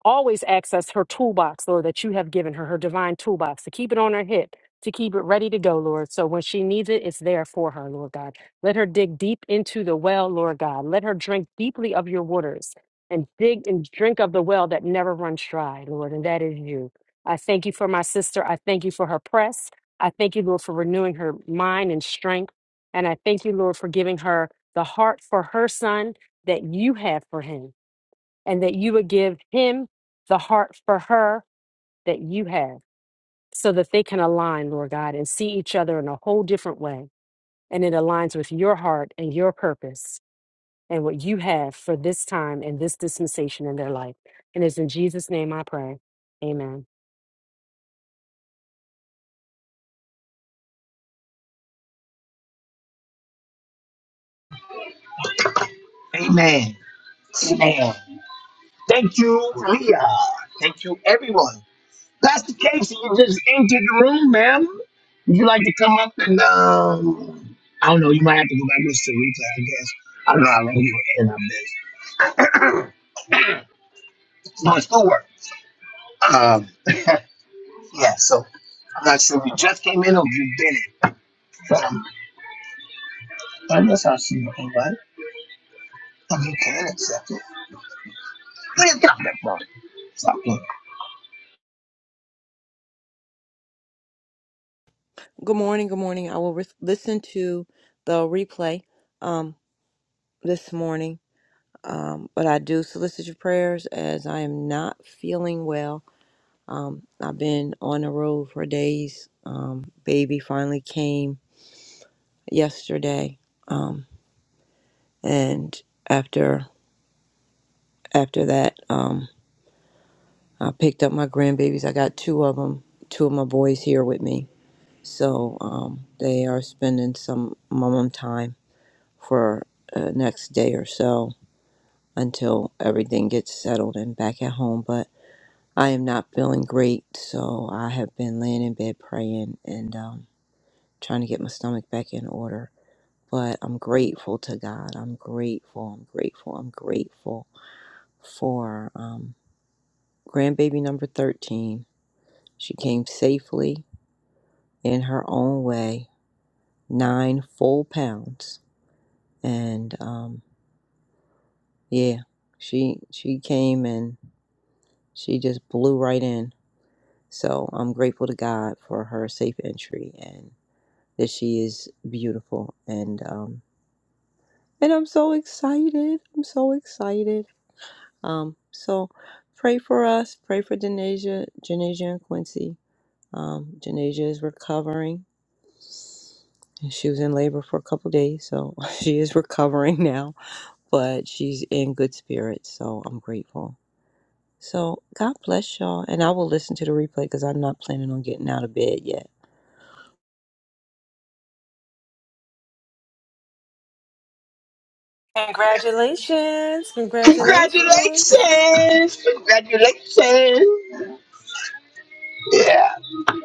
always access her toolbox, Lord, that you have given her, her divine toolbox, to keep it on her hip, to keep it ready to go, Lord. So when she needs it, it's there for her, Lord God. Let her dig deep into the well, Lord God. Let her drink deeply of your waters and dig and drink of the well that never runs dry, Lord, and that is you. I thank you for my sister. I thank you for her press. I thank you, Lord, for renewing her mind and strength. And I thank you, Lord, for giving her the heart for her son that you have for him and that you would give him the heart for her that you have so that they can align, Lord God, and see each other in a whole different way. And it aligns with your heart and your purpose and what you have for this time and this dispensation in their life. And it's in Jesus' name I pray. Amen.
Amen, Amen. Thank you, Leah. Thank you, everyone. Pastor Casey, you just entered the room, ma'am. Would you like to come up and um, I don't know. You might have to go back and listen to the replay, I guess. I don't know how long you were in. I bet. It's not schoolwork. Um, yeah, so I'm not sure if you just came in or if you've been in, but um, I guess I'll see your invite if you can accept it. Please drop that phone. Stop playing.
Good morning. Good morning. I will re- listen to the replay um, this morning, um, but I do solicit your prayers as I am not feeling well. Um, I've been on the road for days. Um, baby finally came yesterday, um, and after after that, um, I picked up my grandbabies. I got two of them. Two of my boys here with me, so um, they are spending some mom time for uh, next day or so until everything gets settled and back at home. But I am not feeling great, so I have been laying in bed praying and um, trying to get my stomach back in order. But I'm grateful to God. I'm grateful. I'm grateful. I'm grateful for um, grandbaby number 13. She came safely in her own way, nine full pounds, and um, yeah, she she came and she just blew right in So I'm grateful to God for her safe entry and that she is beautiful. And um, and I'm so excited. I'm so excited. Um, so pray for us. Pray for Janasia, Janasia and Quincy. Um, Janasia is recovering. And She was in labor for a couple days, so *laughs* she is recovering now. But she's in good spirits, so I'm grateful. So God bless y'all. And I will listen to the replay because I'm not planning on getting out of bed yet.
Congratulations. Congratulations.
Congratulations! Congratulations! Yeah.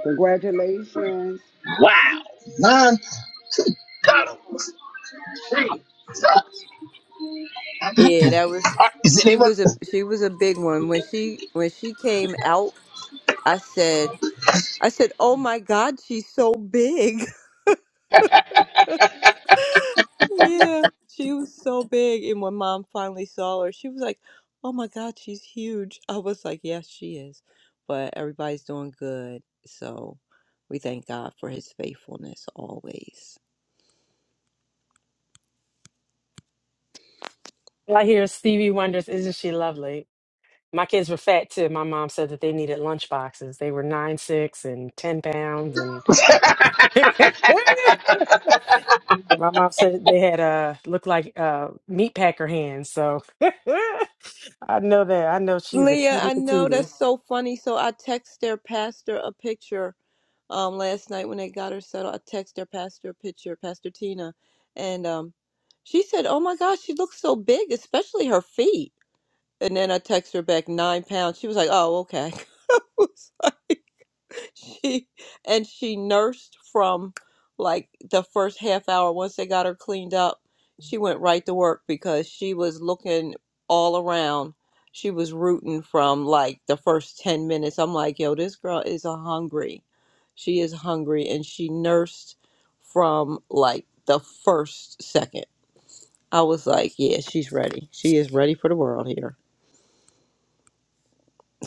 Congratulations.
Wow. None. got him. Uh, uh,
Yeah, that was
Is it
she
anyone?
was a she was a big one. When she when she came out, I said I said, "Oh my god, she's so big." Yeah, she was so big. And when mom finally saw her, she was like, Oh my God, she's huge. I was like, Yes, she is. But everybody's doing good. So we thank God for his faithfulness always.
All I hear is Stevie Wonder's Isn't She Lovely? My kids were fat too. My mom said that they needed lunch boxes. They were nine, six, and 10 pounds. And *laughs* My mom said they had uh looked like uh meat packer hands, so *laughs* I know that. I know she's a
Leah,
cutie
I know
patootie.
that's so funny. So I text their pastor a picture um last night when they got her settled. I text their pastor a picture, Pastor Tina, and um she said, Oh my gosh, she looks so big, especially her feet. And then I text her back nine pounds. She was like, Oh, okay. *laughs* was like she and she nursed from like the first half hour once they got her cleaned up she went right to work because she was looking all around she was rooting from like the first 10 minutes i'm like yo this girl is a hungry she is hungry and she nursed from like the first second i was like yeah she's ready she is ready for the world here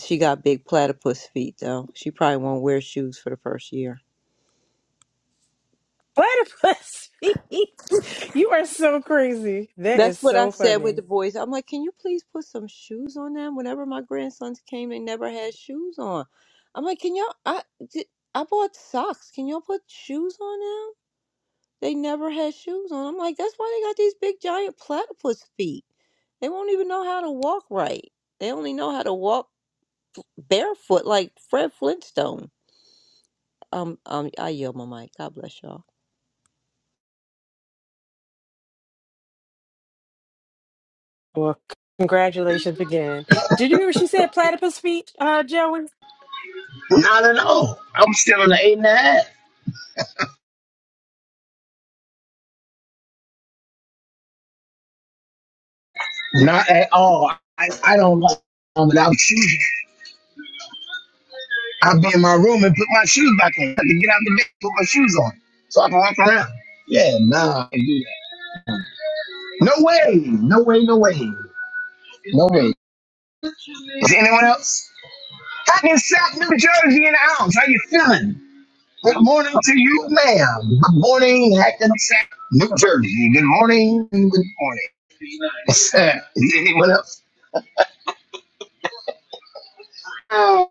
she got big platypus feet though she probably won't wear shoes for the first year
Platypus *laughs* feet. You are so crazy. That is
That's what I
so
said
funny.
with the boys. I'm like, can you please put some shoes on them? Whenever my grandsons came, they never had shoes on. I'm like, can y'all? I did, I bought socks. Can y'all put shoes on them? They never had shoes on. I'm like, that's why they got these big giant platypus feet. They won't even know how to walk right. They only know how to walk barefoot, like Fred Flintstone. Um, um, I yield my mic. God bless y'all.
Well, congratulations again. Did you hear what she said? Platypus feet, uh, Joey?
Not at all. I'm still on the eight and a half. Not at all. I, I don't like um, without you. I'll be in my room and put my shoes back on. I have to get out of the bed, put my shoes on, so I can walk around. Yeah, nah, I can't do that. No way, no way, no way, no way. Is there anyone else? Hot in South New Jersey in the house. How you feeling? Good morning to you, ma'am. Good morning, Hackensack, New Jersey. Good morning. Good morning. *laughs* Is there anyone else? Well,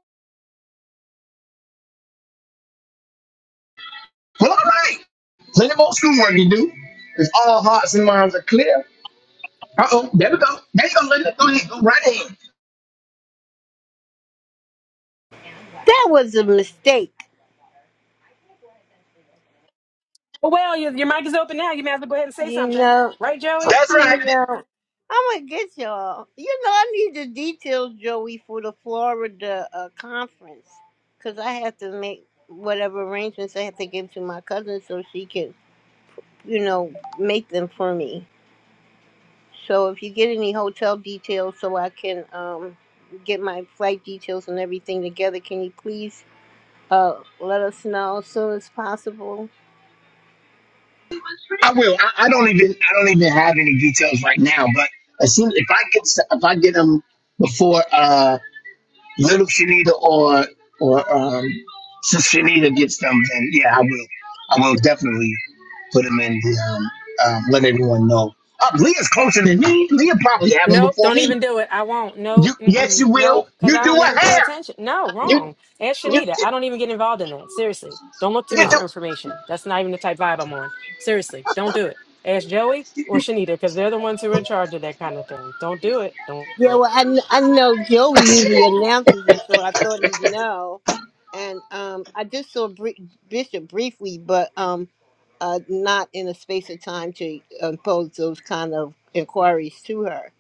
all right. Plenty more schoolwork to do. If all hearts and minds are clear. Uh oh, there we go. There you go, Linda. Go ahead. Go right ahead.
That was a mistake.
Oh, well, your, your mic is open now. You may as well go ahead and say
You
something.
know,
Right, Joey?
That's
you
right.
know. I'm gonna get y'all. You know, I need the details, Joey, for the Florida uh, conference, cause I have to make whatever arrangements I have to give to my cousin so she can, you know, make them for me. So if you get any hotel details, so I can um get my flight details and everything together, can you please uh let us know as soon as possible?
I will. I, I don't even. I don't even have any details right now. But as soon if I get s- if I get them before uh little Shanita or or um since Shanita gets them, then yeah, I will. I will definitely put them in the um, um let everyone know. Uh, Leah's closer than me. Leah probably have them
Nope,
before
don't
me.
even do it. I won't. Nope,
You yes,
mm-mm.
you will.
nope, because
You
I
do
don't even
a
pay
hair.
attention. No,
You
wrong. Ask
you.
Shanita. I don't even get involved in that. Seriously. Don't look to me
You do.
for information. That's not even the type vibe I'm on. Seriously, don't do it. Ask Joey or Shanita because they're the ones who are in charge of that kind of thing. Don't do it. Don't do
Yeah,
it.
well, I, kn- I know Joey usually announces it, so I thought he'd know. And um, I just saw Bri- Bishop briefly, but um, uh, not in a space of time to impose those kind of inquiries to her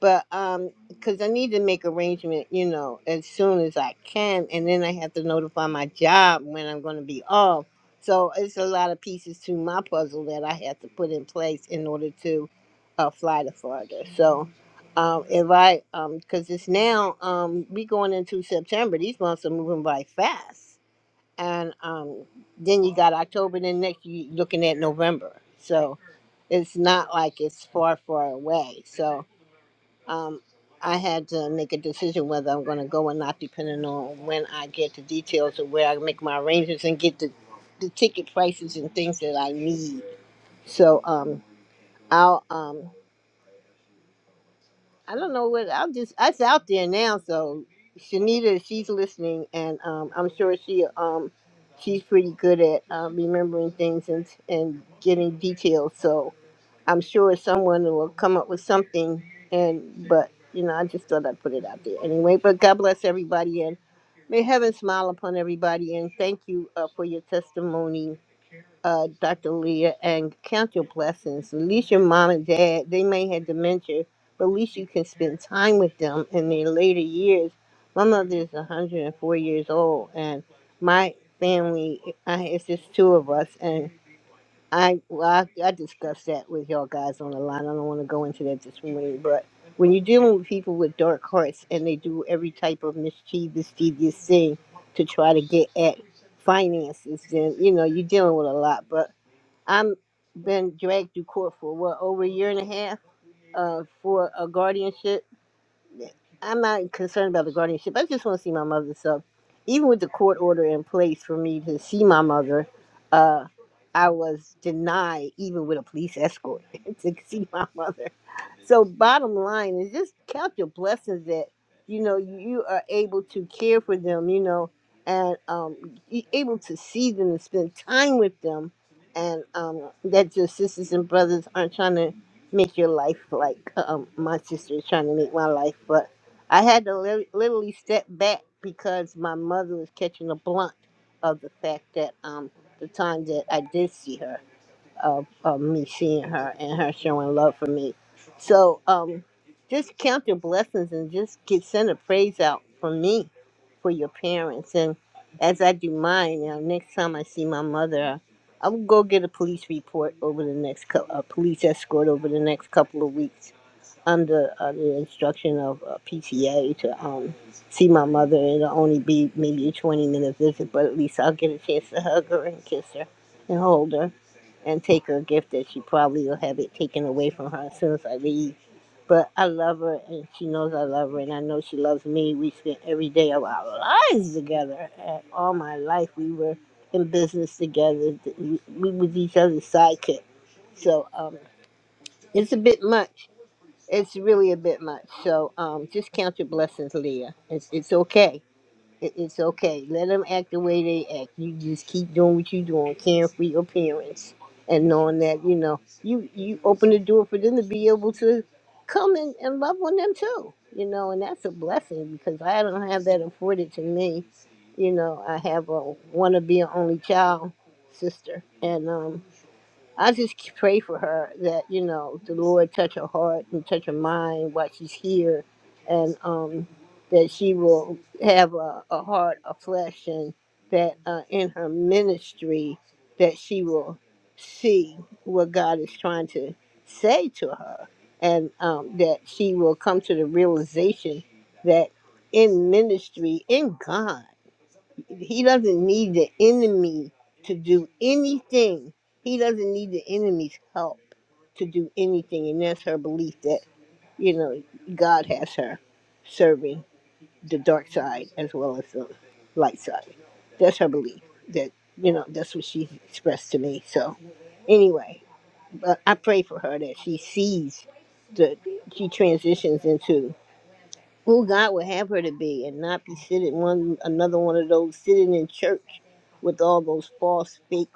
but um because i need to make arrangement you know as soon as i can and then i have to notify my job when i'm going to be off so it's a lot of pieces to my puzzle that i have to put in place in order to uh, fly to florida so um if i um because it's now um we going into september these months are moving by fast and um then you got october then next you looking at november so it's not like it's far far away so um, I had to make a decision whether I'm going to go or not, depending on when I get the details of where I make my arrangements and get the, the ticket prices and things that I need. So um, I'll um, I don't know what I'll just its out there now. So Shanita, she's listening, and um, I'm sure she um, she's pretty good at um, remembering things and and getting details. So I'm sure someone will come up with something. And but you know, I just thought I'd put it out there anyway. But God bless everybody, and may heaven smile upon everybody. And thank you uh, for your testimony, uh, Dr. Leah, and count your blessings. At least your mom and dad, they may have dementia, but at least you can spend time with them in their later years. My mother is 104 years old, and my family, I, it's just two of us, and I well, I, I discussed that with y'all guys on the line. I don't want to go into that this morning, but when you're dealing with people with dark hearts and they do every type of mischievous, devious thing to try to get at finances, then you know you're dealing with a lot. But I'm been dragged through court for what over a year and a half uh, for a guardianship I'm not concerned about the guardianship. I just want to see my mother. So, even with the court order in place for me to see my mother, uh, I was denied even with a police escort *laughs* to see my mother. So, bottom line is just count your blessings that you know you are able to care for them. You know, and um, you able to see them and spend time with them, and um, that your sisters and brothers aren't trying to make your life like um, my sister is trying to make my life. But I had to li- literally step back because my mother was catching a blunt of the fact that um, the time that I did see her of, of me seeing her and her showing love for me. So um, just count your blessings and just get send a praise out for me, for your parents. And as I do mine, you know, next time I see my mother, I will go get a police report over the next cou- a police escort over the next couple of weeks under uh, the instruction of uh, PTA to um, see my mother. It'll only be maybe a 20 minute visit, but at least I'll get a chance to hug her and kiss her and hold her and take her gift that she probably will have it taken away from her as soon as I leave. But I love her, and she knows I love her, and I know she loves me. We spent every day of our lives together, and all my life we were in business together. We we was each other's sidekick. So um, it's a bit much. It's really a bit much. So um, just count your blessings, Leah. It's it's okay it, it's okay. Let them act the way they act. You just keep doing what you're doing, caring for your parents, and knowing that you know you you open the door for them to be able to come and, and love on them too. You know, and that's a blessing because I don't have that afforded to me. You know, I have a want to be an only child sister, and um, I just pray for her that you know the Lord touch her heart and touch her mind while she's here, and um, that she will have a, a heart of flesh, and that uh, in her ministry that she will see what God is trying to say to her, and um, that she will come to the realization that in ministry, in God. He doesn't need the enemy to do anything. He doesn't need the enemy's help to do anything. And that's her belief that, you know, God has her serving the dark side as well as the light side. That's her belief. That, you know, that's what she expressed to me. So, anyway, but I pray for her that she sees the, she transitions into who God would have her to be and not be sitting one another one of those sitting in church with all those false fake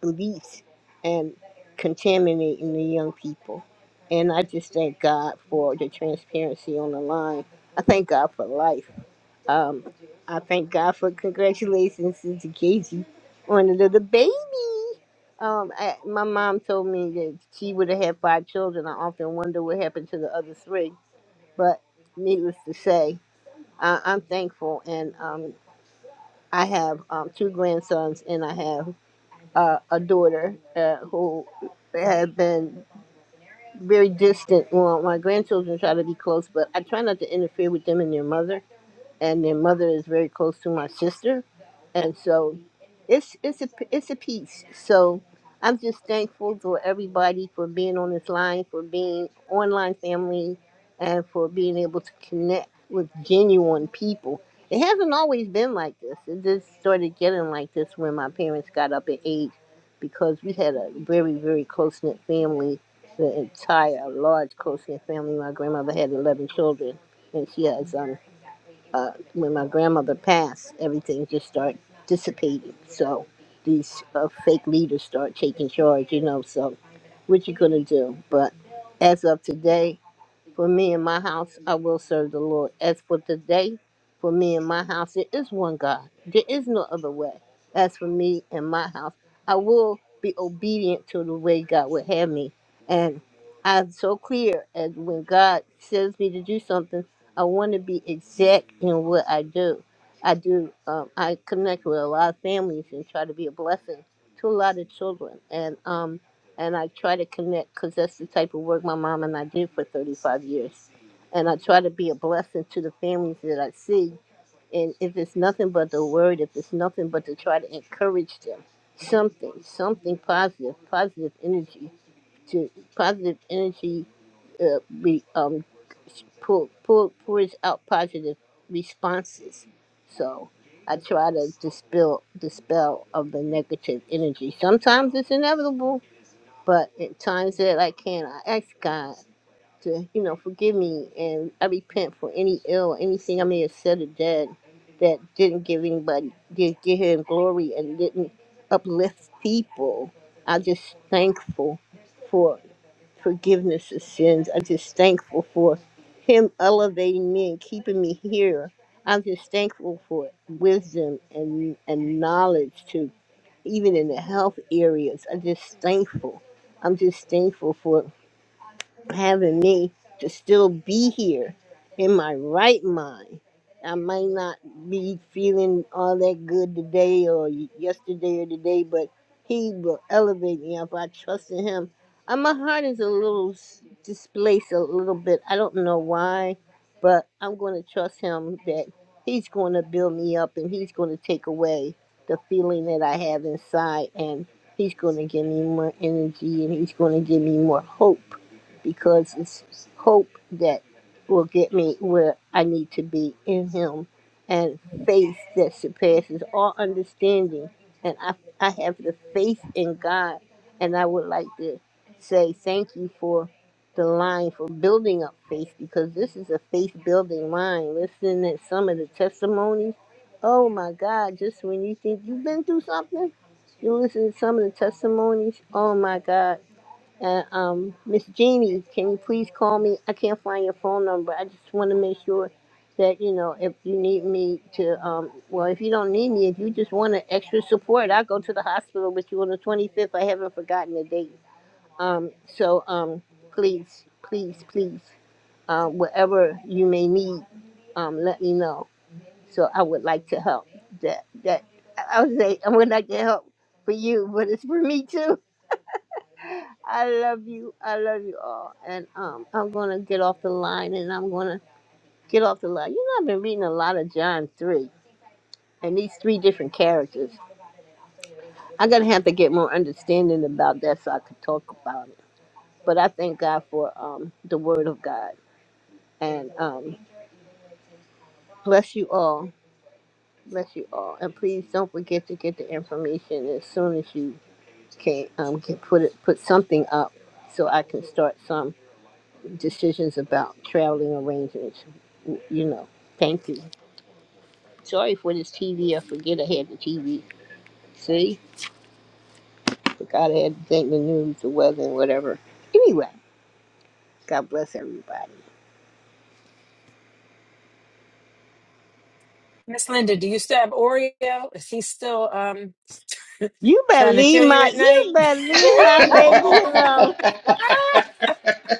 beliefs and contaminating the young people. And I just thank God for the transparency on the line. I thank God for life. Um, I thank God for congratulations to Casey on the little baby. Um, I, my mom told me that she would have had five children. I often wonder what happened to the other three, but needless to say. I, I'm thankful, and um, I have um, two grandsons, and I have uh, a daughter uh, who has been very distant. Well, my grandchildren try to be close, but I try not to interfere with them and their mother and their mother is very close to my sister, and so it's it's a it's a piece. So I'm just thankful for everybody for being on this line, for being online family, and for being able to connect with genuine people. It hasn't always been like this. It just started getting like this when my parents got up in age, because we had a very very close knit family, the entire large close knit family. My grandmother had eleven children, and she has um, uh, when my grandmother passed, everything just started dissipating. So these uh, fake leaders start taking charge, you know. So what you gonna do? But as of today, for me and my house, I will serve the Lord. As for today, for me and my house, there is one God. There is no other way. As for me and my house, I will be obedient to the way God would have me. And I'm so clear as when God says me to do something, I want to be exact in what I do. I do. Um, I connect with a lot of families and try to be a blessing to a lot of children. And um, and I try to connect because that's the type of work my mom and I did for 35 years. And I try to be a blessing to the families that I see. And if it's nothing but the word, if it's nothing but to try to encourage them, something, something positive, positive energy, to positive energy, uh, be um, pull, pull, pours out positive responses. So I try to dispel, dispel of the negative energy. Sometimes it's inevitable but at times that I can, I ask God to, you know, forgive me and I repent for any ill or anything I may have said or done that didn't give anybody, did give him glory and didn't uplift people. I'm just thankful for forgiveness of sins. I'm just thankful for him elevating me and keeping me here. I'm just thankful for wisdom and, and knowledge even in the health areas. I'm just thankful. I'm just thankful for having me to still be here in my right mind. I might not be feeling all that good today or y- yesterday or today, but He will elevate me if I trust in Him. And my heart is a little s- displaced a little bit. I don't know why, but I'm going to trust Him that He's going to build me up and He's going to take away the feeling that I have inside and He's going to give me more energy and He's going to give me more hope because it's hope that will get me where I need to be in Him and faith that surpasses all understanding. And I, I have the faith in God. And I would like to say thank you for the line for building up faith because this is a faith building line. Listen at some of the testimonies. Oh my God, just when you think you've been through something, you listen to some of the testimonies. Oh my God uh, um, Miss Jeannie, can you please call me? I can't find your phone number. I just want to make sure that you know if you need me to. Um, well, if you don't need me, if you just want an extra support, I'll go to the hospital with you on the 25th. I haven't forgotten the date. Um, so um, please, please, please, uh, whatever you may need, um, let me know. So I would like to help. That that I I would say I would like to help for you, but it's for me too. I love you. I love you all. And um, I'm gonna get off the line, and I'm gonna get off the line. You know, I've been reading a lot of John three, and these three different characters. I'm gonna have to get more understanding about that so I could talk about it. But I thank God for um the Word of God, and um bless you all. Bless you all, and please don't forget to get the information as soon as you can. Um, get, put it, put something up so I can start some. decisions about traveling arrangements. w- You know, thank you. Sorry for this TV. I forget I had the TV. See, forgot I had to think the news, the weather, and whatever. Anyway, God bless everybody.
Miss Linda, do you still have Oreo? Is he still um *laughs*
You better
trying to
leave
kill you
my,
at
you
night? *laughs*
better leave my baby alone.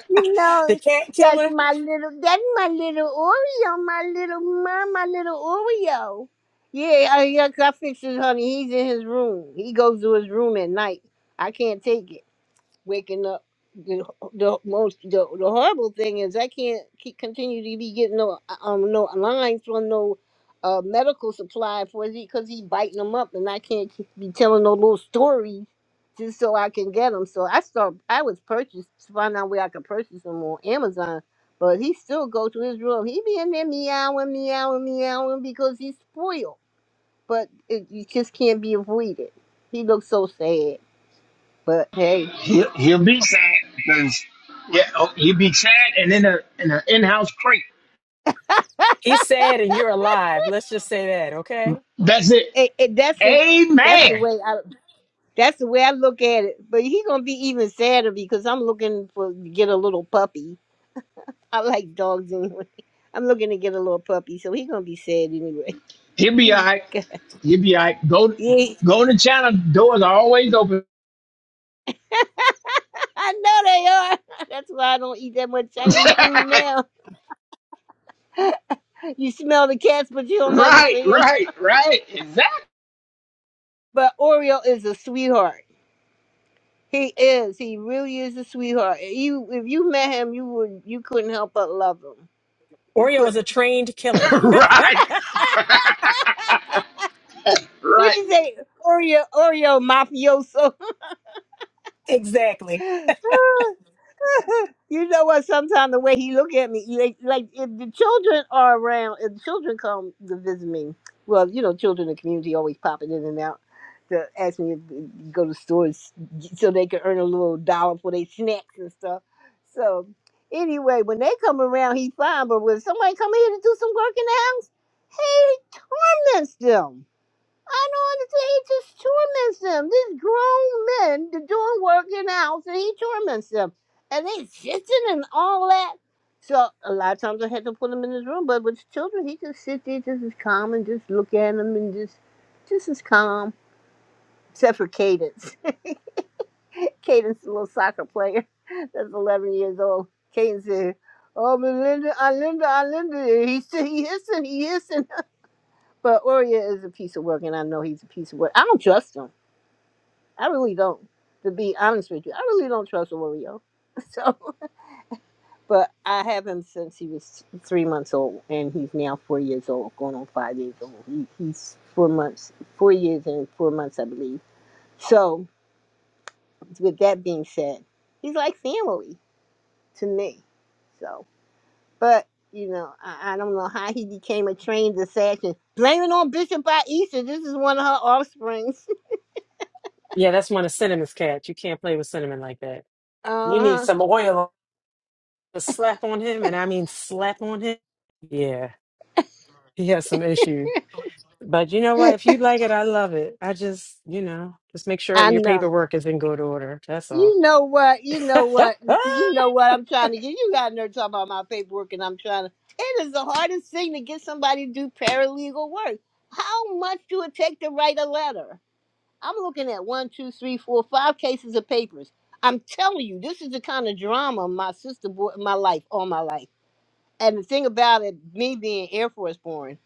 You
The
know,
cat
that's
killer?
my little, that's my little Oreo, my little mom, my little Oreo. Yeah, I, yeah, 'cause I fixed his honey. He's in his room. He goes to his room at night. I can't take it. waking up. The, the most the, the horrible thing is I can't keep, continue to be getting no um no lines from no uh medical supply for he because he biting them up and I can't keep, be telling no little stories just so I can get them. So I start I was purchased to find out where I could purchase them on Amazon, but he still go to his room. He be in there meowing, meowing, meowing because he's spoiled. But it, you just can't be avoided. He looks so sad. But hey.
He'll, he'll be sad because yeah, oh, he'll be sad and in a in an in-house crate.
He's sad and you're alive. Let's just say that, okay?
That's it.
it, it, that's the that's the
Amen.
way I that's the way I look at it. But he gonna be even sadder because I'm looking for to get a little puppy. I like dogs anyway. *laughs* I'm looking to get a little puppy, so he gonna be sad anyway.
He'll be all right.
*laughs* God.
He'll be all right. Go
yeah,
go to China. Doors are always open.
*laughs* I know they are. *laughs* That's why I don't eat that much Chinese food now. You smell the cats, but you don't never
Right,
see them.
right, right. Exactly.
But Oreo is a sweetheart. He is. He really is a sweetheart. You, if you met him, you would, you couldn't help but love him. You could.
Oreo
not
is a trained
*laughs*
killer.
right,
What'd
right.
you say? Oreo, Oreo mafioso.
*laughs* exactly.
*laughs* you know what? Sometimes the way he look at me, like, like if the children are around, if the children come to visit me, well, you know, children in the community always popping in and out to ask me to go to stores so they can earn a little dollar for their snacks and stuff. So anyway, when they come around, he's fine. But when somebody come here to do some work in the house, he torments them. I don't understand. He just torments them. These grown men they're doing work in the house, and he torments them, and they sitting and all that. So a lot of times I had to put him in his room, but with children, he just sit there, just as calm, and just look at them, and just just as calm, except for Cadence. *laughs* Cadence, a little soccer player *laughs* that's 11 years old. Cadence said, "Oh, Melinda, I Linda, I Linda." He's "He hissing, he hissing." But Oria is a piece of work, and I know he's a piece of work. I don't trust him. I really don't, to be honest with you. I really don't trust Oreo. *laughs* So, but I have him since he was three months old, and he's now four years old, going on five years old. He, he's four months, four years and four months, I believe. So, with that being said, he's like family to me. So, but you know, I, I don't know how he became a trained assassin. Blame it on Bishop by Easter. This is one of her offsprings. *laughs*
Yeah, that's one of Cinnamon's cats. You can't play with Cinnamon like that. You
Uh
need
huh.
some oil to slap on him, and I mean slap on him. Yeah, he has some issues. But you know what? If you like it, I love it. I just, you know, just make sure
I
your
know.
paperwork is in good order. That's all.
You know what? You know what?
*laughs*
You know what I'm trying to get. You got in there talking about my paperwork, and I'm trying to. It is the hardest thing to get somebody to do paralegal work. How much do it take to write a letter? I'm looking at one, two, three, four, five cases of papers. I'm telling you, this is the kind of drama my sister brought in my life, all my life. And the thing about it, me being Air Force born,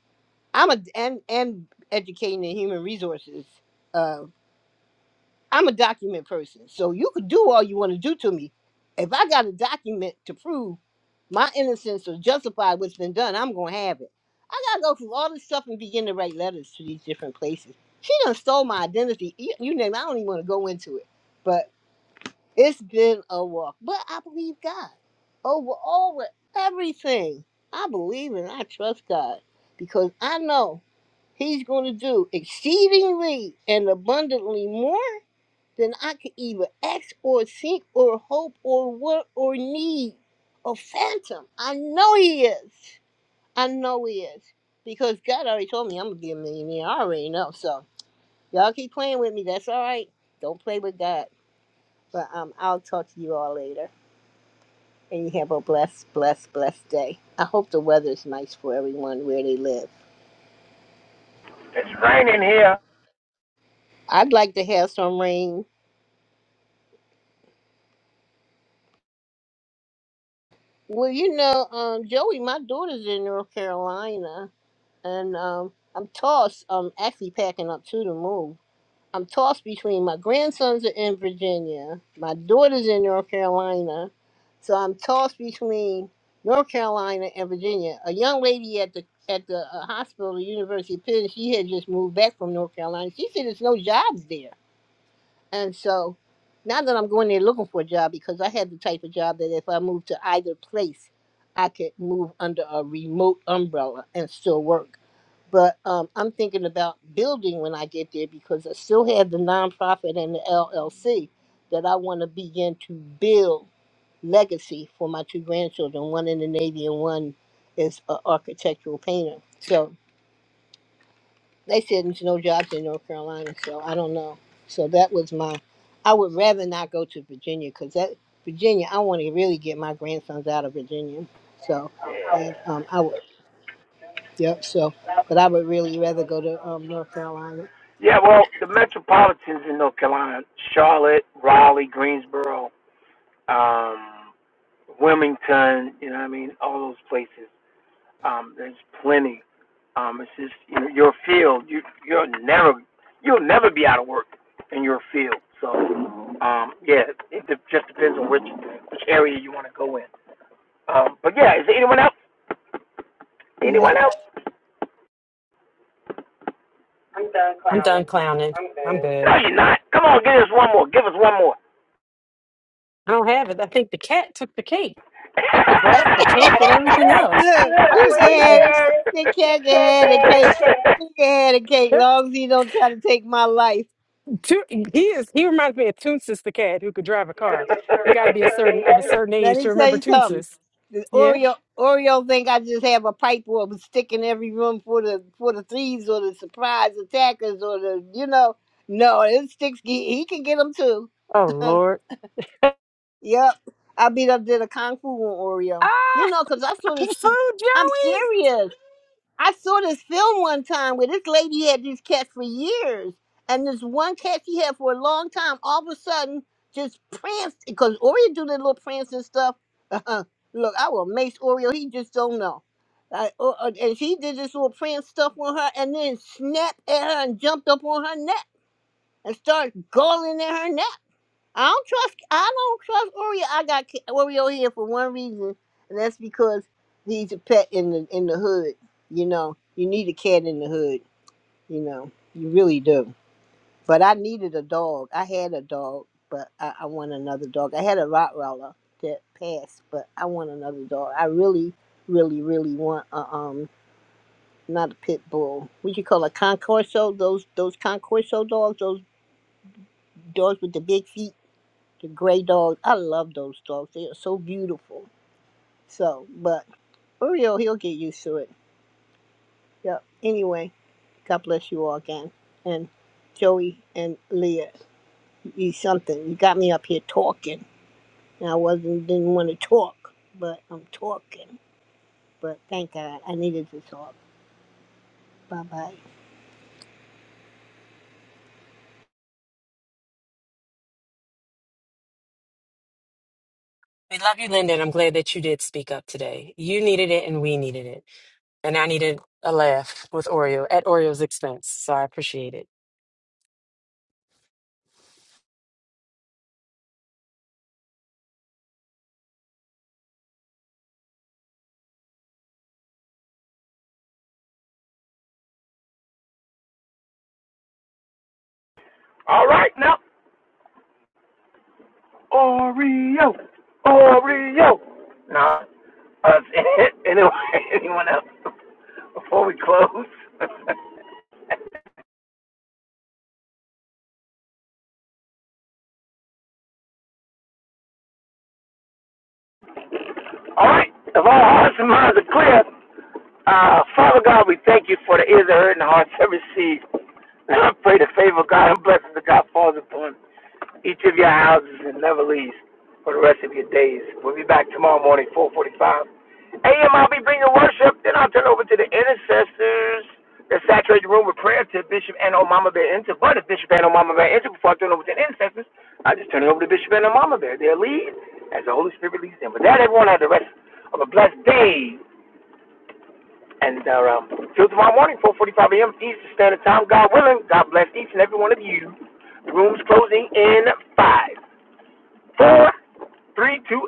I'm a and and educating in human resources. uh, I'm a document person. So you could do all you want to do to me. If I got a document to prove my innocence or justify what's been done, I'm gonna have it. I gotta go through all this stuff and begin to write letters to these different places. She done stole my identity. You, you name it, I don't even want to go into it. But it's been a walk. But I believe God. Over all with everything. I believe and I trust God. Because I know He's gonna do exceedingly and abundantly more then I could either ask or seek or hope or work or need or phantom. I know he is. I know he is. Because God already told me I'm gonna be a millionaire. I already know. So y'all keep playing with me, that's all right. Don't play with God. But um I'll talk to you all later. And you have a blessed, blessed, blessed day. I hope the weather's nice for everyone where they live. I'd like to have some rain. Well, you know, um, Joey, my daughter's in North Carolina and um, I'm tossed. I'm actually packing up to the move. I'm tossed between my grandsons are in Virginia, my daughter's in North Carolina, so I'm tossed between North Carolina and Virginia. A young lady at the at the uh, hospital, the University of Penn, she had just moved back from North Carolina. She said there's no jobs there. And so now that I'm going there looking for a job because I had the type of job that if I moved to either place, I could move under a remote umbrella and still work. But um, I'm thinking about building when I get there because I still have the nonprofit and the LLC that I want to begin to build legacy for my two grandchildren, one in the Navy and one is an architectural painter. So they said there's no jobs in North Carolina, so I don't know. So that was my. I would rather not go to Virginia because that Virginia, I want to really get my grandsons out of Virginia. So, and um, I would. Yep. So, but I would really rather go to um North Carolina.
Yeah, well, the metropolitans in North Carolina, Charlotte, Raleigh, Greensboro, um, Wilmington, you know what I mean, all those places. Um, there's plenty. Um, it's just you know, your field, you you're never you'll never be out of work in your field. So um yeah, it de- just depends on which which area you want to go in. Um but yeah, is there anyone else?
Yep.
Anyone else?
I'm done clowning. I'm good.
No you're not. Come on, give us one more. Give us one more.
I don't have it. I think the cat took the cake,
*laughs*
took the breath, the cake, and everything else.
Look,
I'm
he
just
can
waiting.
have it. The cat can have the cake. He can have the cake,
*laughs*
long as he don't try to take my life.
Tu- He is. He reminds me of Toonsis the cat who could drive a car. You got to be a certain of a certain
Let
age to
me tell
remember
you something.
Toonsis.
The
Yeah.
Oreo Oreo think I just have a pipe where it was sticking every room for the for the thieves or the surprise attackers or the you know. No, it sticks. He, he can get them too.
Oh
*laughs*
Lord.
yep, I beat up did a kung fu on Oreo. You
Ah,
know, 'cause I
*laughs*
saw this.
food,
I'm
Joey.
serious. I saw this film one time where this lady had these cats for years, and this one cat she had for a long time, all of a sudden just pranced because Oreo do that little prance and stuff. *laughs* Look, I will mace Oreo. He just don't know. I, uh, uh, and she did this little prance stuff on her, and then snapped at her and jumped up on her neck and started galling at her neck. I don't trust. I don't trust Oreo. I got K- Oreo here for one reason, and that's because he's a pet in the in the hood. You know, you need a cat in the hood. You know, you really do. But I needed a dog. I had a dog, but I, I want another dog. I had a Rottweiler that passed, but I want another dog. I really, really, really want a um, not a pit bull. What you call a concorso? Those those concorso dogs. Those dogs with the big feet. the gray dog. I love those dogs. They are so beautiful. So, but for real, he'll get used to it. Yep. Anyway, God bless you all again. And Joey and Leah, you something. You got me up here talking. And I wasn't didn't want to talk, but I'm talking. But thank God I needed to talk. Bye bye.
We love you, Linda, and I'm glad that you did speak up today. You needed it, and we needed it. and I needed a laugh with Oreo at Oreo's expense. So I appreciate it.
All right, now Oreo, Oreo. Now, uh, *laughs* anyway, anyone else before we close? *laughs* All right, if all hearts and minds are clear, Uh, Father God, we thank you for the ears that heard and the hearts that received. I pray the favor of God and blessings of God falls upon each of your houses and never leaves for the rest of your days. We'll be back tomorrow morning, 445 a.m. I'll be bringing worship. Then I'll turn over to the intercessors that saturate the room with prayer to Bishop and Omama Bear Enter. But if Bishop and Omama Bear Enter, before I turn over to the intercessors, I just turn it over to Bishop and Omama Bear. They'll lead as the Holy Spirit leads them. But that, everyone, have the rest of a blessed day. And uh, um, till tomorrow morning, 4:45 a.m. Eastern Standard Time. God willing, God bless each and every one of you. Rooms closing in five, four, three, two,